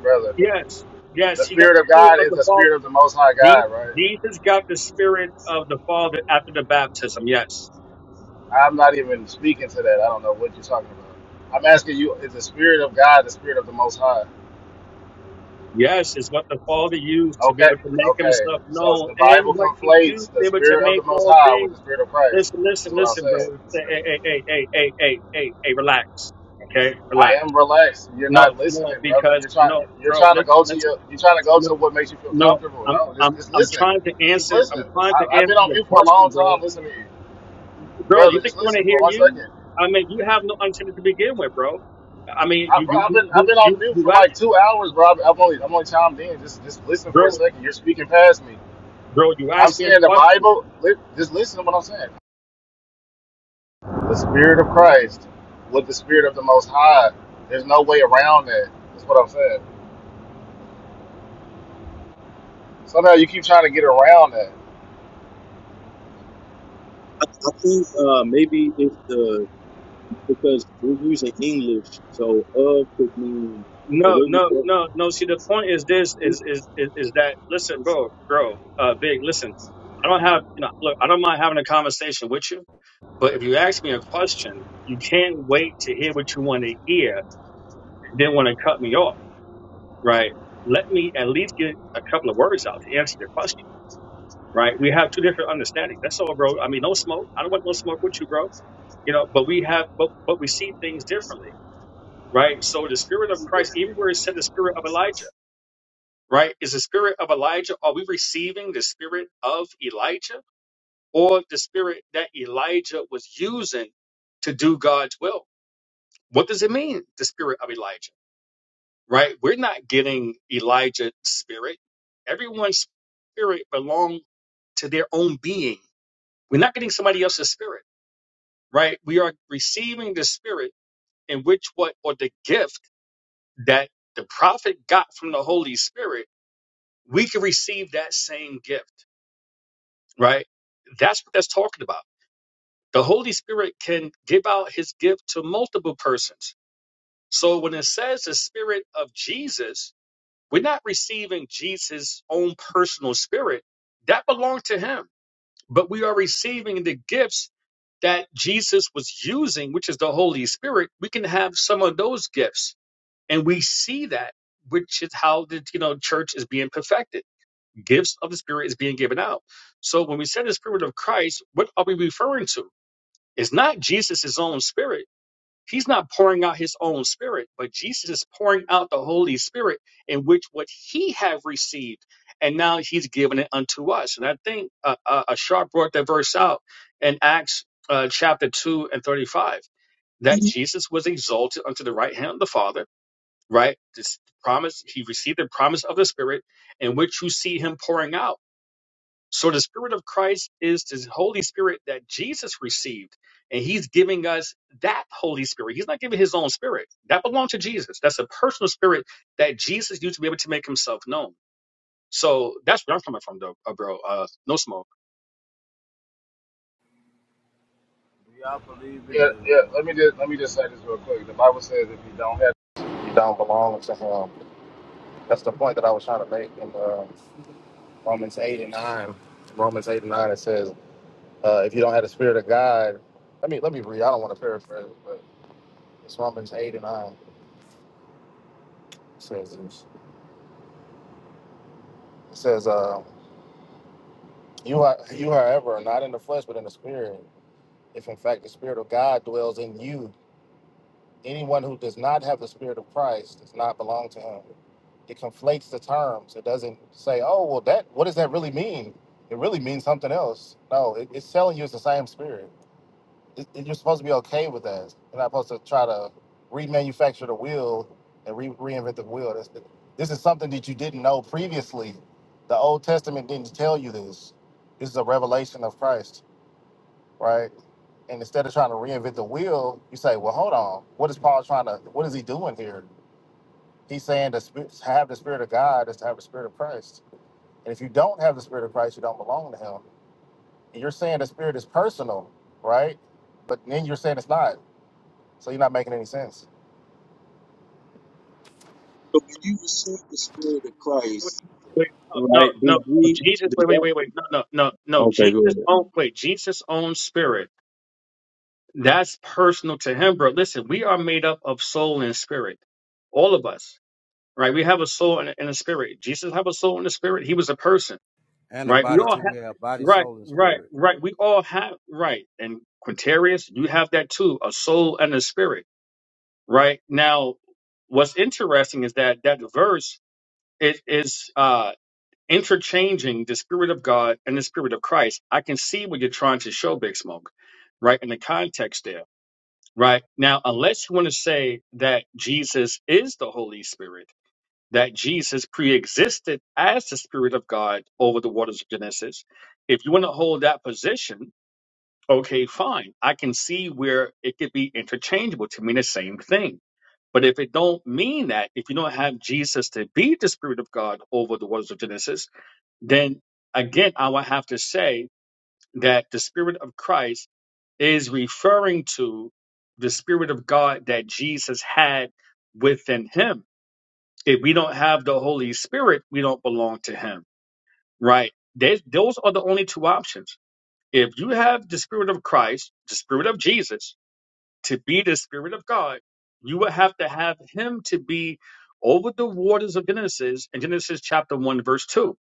brother? Yes. Yes. The He got Spirit the of Spirit God of is the the Father. Spirit of the Most High Jesus God, right? Jesus got the spirit of the Father after the baptism. Yes. I'm not even speaking to that. I don't know what you're talking about. I'm asking you, is the Spirit of God the Spirit of the Most High? Yes, is what the Father used to be Okay, able to make okay. himself So known the and Bible what he used conflates to the be able to Spirit of make the Most all High with things. the Spirit of Christ. Listen, Is listen, what I'm listen, bro. saying. Hey, hey, hey, hey, hey, hey, hey, hey, hey, relax. Okay? I Relax. am relaxed. You're No, not no, listening, brother. because You're trying. no, You're bro, trying to listen, go to listen. your. You're trying to go No, to what makes you feel no. comfortable. I'm No, I'm just just I'm listen. trying to Just answer I'm listen. trying to I, I've answer been on your mute for a question, long bro. time. Listen to you, Bro, brother. you think Just I want to listen for hear one you? second. I mean, you have no antenna to begin with, bro. I mean, I, you bro, you I've you been I've you been you on mute for ask, like two hours, bro. I've, I've only I'm only chimed in. Just just listen bro, for a second. You're speaking past me. bro, you I'm asked me a saying the question. Bible. Li- just listen to what I'm saying. The Spirit of Christ with the Spirit of the Most High. There's no way around that. That's what I'm saying. Somehow you keep trying to get around that. I, I think uh maybe it's the because we're using English, so of could mean the No, way we. no, no, no. See, the point is this: is So is is, is that listen, bro, bro, uh, big, listen. I don't have you know, look, I don't mind having a conversation with you, but if you ask me a question, you can't wait to hear what you want to hear, then want to cut me off, right? Let me at least get a couple of words out to answer your question, right? We have two different understandings. That's all, bro. I mean, no smoke. I don't want no smoke with you, bro you know but we have but, but we see things differently right? So the spirit of Christ, even where it said the spirit of Elijah, right? Is the spirit of Elijah, are we receiving the spirit of Elijah or the spirit that Elijah was using to do God's will? What does it mean, the spirit of Elijah, right? We're not getting Elijah's spirit. Everyone's spirit belongs to their own being. We're not getting somebody else's spirit, right? We are receiving the spirit in which what, or the gift that the prophet got from the Holy Spirit we can receive that same gift, right? That's what that's talking about. The Holy Spirit can give out his gift to multiple persons. So when it says the spirit of Jesus, we're not receiving Jesus' own personal spirit. That belonged to him. But we are receiving the gifts that Jesus was using, which is the Holy Spirit. We can have some of those gifts. And we see that, which is how the you know church is being perfected Gifts of the Spirit is being given out. So when we say the Spirit of Christ, what are we referring to? It's not Jesus' his own Spirit. He's not pouring out his own Spirit, but Jesus is pouring out the Holy Spirit in which what he have received, and now he's given it unto us. And I think uh, uh, a sharp brought that verse out in Acts uh, chapter two and thirty-five that Mhm. Jesus was exalted unto the right hand of the Father. Right, this promise he received the promise of the Spirit in which you see him pouring out. So the Spirit of Christ is the Holy Spirit that Jesus received, and He's giving us that Holy Spirit. He's not giving His own Spirit. That belonged to Jesus. That's a personal Spirit that Jesus used to be able to make Himself known. So that's where I'm coming from, though, uh, bro. Uh, no smoke. Do y'all believe in Yeah, the yeah. Let me just let me just say this real quick. The Bible says if you don't have, you don't belong to Him. That's the point that I was trying to make in uh, Romans eight and nine. Romans eight and nine. It says. Uh, if you don't have the spirit of God, let me let me read. I don't want to paraphrase, but it's Romans eight and nine says this. It says, uh, "You are you, however, are not in the flesh, but in the spirit. If in fact the spirit of God dwells in you, anyone who does not have the spirit of Christ does not belong to Him." It conflates the terms. It doesn't say, "Oh, well, that what does that really mean?" It really means something else. No, it, it's telling you it's the same spirit. it- it- you're supposed to be okay with that. You're not supposed to try to remanufacture the wheel and re- reinvent the wheel. This, this is something that you didn't know previously. The Old Testament didn't tell you this. This is a revelation of Christ, right? And instead of trying to reinvent the wheel, you say, "Well, hold on. What is Paul trying to? What is he doing here? He's saying the spirit, to have the spirit of God is to have the spirit of Christ. And if you don't have the spirit of Christ, you don't belong to Him. And you're saying the spirit is personal, right? But then you're saying it's not. So you're not making any sense. when you receive the spirit of Wait, Christ, wait, right, no, no, Big no. G, Jesus. does Wait, wait, that? wait, wait. No, no, no, no. Okay, good. Jesus' own. Wait, Jesus' own Spirit. That's personal to Him, bro. Listen, we are made up of soul and spirit, all of us. right? We have a soul and a, and a spirit. Jesus have a soul and a spirit. He was a person, and a right? We body all too. We have, have body, right, soul, and right, spirit. right. We all have, right. And Quintarius, you have that too, a soul and a spirit, right? Now, what's interesting is that that verse is is uh, interchanging the spirit of God and the spirit of Christ. I can see what you're trying to show, Big Smoke, right? In the context there. Right now, unless you want to say that Jesus is the Holy Spirit, that Jesus pre-existed as the Spirit of God over the waters of Genesis. If you want to hold that position, okay, fine. I can see where it could be interchangeable to mean the same thing. But if it don't mean that, if you don't have Jesus to be the Spirit of God over the waters of Genesis, then again, I would have to say that the Spirit of Christ is referring to the Spirit of God that Jesus had within him if we don't have the Holy Spirit, we don't belong to Him, right? There's, those are the only two options. If you have the Spirit of Christ, the Spirit of Jesus, to be the Spirit of God, you would have to have Him to be over the waters of Genesis in Genesis chapter 1, verse 2.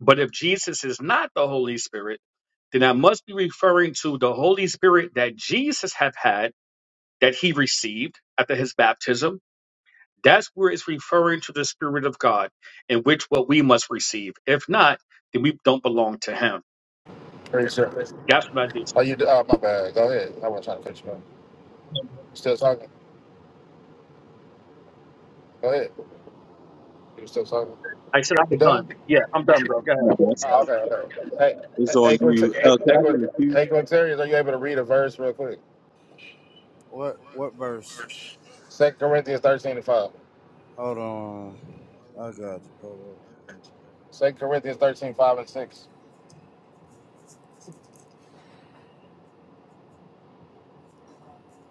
But if Jesus is not the Holy Spirit, then I must be referring to the Holy Spirit that Jesus have had, that he received after his baptism, that's where it's referring to the Spirit of God, in which what we must receive. If not, then we don't belong to Him. Pretty sure. That's what I do. Oh, you? Oh, my bad. Go ahead. I wasn't trying to cut you off. You still talking? Go ahead. You still talking? I said You I'm done? done. Yeah, I'm done, bro. Go ahead. No, that's Oh, okay, okay. Hey, It's on hey, Quint- you. hey, Uh, can hey, I get Quint- a few? hey, Quintarius, are you able to read a verse real quick? What what verse? Second Corinthians thirteen and five. Hold on. I got you. Hold on. Second Corinthians thirteen five and six.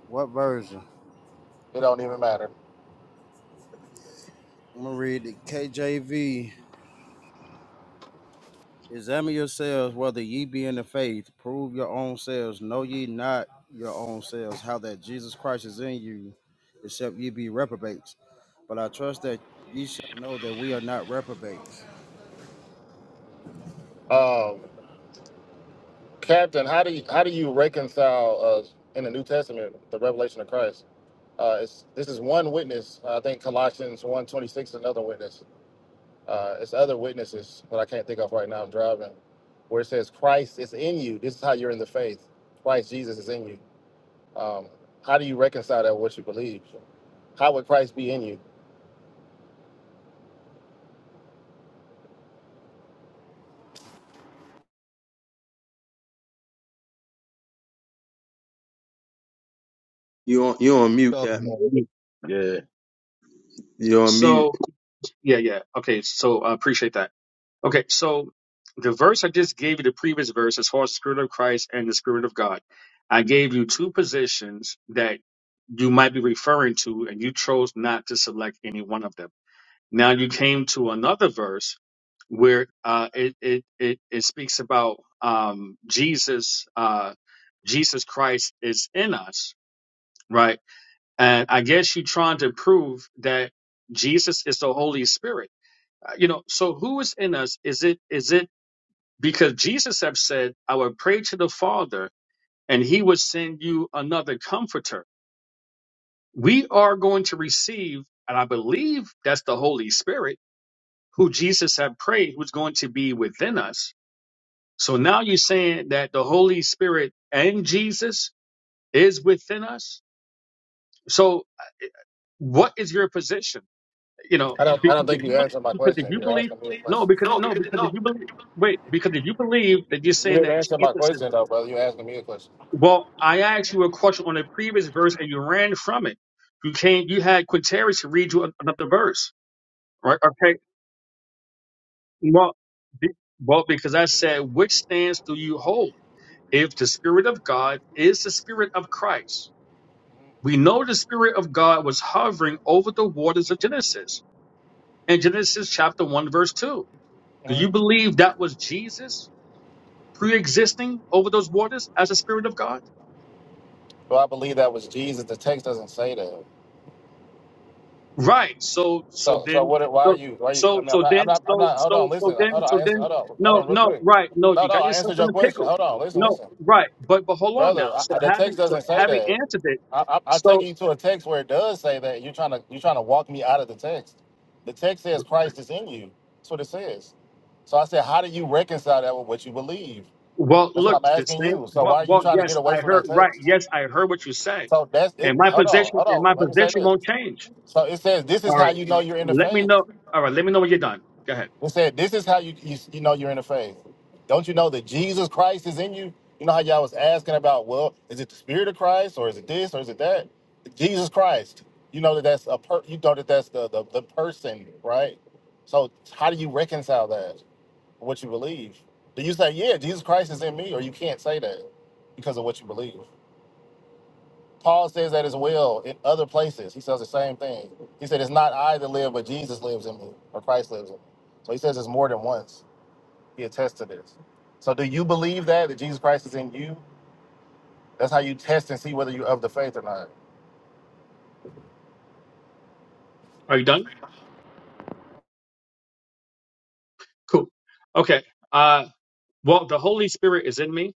What version? It don't even matter. I'm gonna read the KJV. Examine yourselves whether ye be in the faith. Prove your own selves. Know ye not your own selves how that Jesus Christ is in you, except ye be reprobates. But I trust that ye shall know that we are not reprobates. Um, Captain, how do you how do you reconcile uh, in the New Testament the revelation of Christ? Uh, it's, this is one witness. I think Colossians 1.26 is another witness Uh, it's other witnesses, but I can't think of right now. I'm driving, where it says Christ is in you. This is how you're in the faith. Christ Jesus is in you. Um, how do you reconcile that with what you believe? How would Christ be in you? You on you on mute, So, Captain? Yeah. You on mute? So yeah, yeah. Okay, so I appreciate that. Okay, so the verse I just gave you, the previous verse, as far as the Spirit of Christ and the Spirit of God, I gave you two positions that you might be referring to, and you chose not to select any one of them. Now you came to another verse where uh, it, it it it speaks about um, Jesus uh, Jesus Christ is in us, right? And I guess you're trying to prove that Jesus is the Holy Spirit. Uh, You know, so who is in us? Is it is it because Jesus have said, "I will pray to the Father, and He will send you another Comforter." We are going to receive, and I believe that's the Holy Spirit who Jesus had prayed was going to be within us. So now you're saying that the Holy Spirit and Jesus is within us. So uh, what is your position? You know, I don't. I don't because if think you, you be- answered my because if question. you You're believe, asking me a no, question. because no, because if you believe, wait, because if you believe that you're You saying didn't that answer my Jesus is, question though, brother. You're asking me a question. well, I asked you a question on a previous verse and you ran from it. You can't, you had Quinteris to read you another verse, right? Okay, well, be- well, because I said, which stance do you hold? if the Spirit of God is the Spirit of Christ. We know the Spirit of God was hovering over the waters of Genesis in Genesis chapter 1, verse 2. Do you believe that was Jesus pre existing over those waters as the Spirit of God? Do I believe that was Jesus? The text doesn't say that. Right. So, so So, so then, what? Why are so, you? Why are you? I so, mean, I'm so not. I'm then, not. I'm so, not. Hold on. so, so Listen. Hold then, on. I so answer, then, hold on. Hold no, on. Real no, quick. right. No, No, you no. got I yourself answered in your a question. pickle. Hold on. Listen. No, Listen, right. But, but hold on brother. now. I, So I- the having, text so doesn't say having that. answered it, I, I, I so take you to a text where it does say that you're trying to you're trying to walk me out of the text. The text says Christ is in you. That's what it says. So I said, how do you reconcile that with what you believe? Well, That's what look, I'm the asking same. you. So why Well, are you well, trying to get yes, away I from that heard. Right, text? yes, I heard what you said. So that's it. And my Hold on, position, hold and my on. Let me say position this. won't change. So it says this is All how right, you know you're in the let me faith. know. All right, let me know when you're done. Go ahead. It said, "This is how you, you you know you're in the faith. Don't you know that Jesus Christ is in you? You know how y'all was asking about, well, is it the Spirit of Christ or is it this or is it that? Jesus Christ. You know that that's a per. You know that that's the the, the person, right? So how do you reconcile that? What you believe? Do you say, yeah, Jesus Christ is in me, or you can't say that because of what you believe? Paul says that as well in other places. He says the same thing. He said, it's not I that live, but Jesus lives in me, or Christ lives in me. So he says it's more than once. He attests to this. So do you believe that that Jesus Christ is in you? That's how you test and see whether you're of the faith or not. Are you done? Cool. Okay. Uh, well, the Holy Spirit is in me,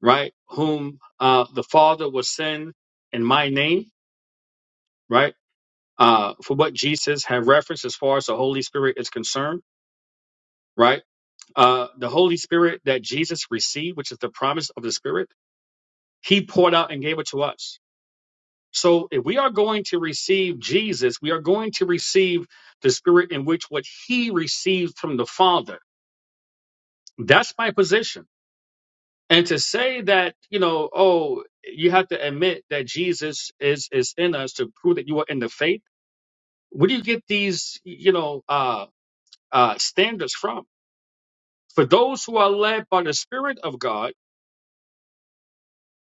right? Whom uh, the Father will send in my name, right? Uh, for what Jesus had referenced as far as the Holy Spirit is concerned, right? Uh, the Holy Spirit that Jesus received, which is the promise of the Spirit, He poured out and gave it to us So if we are going to receive Jesus, we are going to receive the spirit in which what he received from the Father. That's my position. And to say that, you know, oh, you have to admit that Jesus is is in us to prove that you are in the faith. Where do you get these, you know, uh, uh, standards from? For those who are led by the Spirit of God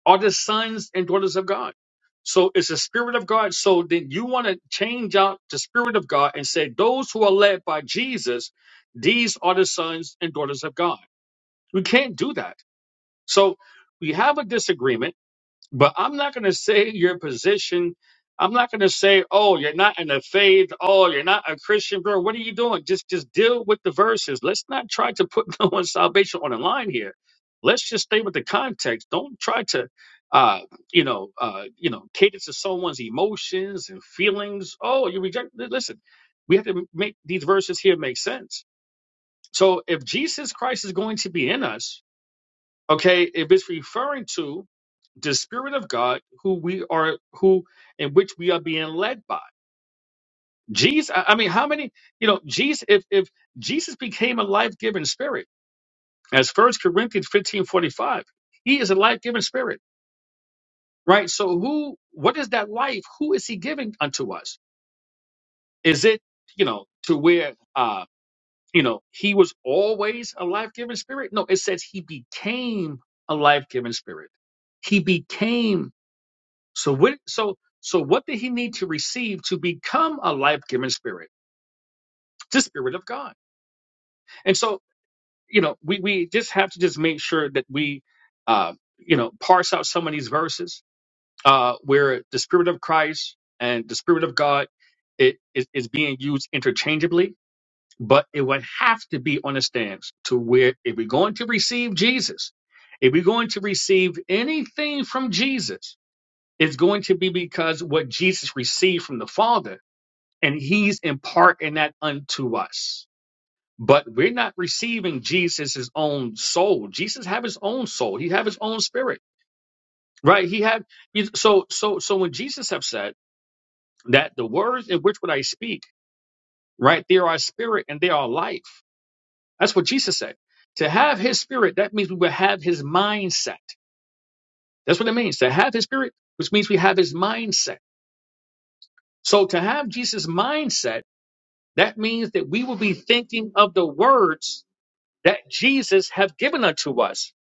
are the sons and daughters of God. So it's the spirit of God. So then you want to change out the spirit of God and say, those who are led by Jesus, these are the sons and daughters of God. We can't do that. So we have a disagreement but I'm not going to say your position. I'm not going to say, oh, you're not in the faith. Oh, you're not a Christian, bro. What are you doing? Just just deal with the verses. Let's not try to put *laughs* no one's salvation on the line here. Let's just stay with the context. Don't try to, uh, you know, uh, you know, cater to someone's emotions and feelings. Oh, you reject. li- Listen, we have to make these verses here make sense. So if Jesus Christ is going to be in us, okay, if it's referring to the Spirit of God, who we are, who in which we are being led by. Jesus, I I mean, how many, you know, Jesus, if, if Jesus became a life giving spirit, as First Corinthians fifteen forty five, he is a life giving spirit, right? So, who, what is that life? Who is he giving unto us? Is it, you know, to where, uh, you know, he was always a life giving spirit? No, it says he became a life giving spirit. He became So what so so what did he need to receive to become a life-giving spirit? The spirit of God. And so, you know, we we just have to just make sure that we uh you know parse out some of these verses uh where the spirit of Christ and the spirit of God it is, is being used interchangeably, but it would have to be on a stance to where if we're going to receive Jesus, if we're going to receive anything from Jesus, it's going to be because what Jesus received from the Father and he's imparting that unto us but we're not receiving jesus' his own soul jesus have his own soul he have his own spirit right he had he- so so so when jesus have said that the words in which would i speak right they are spirit and they are life that's what jesus said to have his spirit that means we will have his mindset that's what it means to have his spirit which means we have his mindset so to have jesus mindset that means that we will be thinking of the words that Jesus have given unto us.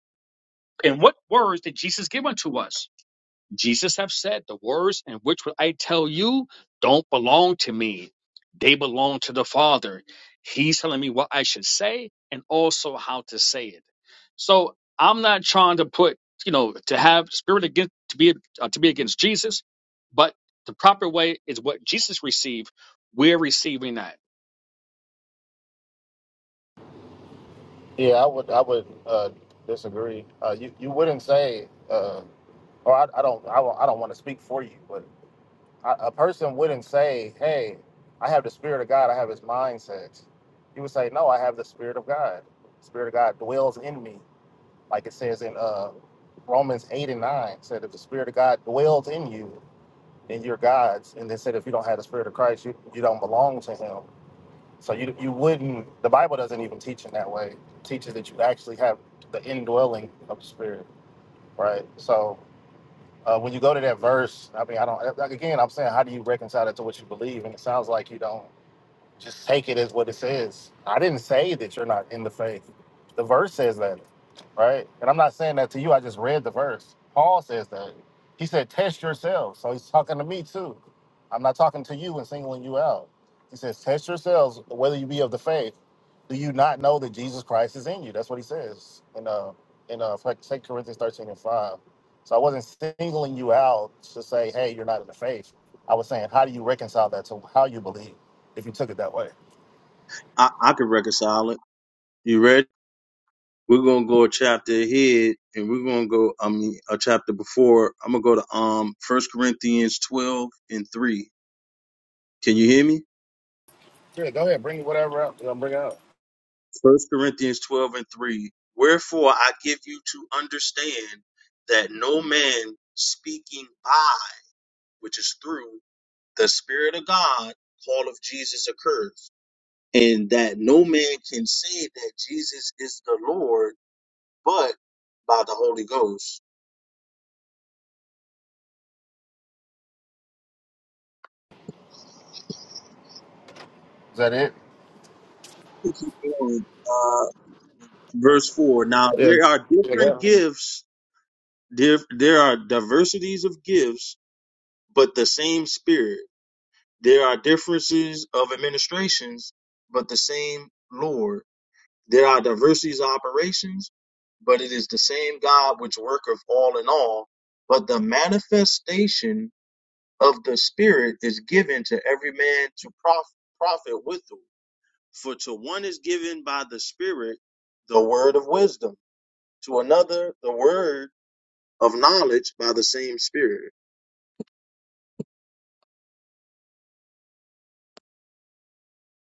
And what words did Jesus give unto us? Jesus have said, The words in which I tell you don't belong to me. They belong to the Father. He's telling me what I should say and also how to say it. So I'm not trying to put, you know, to have spirit against to be uh, to be against Jesus, but the proper way is what Jesus received. We're receiving that. Yeah, I would I would uh, disagree. Uh, you you wouldn't say, uh, or I, I don't I, won't- I don't want to speak for you, but I, a person wouldn't say, "Hey, I have the Spirit of God. I have His mindset." You would say, "No, I have the Spirit of God. The Spirit of God dwells in me," like it says in uh, Romans eight and nine. Said, "If the Spirit of God dwells in you." and you're God's. And they said if you don't have the Spirit of Christ, you, you don't belong to Him. So you you wouldn't. The Bible doesn't even teach in that way. It teaches that you actually have the indwelling of the Spirit, right? So uh, when you go to that verse, I mean, I don't. Like again, I'm saying, how do you reconcile it to what you believe? And it sounds like you don't. Just take it as what it says. I didn't say that you're not in the faith. The verse says that, right? And I'm not saying that to you. I just read the verse. Paul says that. He said, test yourselves. So he's talking to me too. I'm not talking to you and singling you out. He says, test yourselves whether you be of the faith. Do you not know that Jesus Christ is in you? That's what he says in uh in uh 2 Corinthians 13 and 5. So I wasn't singling you out to say, hey, you're not in the faith. I was saying, how do you reconcile that to how you believe if you took it that way? I I can reconcile it. You ready? We're gonna go a chapter ahead, and we're gonna go. I mean, a chapter before. I'm gonna go to um First Corinthians 12 and three. Can you hear me? That route, you gonna bring it out. First Corinthians 12 and three. Wherefore I give you to understand that no man speaking by, which is through the Spirit of God, call of Jesus occurs. and that no man can say that Jesus is the Lord but by the Holy Ghost. Is that it? To keep going, Uh, verse 4 Now there are different gifts, there, there are diversities of gifts, but the same Spirit. There are differences of administrations, but the same Lord. There are diversities of operations, but it is the same God which worketh all in all. But the manifestation of the Spirit is given to every man to prof- profit withal. For to one is given by the Spirit the word of wisdom, to another the word of knowledge by the same Spirit.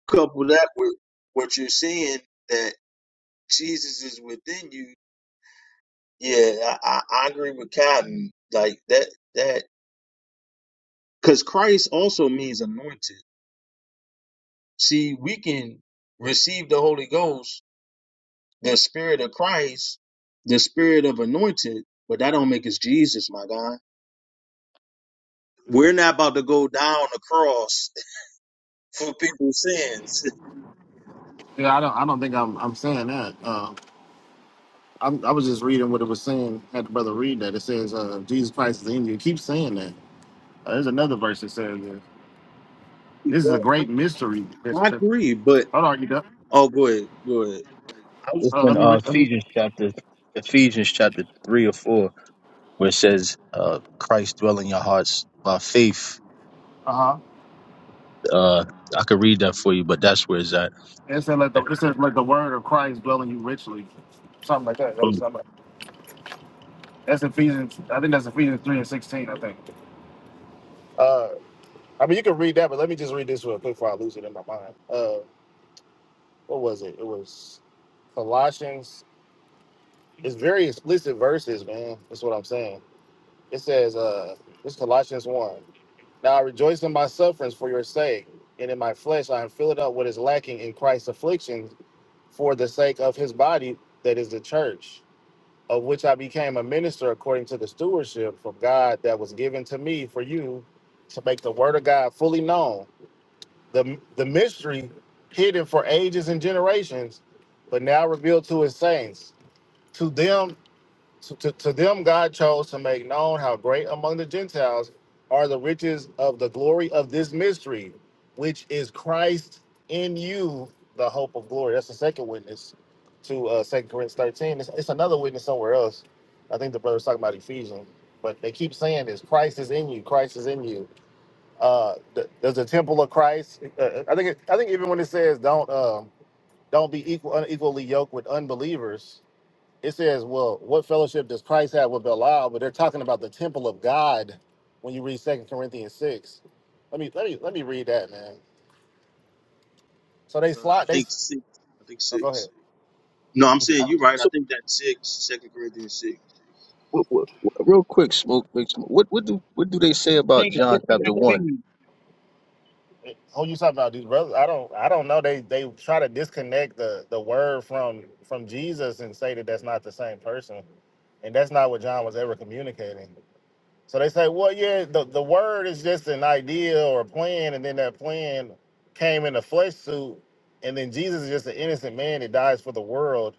Couple that with what you're saying that Jesus is within you. Yeah, I, I agree with Cotton. Like that, that because Christ also means anointed. See, we can receive the Holy Ghost The spirit of Christ, the spirit of anointed, but that don't make us Jesus, my God. We're not about to go down the cross *laughs* for people's sins. Yeah, I don't. I don't think I'm. I'm saying that. Uh, I'm, I was just reading what it was saying. Had the brother read that. It says, uh, "Jesus Christ is in you." It keeps saying that. Uh, there's another verse that says, this. *laughs* "This is a but I great mystery." This, this, agree, but hold on, you done? oh, go ahead, go ahead. I, It's Uh, in let me uh, read. Uh Ephesians chapter Ephesians chapter three or four where it says uh, Christ dwell in your hearts by faith. huh. Uh, I could read that for you, but that's where it's at. It said, "Let the it said, let the word of Christ dwell in you richly." Something like that. That was something. like- That's Ephesians. I think that's Ephesians three and sixteen. I think. Uh. I mean, you can read that, but let me just read this real quick before I lose it in my mind. Uh, what was it? It was Colossians. It's very explicit verses, man. That's what I'm saying. It says, uh, it's Colossians 1. Now I rejoice in my sufferings for your sake, and in my flesh I am filled up what is lacking in Christ's afflictions for the sake of his body, that is the church, of which I became a minister according to the stewardship from God that was given to me for you to make the word of God fully known the the mystery hidden for ages and generations, but now revealed to his saints. To them, to, to, to them, God chose to make known how great among the Gentiles are the riches of the glory of this mystery, which is Christ in you, the hope of glory. That's the second witness to uh, 2 Corinthians 13. It's, it's another witness somewhere else. I think the brother's talking about Ephesians, but they keep saying this Christ is in you, Christ is in you uh th- there's a temple of christ uh, uh, i think it, i think even when it says don't um don't be equal unequally yoked with unbelievers it says well what fellowship does christ have with belial but they're talking about the temple of god when you read second corinthians 6 let me let me let me read that man so they uh, I slot they think s- six. I think oh, go ahead six. No, I'm saying you're right. I think that's six, Second Corinthians six. What, what, what- real quick, smoke, big smoke. What what do what do they say about Thing is John chapter one? 6:19. who you talking about these brothers i don't i don't know they they try to disconnect the the word from from jesus and say that that's not the same person and that's not what john was ever communicating So they say, well, yeah, the, the word is just an idea or a plan, and then that plan came in a flesh suit, and then Jesus is just an innocent man that dies for the world,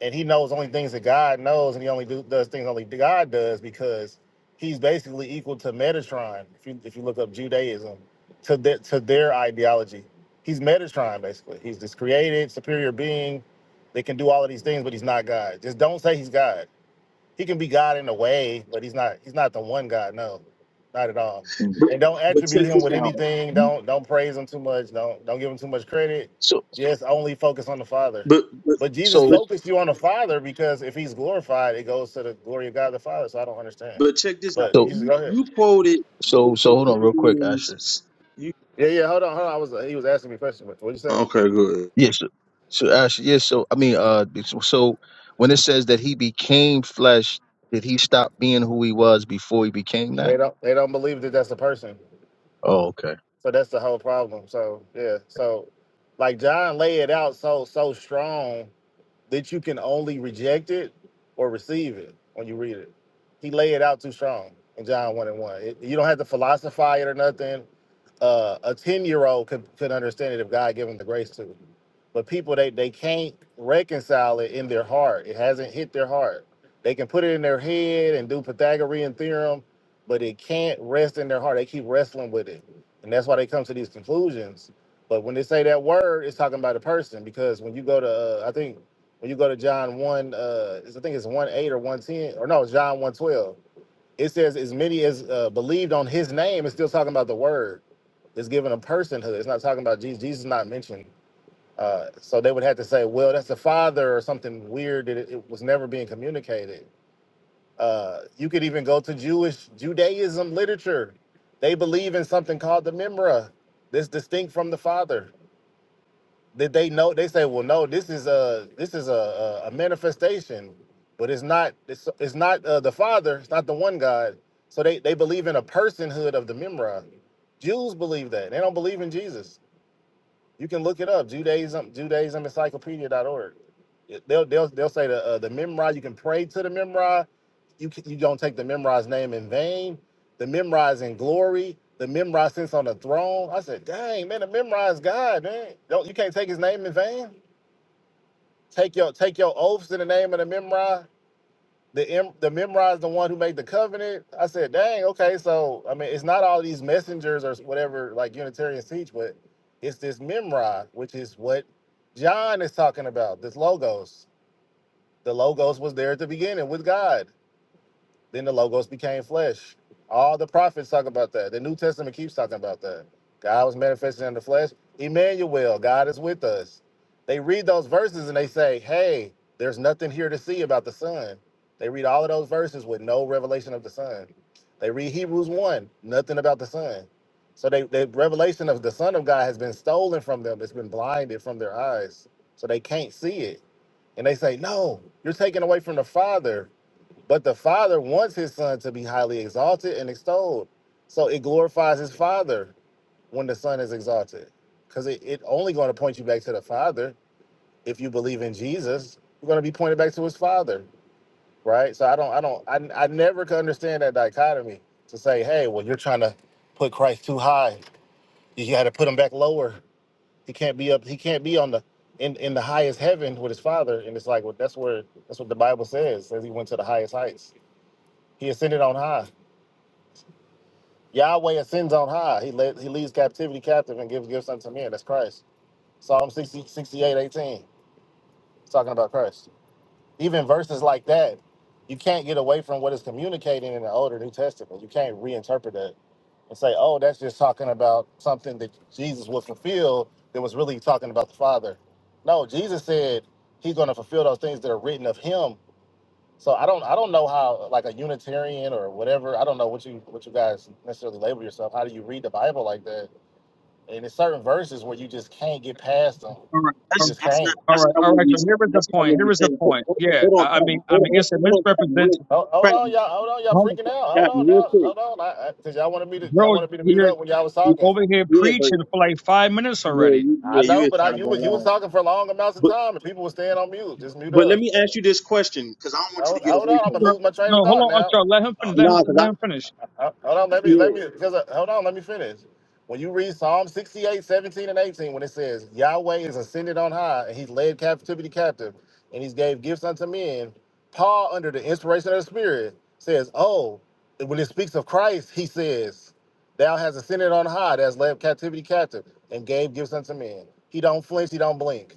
and he knows only things that God knows, and he only do, does things only God does because he's basically equal to Metatron. If you if you look up Judaism, to their to their ideology, he's Metatron basically. He's this created superior being that can do all of these things, but he's not God. Just don't say he's God he can be God in a way, but he's not he's not the one God. No, not at all. Mhm. But And don't but attribute check him this with out. anything. Don't don't praise him too much. Don't don't give him too much credit. So Just only focus on the Father. But but But Jesus so but focused you on the Father because if he's glorified, it goes to the glory of God the Father. So I don't understand. but check this out. But you so just You, go ahead. you quoted. so so *laughs* hold on real quick, Asher. You, Yeah, yeah. Hold on, hold on. I was he was asking me a question. What what you said? okay, good. Yes. so, so Asher, yes. So I mean, uh, so so when it says that he became flesh, did he stop being who he was before he became that? They don't they don't believe that that's the person. Oh, okay. So that's the whole problem. So yeah. So like John lay it out so so strong that you can only reject it or receive it when you read it. He lay it out too strong in John 1 and 1. It, you don't have to philosophize it or nothing. Uh, a 10 year old could, could understand it if God gave him the grace to. But people, they, they can't reconcile it in their heart. It hasn't hit their heart. They can put it in their head and do Pythagorean theorem, but it can't rest in their heart. They keep wrestling with it. And that's why they come to these conclusions. But when they say that word, it's talking about a person because when you go to, uh, I think when you go to John one, uh, I think it's one eight or one ten, or no, it's John one twelve. It says as many as uh, believed on His name. It's still talking about the Word. It's given a personhood. It's not talking about Jesus. Jesus is not mentioned. Uh, so they would have to say, well, that's the Father or something weird that it, it was never being communicated. Uh, you could even go to Jewish Judaism literature. They believe in something called the Memra. That's distinct from the Father did they know? They say, well, no, this is a this is a a, a manifestation, but it's not it's it's not uh, the Father. It's not the one God. So they they believe in a personhood of the Memra. Jews believe that. They don't believe in Jesus. You can look it up. Judaism, JudaismEncyclopedia.org. It- They'll they'll they'll say the uh, the Memra. You can pray to the Memra. You can, you don't take the Memra's name in vain. The Memra is in glory. The Memra sits on the throne. I said, dang man, the Memra is God, man. Don't you can't take his name in vain. Take your take your oaths in the name of the Memra the em- the memorized the one who made the covenant. I said, dang, okay. So I mean, it's not all these messengers or whatever like Unitarians teach, but it's this memorize, which is what John is talking about. This logos. The logos was there at the beginning with God. Then the logos became flesh. All the prophets talk about that. The New Testament keeps talking about that. God was manifested in the flesh. Emmanuel, God is with us. They read those verses and they say, hey, there's nothing here to see about the Son. They read all of those verses with no revelation of the Son. They read Hebrews 1, nothing about the Son. So they, the revelation of the Son of God has been stolen from them. It's been blinded from their eyes. So they can't see it. And they say, no, you're taking away from the Father. But the Father wants his Son to be highly exalted and extolled. So it glorifies his Father when the Son is exalted. Because it, it only going to point you back to the Father. If you believe in Jesus, you're going to be pointed back to his Father. Right? So I don't, I don't, I, I never could understand that dichotomy to say, hey, well, you're trying to put Christ too high. You got to put him back lower. He can't be up, he can't be on the, in, in the highest heaven with his Father. And it's like, well, that's where, that's what the Bible says, says he went to the highest heights. He ascended on high Yahweh ascends on high. He led, he leads captivity captive and gives gifts unto men. That's Christ. Psalm 60 68 18 it's talking about Christ. Even verses like that, you can't get away from what is communicating in the Old older New Testament. You can't reinterpret that and say, oh, that's just talking about something that Jesus would fulfill that was really talking about the Father. No, Jesus said he's going to fulfill those things that are written of him so I don't I don't know how like a Unitarian or whatever I don't know what you what you guys necessarily label yourself. How do you read the Bible like that? And there's certain verses where you just can't get past them. All right. You All right. That's just that's not can't. All that's right, not all what right. we So here is the that's not point. what Here we're is the saying. Hold, point. hold, Yeah, hold on, I I mean, Captain. I Hold, mean, hold, it's a hold on, Captain. Real, misrepresentation. Oh, hold on, Captain, y'all. Hold on, y'all freaking out. Hold on Captain, real now. quick. Hold on. I, I, Cause y'all wanted me to y'all Bro, wanted me to You- mute you're up when y'all was you're you- talking. over here Yeah, but preaching for like five minutes yeah, already. you, I yeah, you know, is but I, kind of you going was you was on. talking for long amounts of But time and people were staying on mute. Just mute but let up. me ask you this question because I don't want you to Hold, get hold away on. I'm gonna from it. Sure. lose my train No, of hold thought on, now. Archer. Let him Uh, finish. Let him nah, because finish. I Let him finish. Uh, Hold on, let me let yeah, me because uh, hold on, let me finish. When you read Psalm 68, 17 and 18, when it says Yahweh is ascended on high, and he's led captivity captive, and he's gave gifts unto men, Paul, under the inspiration of the Spirit, says, Oh, and when it speaks of Christ, he says, Thou hast ascended on high, that has led captivity captive, and gave gifts unto men. He don't flinch, he don't blink.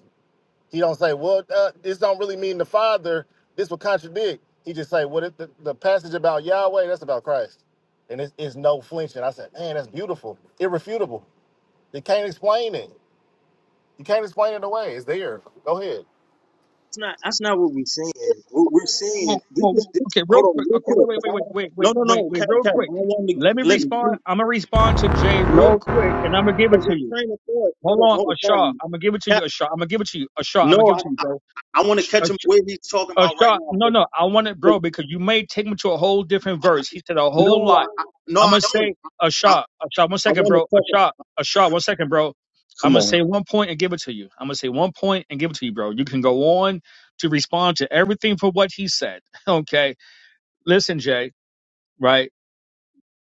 He don't say, well, uh, this don't really mean the Father. This would contradict. He just say, well, the, the passage about Yahweh, that's about Christ. And it's, it's no flinching. I said, man, that's beautiful. Irrefutable. You can't explain it. You can't explain it away. It's there. Go ahead. it's not that's not what we're saying. What we're saying Whoa, this whoa, whoa. is this. Okay, real Hold on, quick. real Okay, wait, quick. wait, Cause wait, I wait, don't, wait, no wait, no wait, no, wait, Captain, real Captain. quick. I don't want Let me to let respond. me. I'm gonna respond to Jay real No, quick, and I'm gonna give it because to it's you. train of thought. Hold Hold on, on, hold on, Ashar. Captain. I'm gonna give it to you, Cap, Ashar. I'm gonna give it to you, Ashar. I'm gonna no, give it I, to you, bro. I want to catch him Ash- where he's talking about right Ashar, now. no, But, no, I want it, but bro, because you may take me to a whole different verse. He said a no, whole lot. I, I, no, I'm I gonna don't. say a I, shot, a shot. One I second, want to bro. A talk. shot, a shot. One second, bro. I'm Come gonna say on. one point and give it to you. I'm gonna say one point and give it to you, bro. You can go on to respond to everything for what he said. *laughs* Okay. Listen, Jay. Right.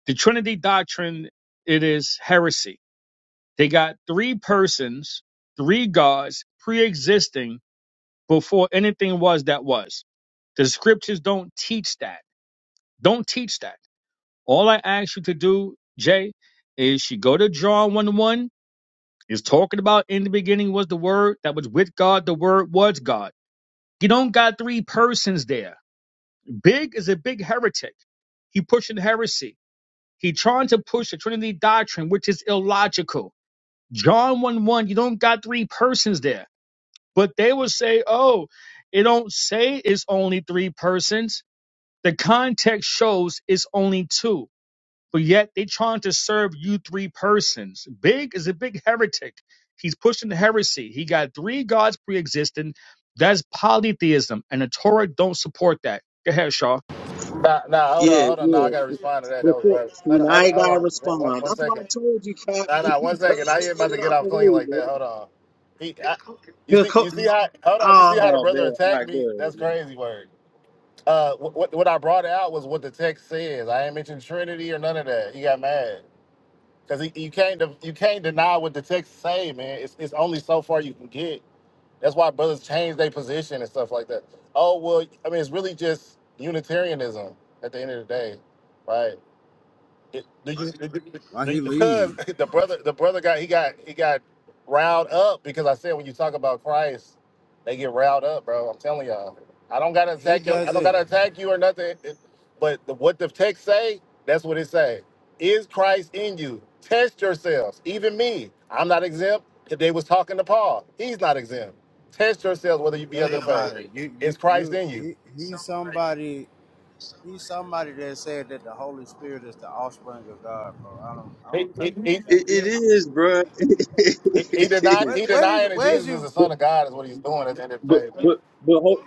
The Trinity doctrine. It is heresy. They got three persons, three gods pre-existing before anything was that was. The scriptures don't teach that. Don't teach that. All I ask you to do, Jay, is you go to John one one Is talking about in the beginning was the word that was with God, the word was God. You don't got three persons there. Big is a big heretic. He pushing heresy. He trying to push the Trinity doctrine, which is illogical. John 1 1, you don't got three persons there. But they will say, oh, it don't say it's only three persons. The context shows it's only two but yet they trying to serve you three persons. Big is a big heretic. He's pushing heresy. He got three gods pre-existing. That's polytheism, and the Torah don't support that. Go ahead, Shaw. Nah, nah, hold on, Yeah, hold on. Nah, yeah. I got to respond to that. That was Before, right. see, Hold on, now hold I on, ain't hold gotta on. One, respond. one That's why I second. told you, Cap. Nah, nah, one *laughs* second. let I me ain't get about to it get out off the clean way, like that. bro. Hold on. He, I, you He'll see, co- you see how, hold on, you see how the oh brother man, all attacked right, me? go ahead. That's go crazy word. Uh, what what I brought out was what the text says. I ain't mentioned Trinity or none of that. He got mad because you can't de- you can't deny what the text say, man. It's it's only so far you can get. That's why brothers change their position and stuff like that. Oh well, I mean it's really just Unitarianism at the end of the day, right? Do you, do you- do Why you- he because leave? *laughs* the brother the brother got he got he got riled up because I said when you talk about Christ, they get riled up, bro. I'm telling y'all. I don't gotta He attack you. I don't doesn't gotta attack you or nothing. It- but the, what the text say, that's what it say. Is Christ in you? Test yourselves. Even me, I'm not exempt. If they was talking to Paul, he's not exempt. Test yourselves whether you be. think about it. You you Is Christ you. in you? He he's somebody He's somebody that said that the Holy Spirit is the offspring of God, bro. I don't I He, don't he, take It, Captain it serious. is, bro. *laughs* it he, he denied. Where is. He where is denying that where's Jesus is you the But Son of God is what he's doing at the end of the but day. but but hold,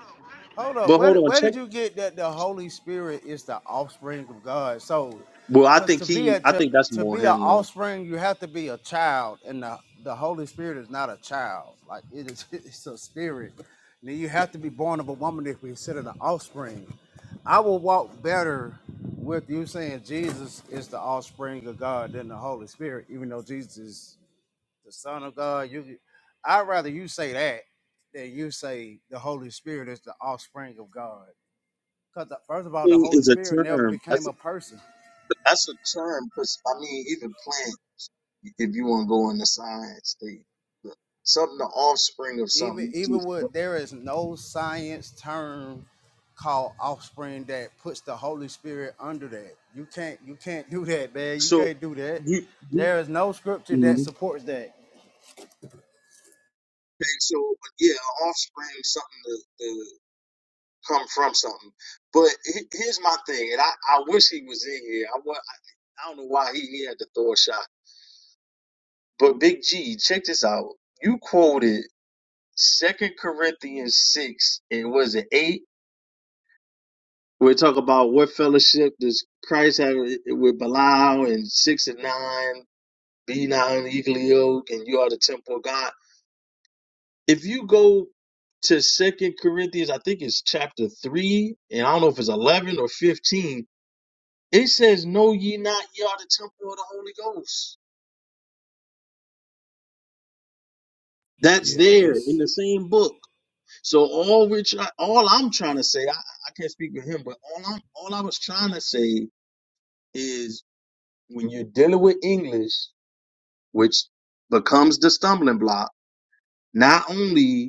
Hold up. but hold Where on, where check. did you get that the Holy Spirit is the offspring of God? So, Well, I cause to think be he. a I to, think that's to be more an him though. offspring, you have to be a child, and the the Holy Spirit is not a child. Like it is, *laughs* it's a spirit. And you have to be born of a woman if we consider the offspring. I will walk better with you saying Jesus is the offspring of God than the Holy Spirit, even though Jesus is the Son of God. You, I'd rather you say that than you say the Holy Spirit is the offspring of God. Because first of all, the Thing Holy is a Spirit never term. became That's a person. that's a term because I mean, even playing if you want to go in the science thing. The- Something, the offspring of Even something. it's even just- with there is no science term called offspring that puts the Holy Spirit under that. You can't you can't do that, man. You So can't do that. you, you There is no scripture that hmm supports that. okay, so yeah, offspring, something to, to come from something. But he- here's my thing, and I, I wish he was in here. I, wa- I I don't know why he, he had the Thor shot. But Big G, check this out. You quoted Second Corinthians six and was it eight? We talk about what fellowship does Christ have with Belial and six and nine. Be not unequally yoked, and you are the temple of God. If you go to Second Corinthians, I think it's chapter three, and I don't know if it's eleven or fifteen. It says, "Know ye not ye are the temple of the Holy Ghost." That's there in Yes. the same book. So all we're try- all I'm trying to say, I, I can't speak for him, but all I'm all I was trying to say is when you're dealing with English, which becomes the stumbling block, not only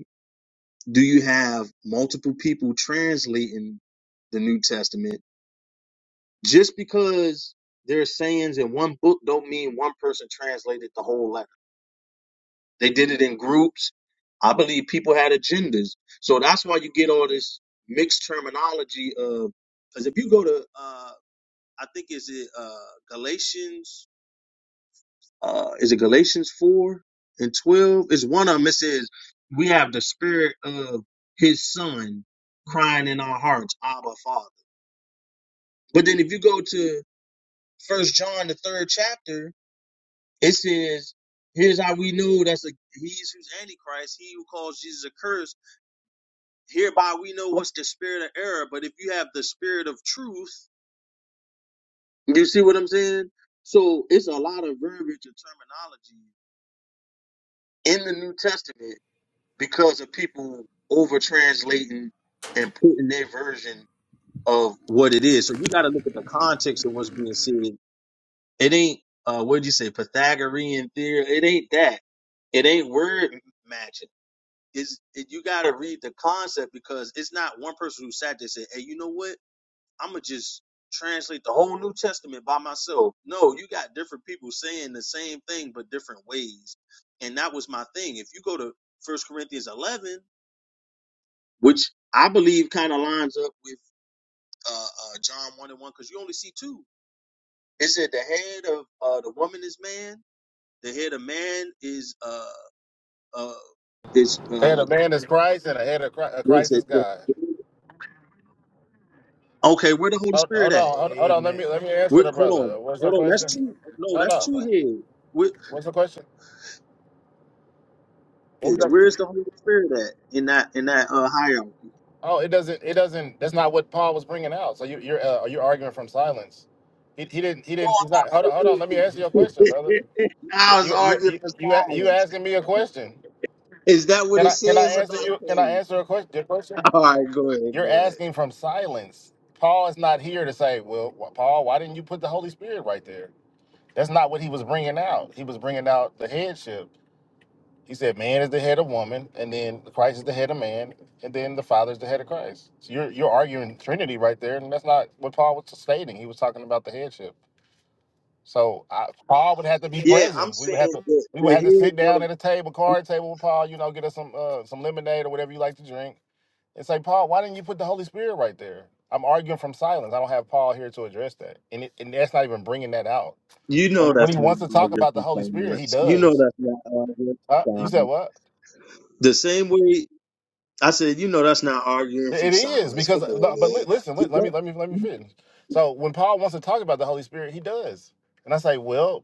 do you have multiple people translating the New Testament? Just because there are sayings in one book don't mean one person translated the whole letter. They did it in groups. I believe people had agendas. So that's why you get all this mixed terminology of because if you go to uh I think is it uh Galatians uh is it Galatians four and twelve? It's one of them. It says we have the spirit of his son crying in our hearts, Abba Father. But then if you go to First John the third chapter, it says, Here's how we know that's a he's who's antichrist, he who calls Jesus a curse. Hereby we know what's the spirit of error, but if you have the spirit of truth, you see what I'm saying? So it's a lot of verbiage and terminology in the New Testament because of people over translating and putting their version of what it is. So you got to look at the context of what's being said. It ain't uh, what did you say Pythagorean theory? It ain't that. It ain't word matching. Is it, you got to read the concept because it's not one person who sat there and said, "Hey, you know what? I'm gonna just translate the whole New Testament by myself." No, you got different people saying the same thing but different ways, and that was my thing. If you go to First Corinthians 11 which I believe kind of lines up with uh, uh, John 1 and 1 because you only see two. It said the head of uh, the woman is man, the head of man is uh uh is And uh of man is Christ, and a, and a, Chri- a what is Christ is it? God. Okay, where the Holy Hold, Spirit hold at? on, hold, hold on. Let me Amen. let me answer Where, the hold brother. on, What's the hold on. That's question? two. No, No, that's two no. heads. Where What's the question? What is was where that? is the Holy Spirit at in that in that uh hierarchy? Oh, it doesn't. It doesn't. That's not what Paul was bringing out. So you, you're uh, you're arguing from silence. He, he didn't. He No, didn't. He's not. I'm Hold on. not. Hold on. Let me answer your question, brother. arguing. *laughs* now I You was you arguing you for you, a- you silence. asking me a question? Is that what Can it I can I says or answer not? you? Can I *laughs* answer a question? Your question? All right, go ahead, You're go ahead. asking from silence. Paul is not here to say, well, wh- Paul, why didn't you put the Holy Spirit right there? That's not what he was bringing out. He was bringing out the headship. He said, "Man is the head of woman, and then Christ is the head of man, and then the Father is the head of Christ." So you're you're arguing Trinity right there, and that's not what Paul was stating. He was talking about the headship. So I, Paul would have to be Yeah, I'm present. We would have saying to that we would the have to sit head down at a table, of card table with Paul. You know, get us some uh, some lemonade or whatever you like to drink, and say, Paul, why didn't you put the Holy Spirit right there? I'm arguing from silence. I don't have Paul here to address that, and it, and that's not even bringing that out. you When, know when he that's not wants to talk about the algebra Holy Spirit, he silence. You know does. that's not arguing Uh, from you said silence. what? The same way I said, you know that's not arguing from It is silence. because, Come uh, on, no, but li- man. listen, You, let, let me let me let me you, finish. So when Paul wants to talk about the Holy Spirit, he does, and I say, well,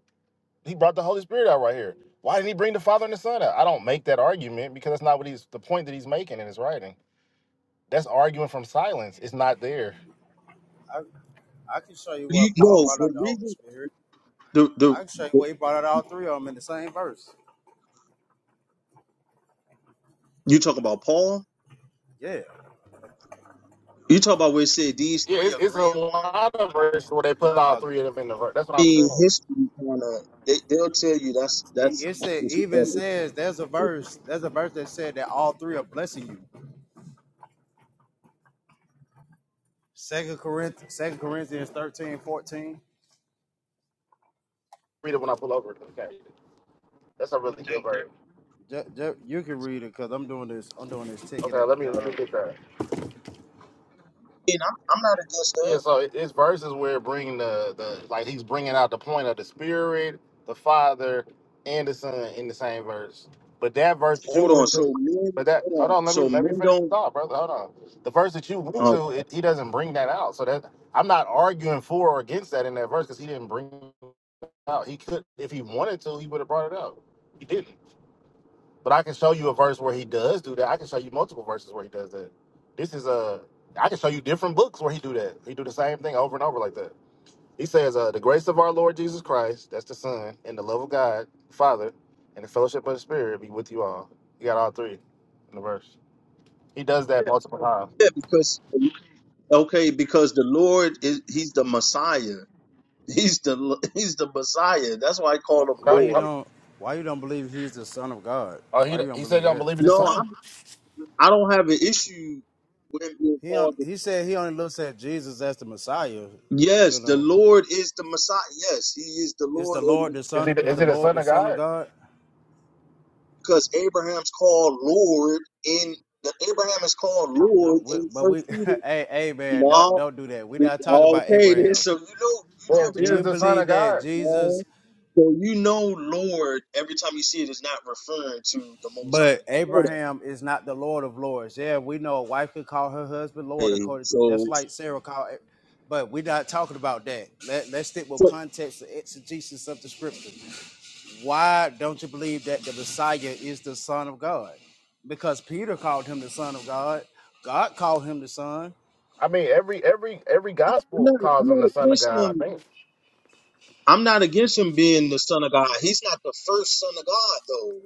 he brought the Holy Spirit out right here. Why didn't he bring the Father and the Son out? I don't make that argument because that's not what he's the point that he's making in his writing. That's arguing from silence. It's not there. I, I can show you you what Paul no, brought the up the Holy reason Spirit. the, I the can show you the where he brought out all three of them in the same verse. you talk about Paul. Yeah. You talk about where it said these Yeah, three it's it's a agree in love one. verse put out No, in the verse. That's what I'm In saying. history, kind of they, they'll tell you that's it, that's. it said it's- even better. says there's a verse, there's a verse that said that all three are blessing you. Second Corinthians, Second Corinthians thirteen, fourteen. Read it when I pull over. Okay, that's a really good verse. 14. Ju- you can read it because I'm doing this, I'm doing this ticket Okay, at let me the let me job. get that. And I'm I'm not against Yeah, that. so it- it's verses where bringing the the like he's bringing out the point of the Spirit, the Father, and the Son in the same verse. But that verse that you Hold on. went So to, men, but that hold hold on. on, let me So let me men finish the don't. thought, brother. Hold on. The verse that you went uh, to, it, he doesn't bring that out. So that I'm not arguing for or against that in that verse because he didn't bring it out. He could, if he wanted to, he would have brought it out. He didn't. But I can show you a verse where he does do that. I can show you multiple verses where he does that. This is a. I can show you different books where he do that. He do the same thing over and over like that. He says, uh, "The grace of our Lord Jesus Christ, that's the Son, and the love of God Father, and the fellowship of the Spirit be with you all." You got all three in the verse. He does that multiple times. Yeah, because okay, because the Lord is he's the Messiah. *laughs* He's the he's the Messiah. That's why I call Why, him why Oh, you oh, Lord. don't why you don't believe he's the son of God? oh, he Why you don't he said, believe he "Don't that? believe in the No, Son." I, I don't have an issue with him being He on, called. the- he said he only looks at Jesus as the Messiah. You Yes, the know, Lord is the Messiah. Yes, he is the is the Lord, Lord and the Is Son he the, is is the he the Lord Son the of Son of God? God? because Abraham's called Lord in the Abraham is called No, Lord we, in but First we, *laughs* Peter. hey, hey, man, don't No, don't do that. We not talk about okay, then Abraham. so you know you know D- Yeah, every Do Jesus you time the you see Son believe of that God. Right? Jesus, So you know, Lord, every time you see it, is not referring to the Most but High. You know that. Abraham is not the Lord of Lords? Yeah, we know a wife could call her husband Lord, Hey, according so just like Sarah called. A- But we're not talking about that. Let, let's stick with so context the exegesis of the scripture. Why don't you believe that the Messiah is the Son of God? Because Peter called him the Son of God. God called him the Son. I mean, every every every I'm gospel not, calls I'm him the not Son of against God. I him. think. I'm not against him being the Son of God. He's not the first Son of God, though.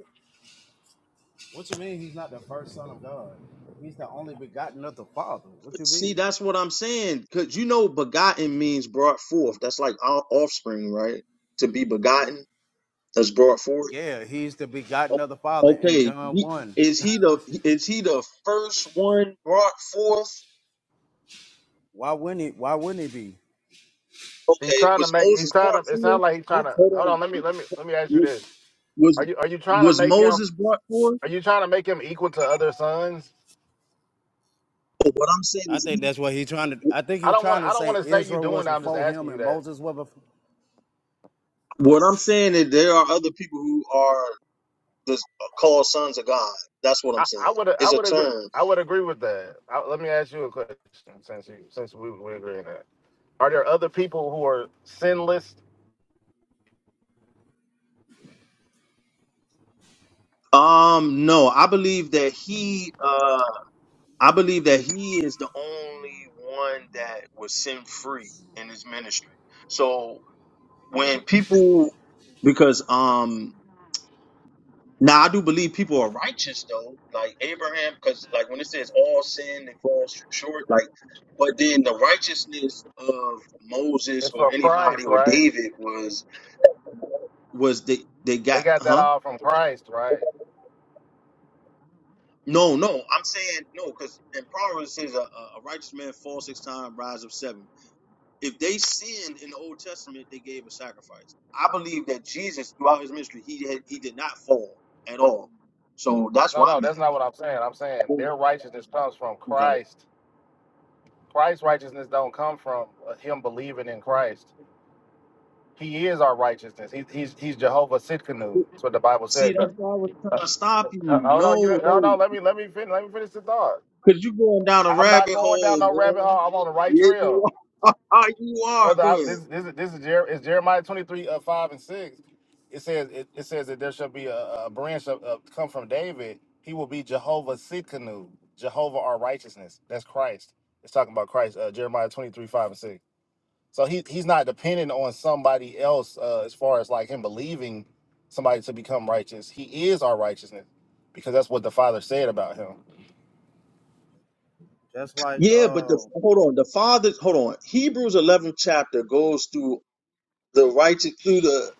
What you mean he's not the first son of God? He's the only begotten of the Father. What you See, mean? that's what I'm saying. Cause you know, begotten means brought forth. That's like our offspring, right? To be begotten, that's brought forth. Yeah, he's the begotten of the Father in Okay, John he, 1. is he the is he the first one brought forth? Why wouldn't he why wouldn't he be? He's Okay, trying to was make. He's Moses trying to. brought It forth? sounds like he's trying Who to. Hold Hold on. on. Let me. Let me. Let me ask you this. Was Are you. Are you trying to was make him? Moses brought forth? Are you trying to make him equal to other sons? But what I'm saying I is, think that's what he's trying to I think I he's don't want. trying to I don't want say to say you Israel doing was that. I'm just before asking him you and that. Moses was before what I'm saying is, there are other people who are the called sons of God. That's what I I'm saying. would. I It's a would agree. term. I would agree with that. I, let me ask you a question since you, since we we agree on that. Are there other people who are sinless? Um, no, I believe that he, uh, I believe that he is the only one that was sin free in his ministry. So when people, because um, Now I do believe people are righteous though, like Abraham, because like when it says all sin and falls short, like but then the righteousness of Moses It's or from Christ, anybody or right? David was was they they They got got that huh? all from Christ, right? No, no, I'm saying no, because in Proverbs it says a, a a righteous man falls six times, rise up seven. If they sinned in the Old Testament, they gave a sacrifice. I believe that Jesus throughout his ministry, he had, he did not fall at all. So that's No, where no, I'm at. that's not what I'm saying. I'm saying their righteousness comes from Christ. Christ's righteousness don't come from uh, him believing in Christ. He is our righteousness. He, he's he's Jehovah Sitkanu. That's what the Bible See, said. that's But, why I was trying to stop you. Uh, Hold on, you No, hold no. on. Let me let me finish. Let me finish the thought. Because you're going down a I'm not rabbit going down hole, no rabbit hole. man. I'm on the right Yeah, you trail, are. *laughs* you are. brother. Go I, ahead. this this is this is Jer- it's Jeremiah 23 uh, five and six. It says it, it says that there shall be a, a branch of, of come from David. He will be Jehovah Sitkanu. Jehovah our righteousness. That's Christ. It's talking about Christ. Uh, Jeremiah 23 5 and 6. So he he's not dependent on somebody else uh, as far as like him believing somebody to become righteous. He is our righteousness because that's what the Father said about him. just like Yeah, but uh the, hold on. The Father, hold on. Hebrews 11 chapter goes through the righteous, through the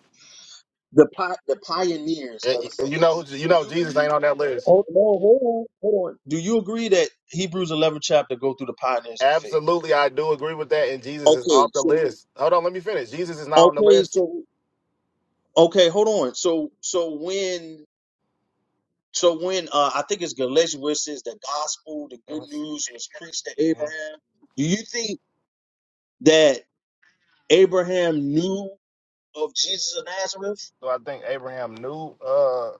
the, pi- the pioneers Eh, of eh, the You know, faith. you Do know, you Jesus agree? ain't on that list. Oh, no, hold on. Hold on. Do you agree that Hebrews 11 chapter go through the pioneers of the faith? Absolutely, I do agree with that, and Jesus is Okay, off the so, list. Hold on, let me finish. Jesus is not on the okay, list. so, okay, hold on. So, so when So when uh, I think it's Galatians where it says the gospel, the good Mhm, news was preached to mhm. Abraham. Do you think that Abraham knew of Jesus of Nazareth? So I think Abraham knew. Uh,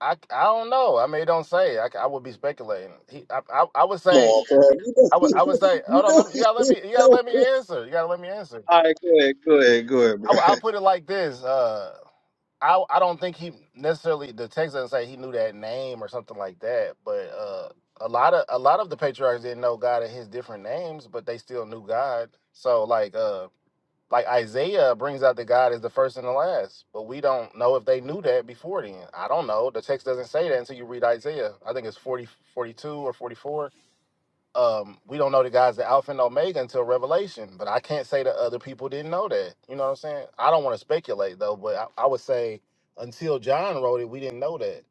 I I don't know. I mean, it don't say. I, c- I would be speculating. He, I, I I would Come on, say I bro. would I *laughs* would say. You Hold on, know, let me, he, you gotta let you me. You know gotta let he didn't me know. answer. You gotta let me answer. All right, go ahead, go ahead, go ahead, I, bro. I'll put it like this. Uh, I I don't think he necessarily the text doesn't say he knew that name or something like that. But uh, a lot of a lot of the patriarchs didn't know God at his different names, but they still knew God. So like uh like Isaiah brings out that God is the first and the last, but we don't know if they knew that before then. I don't know. The text doesn't say that until you read Isaiah. I think it's 40 42 or 44 um, we don't know the guy's the Alpha and Omega until Revelation, but I can't say that other people didn't know that. You know what I'm saying? I don't want to speculate though, but I, I would say until John wrote it, we didn't know that.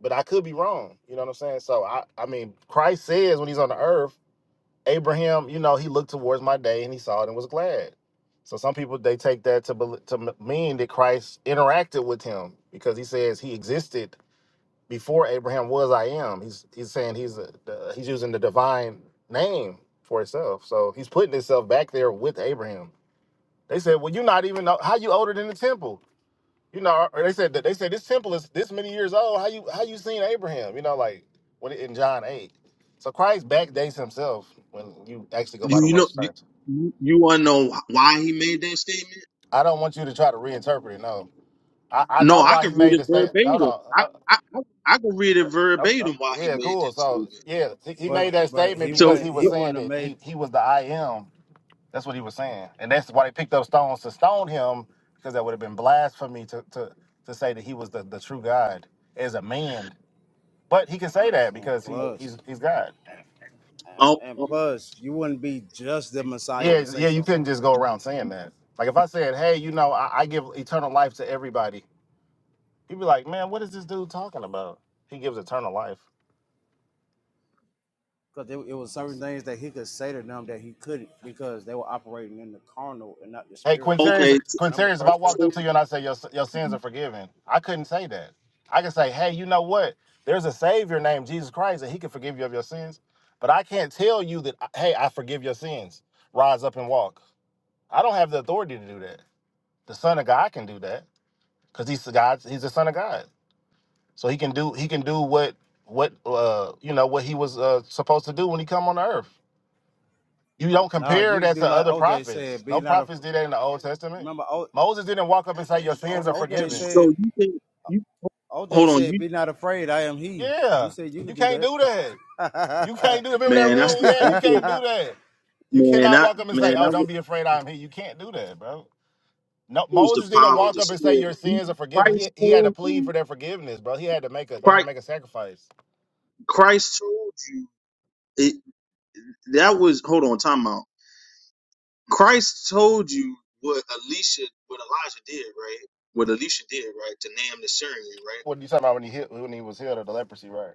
But I could be wrong. You know what I'm saying? So I, I mean, Christ says when he's on the earth, Abraham, you know, he looked towards my day and he saw it and was glad. So some people they take that to bel- to m- mean that Christ interacted with him because he says he existed before Abraham was I am. He's he's saying he's a, the, he's using the divine name for himself. So he's putting himself back there with Abraham. They said, "Well, you're not even how you older than the temple." You know, or they said that they said this temple is this many years old. How you how you seen Abraham? You know, like what it- in John eight. So Christ backdates himself when you actually go by Do the you word know? Do terms. You, you want to know why he made that statement? I don't want you to try to reinterpret it. No, I, I No, know I why he could read made the it statement. No, verbatim. no. I I I I could read it verbatim why he Yeah, made cool. that So statement. yeah, he, he but made that but statement he because So, wouldn't he was he saying wouldn't have that made he he was the I am. That's what he was saying, and that's why they picked up stones to stone him because that would have been blasphemy to to to say that he was the, the true God as a man. But he can say that and because he plus he's he's God. oh, and, and oh, plus you wouldn't be just the Messiah Yeah, to say yeah. You something couldn't like just that. go around saying that. Like if I said, hey, you know, I, I give eternal life to everybody, he'd be like, man, what is this dude talking about? He gives eternal life. because it, it was certain things that he could say to them that he couldn't because they were operating in the carnal and not the Hey, spiritual. Quintarius, okay. So, Remember Quintarius, if I First walked Corinthians? so up to you and I said your your sins are forgiven, I couldn't say that. I can say, hey, you know what? There's a Savior named Jesus Christ, and He can forgive you of your sins. But I can't tell you that, uh, hey, I forgive your sins. Rise up and walk. I don't have the authority to do that. The Son of God can do that because He's the God. He's the Son of God, so He can do He can do what what uh you know what He was uh, supposed to do when He come on the earth. You don't No, compare you that do to like other OJ said, prophets. be No not af prophets did that in the Old Testament. Remember o, Moses didn't walk up and say, Your sins are o, OJ forgiven. so said, you think? OJ Hold on, said, you be not afraid, I am he. He Yeah, said you you could do can't do that. You that. can't do that. Remember that man. That's rule *laughs* we what, had? You that's what can't do that. You man. cannot That walk up and say, man. Oh, I don't would be afraid, I'm here. You can't do that, bro. No, use the Moses didn't power of walk the up and say spirit. your You- sins are forgiven. Christ He, he had to told plead you. for their forgiveness, bro. He had to make a they had to Christ, make a sacrifice. Christ told you. It, that was hold on. Time out. Christ told you what Elisha, what Elijah did, right? What Elisha did, right? To name the Syrian, right? What are you talking about when he hit, when he was healed of the leprosy, right?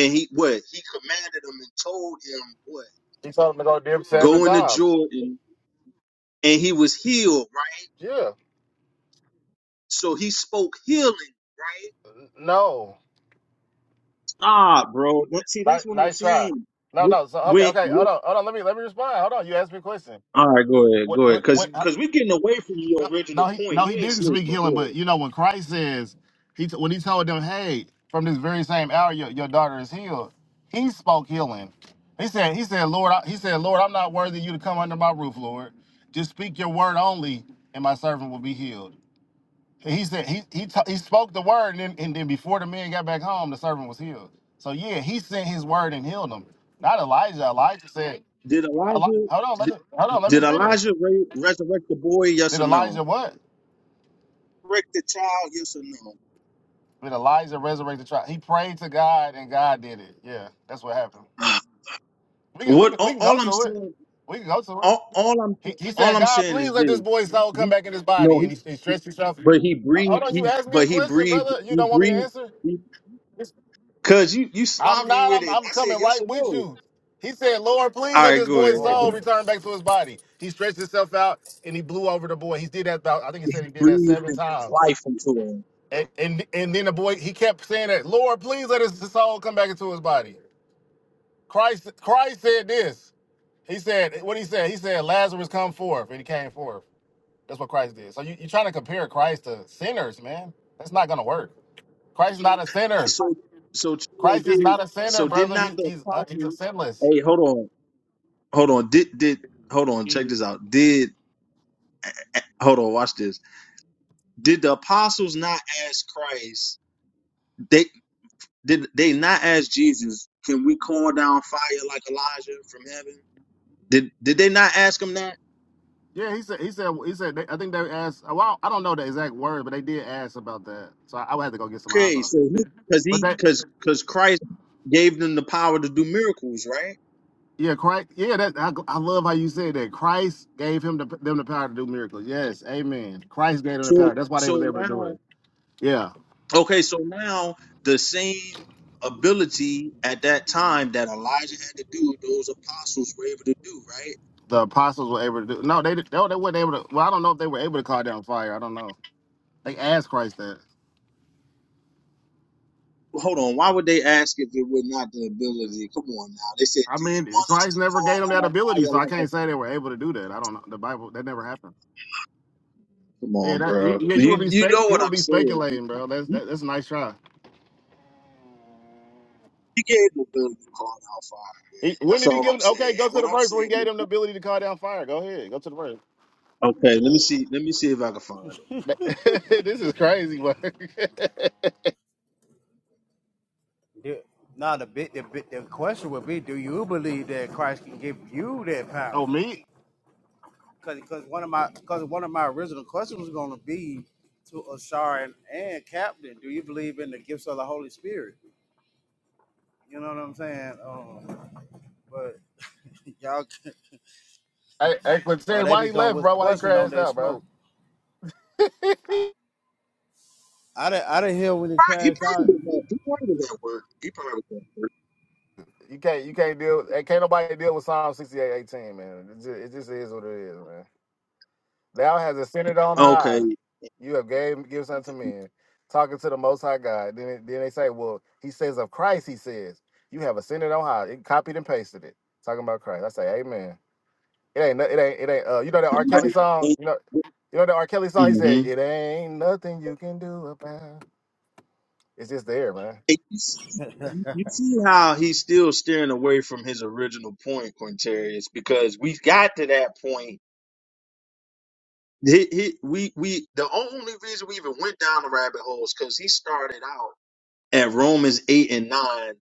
And he what? He commanded him and told him what? He told him to go dip seven Go into times. Jordan, and he was healed, right? Yeah. So he spoke healing, right? No. Ah, bro. That, see, Nice, that's what I'm nice try. saying. No, With, no. So okay, with, okay. Hold with, on, hold on. Let me let me respond. Hold on. You asked me a question. all right, go ahead, What, go ahead, what, because what? uh, because we're getting away from no, your original no, he point. no, You he ain't didn't serious, speak but go healing. ahead. But you know when Christ says he t- when he told them, hey, from this very same hour your, your daughter is healed. He spoke healing. He said he said Lord I, he said Lord I'm not worthy you to come under my roof Lord. Just speak your word only and my servant will be healed. He said he he ta- he spoke the word, and then, and then before the man got back home, the servant was healed. So yeah, he sent his word and healed him. Not Elijah. Elijah said, Did Eli- Elijah "Hold on, let did, me hold on, let me did finish." Elijah re- resurrect the boy? Yes Did or Elijah no? what? Resurrect the child? Yes or no? *sighs* Did Elijah resurrect the child? He prayed to God, and God did it. Yeah, that's what happened. Ah, We can we What? can, we All, can go all I'm to it. saying, We can go to it. all, all I'm He, he all said, I'm God, saying please is let this. this boy's soul come He- back in his body. No, And he, he he, stretched himself. but he Uh, Hold breathed. on, you He asked me a but he question, breathed. brother. You He don't want me to breathed. answer? He, Cause you you I'm sloppy not. with I'm, it. I'm I said coming yes right or with no. you. He said, Lord, please All let right, this go boy's oh, ahead. soul return back to his body. He stretched himself out and he blew over the boy. He did that about, I think he said he did that breathed seven times. life into him. And, and and then the boy, he kept saying that, Lord, please let his soul come back into his body. Christ, Christ said this. He said, what he said? He said, Lazarus come forth. And he came forth. That's what Christ did. So you, you're trying to compare Christ to sinners, man. That's not gonna work. Christ is not a sinner. So, so Chico Christ is did. not a sinner, So did brother. not He, the he's uh, he's a apostles? sinless. Hey, hold on, hold on. Did did hold on? Check this out. Did hold on? Watch this. Did the apostles not ask Christ? They did. They not ask Jesus? Can we call down fire like Elijah from heaven? Did did they not ask him that? Yeah, he said. He said. He said. They, I think they asked. uh, Well, I don't know the exact word, but they did ask about that. So I, I would have to go get some eyes Okay, on. so it. he because But he that. because because Christ gave them the power to do miracles, right? Yeah, Christ. Yeah, that. I, I love how you said that. Christ gave him the, them the power to do miracles. Yes, Amen. Christ gave them the So power. That's why they so was able to do now. it. Yeah, Okay, so now the same ability at that time that Elijah had to do, those apostles were able to do, right? the apostles were able to do. No, they did- no, they weren't able to. Well, I don't know if they were able to call down fire. I don't know. They asked Christ that. Well, hold on, why would they ask if it were not the ability? Come on now. They said, I Do you mean, want us Christ to never gave call them that down ability, so fire I like can't say they were able to do that. I don't know. The Bible that never happened. a-" Come Yeah, on, that, you, bro. yeah, you would You be you spec, know you what would I'm be saying. speculating, bro. That's You that, that's a nice try. you gave the ability to call down fire. He, when That's did he all get I'm saying. And what I'm saying is it to call? All right, go ahead, go to the verse. Okay, let me see. Let me see if I can find it. *laughs* this is crazy, bro. yeah. now the bit, the bit, the question would be, do you believe that Christ can give you that power? Oh me? because because one of my because one of my original questions was going to be to Ashar and, and Captain, do you believe in the gifts of the Holy Spirit? You know what I'm saying? Um, but *laughs* y'all, Hey, hey, well, Quincy, they why he become left, with a bro? Why he question, don't crashed they? out, bro? Smoke. I didn't I didn't hear when it He crashed out. probably was at, he probably was at work. He probably was You can't you can't deal. hey, Can't nobody deal with Psalm sixty eight eighteen, man. It just, it just is what it is, man. Thou has ascended on at work. high. You have gave gifts unto men, talking to the Most High God. Then it- then they say, well, he says of Christ. He says you have ascended on high. It copied and pasted it, talking about Christ. I say, Amen. It ain't. no- It ain't. It ain't. Uh, you know that R. Kelly song. You know. Okay. You know that R. Kelly song. He Mm-hmm. said, "It ain't nothing you can do about." it." It's just there, man. And You see, you see how he's still steering away from his original point, Quintarius, because we got to that point. He, he, we, we, the only reason we even went down the rabbit hole is because he started out at Romans 8 and 9,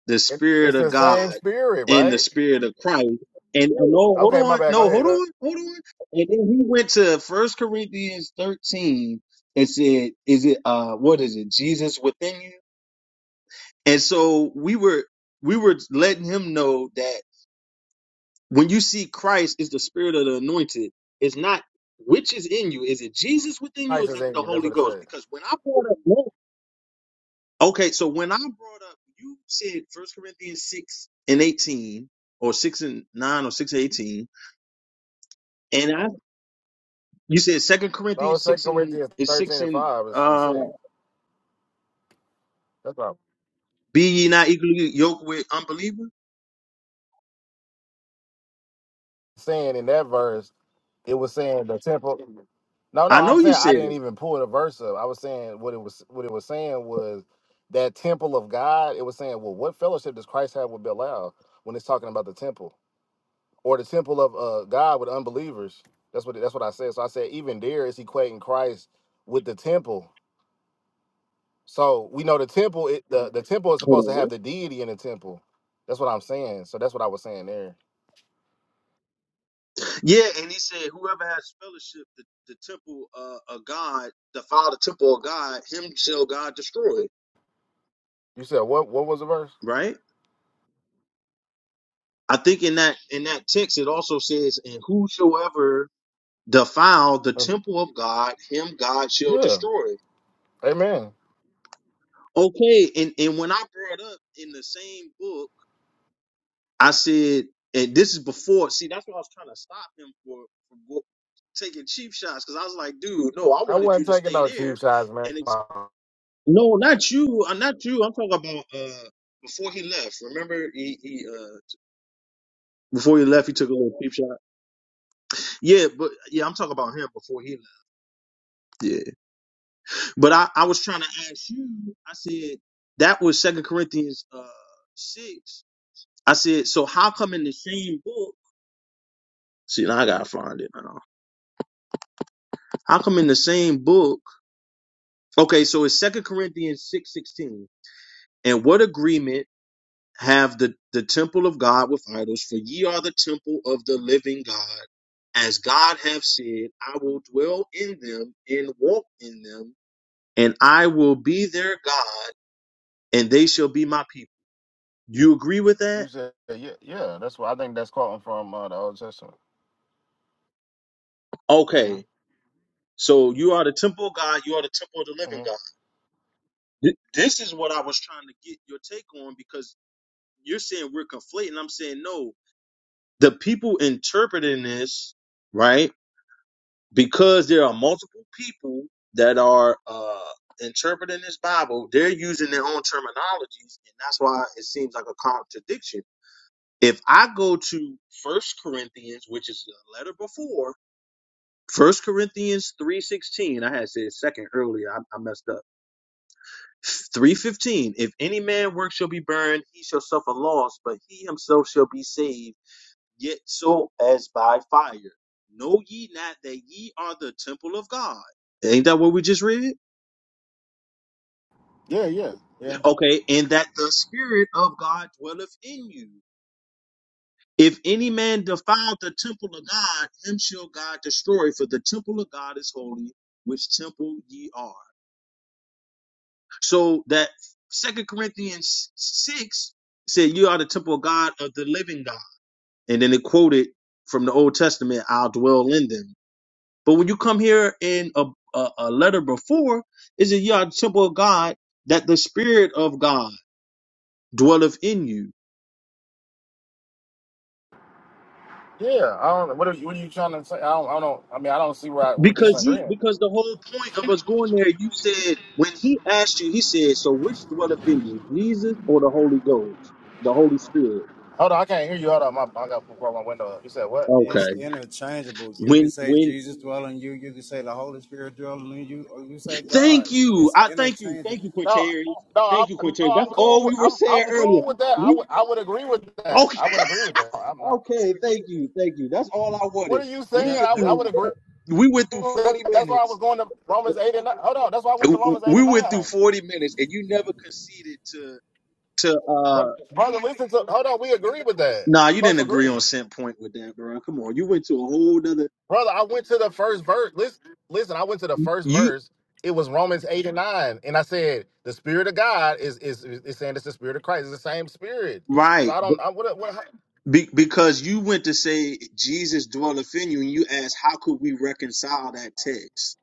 the It, Spirit it's of the same God spirit, and the right? Spirit of Christ. And, and no, hold Okay, my on, bad. Go no, ahead. hold Go. on, hold on. And then he went to First Corinthians 13 and said, Is it, uh, what is it, Jesus within you? And so we were we were letting him know that when you see Christ is the spirit of the anointed, it's not which is in you. Is it Jesus within you or Christ is is it in the you. That's Holy what it Ghost? said. Because when I brought up Okay, so when I brought up you said First Corinthians six and eighteen or six and nine or six and eighteen, and I you said Second No, it's Corinthians Second six and Corinthians is six thirteen and and five is- and uh six. That's what I'm be ye not equally yoked with unbelievers? saying in that verse. It was saying the temple. No, no, I I'm know you saying I said didn't it. even pull the verse up. I was saying what it was. What it was saying was that temple of God. It was saying, well, what fellowship does Christ have with Belial when it's talking about the temple? or the temple of uh, God with unbelievers. That's what that's what I said. So I said even there is equating Christ with the temple. So we know the temple it, the the temple is Hold on, supposed to what? have the deity in the temple. That's what I'm saying. So that's what I was saying there. Yeah, and he said, whoever has fellowship, the, the temple uh, of God, defile the temple of God, him shall God destroy. You said what what was the verse? Right. I think in that in that text it also says, and whosoever defile the Uh, temple of God, him God shall yeah. destroy. Amen. Okay, and and when I brought up in the same book, I said, and this is before. See, that's why I was trying to stop him for, for go- taking cheap shots because I was like, dude, no, I I wanted you wasn't to taking stay no there cheap shots, man. and." Come on. No, not you. Uh, Not you. I'm talking about uh before he left. Remember, he, he uh before he left, he took a little peep shot. Yeah, but yeah, I'm talking about him before he left. Yeah, but I I was trying to ask you. I said that was Second Corinthians uh six. I said so. How come in the same book? See, now I gotta find it. Now. How come in the same book? Okay, so it's Second Corinthians six sixteen. And what agreement? have the, the temple of God with idols, for ye are the temple of the living God. As God hath said, I will dwell in them and walk in them, and I will be their God, and they shall be my people. You agree with that? You said yeah, yeah. That's what I think. That's quoting from uh, the Old Testament. hmm Okay. So you are the temple of God, you are the temple of the living hmm God. Th- This is what I was trying to get your take on because you're saying we're conflating. I'm saying no. The people interpreting this, right? because there are multiple people that are uh, interpreting this Bible, they're using their own terminologies, and that's why it seems like a contradiction. If I go to First Corinthians, which is the letter before First Corinthians three sixteen, I had said second earlier, I, I messed up. Three fifteen. If any man work shall be burned, he shall suffer loss, but he himself shall be saved yet so as by fire. Know ye not that ye are the temple of God? Ain't that what we just read? Okay, and that the Spirit of God dwelleth in you. If any man defile the temple of God, him shall God destroy, for the temple of God is holy, which temple ye are. So that Second Corinthians 6 said, You are the temple of God of the living God. And then it quoted from the Old Testament, I'll dwell in them. But when you come here in a, a, a letter before, it says you are the temple of God, that the Spirit of God dwelleth in you. Yeah. I don't. What are, you- what are you trying to say? I don't. I don't. I mean, I don't see why we Because you disagreeing. because the whole point of us going there, you said when he asked you, he said, So which dwelleth in you, Jesus or the Holy Ghost? The Holy Spirit. Hold on, I can't hear you. Hold on, my, I got to pull my window up. You said what? It's Okay. interchangeable. You can When say when Jesus dwell in you. You can say the Holy Spirit dwelling in you, or you say God. Thank you. It's I thank you. Thank you, interchangeable. No, Quintarius. no, Thank you, I'm, Quintarius. no, I'm That's all cool. we With, were I'm, saying I'm earlier. cool with that. I We would, I would agree with that. okay. I would agree with that. I'm not. Okay, thank you, thank you. That's all I What wanted. are you We saying? went That I, that I would through agree. we went through With that. 40 That's why I was minutes. going to Romans eight and nine. Hold on, that's why I went to Romans eight We and went through nine. 40 minutes and you never conceded to to But uh brother, listen to. Hold on, we agree with that. nah, We you both didn't agree agree, on cent point with that, bro. Come on. You went to a whole nother brother. I went to the first verse. Listen, listen. I went to the first you verse. It was Romans eight and nine, and I said the spirit of God is is is saying it's the spirit of Christ. It's the same spirit. So right I but don't. I, what, what? be, because you went to say Jesus dwelleth in you and you asked how could we reconcile that text?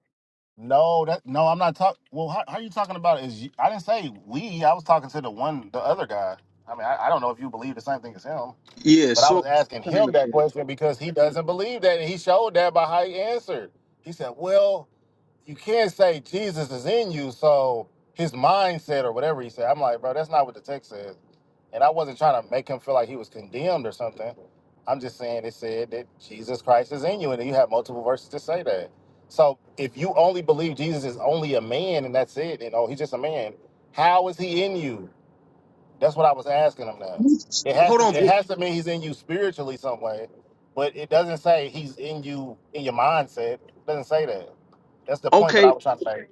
No, that no, I'm not talking. Well, how, how are you talking about is you, I didn't say we. I was talking to the one, the other guy. I mean, I, I don't know if you believe the same thing as him, Yeah, but I so was asking kind him of that question because he doesn't believe that, and he showed that by how he answered. He said, "Well, you can't say Jesus is in you, so his mindset or whatever he said. I'm like, bro, that's not what the text says. And I wasn't trying to make him feel like he was condemned or something. I'm just saying it said that Jesus Christ is in you, and you have multiple verses to say that. So if you only believe Jesus is only a man and that's it, and oh, he's just a man, how is he in you? That's what I was asking him now. thing. It has hold to on. it but- has to mean he's in you spiritually some way, but it doesn't say he's in you in your mindset. It doesn't say that. That's the point that I Okay, was trying to make.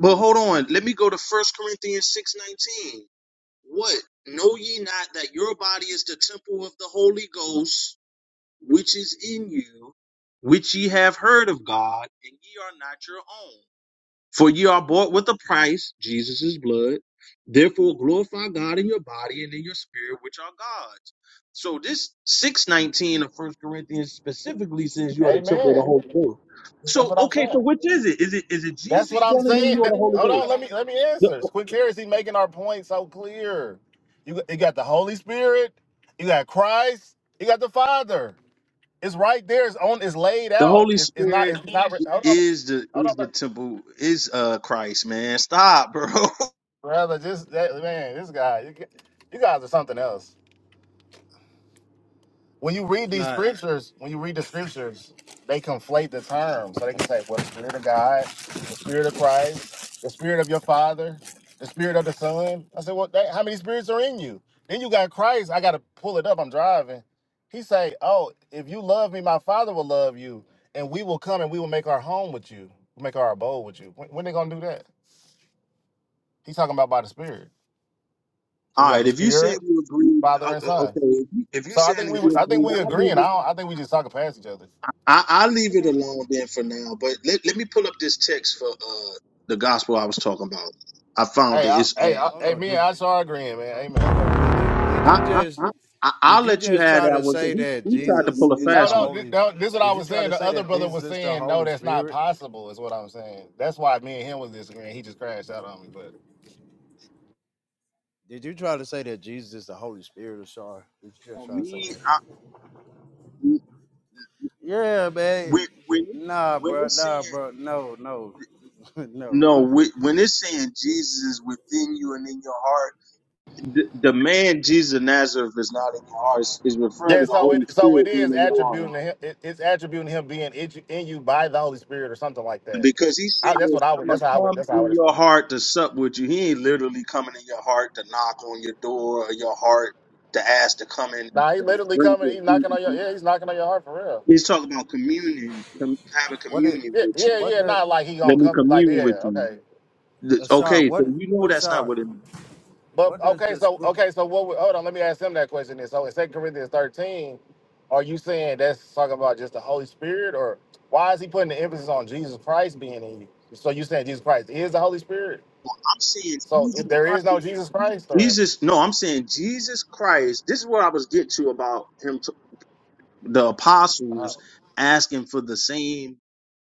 but hold on. Let me go to First Corinthians 6:19. What? Know ye not that your body is the temple of the Holy Ghost, which is in you, which ye have heard of God, and ye are not your own? For ye are bought with a price, Jesus' blood. Therefore glorify God in your body and in your spirit, which are God's. So this 619 of First Corinthians specifically says you are the temple of the Amen. Holy Ghost. That's So what I'm okay, saying. so which is it? Is it is it That's Jesus what I'm dwelling in you saying. or That- the Holy hold on, Ghost? let me let me answer. Quick heresy making our point so clear. You got- you got the Holy Spirit, you got Christ, you got the Father. It's right there. It's on. It's laid The out. Holy It's, it's not. Spirit It's not. Hold on. is the Hold on. is the temple is uh Christ, man. Stop, bro. *laughs* brother. Just that man, this guy, you, ca- you guys are something else. When you read it's these not. scriptures, when you read the scriptures, they conflate the terms. So they can say, "Well, the Spirit of God, the Spirit of Christ, the Spirit of your Father, the Spirit of the Son." I said, "Well, that, how many spirits are in you?" Then you got Christ. I got to pull it up. I'm driving. He say, "Oh, if you love me, my Father will love you, and we will come and we will make our home with you, make our abode with you." When, when they gonna do that? He's talking about by the Spirit. So All you got right, the if you saying Spirit, you agree, Father, o- and o- Son. okay. If you, if you So I saying think we that was- you I think agree, we I leave agreeing. it. I don't, I think we just talking past each other. I, I leave it alone then for now. But let, let me pull up this text for uh the gospel I was talking about. I found Hey, it. I, It's uh, hey, I, Hold hey, on. me and did. Aisha are agreeing, man. Uh, hold Amen. on. Did you did you I, I just I I- I'll did you let you just have try that to one because say he that he tried to Jesus pull a is No, the fast no, one. this, Holy? no, this is what I Did you was try saying. to The say other that brother Jesus was is the saying, no, Holy that's not Spirit? possible. Is what I'm saying. That's why me and him was disagreeing. He just crashed out on me, but Did you try to say that Jesus is the Holy Spirit or sorry? Did you just On try to say me, that? I, Yeah, man. when when Nah, when bro. it's Nah, saying bro. No, no, *laughs* no. No, *laughs* wh- when it's saying Jesus is within you and in your heart, the, the man Jesus of Nazareth is not in your heart. It's, it's referring yeah. to the So it, Holy so it Spirit being is in your heart. attributing to him. It, it's attributing him being in you, in you by the Holy Spirit or something like that. Because he says, I, that's what I I'm would. going That's to how I would. come That's how I in would your explain it. heart to sup with you. He ain't literally coming in your heart to knock on your door or your heart to ask to come in and Nah, he literally drink coming. or He's eat. knocking on your. Yeah, he's knocking on your heart for real. He's talking about communion, com- having what it? communion Yeah, with yeah, you. What yeah. does Not like he gonna Let me come. Like commune with yeah, you. okay. Th- Ashar. Okay, What? so you know that's not Ashar. what it means. But What does okay, the so script? okay, so what? we- Hold on, let me ask him that question. Then, so in Second Corinthians thirteen, are you saying that's talking about just the Holy Spirit, or why is he putting the emphasis on Jesus Christ being in you? So you saying Jesus Christ is the Holy Spirit? Well, I'm saying So if Jesus. there is no Jesus Christ, or Jesus, no, I'm saying Jesus Christ. This is what I was getting to about him, t- the uh, apostles asking for the same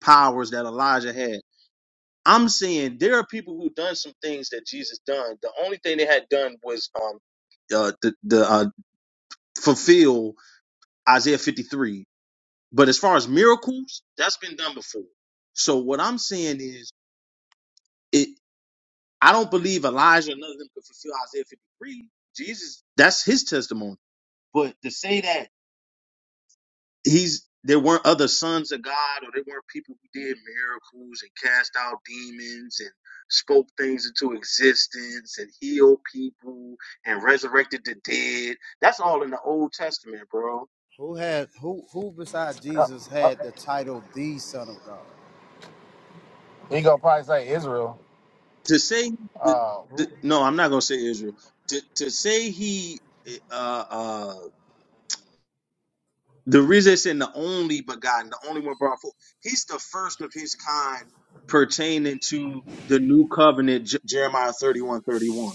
powers that Elijah had. I'm saying there are people who done some things that Jesus done. The only thing they had done was um uh, the the uh, fulfill Isaiah 53. But as far as miracles, that's been done before. So what I'm saying is, it I don't believe Elijah or none of them could fulfill Isaiah 53. Jesus, that's his testimony. But to say that he's there weren't other sons of God or there weren't people who did miracles and cast out demons and spoke things into existence and healed people and resurrected the dead. That's all in the Old Testament, bro. Who had who who besides uh, Jesus uh, had the title the Son of God? he gonna probably say Israel. To say the, Uh, the, Who? no, I'm not gonna say Israel. To to say he uh uh the reason it's in the only begotten, the only one brought forth, he's the first of his kind pertaining to the new covenant, J- Jeremiah 31 31.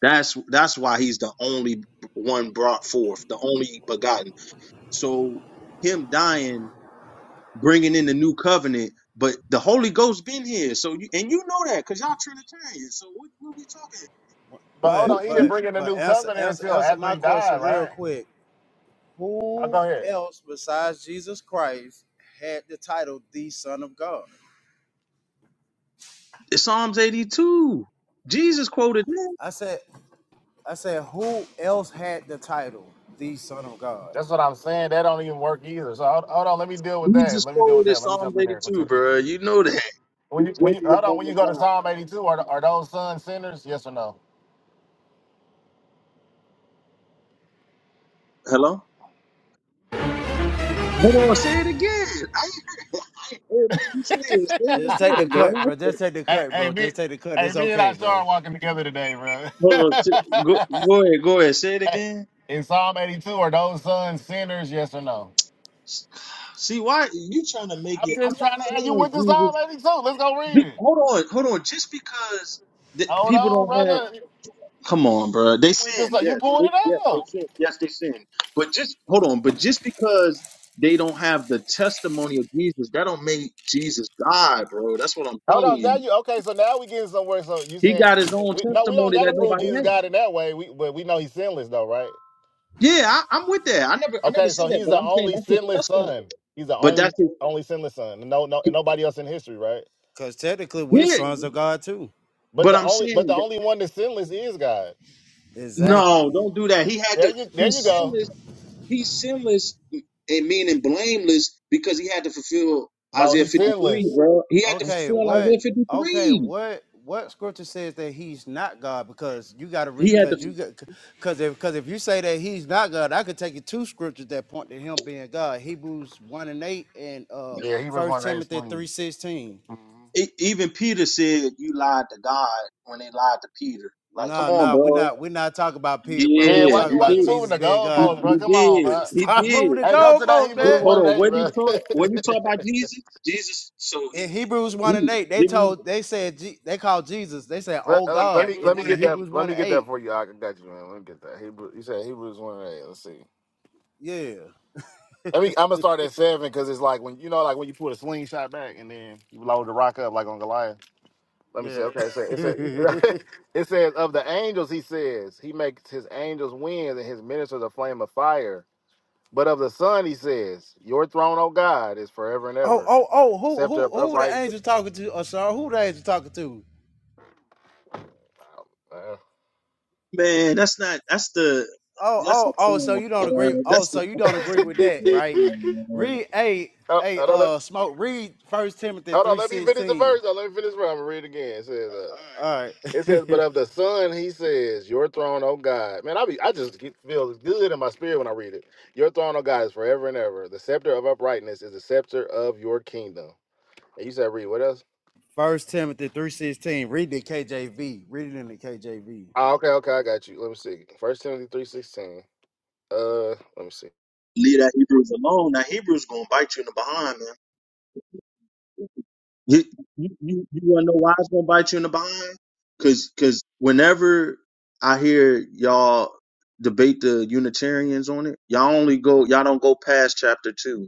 That's that's why he's the only one brought forth, the only begotten. So him dying, bringing in the new covenant, but the Holy Ghost been here. So you and you know that because y'all Trinitarian. So what, what we talking? but hold But on, he didn't but What, bring in the but new answer covenant answer until answer after my he question died, real right? quick. i Who go ahead. else besides Jesus Christ had the title the Son of God? Psalms eighty two. Jesus quoted that. I said I said who else had the title the Son of God? That's what I'm saying. That don't even work either. So hold, hold on, let me deal with that. Jesus Let me deal with quoted that. Let me jump Psalms in eighty two, there. bro. You know that. When He you when judges you hold on, among when you the go to gods. Psalm 82, are are those sons sinners? Yes or no? Hello. Hold on, say it again. I ain't *laughs* I ain't heard that you say *laughs* it. hey, Say it Just take the again, cut, bro. bro. Just take the cut, hey, bro. me, Just take the cut. hey, It's me and okay, I bro. are walking together today, bro. Hold *laughs* on. t- Go, go ahead. Go ahead. Say it Hey, again. In Psalm 82, are those sons sinners? Yes or no? S- See why you trying to make I'm it? I'm just not trying to. Hey, you saying went to Psalm Jesus. 82. Let's go read be- it. Hold on. Hold on. Just because that Hold people on, don't have. brother. You Come on, bro. They went to sin. Psalm- you Yes. pulling They- it Yes, they up. sin. Yes, they sin. But just hold on. But just because they don't have the testimony of Jesus, that don't make Jesus God, bro. That's what I'm Hold telling on. Now you. you okay? So now we getting somewhere. So you He saying got his own we no? We don't testimony got that to prove nobody Jesus has. God in that way. We but we know He's sinless though, right? Yeah, I, I'm with that. I never, I never Okay, said so that, he's but the I'm saying only that's his sinless testimony. son. He's the But that's only his. only sinless son. No, no, and nobody else in history, right? Cause technically we're Yeah, sons of God too. But But the I'm only but saying the that, only one that's sinless is God. no, Exactly. don't do that. He had There to. you there you He's go. sinless. He's sinless and meaning blameless because he had to fulfill No, Isaiah he's 53, sinless. bro. He had to Okay, fulfill what? Isaiah Okay, 53. what? What scripture says that he's not God? Because you got to read, He had to. because you got, because if because if you say that he's not God, I could take you two scriptures that point to him being God: Hebrews one and eight, and uh Yeah, he was First one that is Timothy three clean. sixteen. e- Even Peter said, "You lied to God" when they lied to Peter. Like, No, come on, no, we're bro. not. We're not talking about Peter, bro. Yeah, We Yeah, why talking you he why about you did. moving Jesus the being God. He, goalpost, bro? he Come on, did. *laughs* bro. He Stop did. moving the Hey, go to that goalposts, Hebrews man. Hold one on. and eight, What did he bro. taught? What did he taught about *laughs* Jesus? Jesus. So In he Hebrews one he and eight, they didn't. told, they said, Je- they called Jesus. They said, let, "Oh uh, God." In, in Hebrews let one me and get that eight, for you. I got you, man. Let me get that. Hebrew, you said Hebrews one and eight. Let's see. yeah. Let me. I'm gonna start at seven because it's like when you know, like when you put a slingshot back and then you load the rock up like on Goliath. Let me say, Yeah. okay, so it says, *laughs* *laughs* it says of the angels, he says, he makes his angels winds and his ministers a flame of fire. But of the Son, he says, your throne, O God, is forever and Oh, ever. oh, oh, who Scepter who of who were the upright. angels talking to? Oh, sorry, who the angels talking to? Uh, Man, that's not. That's the. Oh, That's oh, the oh, song, so you uh, don't agree. Oh, That's so the. you That's don't the agree with song, that, bro. right? Come on, man. Read hey, oh, hey, hold on, let- uh smoke, read first Timothy hold on, three let me finish the sixteen. verse. Oh, let me finish. the verse. I'm gonna read it again. It says, uh, All it right. says, but *laughs* of the Son, he says, your throne, O God. Man, I be, I just get, feel good in my spirit when I read it. Your throne, O God, is forever and ever. The scepter of uprightness is the scepter of your kingdom. And you said, read what else? First Timothy three sixteen. Read the KJV. Read it in the KJV. Oh, okay, okay, I got you. Let me see. First Timothy three sixteen. Uh, let me see. Leave that Hebrews alone. That Hebrews gonna bite you in the behind, man. You you you, you wanna know why it's gonna bite you in the behind? Cause cause whenever I hear y'all debate the Unitarians on it, y'all only go y'all don't go past chapter two.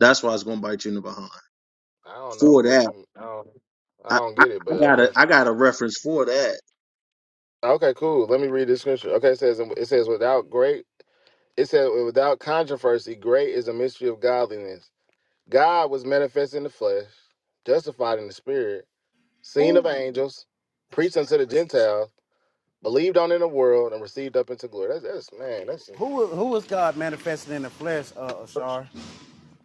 That's why it's gonna bite you in the behind. I don't know For what that, you. I don't. I I don't I, get it, but I got okay. a I got a reference for that. Okay, cool. Let me read this scripture. Okay, it says it says without great. It says without controversy, great is a mystery of godliness. God was manifest in the flesh, justified in the spirit, seen of Ooh, angels, preached unto the Gentiles, believed on in the world, and received up into glory. That's, that's man. That's who who was God manifested in the flesh, uh Ashar?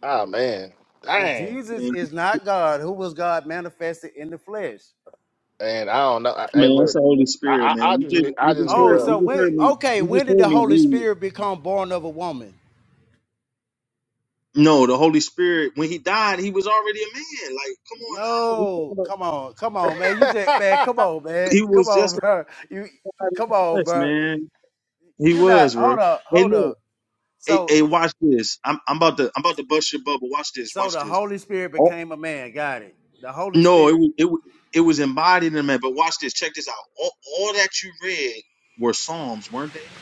ah man. If Dang. Jesus is not God, who was God manifested in the flesh? And I don't know. I, hey, Man, it's look. the Holy Spirit, I I, I man. You just just need. you just Oh, heard so you just when heard me okay, you when just did heard the me Holy read. Spirit become born of a woman? No, the Holy Spirit, when he died, he was already a man. Like, come on now. We talking No, about come on, come on, man. You just man, come on, man. he Come was just on, *laughs* bro. You like God in come the on, flesh, bro. man. He You not was, bro. hold up, Hey hold look, up. hey, So hey watch this. I'm I'm about to I'm about to bust your bubble. Watch this, so watch the this. Holy Spirit Oh became a man, got it. The Holy no, it Spirit. was it was it was embodied in a man, but watch this, check this out. All, all that you read were Psalms, weren't they?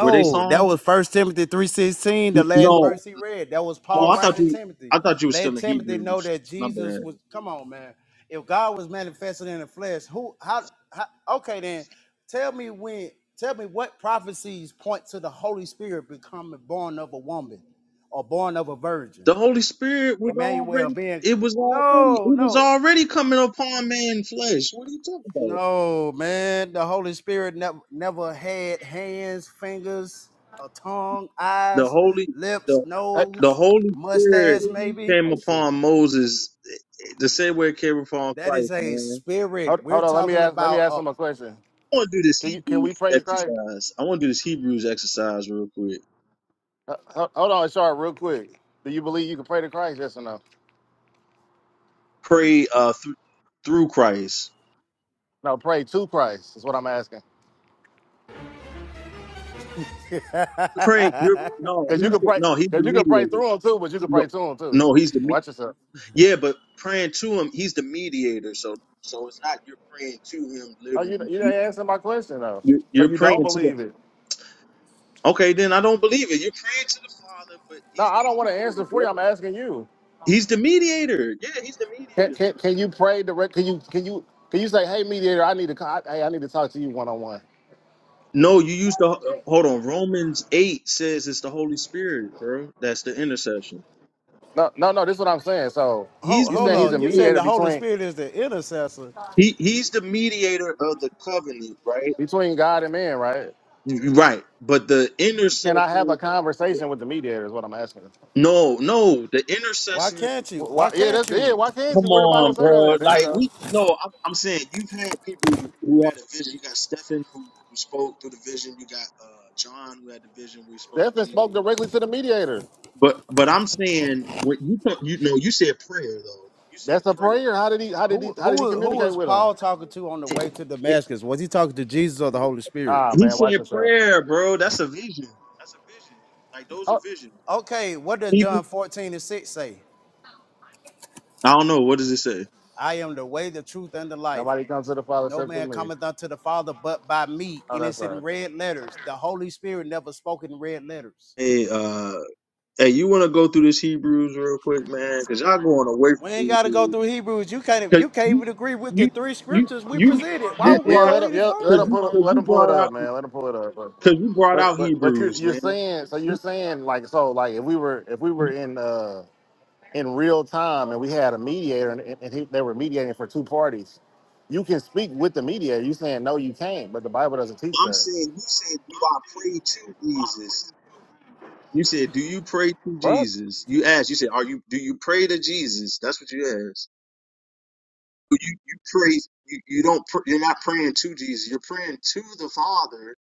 Were they that Psalms? was First Timothy three sixteen, the last No. verse he read. That was Oh, Paul I thought writing to you. Timothy. I thought you were Let still in Timothy know Hebrews. that My Jesus bad. was. Come on, man. If God was manifested in the flesh, who? How? how okay, then tell me when. Tell me what prophecies point to the Holy Spirit becoming born of a woman or born of a virgin. The Holy Spirit was Emmanuel already. being. It was already. No, It was no. already coming upon man flesh. What are you talking about? No, man, the Holy Spirit never never had hands, fingers, a tongue, The eyes, Holy. lips, The I, the nose, Holy Spirit mustache, maybe. came Oh shoot. upon Moses the same way it came upon That Christ, is a man. spirit. Hold, We're hold on. Let me talking ask. Let me about ask a him a question. I want to do this Can you? Can we Hebrews pray to Christ? exercise. I want to do this Hebrews exercise real quick. Uh, ho- Hold on, Ashar, real quick. Do you believe you can pray to Christ? Yes or no? Pray uh through through Christ. No, pray to Christ is what I'm asking. Pray. You're, *laughs* no, Because you he's can the, pray. no, he's the Because you can pray mediator. through him too, but you can No, pray to him too. no, he's the mediator. Watch yourself. Yeah, but praying to him, he's the mediator. So so it's not you're praying to him Oh, you literally. you didn't answer my question though. You're, So you're you don't praying to the believe it? Okay, then I don't believe it. You're praying to the Father, but No, he's the I don't want to mediator, answer for bro. you. I'm asking you. He's the mediator. Yeah, he's the Can mediator, can, bro. can you pray direct? Can you can you can you say, hey mediator, I need to co- I- hey I need to talk to you one on one. No, you used to hold on. Romans 8 says it's the Holy Spirit, bro. That's the intercession. No no no. This is what I'm saying. So He's hold, you the hold saying he's on. a You said mediator mediator. the Holy between? Spirit is the intercessor. He he's Ye- the mediator of the covenant, right? between God and man, right? Right. But the Can intercessor I have a conversation with the mediator? Is what I'm asking. no, no, the Why intercessor can't Wh- you? Why, Why yeah, can't that's yeah. you? Why can't Come you? Where the Bible on, say that? bro. At? There you Like go. we no, I'm, I'm saying you've had people who had a vision. You got Stephen who, who spoke through the vision. You got uh John who had the vision. We spoke to Stephen Jesus. spoke directly to the mediator. But but I'm saying what you put- you know you said prayer though. You said That's a prayer. prayer. How did he? How did he? Who How who did he wa- who In communicate was with him? Paul Ro- in talking Romans, to on the it- way to it- Damascus? Was he talking to Jesus or the Holy Spirit? Ah, he man, watch said yourself. prayer, bro. That's a vision. That's a vision. Like those are Oh, visions. Okay, what does Even John 14 and 6 say? I don't know what does it say. I am the way, the truth, and the life. nobody comes to the Father No except through man me. cometh unto the Father but by me. Oh, And that's it's in right. red letters. The Holy Spirit never spoke in red letters. Hey, uh, hey, you want to go through this Hebrews real quick, man? Cause y'all going away We ain't from gotta Hebrews. go through Hebrews. You can't Cause you can't you, even agree with the you, three you, scriptures we you, presented. Why Yeah, you would we yeah. brought, go Let him. any Yeah, let cause him further? you, pull. It, cause let you him pull it brought up, out, man. Let him pull it up. But, cause you brought but, out but, but you, Hebrews, you're man. saying. So you're saying like so like if we were if we were in uh in real time, and we had a mediator, and, and he, they were mediating for two parties. You can speak with the mediator. You saying no, you can't, but the Bible doesn't teach I'm that. saying, you said, do I pray to Jesus? You said, do you pray to What? Jesus? You asked, you said, are you, do you pray to Jesus? That's what you asked. But You, you pray, you, you don't, pr- you're not praying to Jesus. You're praying to the Father,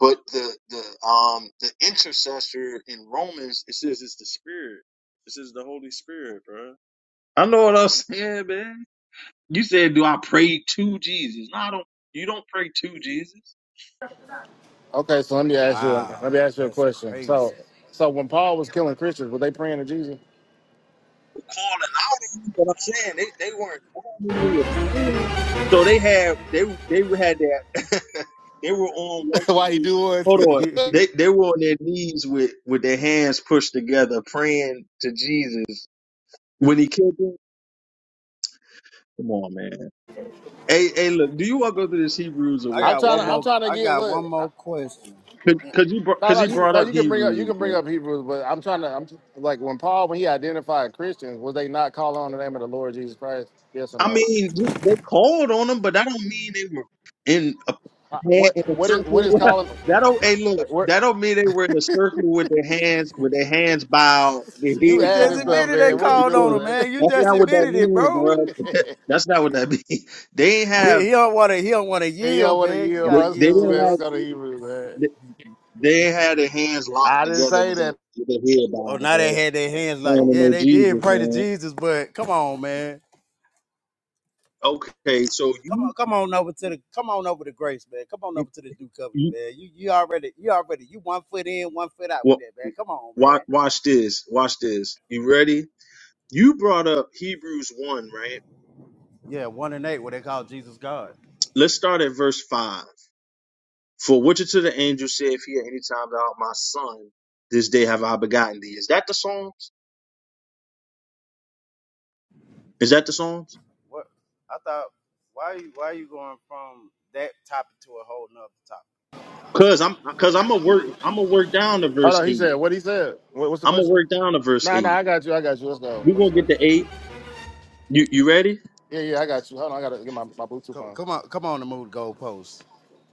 but the, the, um, the intercessor in Romans, it says it's the Spirit. This is the Holy Spirit, bro. I know what I'm saying, man. You said, do I pray to Jesus? No, I don't. You don't pray to Jesus. Okay, so let me ask you. Let me Wow, ask you a that's question. So, crazy. so when Paul was killing Christians, were they praying to Jesus? Calling out, him, but I'm saying they, they weren't calling, they were praying. So they had they they had that *laughs* they were on one *laughs* Why you knee. doing? *laughs* Hold on, they they were on their knees with with their hands pushed together, praying to Jesus when he killed them. Come on, man. Hey, hey, look, do you want to go through this Hebrews or *laughs* I what, I'm got trying one to. man? I'm more trying to I get. got Look, one I, more question. Because you no, cause no, he you, brought no, up you can bring up. You Hebrews. can bring bro. up Hebrews, but I'm trying to. I'm t- like when Paul when he identified Christians, was they not calling on the name of the Lord Jesus Christ? Yes or I no? mean, they called on them, but that don't mean they were in a Uh, pan- What in a what is what is circle. calling? *laughs* that don't hey look, What? that don't mean they were in a circle with their hands with their hands bowed, their You heads You just adding bowed. stuff, admitted they man. like, What they you called on should've. him, doing, man. You That's just not what that admitted it, means, bro. bro. man? *laughs* That's not he, what that means. *laughs* They ain't have he don't wanna he don't wanna *laughs* hey, yo, yield, what a man. You year of they, gotta our they yield school, to didn't man. have Let's go to the. Hebrew, man. they, they ain't had their hands locked I didn't together say with their that. with their head Oh, bowed, now they bro. had their hands Praying like, to yeah, know they did Jesus, pray to man. Jesus, but come on, man. Okay, so Come on, you come on over to the come on over to grace, man. Come on you, over to the new covenant, you man. You you already you already you one foot in, one foot out with well, that, man. Come on, watch, man. watch this. Watch this. You ready? You brought up Hebrews 1, right? Yeah, one and eight, what they call Jesus God. Let's start at verse 5. For which unto the angel saith he at any time, Thou art my son, this day have I begotten thee. Is that the Psalms? Is that the Psalms? What I thought why you why you going from that topic to a whole nother topic? Cause I'm cause I'm gonna work I'm gonna work down to Hold verse on, he eight. said, what he said? What, what's the I'm gonna question? work down to verse Nah, nah, eight. I got you. I got you. Let's go. We're What you gonna said? get to eight. You you ready? Yeah, yeah, I got you. Hold on, I got to get my, my Bluetooth Come, on. come on, come on to move the goalposts.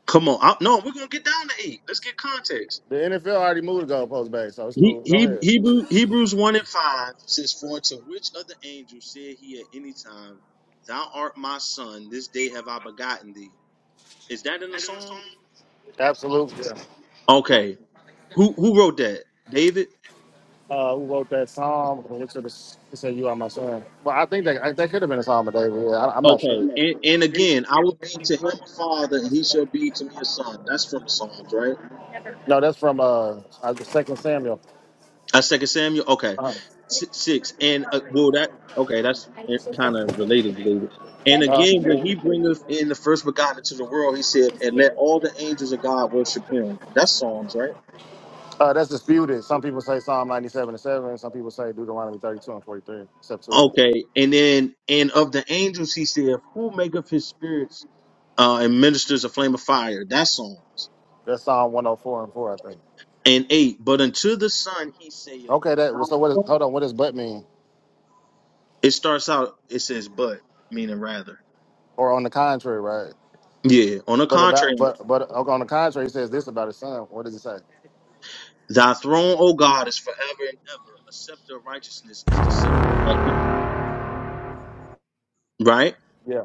Come on. I, no, we're gonna get down to eight. Let's get context. The NFL already moved the goalpost back, so it's He, cool. Go he, ahead. Hebrew, Hebrews 1 and 5 says, For unto which of the angels said he at any time, Thou art my son, this day have I begotten thee. Is that in the Psalm? Absolutely. Yeah. Okay. Who who wrote that? David? Uh, who wrote that song? Which of the, he said, you are my son. Well, I think that, I, that could have been a song, of David. Yeah, I, I'm not Okay. sure. And and again, I will be to him a father, and he shall be to me a son. That's from the Psalms, right? No, that's from uh, uh, the second Samuel. That's Second Samuel. Okay. Uh-huh. Si- Six. And uh, well, that okay. That's kind of related, David. And again, when he bringeth in the first begotten into the world, he said, "And let all the angels of God worship him." That's Psalms, right? Uh, that's disputed. Some people say Psalm 97 and 7. Some people say Deuteronomy 32 and 43, Septuagint. Okay. And then, and of the angels, he said, "Who maketh his spirits uh, and ministers a flame of fire?" That's Psalms. That's Psalm 104 and 4, I think. and 8. But unto the Son he saith, Okay, that well, Thou so what is hold throne. on, what does but mean? It starts out, it says, but, meaning rather. Or on the contrary, right? Yeah. On the But about contrary, but but okay, on the contrary, he says this about his son. What does it say? thy throne, O God, is forever and ever. A scepter of righteousness is the scepter of thy kingdom. Right? Yeah.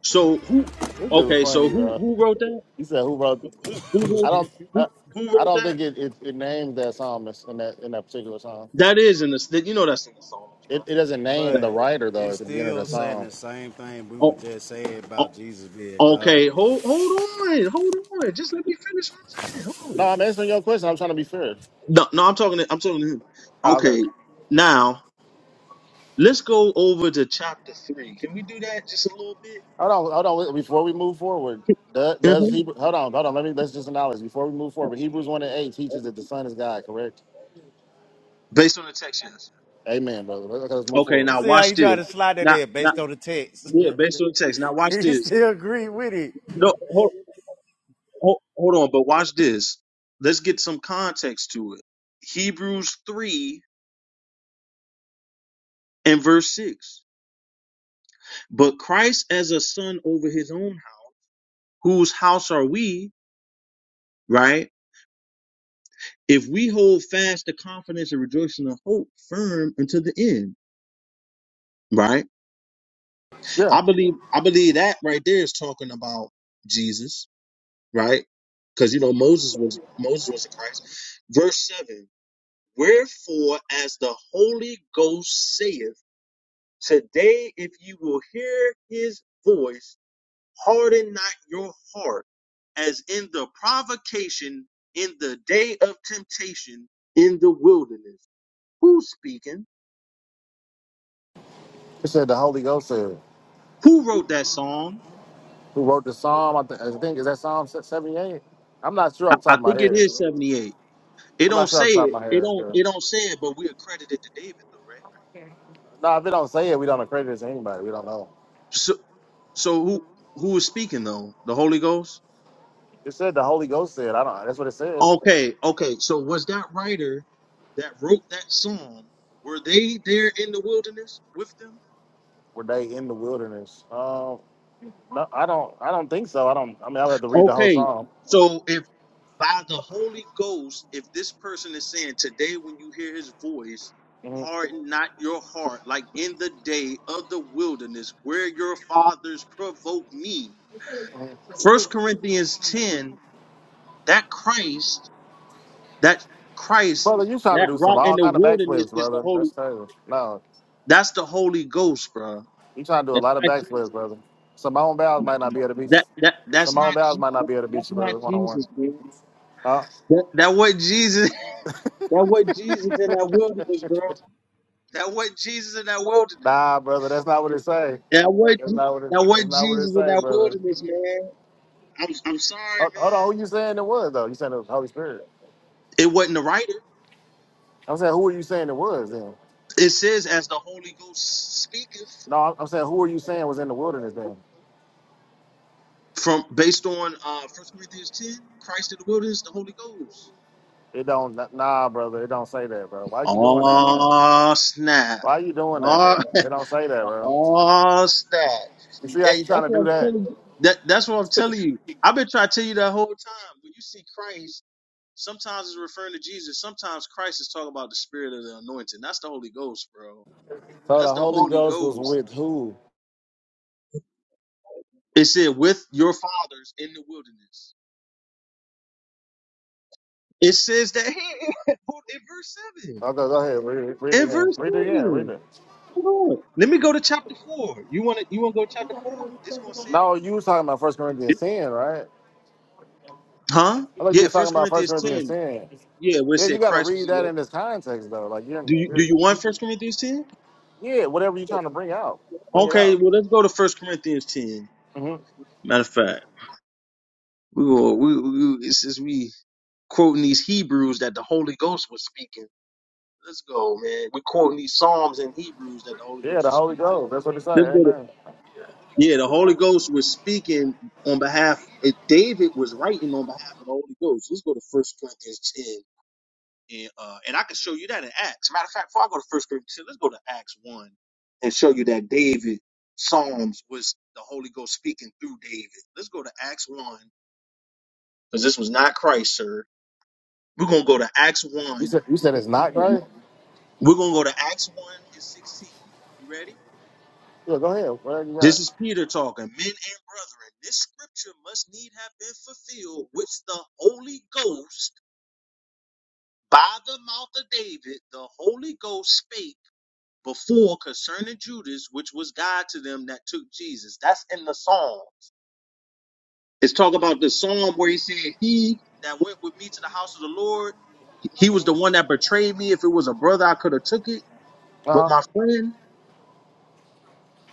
So who, This dude okay, so funny, who bro. who wrote that? He said who wrote This? Who, who, I wrote, don't who, I, who I wrote don't that? think it, it, it names that psalm in in that in that particular psalm. That is in the, that- you know that's in the Psalms, bro. It, it doesn't name the But writer though it's at the beginning of the still That- saying psalm. the same thing we were oh, just saying about oh, Jesus being God, okay, bro. hold, hold on, hold on. Just let me finish what I'm saying. Hold on. No, I'm answering your question. I'm trying to be fair. No, no, I'm talking. To, I'm talking to him. Ah, okay. Okay, now let's go over to chapter three. Can we do that just a little bit? Hold on, hold on. Before we move forward, do- does hmm Hebrew? Hold on, hold on. Let me let's just acknowledge before we move forward. Hebrews one and eight teaches that the Son is God. Correct. Based on the text, yes. Amen, brother. Let's, let's move Okay, forward. now See how watch you this. try to slide that Now, in now, based on the text. yeah, based on the text. Now *laughs* watch he this. still agree with it. No, hold, hold, hold on, but watch this. Let's get some context to it. Hebrews three and verse six. But Christ as a son over his own house, whose house are we? Right If we hold fast the confidence and rejoicing of hope firm until the end, right? Yeah, I believe I believe that right there is talking about Jesus, right? Because you know Moses was Moses was a Christ. Verse seven. Wherefore, as the Holy Ghost saith, today if you will hear his voice, harden not your heart, as in the provocation in the day of temptation in the wilderness. Who's speaking? it said the Holy Ghost said Who wrote that song? who wrote the Psalm. I, th- I think is that Psalm seventy eight. I'm not sure I, off the I top of my think it head. is 78. It I'm not don't sure say off the top of it. my It head. don't Yeah. it don't say it, but we accredited to David though, right? No, if it don't say it, we don't accredit it to anybody. We don't know. So so who who was speaking though? The Holy Ghost? It said the Holy Ghost said. I don't. That's what it says. Okay, okay. So was that writer that wrote that song, were they there in the wilderness with them? Were they in the wilderness? Um, no, I don't. I don't think so. I don't. I mean, I'll have to read the whole Okay. Psalm. So if by the Holy Ghost, if this person is saying today, when you hear his voice, Mhm. harden not your heart, like in the day of the wilderness where your fathers provoked me. First Corinthians 10, that Christ, that Christ, Brother, you trying to that do some rock in all the kind of wilderness backflips, is the brother. That's Holy, crazy. No, that's the Holy Ghost, bro. you trying to do a That's lot of not backflips, Jesus. brother. Simone Biles might not be able to beat. That, that, that's Simone not, Biles Je- might not that, be able to beat that's you, not brother, one on Jesus, bro. one. Huh? *laughs* That, that what Jesus, *laughs* that what Jesus in that wilderness, bro. That wasn't Jesus in that wilderness. Nah, brother, that's not what it say. That wasn't, That's Je- not what it. that That's wasn't not what it Jesus in say, that brother. wilderness, man. I'm, I'm sorry, Ho- Hold on, man. who you saying it was though? You saying it was Holy Spirit? It wasn't the writer. I'm saying who are you saying it was then? It says, as the Holy Ghost speaketh, No, I'm I'm saying who are you saying was in the wilderness then? from based on uh First Corinthians 10, Christ in the wilderness, the Holy Ghost. It don't. Nah, brother, it don't say that, bro. Why you doing that, man? Oh, snap. Why you doing that, Oh, man? *laughs* It don't say that, bro. Oh snap! You see how Hey, you that's trying to what do I'm that? telling you. That that's what I'm telling you. I've been trying to tell you that whole time. When you see Christ Sometimes it's referring to Jesus. Sometimes Christ is talking about the spirit of the anointing. That's the Holy Ghost, bro. So the That's the Holy Holy Ghost was Ghost. with who? It said, with your fathers in the wilderness. It says that here *laughs* in verse 7. Okay, go ahead. Read it, read it In again. verse Read it again. Read 7. it. Hold on. Let me go to chapter 4. You want to you want to go to chapter 4? It's going to say it No, you was again. talking about First Corinthians 10, right? Huh? I thought you Yeah, was talking First about First Corinthians Corinthians 10. 10. Yeah, where it Yeah, you said got to Christ was read in that the in this context, though. Like, you're, Do you do you're you want First Corinthians 10? yeah, whatever you're trying to bring out, bring it Okay, out. well let's go to First Corinthians 10. hmm Matter of fact. We will. We, we since we quoting these Hebrews that the Holy Ghost was speaking. Let's go, man. We're quoting these Psalms and Hebrews that the Holy Yeah, Ghost the was Holy speaking. Ghost. That's what it say. Let's go. To, Amen. yeah, the Holy Ghost was speaking on behalf. If David was writing on behalf of the Holy Ghost. Let's go to First Corinthians ten, and uh, and I can show you that in Acts. Matter of fact, before I go to First Corinthians ten, let's go to Acts one and show you that David Psalms was the Holy Ghost speaking through David. Let's go to Acts one because this was not Christ, sir We're going to go to Acts You 1. said you said it's not Christ. We're going to go to Acts 1 and 16. You ready? Yeah, go ahead. Whatever you This got. is Peter talking. Men and brethren, this scripture must need have been fulfilled, which the Holy Ghost, by the mouth of David, the Holy Ghost spake before concerning Judas, which was God to them that took Jesus. That's in the Psalm. It's talking about the Psalm where he said, He that went with me to the house of the Lord, he was the one that betrayed me. If it was a brother, I could have took it. Uh But huh. my friend,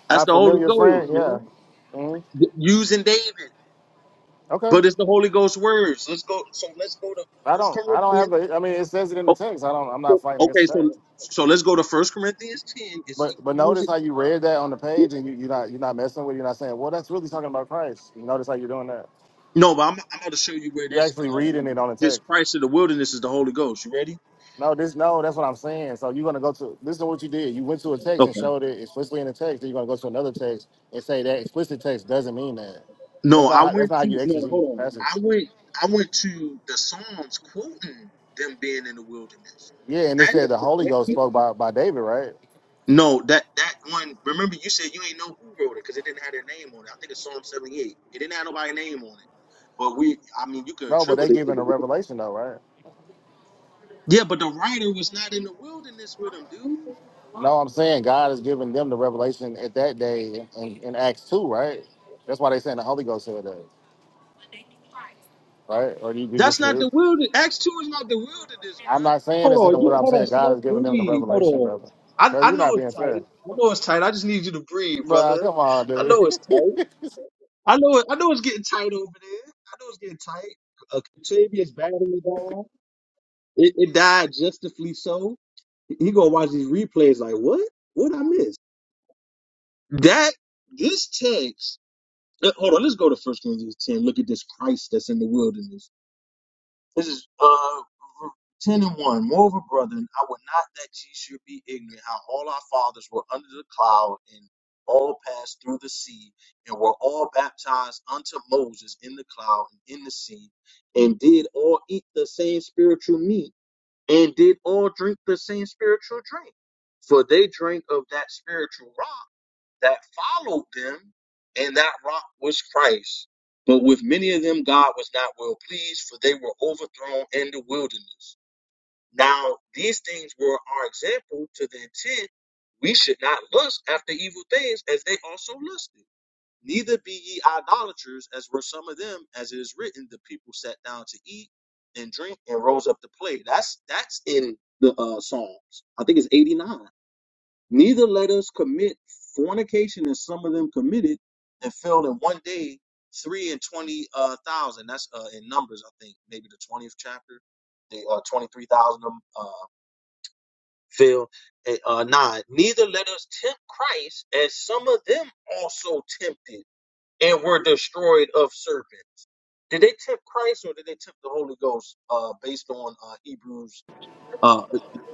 That's My the Holy familiar friend. Ghost, Yeah. man. hmm Y- Using David, Okay. but it's the Holy Ghost words. Let's go. So let's go to I First don't. I don't have Corinthians. a. I mean, it says it in the Oh, text. I don't. I'm not so- fighting okay, against the text. so so let's go to First Corinthians ten and see But but who was notice how you read that on the it. page and you, you're not you're not messing with it. You're not saying, well, that's really talking about Christ. You notice how you're doing that. No, but I'm I'm about to show you where You're this actually uh reading it on the this text. Christ of the wilderness is the Holy Ghost. You ready? No, this no, that's what I'm saying. So you're gonna go to this is what you did. You went to a text and Okay. showed it explicitly in the text. Then you're gonna go to another text and say that explicit text doesn't mean that. That's No, not I how, that's went not how you to no. exegete the Hold on. passage. I went I went to the Psalms quoting them being in the wilderness. Yeah, and it said the Holy That. Ghost spoke by, by David, right? No, that that one. Remember, you said you ain't know who wrote it because it didn't have their name on it. I think it's Psalm seventy eight. It didn't have nobody's name on it. But we, I mean, you can No, but they attribute it to giving a them. revelation though, right? Yeah, but the writer was not in the wilderness with him, dude. No, I'm saying God is giving them the revelation at that day in, in Acts two, right? That's why they saying the Holy Ghost said that. right? Or do you, do you That's not disagree? the wilderness. Acts two is not the wilderness, bro. I'm not saying Hold this in the on, what you I'm hold on, saying. God slow is giving them the breathe. Hold revelation, on. brother. Brother, I I you're know not being it's fair. tight. I know it's tight. I just need you to breathe, Bruh, brother. come on, I dude. know it's *laughs* tight. I know it. I know it's getting tight over there. I know it's getting tight. A Octavius battery died. It, it died justifully so. He gonna watch these replays like, what? What I miss? That this text. uh, Hold on, let's go to First Corinthians ten. Look at this Christ that's in the wilderness. This is uh ten and one. Moreover, brethren, I would not that ye should be ignorant how all our fathers were under the cloud and all passed through the sea and were all baptized unto Moses in the cloud and in the sea and did all eat the same spiritual meat and did all drink the same spiritual drink. For they drank of that spiritual rock that followed them, and that rock was Christ. But with many of them, God was not well pleased, for they were overthrown in the wilderness. Now, these things were our example to the intent we should not lust after evil things as they also lusted. Neither be ye idolaters, as were some of them, as it is written, the people sat down to eat and drink and rose up to play. That's that's in the uh, Psalms. I think it's 89. Neither let us commit fornication, as some of them committed, and fell in one day three and twenty uh, thousand. That's uh, in Numbers, I think, maybe the twentieth chapter. They uh, twenty three thousand of them uh, filled. Uh, nine. Neither let us tempt Christ, as some of them also tempted and were destroyed of serpent. Did they tip Christ or did they tip the Holy Ghost? Uh, based on uh, Hebrews. Uh,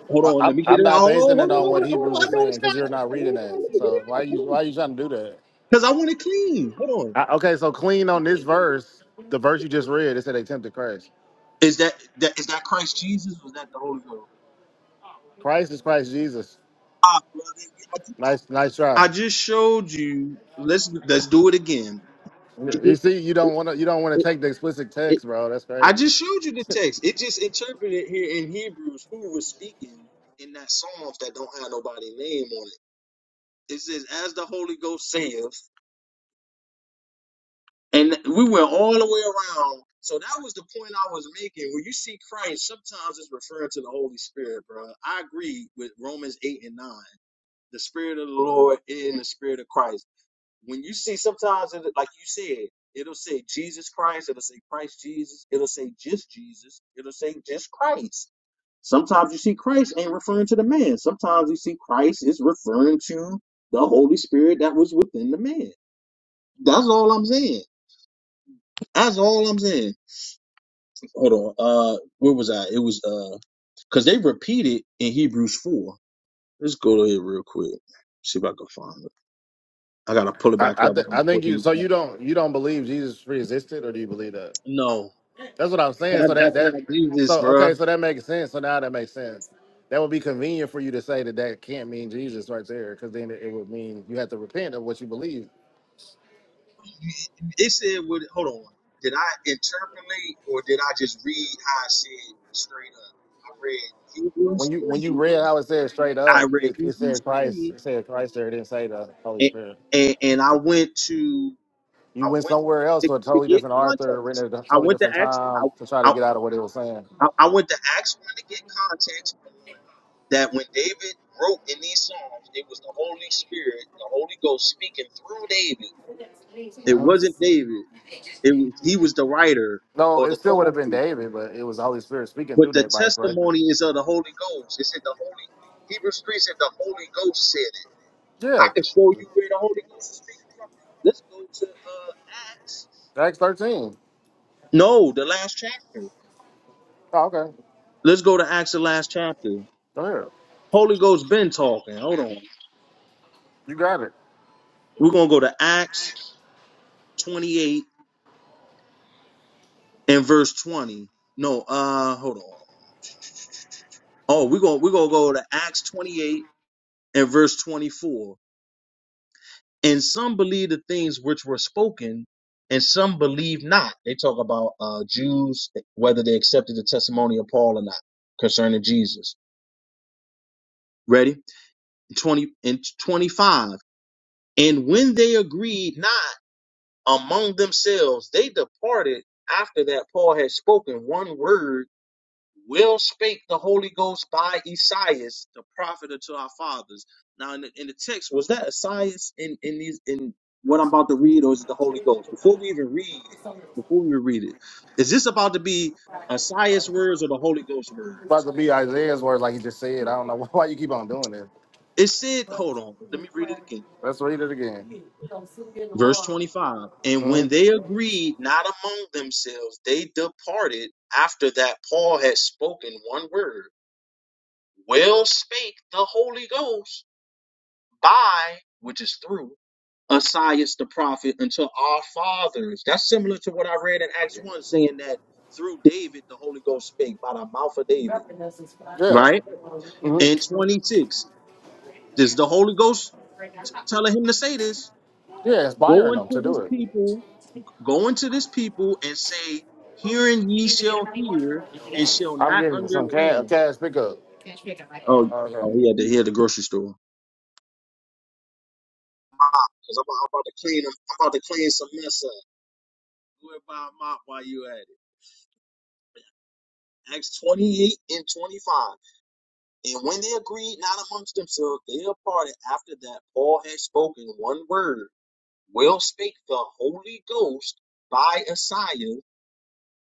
hold I, on, let I'm, me get I'm it out. not Hold on, basing hold it on, on hold what on. hold Hebrews on. I is know saying it's not. because you're not I know reading it's that. not. Let me get it So why out. Hold you on, why you trying to do that? because I want it clean. Hold I, okay, so clean on. on this verse, the verse you just read, it said they tempted Christ. Is that that is that Christ Jesus? Or is that the Holy Ghost? Christ is Christ Jesus. Ah, brother, I just Nice, nice try. I just showed you. Let's let's do it again. You see, you don't want to you don't want to take the explicit text, bro. That's I crazy. just showed you the text. It just interpreted here in Hebrews who was speaking in that Psalms that don't have nobody name on it. It says, as the Holy Ghost saith, and we went all the way around. So that was the point I was making. When you see Christ, sometimes it's referring to the Holy Spirit, bro. I agree with Romans 8 and 9. The Spirit of the Lord is in the Spirit of Christ. when you see sometimes it, like you said it'll say jesus christ it'll say christ jesus it'll say just jesus it'll say just christ sometimes you see christ ain't referring to the man sometimes you see christ is referring to the holy spirit that was within the man that's all i'm saying that's all i'm saying hold on uh where was i it was uh because they repeat it in hebrews 4 let's go to it real quick see if i can find it i gotta pull it I back I, up th- I'm I think you working so it you out. don't you don't believe Jesus pre-existed, or do you believe that? no That's what I'm saying. That, So that that's not that Jesus, so bro. okay, so that makes sense. So now that makes sense. That would be convenient for you to say that that can't mean Jesus right there, because then it it would mean you have to repent of what you believe. It said, what, hold on. Did I interpolate or did I just read how I said straight up? I read When Hebrews you when you 3. read how it said straight I up, read it, it Hebrews said Christ, 3. it said Christ there, it didn't say the Holy And, Spirit. and, and I went to, You I went went somewhere else to, to a to totally get different author, written context. at a I totally went to different Acts, I, time to try to I, get out of what it was saying. I I went to Acts 1 to get context on that when David wrote in these Psalms, it was the Holy Spirit, the Holy Ghost speaking through David. It wasn't David. It was, he was the writer No, or it the still would have been author, David, but it was the Holy Spirit speaking but through the that by inspiration. testimony is of the Holy Ghost. It said the Holy Hebrews three said the Holy Ghost said it. Yeah, I can show you where the Holy Ghost is speaking from. Let's go to uh Acts. Acts 13. No, the last chapter. Oh, okay. Let's go to Acts, the last chapter. Go ahead. Holy Ghost been talking. Hold on. You got it. We're gonna go to Acts twenty eight and verse twenty. No, uh, hold on. Oh, we're gonna we're gonna go to Acts twenty eight and verse twenty four. And some believe the things which were spoken, and some believe not. They talk about uh, Jews, eh, whether they accepted the testimony of Paul or not concerning Jesus. Ready? 20 and 25. And when they agreed not among themselves, they departed after that Paul had spoken one word will spake the Holy Ghost by Esaias, the prophet unto our fathers. Now, in the, in the text, was that Esaias in, in these in what I'm about to read, or is it the Holy Ghost? Before we even read, it, before we even read it, is this about to be Esaias' words or the Holy Ghost words? about to be Isaiah's words, like he just said. I don't know *laughs* why you keep on doing this. It said, hold on, let me read it again. Let's read it again. Verse 25. And when they agreed not among themselves, they departed after that Paul had spoken one word. Well spake the Holy Ghost by, which is through, Esaias the prophet until our fathers. That's similar to what I read in Acts 1 saying that through David the Holy Ghost spake by the mouth of David. Yeah, Right? And 26. Does the Holy Ghost t- telling him to say this? yeah, Go inspiring them to into do this it. people, go into this people and say, Hearing ye shall hear and shall I'm not getting some cash, understand. cash pickup. Oh, Okay. oh, he had to hear the grocery store. Cause I'm, I'm about to clean. I'm about to clean some mess up. Where my mop while you at? it. Acts 28 and 25. And when they agreed not amongst themselves, they departed after that Paul had spoken one word. Well spake the Holy Ghost by Isaiah,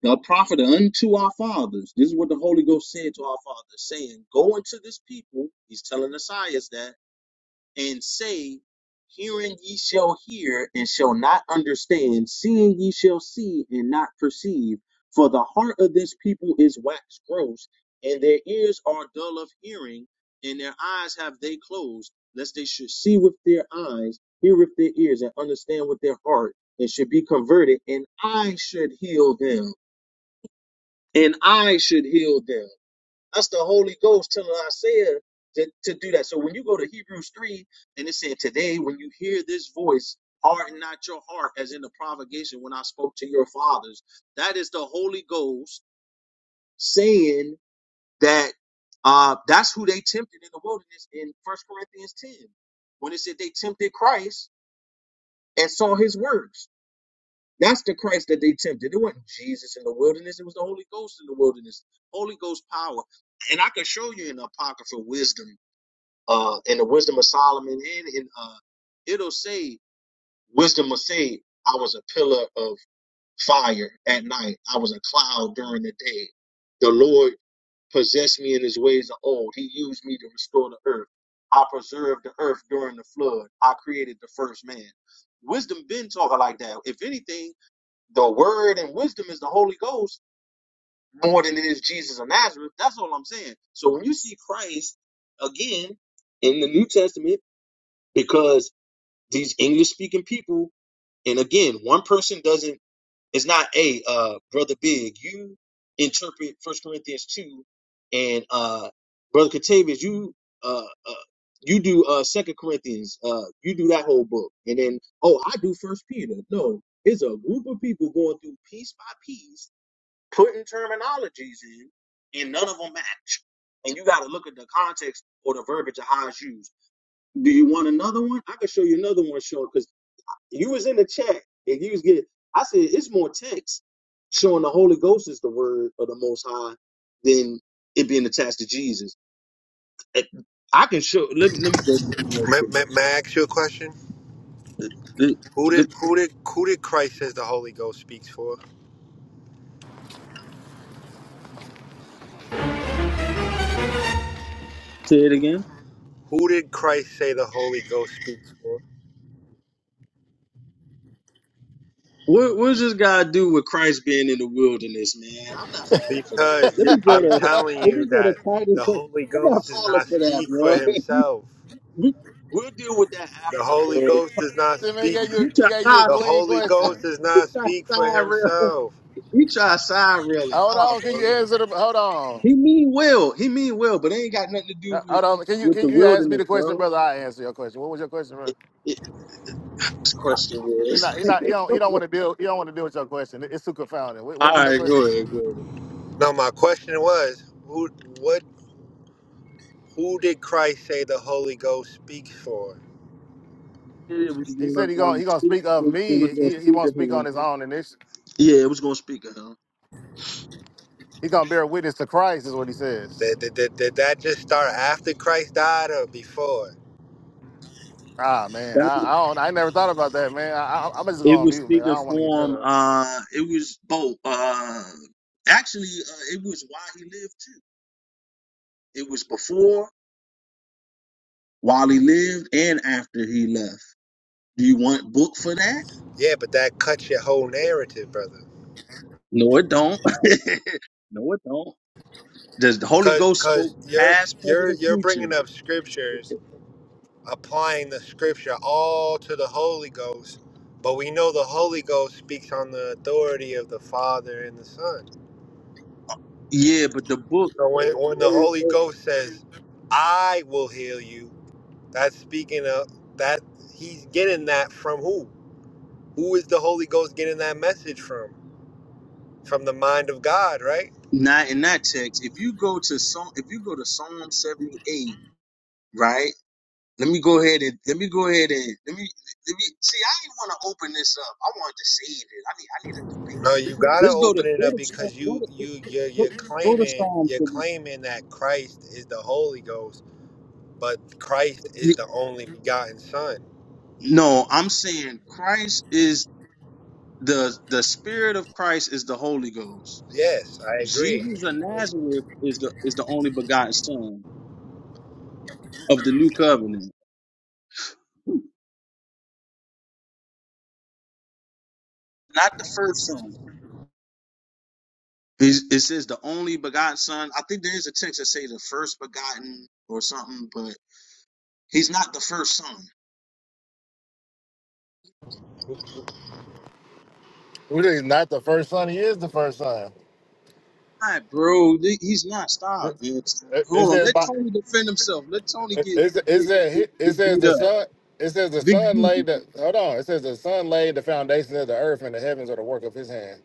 the prophet unto our fathers. This is what the Holy Ghost said to our fathers, saying, Go into this people. He's telling Isaiah that and say, Hearing ye shall hear and shall not understand, seeing ye shall see and not perceive. For the heart of this people is waxed gross, and their ears are dull of hearing, and their eyes have they closed, lest they should see with their eyes, hear with their ears, and understand with their heart, and should be converted, and I should heal them. And I should heal them. That's the Holy Ghost telling Isaiah to, to do that. So when you go to Hebrews 3, and it said, Today, when you hear this voice, harden not your heart, as in the provocation when I spoke to your fathers. That is the Holy Ghost saying that uh, that's who they tempted in the wilderness in First Corinthians 10. When it said they tempted Christ and saw his works. That's the Christ that they tempted. It wasn't Jesus in the wilderness, it was the Holy Ghost in the wilderness. Holy Ghost power and I can show you in the apocryphal wisdom. uh, in the Wisdom of Solomon, and in uh, it'll say, Wisdom will say, I was a pillar of fire at night, I was a cloud during the day. The Lord possessed me in his ways of old, he used me to restore the earth. I preserved the earth during the flood, I created the first man. Wisdom been talking like that. If anything, the word and wisdom is the Holy Ghost more than it is Jesus of Nazareth. That's all I'm saying. So when you see Christ again in the New Testament, because these English speaking people, and again, one person doesn't it's not a uh brother big, you interpret First Corinthians two and uh Brother Catavius, you uh, uh you do uh Second Corinthians, uh you do that whole book, and then oh I do first Peter. No, it's a group of people going through piece by piece, putting terminologies in, and none of them match. And you gotta look at the context or the verbiage of how it's used. Do you want another one? I can show you another one, Sean, because you was in the chat and you was getting. I said it's more text showing the Holy Ghost is the word of the Most High than it being attached to Jesus. Eh, I can show. Let me let me go to this real May, quick. may, may I ask you a question? Let, Who let did me who did who did Christ says the Holy Ghost speaks for? say it again. Who did Christ say the Holy Ghost speaks for? What, what does this guy do with Christ being in the wilderness, man? I'm not falling for that. Because Let y- me go I'm to telling let you me go to that Titus. the Holy I'm not Ghost does falling not for that, speak for bro. *laughs* himself. we, we'll deal with that The after, Holy man. You, Ghost about does not Then He speak. to- gave you, you he try, gave you a nah, The clean Holy Ghost question. does He not try to speak for side rail. himself. He try side railing. Hold Nah, on, can bro. you answer the? Hold on. He mean well. He mean well, but it ain't got nothing to do Uh, with Hold on, can you with can the you ask me wilderness, the question, bro. brother? I answer your question. What was your question, bro? It, it, this question He was. not he not he don't he don't want to *laughs* deal he don't want to deal with your question. It's too confounding. What, what All was your right, go question? ahead, go ahead. Now my question was, who what who did Christ say the Holy Ghost speaks for? It was He gonna said he gonna um, he gonna speak. speak of It, it was me. gonna He, he speak to won't speak on him. his own, and this Yeah, it was gonna speak to him. he gonna bear witness to Christ is what he says. Did, did, did, did that just start after Christ died or before? Ah man, That I, was- I don't. I never thought about that, man. I, I, I'm just going it on was mute, man. I speaking don't want to get for cut up. him. Uh, it was both. Uh, actually, uh, it was while he lived too. It was before, while he lived, and after he left. Do you want book for that? Yeah, but that cuts your whole narrative, brother. No, it don't. *laughs* no, it don't. Does the Holy Cause, Ghost spoke cause you're past, present, you're and you're bringing future? up scriptures, applying the scripture all to the Holy Ghost, but we know the Holy Ghost speaks on the authority of the Father and the Son. Yeah, but the book So when when the Holy Ghost says, "I will heal you," that's speaking of that he's getting that from who? Who is the Holy Ghost getting that message from? From the mind of God, right? not in that text. If you go to Psalm, if you go to Psalm seventy eight, right? Let me go ahead and let me go ahead and let me let me see. I didn't want to open this up. I wanted to save it. I need I need a debate. No, you gotta Let's go to open it go up to Psalm- because go you to you you're, go, you're go to claiming Psalm. you're 78. claiming that Christ is the Holy Ghost, but Christ is the only begotten Son. No, I'm saying Christ is. the the spirit of Christ is the Holy Ghost. Yes, I agree. Jesus of Nazareth is the is the only begotten Son of the new covenant, not the first Son. He's- It says the only begotten Son. I think there is a text that say the first begotten or something, but he's not the first Son. All It is not the first son. He is the first son. right, bro, th- he's not. Stop. It, man. it Hold on. says Let by. Tony defend himself. Let Tony It, get it, it get, says get, he- it get says beat the up. son. It says the Big son G. laid the. Hold on. It says the son laid the foundation of the earth, and the heavens are the work of his hand.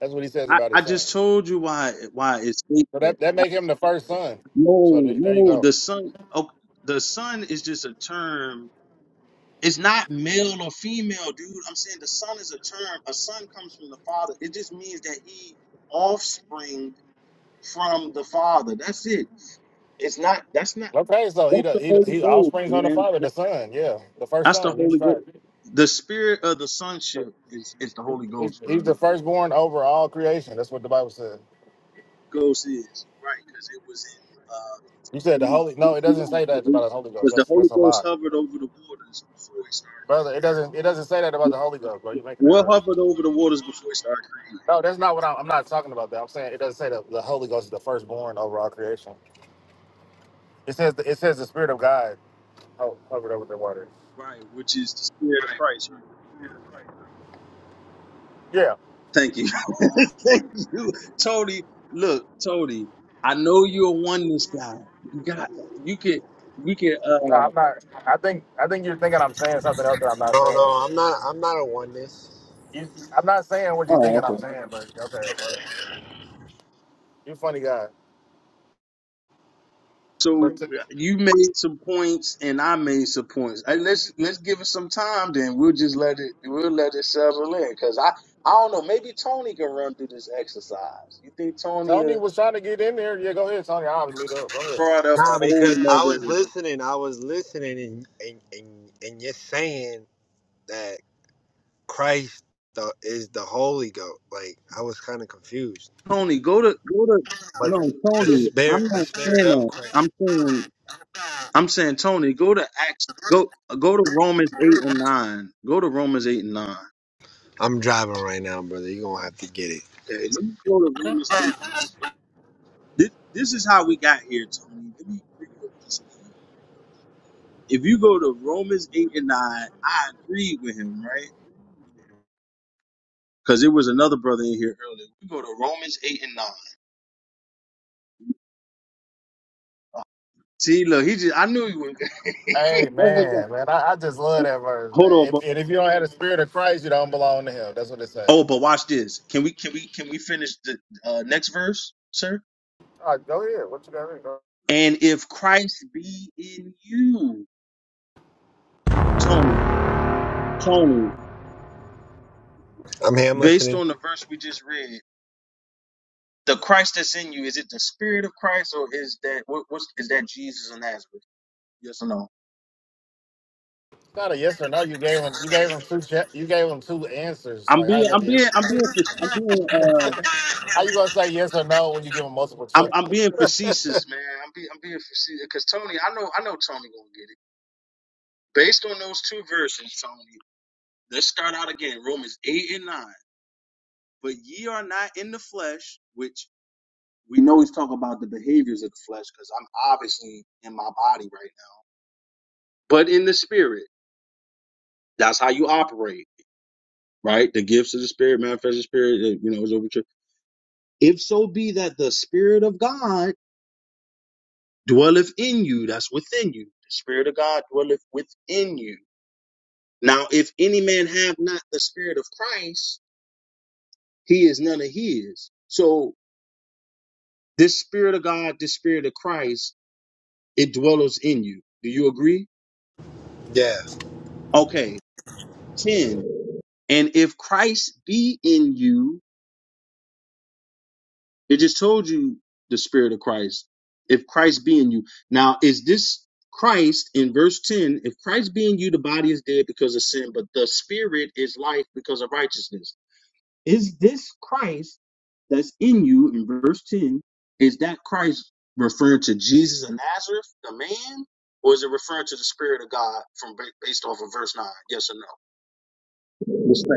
That's what he says I, about I his son. just told you why why it's. So fake. that that make him the first son. So No, th- there you no, go. the son, oh, the son is just a term. It's not male or female, dude. I'm saying the son is a term. A son comes from the father. It just means that he offspring from the father. That's it. It's not. That's not. Okay, so he That's the the he the, Holy he Ghost, offspring's on the man. father, That- the son. Yeah, the first That's the son, Jesus Holy Ghost. Christ. The spirit of the sonship is is the Holy He's, Ghost, he's bro. the firstborn over all creation. That's what the Bible says. Ghost is you're right because it was You said the in. Holy. No, it doesn't say that uh about the Holy Ghost. Because the That's Holy that's a Ghost lie, hovered over the waters before he brother. started. It doesn't it doesn't say that about the Holy Ghost, bro. You making that What up? hovered over the waters before he started creating? No, that's not what I'm. I'm not talking about that. I'm saying it doesn't say that the Holy Ghost is the firstborn over all creation. It says the, it says the Spirit of God ho- hovered over the water. Right, which is the spirit of Christ, right? Yeah. Thank you. *laughs* Thank you. Tony, look, Tony, I know you're a oneness guy. You got you can we can uh No, I'm not. I think I think you're thinking I'm saying something else that I'm not No, saying. no, I'm not. I'm not a oneness. You, I'm not saying what you thinking oh I'm okay. saying, but okay, whatever. you funny guy. So But t- you made some points and I made some points. And let's let's give it some time then. We'll just let it we'll let it settle in. Cause I I don't know, maybe Tony can run through this exercise. You think Tony Tony uh, was trying to get in there. Yeah, go ahead, Tony. I'll meet up. Go ahead. brought up a Nah, whole because I nother was listening. I was listening, and and and, and you're saying that Christ the, is the Holy Ghost. Like I was kind of confused. Tony, go to go to Like no the Tony. spirit, I'm the not spirit saying of that. Christ. I'm saying I'm saying Tony, go to Acts. Go go to Romans eight and nine. Go to Romans eight and nine. I'm driving right now, brother. You're gonna have to get it. Okay, let me go to Romans eight. This this is how we got here, Tony. Let me bring you up to speed. If you go to Romans eight and nine, I agree with him, right? Because there was another brother in here earlier. We go to Romans eight and nine. See, look, he just I knew you would. *laughs* Hey That was- man, man, I, I just love that verse, Hold man. on, bro. If, and if you don't have the spirit of Christ, you don't belong to Him. That's what it says. Oh, but watch this. Can we can we can we finish the uh, next verse, sir? All right, go ahead. What's And if Christ be in you, Tony, Tony, I'm here. I'm based listening. on the verse we just read, the Christ that's in you, is it the Spirit of Christ or is that what, what's is that Jesus of Nazareth? Yes or no? It's not a yes or no? You gave him. You gave him two. cha- You gave him two answers. I'm Like how's being that I'm a yes? being I'm being fac- I'm being uh *laughs* How you gonna say yes or no when you give him multiple I'm choice? I'm being facetious, man. I'm being I'm being facetious because Tony, I know I know Tony gonna get it. Based on those two verses, Tony, let's start out again. Romans eight and nine. But ye are not in the flesh, which we know he's talking about the behaviors of the flesh, because I'm obviously in my body right now. But in the spirit, that's how you operate, right? The gifts of the spirit, manifest the spirit, uh, you know, is over to- If so be that the spirit of God dwelleth in you, that's within you. The spirit of God dwelleth within you. Now, if any man have not the spirit of Christ, he is none of his. So this spirit of God, this spirit of Christ, it dwells in you. Do you agree? Yeah. Okay, 10. And if Christ be in you, it just told you the spirit of Christ. If Christ be in you. Now, is this Christ in verse 10? If Christ be in you, the body is dead because of sin, but the spirit is life because of righteousness. Is this Christ that's in you in verse 10? Is that Christ referring to Jesus of Nazareth, the man? Or is it referring to the spirit of God from ba- based off of verse 9? Yes or no?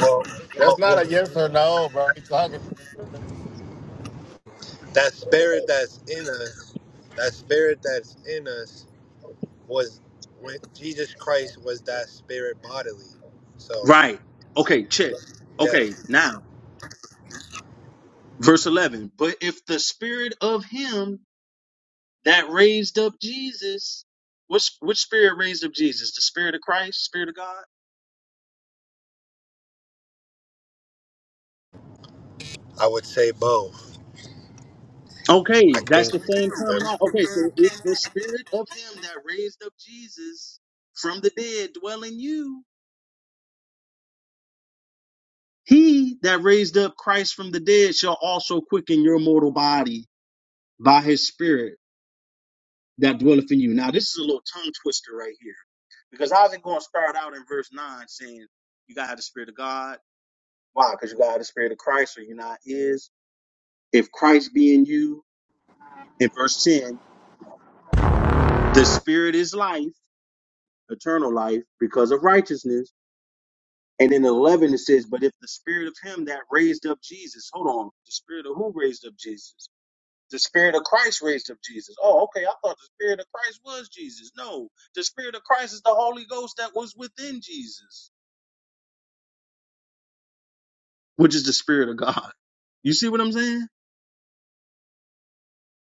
Well, That's well, not a well yes or no, bro. You talking, that spirit that's in us, that spirit that's in us was when Jesus Christ was that spirit bodily. So, Right. Okay, check. yeah, Okay, now, verse 11. But if the spirit of him that raised up Jesus, which, which spirit raised up Jesus? The spirit of Christ, spirit of God? I would say both. Okay, I that's think. the uh, same terminology. Okay, so if the spirit of him that raised up Jesus from the dead dwell in you, he that raised up Christ from the dead shall also quicken your mortal body by his spirit that dwelleth in you. Now, this is a little tongue twister right here because how's it going to start out in verse 9 saying you got to have the Spirit of God? Why? Because you got to have the Spirit of Christ or you're not is. If Christ be in you, in verse 10, the Spirit is life, eternal life, because of righteousness. And in 11, it says, but if the Spirit of Him that raised up Jesus, hold on, the Spirit of who raised up Jesus? The Spirit of Christ raised up Jesus. Oh, okay. I thought the Spirit of Christ was Jesus. No, the Spirit of Christ is the Holy Ghost that was within Jesus, which is the Spirit of God. You see what I'm saying?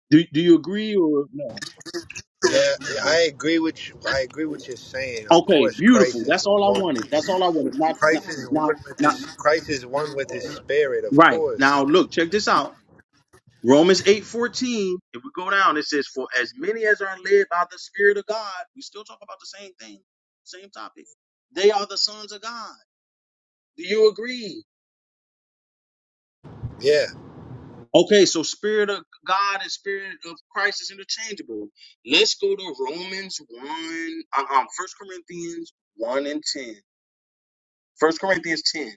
Do Do you agree or no? yeah, yeah, I agree with you. I agree with you saying. Of Okay, course, beautiful. Christ is That's all I one wanted. with That's all his. I wanted. Not not Christ is one not with not his. Christ is one with his spirit. Of right course. now. Look, check this out. Romans eight fourteen. If we go down, it says, "For as many as are led by the Spirit of God, we still talk about the same thing, same topic. They are the sons of God." Do you agree? Yeah. Okay, so spirit of God and spirit of Christ is interchangeable. Let's go to Romans 1, uh, um, First Corinthians 1 and 10. 1 Corinthians 10.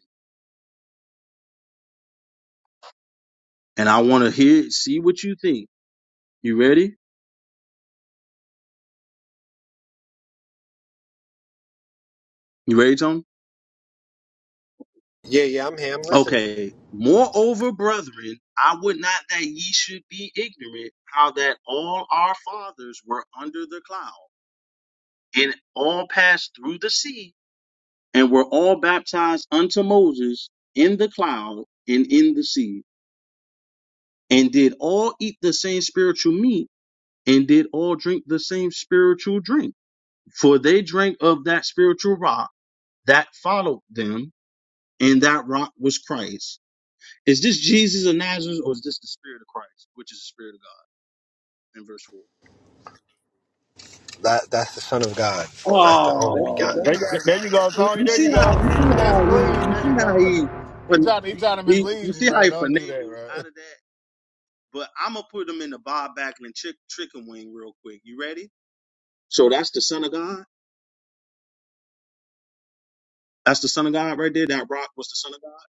And I want to hear, see what you think. You ready? You ready, Tony? Yeah, yeah, I'm here. I'm listening. Okay. Moreover, brethren, I would not that ye should be ignorant how that all our fathers were under the cloud and all passed through the sea and were all baptized unto Moses in the cloud and in the sea and did all eat the same spiritual meat and did all drink the same spiritual drink. For they drank of that spiritual rock that followed them, and that rock was Christ. Is this Jesus of Nazareth or is this the Spirit of Christ, which is the Spirit of God in verse 4? That that's the Son of God. That's Oh, the only begotten Son. You see how you see how he you see how *laughs* he he talk- He, you see how bro. he Don't do that, finagled bro. out of that? But I'm going to put him in the Bob Backlund chick, chicken wing real quick. You ready? So that's the Son of God? That's the son of God right there. That rock was the son of God.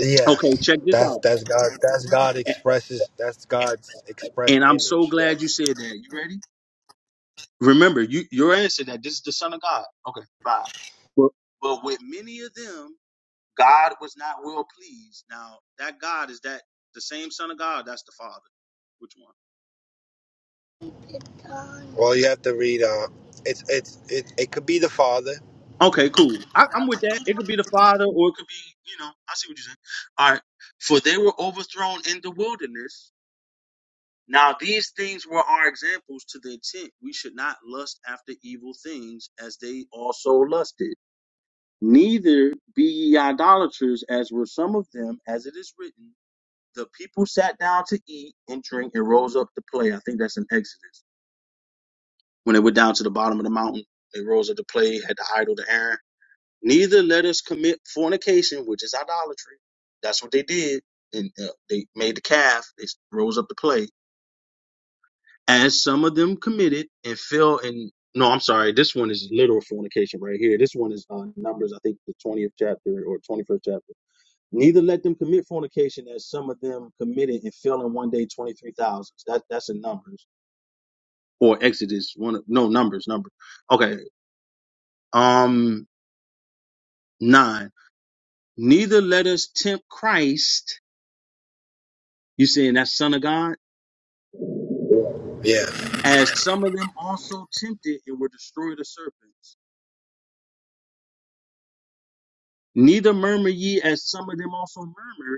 Yeah, Okay, check this that's out. that's God. That's God A- expresses. That's God's And expressed I'm so image. glad you Yes. said that. You ready? Remember, you your answer that this is the son of God. Okay, bye. But, but with many of them, God was not well pleased. Now that God is that the same son of God. That's the Father. Which one? Well, you have to read. Uh, it's it's it. It could be the Father. Okay, cool. I, I'm with that. It could be the Father, or it could be you know. I see what you're saying. All right. For they were overthrown in the wilderness Now these things were our examples to the intent we should not lust after evil things as they also lusted. Neither be ye idolaters as were some of them, as it is written, the people sat down to eat and drink and rose up to play. I think that's in Exodus. When they went down to the bottom of the mountain, they rose up to play, had the idol to Aaron. Neither let us commit fornication, which is idolatry. That's what they did. And uh, they made the calf. They rose up to play as some of them committed and fell in no i'm sorry this one is literal fornication right here this one is uh, numbers i think the 20th chapter or 21st chapter neither let them commit fornication as some of them committed and fell in one day 23000 that, that's in numbers or exodus one of- no numbers numbers. okay um nine neither let us tempt christ you saying that son of god Yeah. as some of them also tempted and were destroyed of serpents Neither murmur ye as some of them also murmured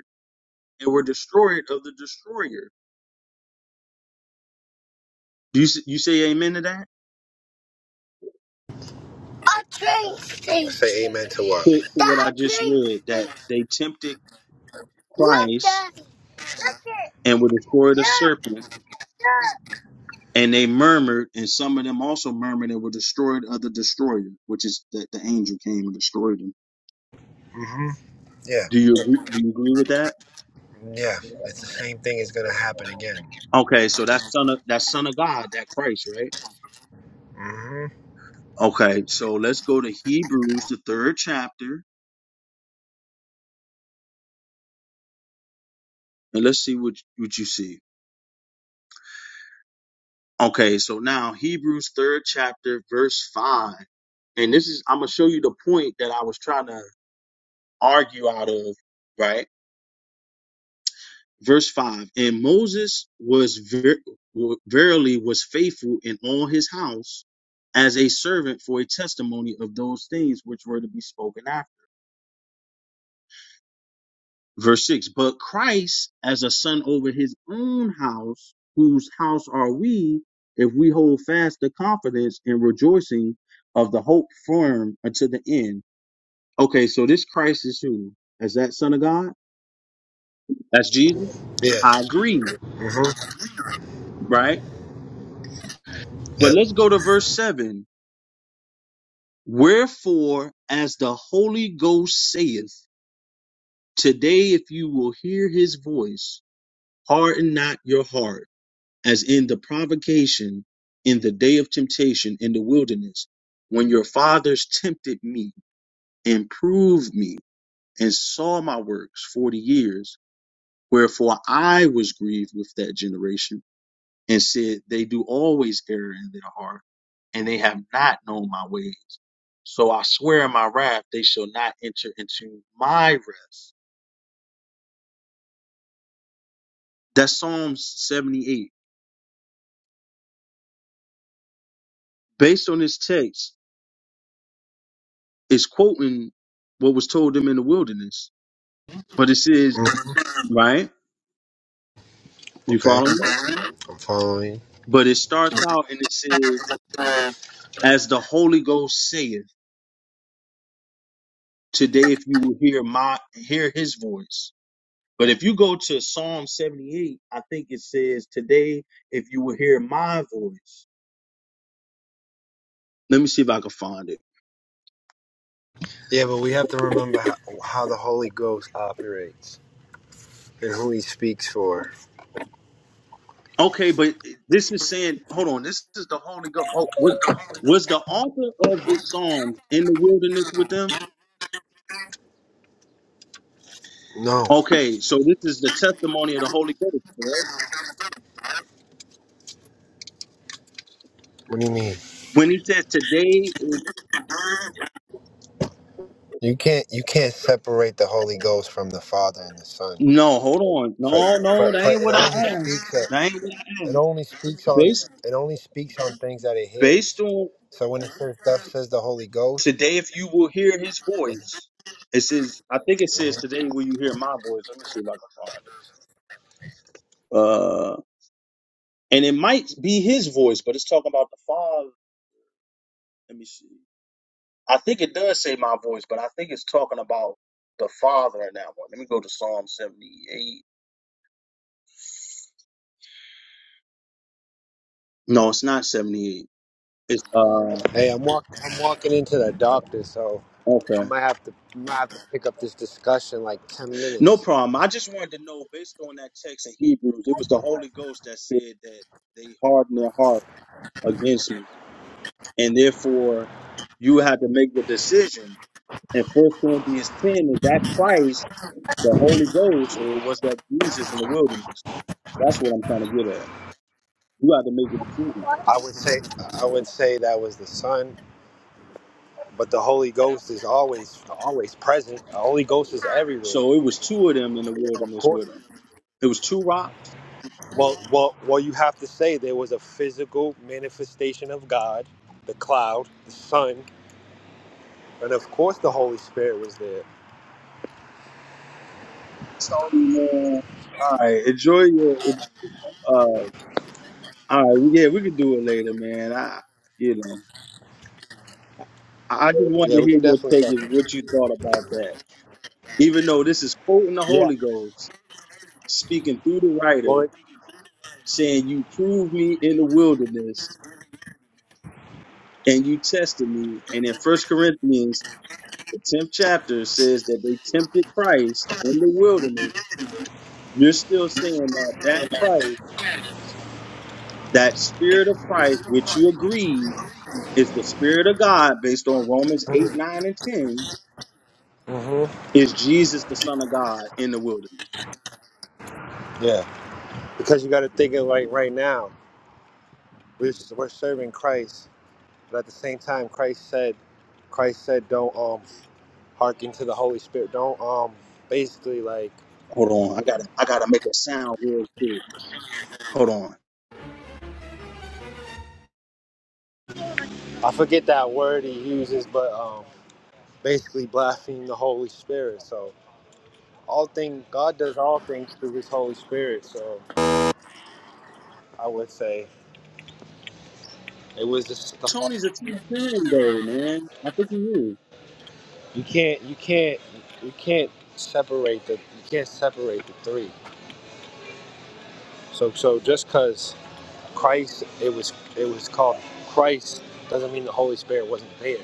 and were destroyed of the destroyer. Do you, s- you say amen to that? A train station. Say amen to what? To, to The what I a just train read, that station. they tempted Look, Christ the look it. and were destroyed of Look, serpent, look. and they murmured, and some of them also murmured and were destroyed of the destroyer, which is that the angel came and destroyed them. Mhm. Yeah. Do you agree, do you agree with that? Yeah. It's the same thing is gonna happen again. Okay, so that's son of that son of God, that Christ, right? Mhm. Okay, so let's go to Hebrews, the third chapter, and let's see what what you see. Okay, so now Hebrews third chapter, verse five. And this is I'm gonna show you the point that I was trying to argue out of, right? Verse five. And Moses was ver- wa- verily was faithful in all his house as a servant for a testimony of those things which were to be spoken after. Verse 6 But Christ as a son over his own house, whose house are we, if we hold fast the confidence and rejoicing of the hope firm unto the end. Okay, so this Christ is who? Is that Son of God? That's Jesus? I Yes. agree, Mhm. right? But Yep. let's go to verse 7. Wherefore, as the Holy Ghost saith, today if you will hear his voice, harden not your heart as in the provocation in the day of temptation in the wilderness, when your fathers tempted me and proved me and saw my works forty years, wherefore I was grieved with that generation and said, They do always err in their heart, and they have not known my ways. So I swear in my wrath, they shall not enter into my rest. That's Psalms 78. Based on this text, it's quoting what was told them in the wilderness But it says, Mm-hmm. right? You Okay, follow me? I'm following. But it starts out and it says, Yeah, as the Holy Ghost saith, today if you will hear my hear his voice. But if you go to Psalm 78, I think it says, today if you will hear my voice. Let me see if I can find it. but we have to remember how, how the Holy Ghost operates and who He speaks for. Okay, but this is saying, hold on, this is the Holy Ghost. Oh, what, was the author of this psalm in the wilderness with them? No, Okay, so this is the testimony of the Holy Ghost, correct? what do you mean? When he says today, if You can't you can't separate the Holy Ghost from the Father and the Son. No, hold on. But No, but, no, that but ain't it what only I asked. speaks That at, ain't what I it asked. only speaks on Based it only speaks on things that it based hears. on So when it says stuff says the Holy Ghost. today, if you will hear his voice, it says I think it says Mhm. today will you hear my voice. Let me see if I can find it. Uh, and it might be his voice, but it's talking about the father. Let me see. I think it does say my voice, but I think it's talking about the father in that one. Let me go to Psalm seventy eight. No, it's not seventy eight. It's uh Hey, I'm walking. I'm walking into the doctor, so I okay. might have to I might have to pick up this discussion like ten No minutes. problem. I just wanted to know, based on that text in Hebrews, it was the Holy Ghost that said that they hardened their heart against me, and therefore you had to make the decision. And First Corinthians ten is that Christ, the Holy Ghost, or was that Jesus in the wilderness? That's what I'm trying to get at. You had to make a decision. I would say I would say that was the Son, but the Holy Ghost is always always present. The Holy Ghost is everywhere. So it was two of them in the Of wilderness course. with him. It was two rocks. Well, well, well. You have to say there was a physical manifestation of God, the cloud, the sun, and of course the Holy Spirit was there. So man, all right, enjoy your. Uh, all right, yeah, we can do it later, man. I, you know. I I just wanted Yeah, to we hear can your definitely take and talk. what you thought about that. Even though this is quoting the Yeah. Holy Ghost, speaking through the Well, writer, it, saying, You proved me in the wilderness and you tested me. And in First Corinthians, the 10th chapter says that they tempted Christ in the wilderness. You're still saying that that Christ, that spirit of Christ, which you agree is the spirit of God based on Romans 8, 9, and 10, hmm is Jesus the Son of God in the wilderness. yeah. Because you got to think of like right now, we're, we're serving Christ, but at the same time, Christ said, Christ said, don't um hearken to the Holy Spirit. Don't um basically like Hold on, I gotta I gotta make a sound real quick. Hold on. I forget that word he uses, but um basically blaspheme the Holy Spirit. So all thing God does all things through His Holy Spirit. So I would say it was just the, Tony's a Trinitarian though, man. I think he is. you can't you can't you can't separate the you can't separate the three. So so just because Christ it was it was called Christ doesn't mean the Holy Spirit wasn't there.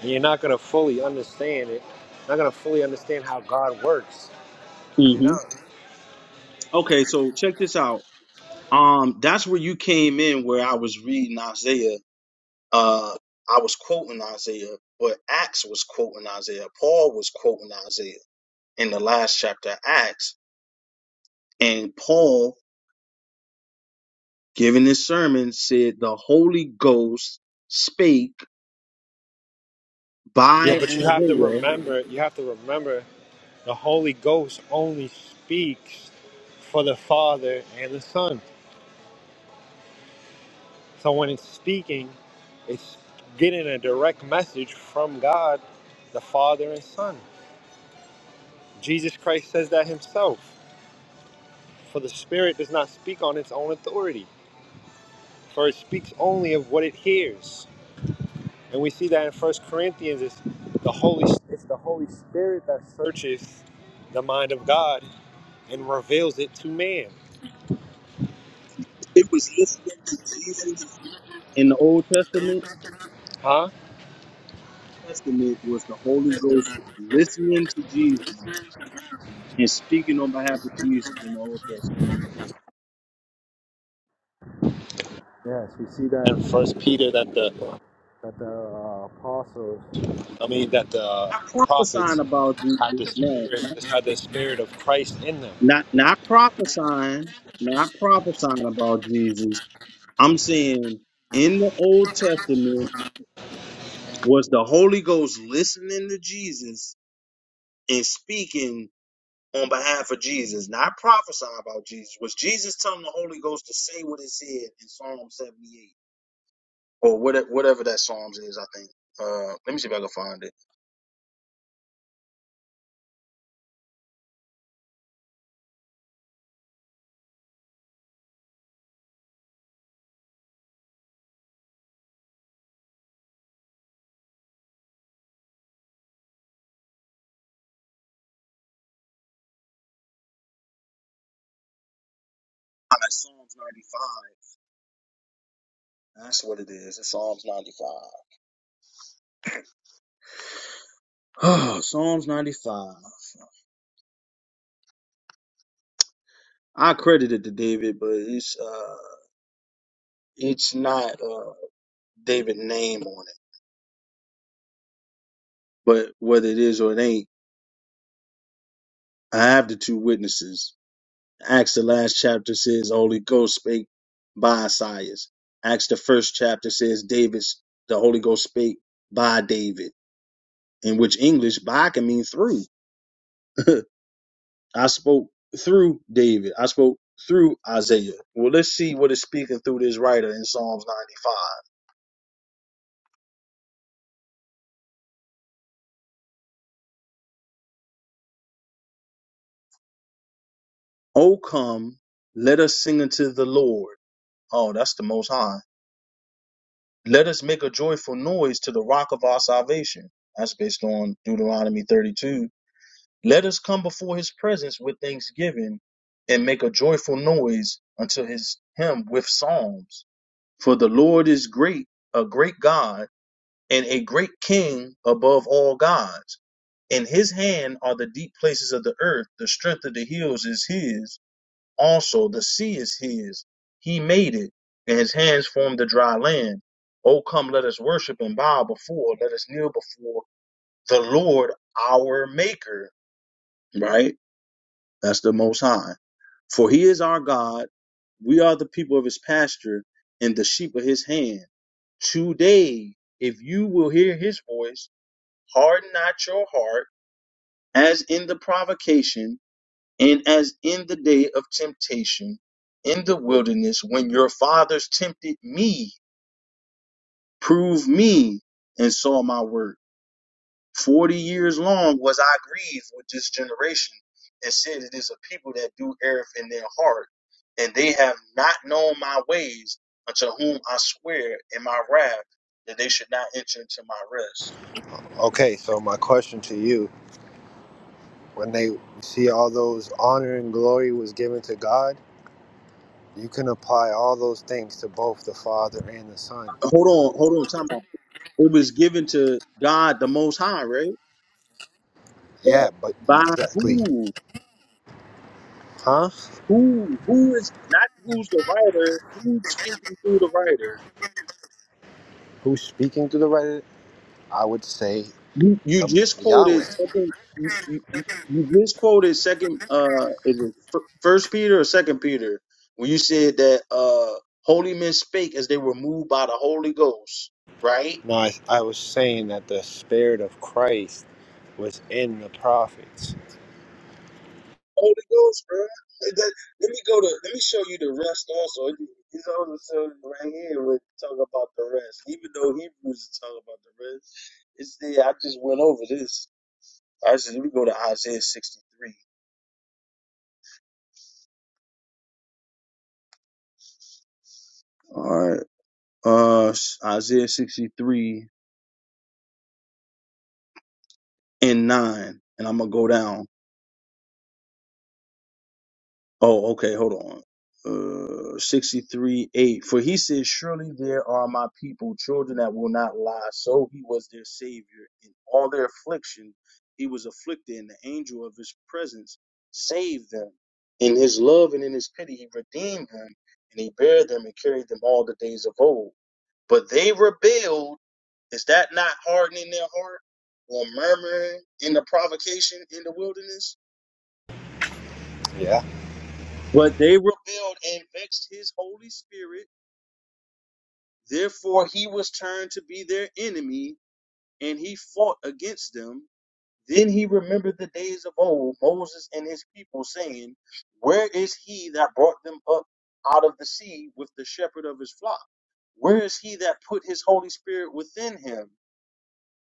And you're not gonna fully understand it. Not gonna fully understand how God works You know. hmm Okay, so check this out. Um, that's where you came in where I was reading Isaiah. Uh I was quoting Isaiah, but Acts was quoting Isaiah. Paul was quoting Isaiah in the last chapter of Acts. And Paul, giving his sermon, said the Holy Ghost spake Yeah, by but you have to Isaiah. remember. You have to remember the Holy Ghost only speaks for the Father and the Son. So when it's speaking, it's getting a direct message from God, the Father and Son. Jesus Christ says that himself. For the Spirit does not speak on its own authority, for it speaks only of what it hears. And we see that in First Corinthians, it's the Holy, it's the Holy Spirit that searches the mind of God and reveals it to man. It was listening to Jesus in the Old Testament, Huh? Testament was the Holy Ghost listening to Jesus and speaking on behalf of Jesus in the Old Testament. Yes, we see that In First Peter, that the that the uh, apostles. I mean that the Not Prophesying prophets about had Jesus, the no, spirit had the spirit of Christ in them. not not prophesying, not prophesying about Jesus. I'm saying in the Old Testament was the Holy Ghost listening to Jesus and speaking on behalf of Jesus, not prophesying about Jesus. Was Jesus telling the Holy Ghost to say what it said in Psalm 78? or whatever, whatever that Psalms is. I think. Uh, let me see if I can find it. Ah, it's Psalms ninety five. That's what it is. It's Psalms ninety five. Oh, Psalms ninety five. I credit it to David, but it's uh, it's not uh David name on it. But whether it is or it ain't, I have the two witnesses. Acts the last chapter says Holy Ghost spake by Isaiah. Acts the first chapter says David's the Holy Ghost spake by David, in which English by can mean through. *laughs* I spoke through David. I spoke through Isaiah. Well, let's see what is speaking through this writer in Psalms 95. Oh, come, let us sing unto the Lord. Oh, that's the Most High. Let us make a joyful noise to the rock of our salvation. That's based on Deuteronomy 32. Let us come before his presence with thanksgiving and make a joyful noise unto his him with psalms. For the Lord is great, a great God, and a great king above all gods. In his hand are the deep places of the earth. The strength of the hills is his. Also, the sea is his. He made it, and his hands formed the dry land. O come, let us worship and bow before, let us kneel before the Lord our Maker. Right? That's the Most High. For he is our God. We are the people of his pasture and the sheep of his hand. Today, if you will hear his voice, harden not your heart as in the provocation And as in the day of temptation in the wilderness, when your fathers tempted me, proved me, and saw my work. Forty years long was I grieved with this generation, and said, It is a people that do err in their heart, and they have not known my ways, unto whom I swear in my wrath that they should not enter into my rest. Okay, so my question to you: When they see all those honor and glory was given to God, you can apply all those things to both the Father and the Son. Hold on, hold on, time out. It was given to God the Most High, right? Yeah, but By exactly, who? huh? Who who is not who's the writer? Who's speaking through the writer? Who's speaking through the writer? I would say You you the just quoted Yahweh. second. You, you, you just quoted second. Uh, is it Fir- First Peter or Second Peter? When you said that uh, holy men spake as they were moved by the Holy Ghost, right? No, I, I was saying that the spirit of Christ was in the prophets. Holy Ghost, bro. Let let me go to. Let me show you the rest. Also, It- it's also shown right here. We're talking about the rest, even though Hebrews is talking about the rest. It's there. I just went over this. I just let me go to Isaiah 63. All right. Uh Isaiah 63 and 9. And I'm gonna go down. Oh, okay, hold on. Uh 63 8. For he says, Surely there are my people, children that will not lie. So he was their savior. In all their affliction, he was afflicted, and the angel of his presence saved them. In his love and in his pity, he redeemed them, and he bare them and carried them all the days of old. But they rebelled. Is that not hardening their heart or murmuring in the provocation in the wilderness? Yeah. But they rebelled and vexed his Holy Spirit. Therefore, he was turned to be their enemy and he fought against them. Then he remembered the days of old, Moses and his people, saying, Where is he that brought them up out of the sea with the shepherd of his flock? Where is he that put his Holy Spirit within him?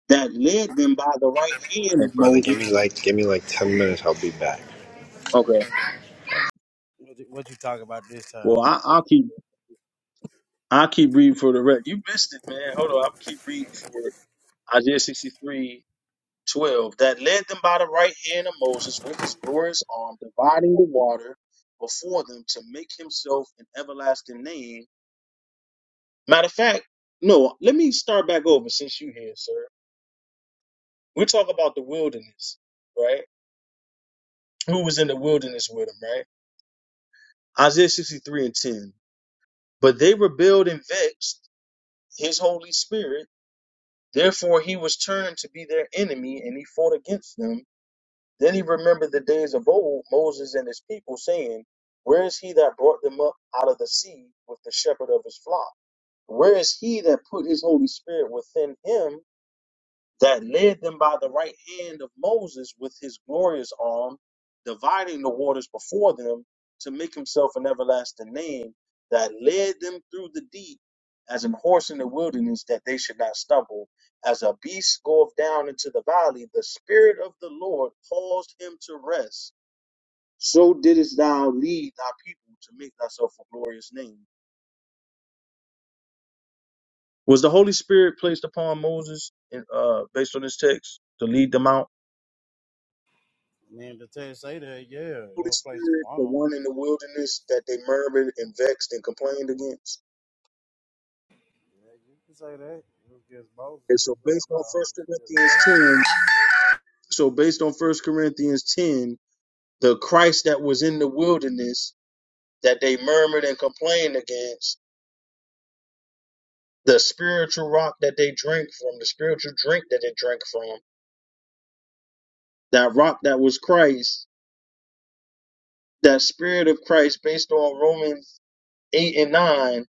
that led them by the right All hand of right, brother, give Moses. me like give me like ten minutes. I'll be back. Okay. What you, what you talk about this time, Well, I, I'll keep I'll keep reading for the rest. You missed it, man. Hold on. I'll keep reading for it. Isaiah 63:12. That led them by the right hand of Moses with his glorious arm, dividing the water before them to make himself an everlasting name. Matter of fact, no, let me start back over since you here, sir. We're talking about the wilderness, right? Who was in the wilderness with him, right? Isaiah 63 and 10. But they rebelled and vexed his Holy Spirit. Therefore, he was turned to be their enemy and he fought against them. Then he remembered the days of old, Moses and his people, saying, Where is he that brought them up out of the sea with the shepherd of his flock? Where is he that put his Holy Spirit within him that led them by the right hand of Moses with his glorious arm, dividing the waters before them to make himself an everlasting name, that led them through the deep as an horse in the wilderness, that they should not stumble. As a beast goeth down into the valley, the Spirit of the Lord caused him to rest. So didst thou lead thy people to make thyself a glorious name. Was the Holy Spirit placed upon Moses in, uh, based on this text to lead them out? man? I mean, the text say that, yeah, it Holy was placed Spirit, upon the him. one in the wilderness that they murmured and vexed and complained against. Yeah, you can say that. It was against Moses, And who so was led based by on the Holy First Spirit. Corinthians 10, so based on First Corinthians 10, the Christ that was in the wilderness that they murmured and complained against, the spiritual rock that they drank from, the spiritual drink that they drank from, that rock that was Christ, that spirit of Christ based on Romans 8 and 9,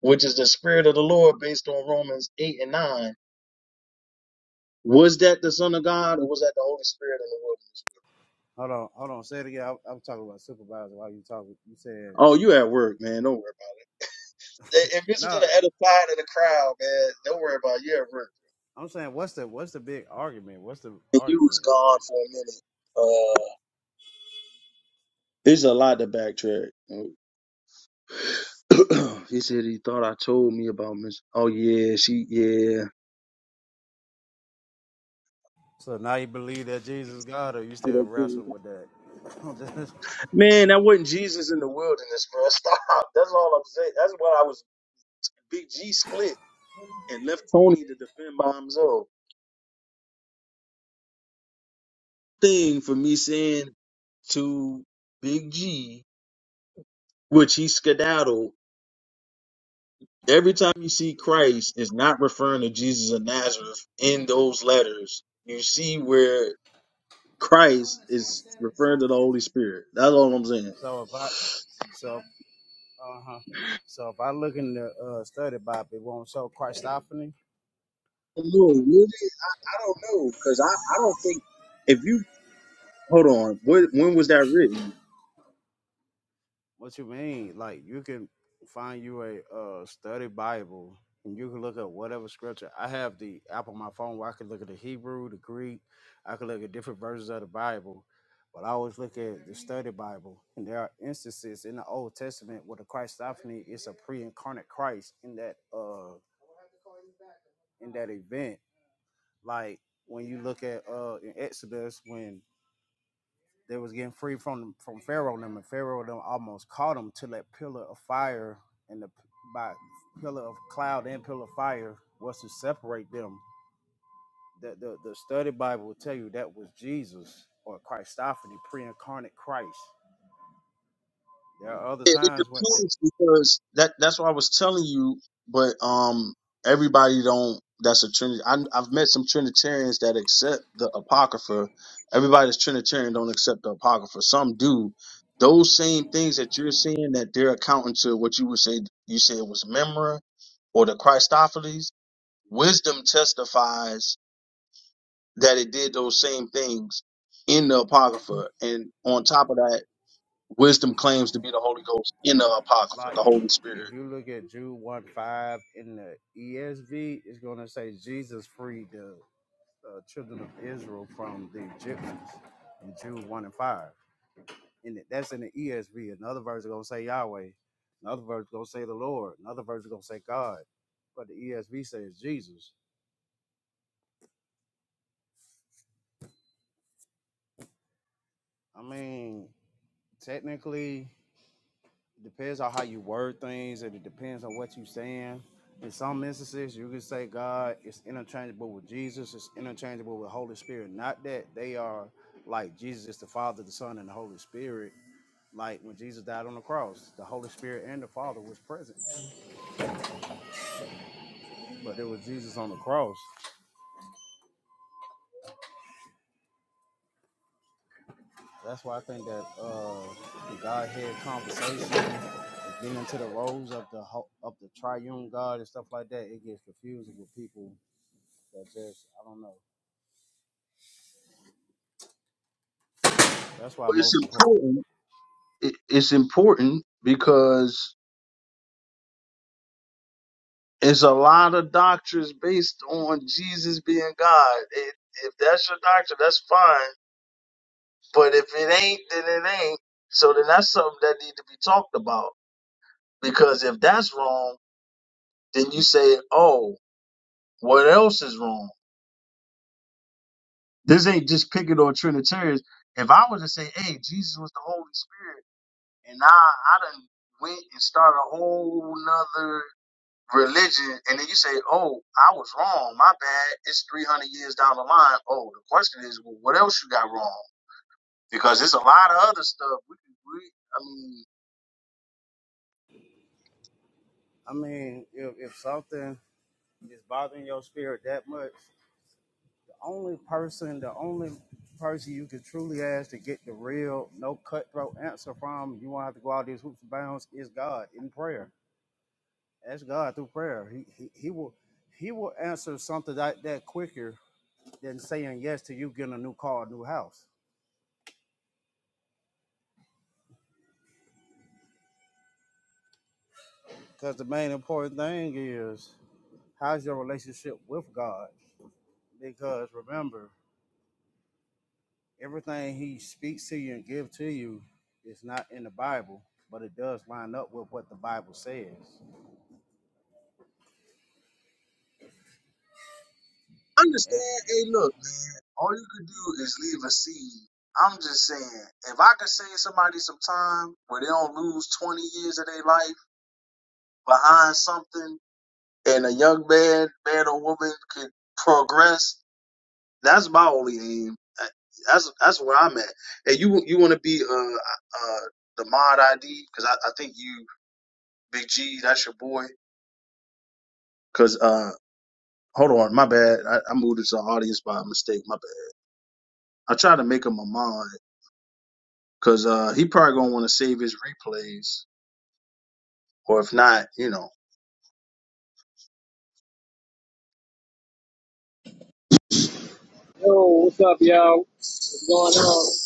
which is the spirit of the Lord based on Romans 8 and 9 Was that the Son of God or was that the Holy Spirit in the wilderness? Hold on, hold on. Say it again. I'm, I'm talking about supervisor. While you talking, you said Oh, you at work, man. Don't worry about it. If it's going no. to the other side of the crowd, man, don't worry about it. You at work. I'm saying, what's the what's the big argument? What's the And you was argument? gone for a minute. Uh, it's a lot to backtrack. *clears throat* he said he thought I told me about Miss. Oh yeah, she yeah. So now you believe that Jesus is God, or you still wrestle with that? *laughs* Man, that wasn't Jesus in the wilderness, bro. *laughs* Stop. That's all I'm saying. That's what I was. Big G split and left Tony to defend by himself. thing for me saying to Big G, which he skedaddled. Every time you see Christ is not referring to Jesus of Nazareth in those letters. You see where Christ is referring to the Holy Spirit. That's all I'm saying. so if I, so Uh huh. So if I look in the uh, study Bible, it won't show Christophany. No, really, I, I don't know because I, I don't think if you hold on, what when was that written? What you mean? Like you can find you a uh, study Bible and you can look at whatever scripture. I have the app on my phone where I can look at the Hebrew, the Greek. I can look at different versions of the Bible. But I always look at the study Bible, and there are instances in the Old Testament where the Christophany is a pre-incarnate Christ in that uh in that event. Like when you look at uh in Exodus when They was getting free from from Pharaoh and them, and Pharaoh and them almost caught them till that pillar of fire and the by pillar of cloud and pillar of fire was to separate them. The the, the study Bible will tell you that was Jesus or Christophany, pre-incarnate Christ. There are other it, it times what the- depends because that that's what I was telling you. But um, everybody don't. That's a Trinity. I, I've met some Trinitarians that accept the Apocrypha. Everybody that's Trinitarian don't accept the Apocrypha. Some do. Those same things that you're saying that they're accounting to what you would say you said was memra or the Christophiles. Wisdom testifies that it did those same things in the Apocrypha, and on top of that Wisdom claims to be the Holy Ghost in the Apocrypha, like the Holy if Spirit. you look at Jude one five in the ESV, it's gonna say Jesus freed the uh, children of Israel from the Egyptians in Jude one and five. and that's in the ESV. Another verse is gonna say Yahweh. Another verse is gonna say the Lord. Another verse is gonna say God. But the ESV says Jesus. I mean, technically, it depends on how you word things, and it depends on what you're saying. In some instances, you can say God is interchangeable with Jesus. It's interchangeable with Holy Spirit. Not that they are like Jesus is the Father, the Son, and the Holy Spirit. Like when Jesus died on the cross, the Holy Spirit and the Father was present, but it was Jesus on the cross. That's why I think that uh, the Godhead conversation, getting into the roles of the ho- of the triune God and stuff like that, it gets confusing with people that just I don't know. That's why But it's most important. important. it- It's important because it's a lot of doctrines based on Jesus being God. It, if that's your doctrine, that's fine. But if it ain't, then it ain't. So then that's something that need to be talked about. Because if that's wrong, then you say, oh, what else is wrong? This ain't just picking on Trinitarians. If I were to say, hey, Jesus was the Holy Spirit And now I done went and started a whole nother religion. And then you say, oh, I was wrong. My bad. It's 300 years down the line. Oh, the question is, well, what else you got wrong? Because there's a lot of other stuff. We, we, I mean, I mean, if, if something is bothering your spirit that much, the only person, the only person you can truly ask to get the real, no cutthroat answer from, you won't have to go out these hoops and bounds, is God in prayer. Ask God through prayer. He, he, he will he will answer something like that quicker than saying yes to you getting a new car, a new house. Because the main important thing is how's your relationship with God? Because remember, everything He speaks to you and give to you is not in the Bible, but it does line up with what the Bible says. And- understand. Hey, look, man, all you could do is leave a seed. I'm just saying, if I could save somebody some time where they don't lose 20 years of their life behind something and a young man, man or woman could progress That's my only aim. Uh, That's that's where I'm at. And you you want to be uh uh uh, the mod ID because I, I think you Big G that's your boy. Cause uh hold on my bad I, I moved into the audience by mistake my bad. I tried to make him a mod because uh he probably gonna want to save his replays or if not you know Yo, what's up, y'all? What's going on?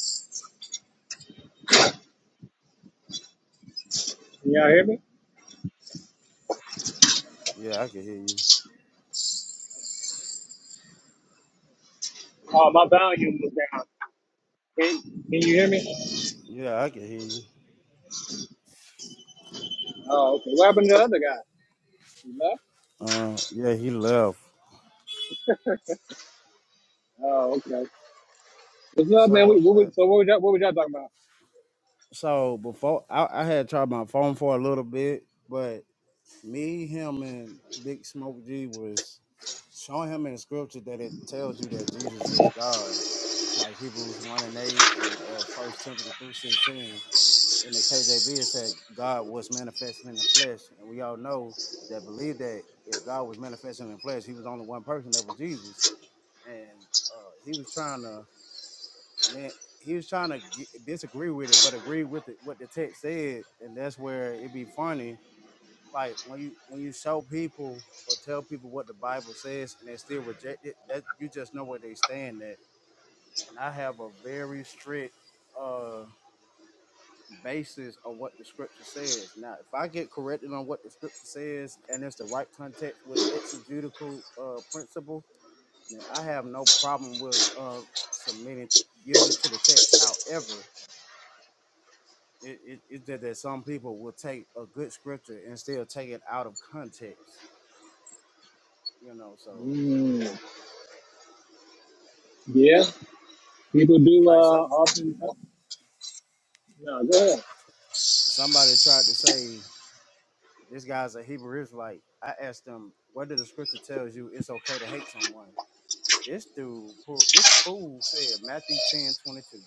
Can y'all hear me? yeah, I can hear you. Oh, my volume was down. Can, can you hear me? Yeah, I can hear you. Oh, okay. What happened to the other guy? You left? Uh, yeah, he left. Oh, okay. What's up, man? So, We, what we, uh, so what was y'all, what was y'all talking about? so before I, I had tried my phone for a little bit, but me, him, and Big Smoke G was showing him in the scripture that it tells you that Jesus is God, like Hebrews one and eight and uh, First Timothy three sixteen. In the KJV, it said God was manifested in the flesh, and we all know that believe that if God was manifested in the flesh, He was only one person, that was Jesus, and uh, He was trying to. then He was trying to get, disagree with it, but agree with it, what the text said, and that's where it'd be funny like when you when you show people or tell people what the Bible says and they still reject it, that you just know where they stand at. And I have a very strict uh basis on what the scripture says. Now, if I get corrected on what the scripture says and it's the right context with exegetical uh principle, then I have no problem with uh submitting yielding to the text. However, it, it, it's just that some people will take a good scripture and still take it out of context, you know, so Mm, yeah, people do uh, Like some often. uh, No, go ahead. somebody tried to say this guy's a Hebrew Israelite. I asked them whether the scripture tells you it's okay to hate someone. This dude, pull- this fool said Matthew 10 22.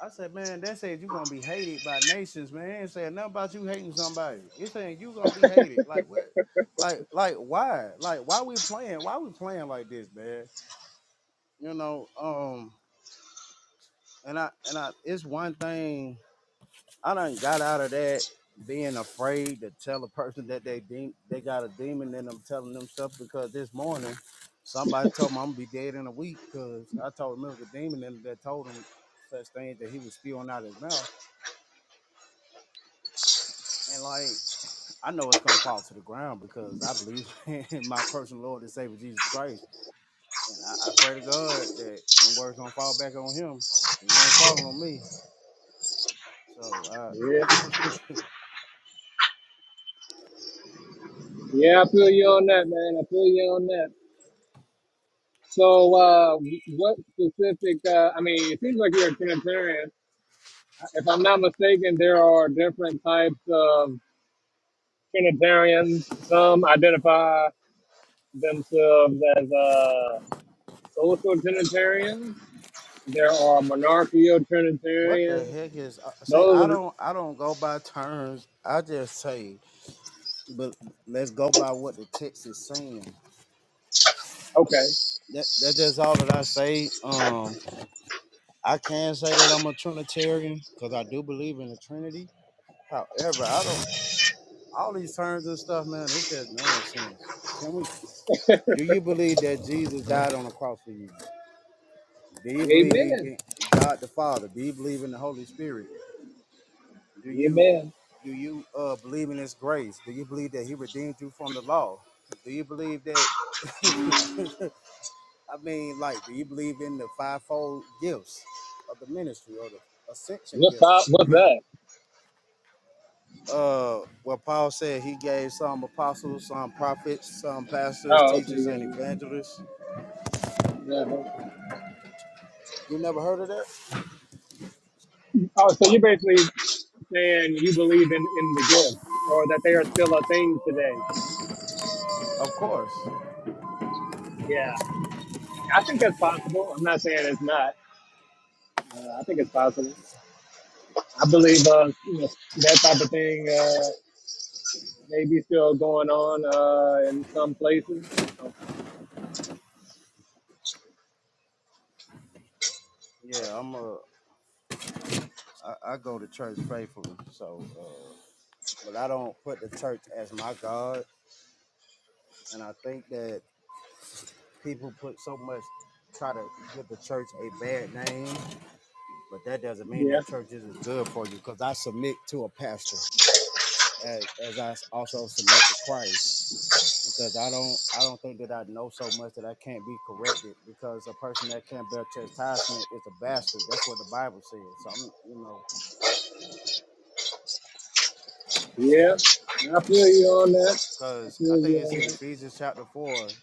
I said, man, that said you're gonna be hated by nations, man. It ain't saying nothing about you hating somebody. It's saying you are gonna be hated. Like what? Like, like why? Like why we playing? Why we playing like this, man? You know, um, and I and I it's one thing I done got out of that being afraid to tell a person that they de- they got a demon in them telling them stuff because this morning somebody told me I'm gonna be dead in a week because I told him it was a demon and that told him such things that he was spewing out his mouth. And like I know it's gonna fall to the ground because I believe *laughs* in my personal Lord and Savior Jesus Christ. And I, I pray to God that them words don't fall back on him. It ain't falling on me. So Yeah, I *laughs* yeah, I feel you on that, man. I feel you on that. So, uh, what specific? Uh, I mean, it seems like you're a Trinitarian. If I'm not mistaken, there are different types of Trinitarians. Some identify themselves as uh, social Trinitarians. There are monarchical What the Trinitarians. heck is? uh, See, I Those don't, I don't go by terms. I just say, but let's go by what the text is saying. are okay. That that's just all that I say. Um, I can say that I'm a Trinitarian because I do believe in the Trinity. However, I don't. All these terms and stuff, man, it's just nonsense. Can we? Do you believe that Jesus died on the cross for you? Do you believe Amen. in God the Father? Do you believe in the Holy Spirit? Do you? Amen. do you uh, believe in his grace? Do you believe that he redeemed you from the law? Do you believe that? *laughs* I mean, like, do you believe in the fivefold gifts of the ministry or the ascension What's up? gifts? What's that? Uh, well, Paul said he gave some apostles, some prophets, some pastors, Oh, okay, teachers, and yeah, evangelists. yeah. Uh-huh. You never heard of that? Oh, so you're basically saying you believe in in the gift, or that they are still a thing today. Of course. Yeah, I think that's possible. I'm not saying it's not. Uh, I think it's possible. I believe uh, you know, that type of thing. uh, maybe still going on uh, in some places. So, Yeah, I'm a. I, I go to church faithfully, so. Uh, but I don't put the church as my God, and I think that people put so much try to give the church a bad name, but that doesn't mean that yeah, church isn't good for you. Because I submit to a pastor, as, as I s- also submit to Christ. Because I don't, I don't think that I know so much that I can't be corrected. Because a person that can't bear chastisement is a bastard. That's what the Bible says. So I'm, you know, yeah, I feel you on that. I because I feel you think it's on in that. Ephesians chapter four,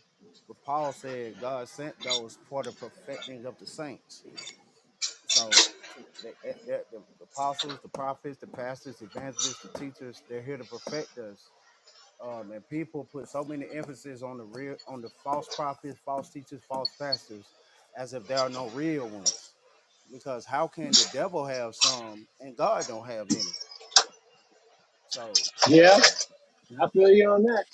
where Paul said God sent those for the perfecting of the saints. So to- they, they, they're- the apostles, the prophets, the pastors, the evangelists, the teachers, they're here to perfect us. Um, and people put so many emphasis on the real, on the false prophets, false teachers, false pastors, as if there are no real ones. Because how can the devil have some and God don't have any? So Yeah, um, I feel you on that.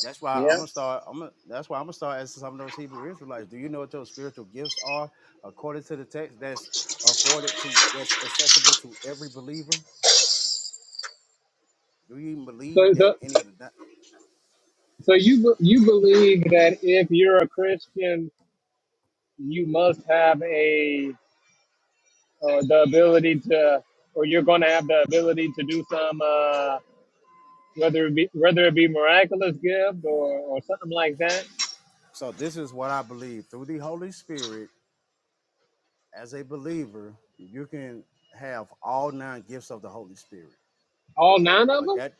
that's why I'm Yeah. gonna start. I'm gonna, that's why I'm gonna start asking some of those Hebrew Israelites. Do you know what your spiritual gifts are according to the text that's afforded to that's accessible to every believer? Do you even So, believe that so, any of the? di- so you be- you believe that if you're a Christian, you must have a or the ability to, or you're going to have the ability to do some, uh, whether it be whether it be miraculous gift or or something like that. So this is what I believe through the Holy Spirit. As a believer, you can have all nine gifts of the Holy Spirit. All nine of But them. that,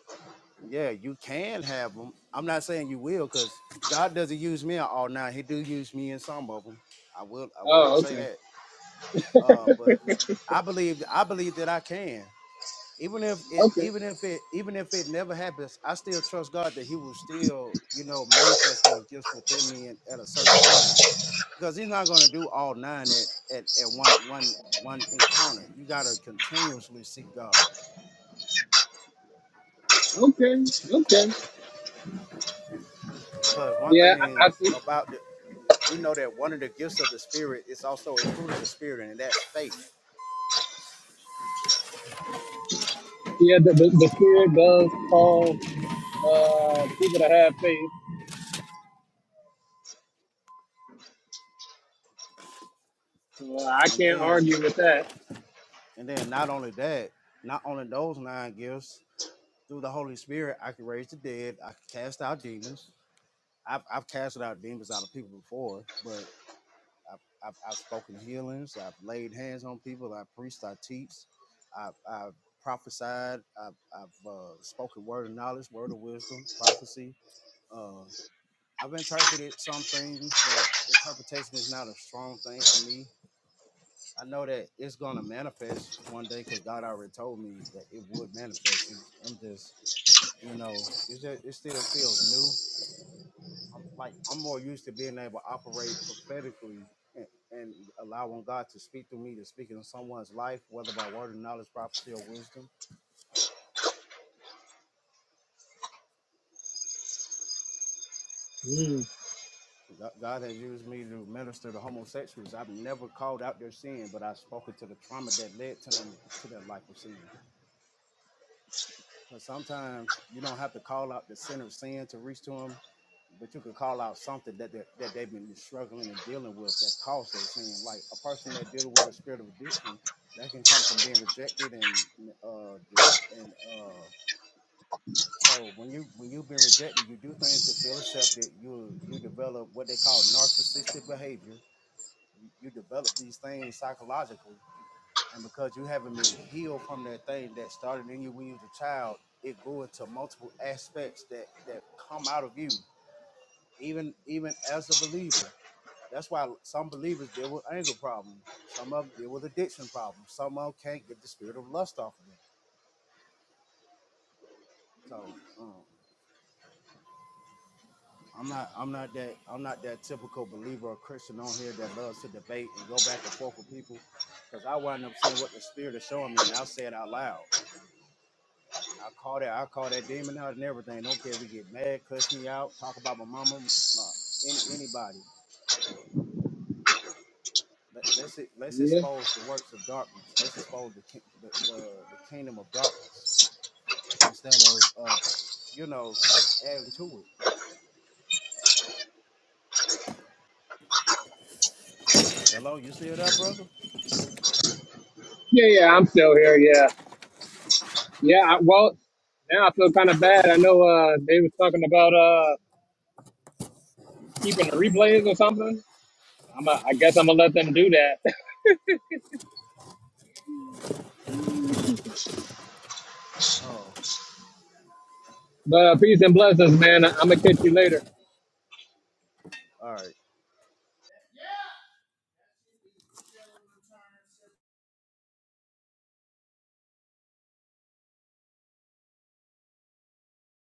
yeah, you can have them. I'm not saying you will, because God doesn't use me in all nine. He do use me in some of them. I will, I will Oh, say okay. that. Uh, but I believe, I believe that I can. even if it Okay. even if it even if it never happens i still trust god that he will still you know manifest those gifts within me at, at a certain time because he's not going to do all nine at, at at one one one encounter you got to continuously seek god Okay. Okay. because one Yeah, I thing I see. about the you know that one of the gifts of the spirit is also a fruit of the spirit and that's faith Yeah, the, the, the spirit does cause uh, people to have faith. So uh, I and can't then argue with that. and then not only that not only those nine gifts through the holy spirit i can raise the dead i can cast out demons I've I've casted out demons out of people before, but I've I've, I've spoken healings. I've laid hands on people. I preached. I teach. I've, I've prophesied. I've I've uh, spoken word of knowledge, word of wisdom, prophecy. Uh, I've interpreted some things, but interpretation is not a strong thing for me. I know that it's gonna manifest one day because God already told me that it would manifest. It's, I'm just, you know, it's just, it still feels new I'm like I'm more used to being able to operate prophetically and, and allowing God to speak through me to speak in someone's life, whether by word or knowledge, prophecy or wisdom. Mm, God God has used me to minister to homosexuals. I've never called out their sin, but I've spoken to the trauma that led to them to their life of sin. But sometimes you don't have to call out the sinner's sin to reach to him, but you could call out something that they, that they've been struggling and dealing with that caused their sin. Like a person that dealing with a spirit of addiction, that can come from being rejected and uh this and uh so when you when you've been rejected, you do things to feel accepted. You you develop what they call narcissistic behavior. You, you develop these things psychologically and because you haven't been healed from that thing that started in you when you was a child, it grew into multiple aspects that that come out of you, even even as a believer. That's why some believers deal with anger problems. Some of them deal with addiction problems. Some of them can't get the spirit of lust off of them. So um, I'm not I'm not that I'm not that typical believer or Christian on here that loves to debate and go back and forth with people, because I wind up seeing what the spirit is showing me, and I'll say it out loud. I call that I call that demon out and everything. Don't care if we get mad, cuss me out, talk about my mama, my, any anybody. Let, let's it, let's yeah. expose the works of darkness. Let's expose the ki- the, uh, the kingdom of darkness instead of uh, you know adding to it. Hello, you still there, brother? Yeah, yeah, I'm still here. Yeah. Yeah, I, well, now I feel kind of bad. I know uh, they was talking about uh, keeping the replays or something. I'm a, I guess I'm going to let them do that. *laughs* Oh, But uh, peace and blessings, man. I'm going to catch you later. all right.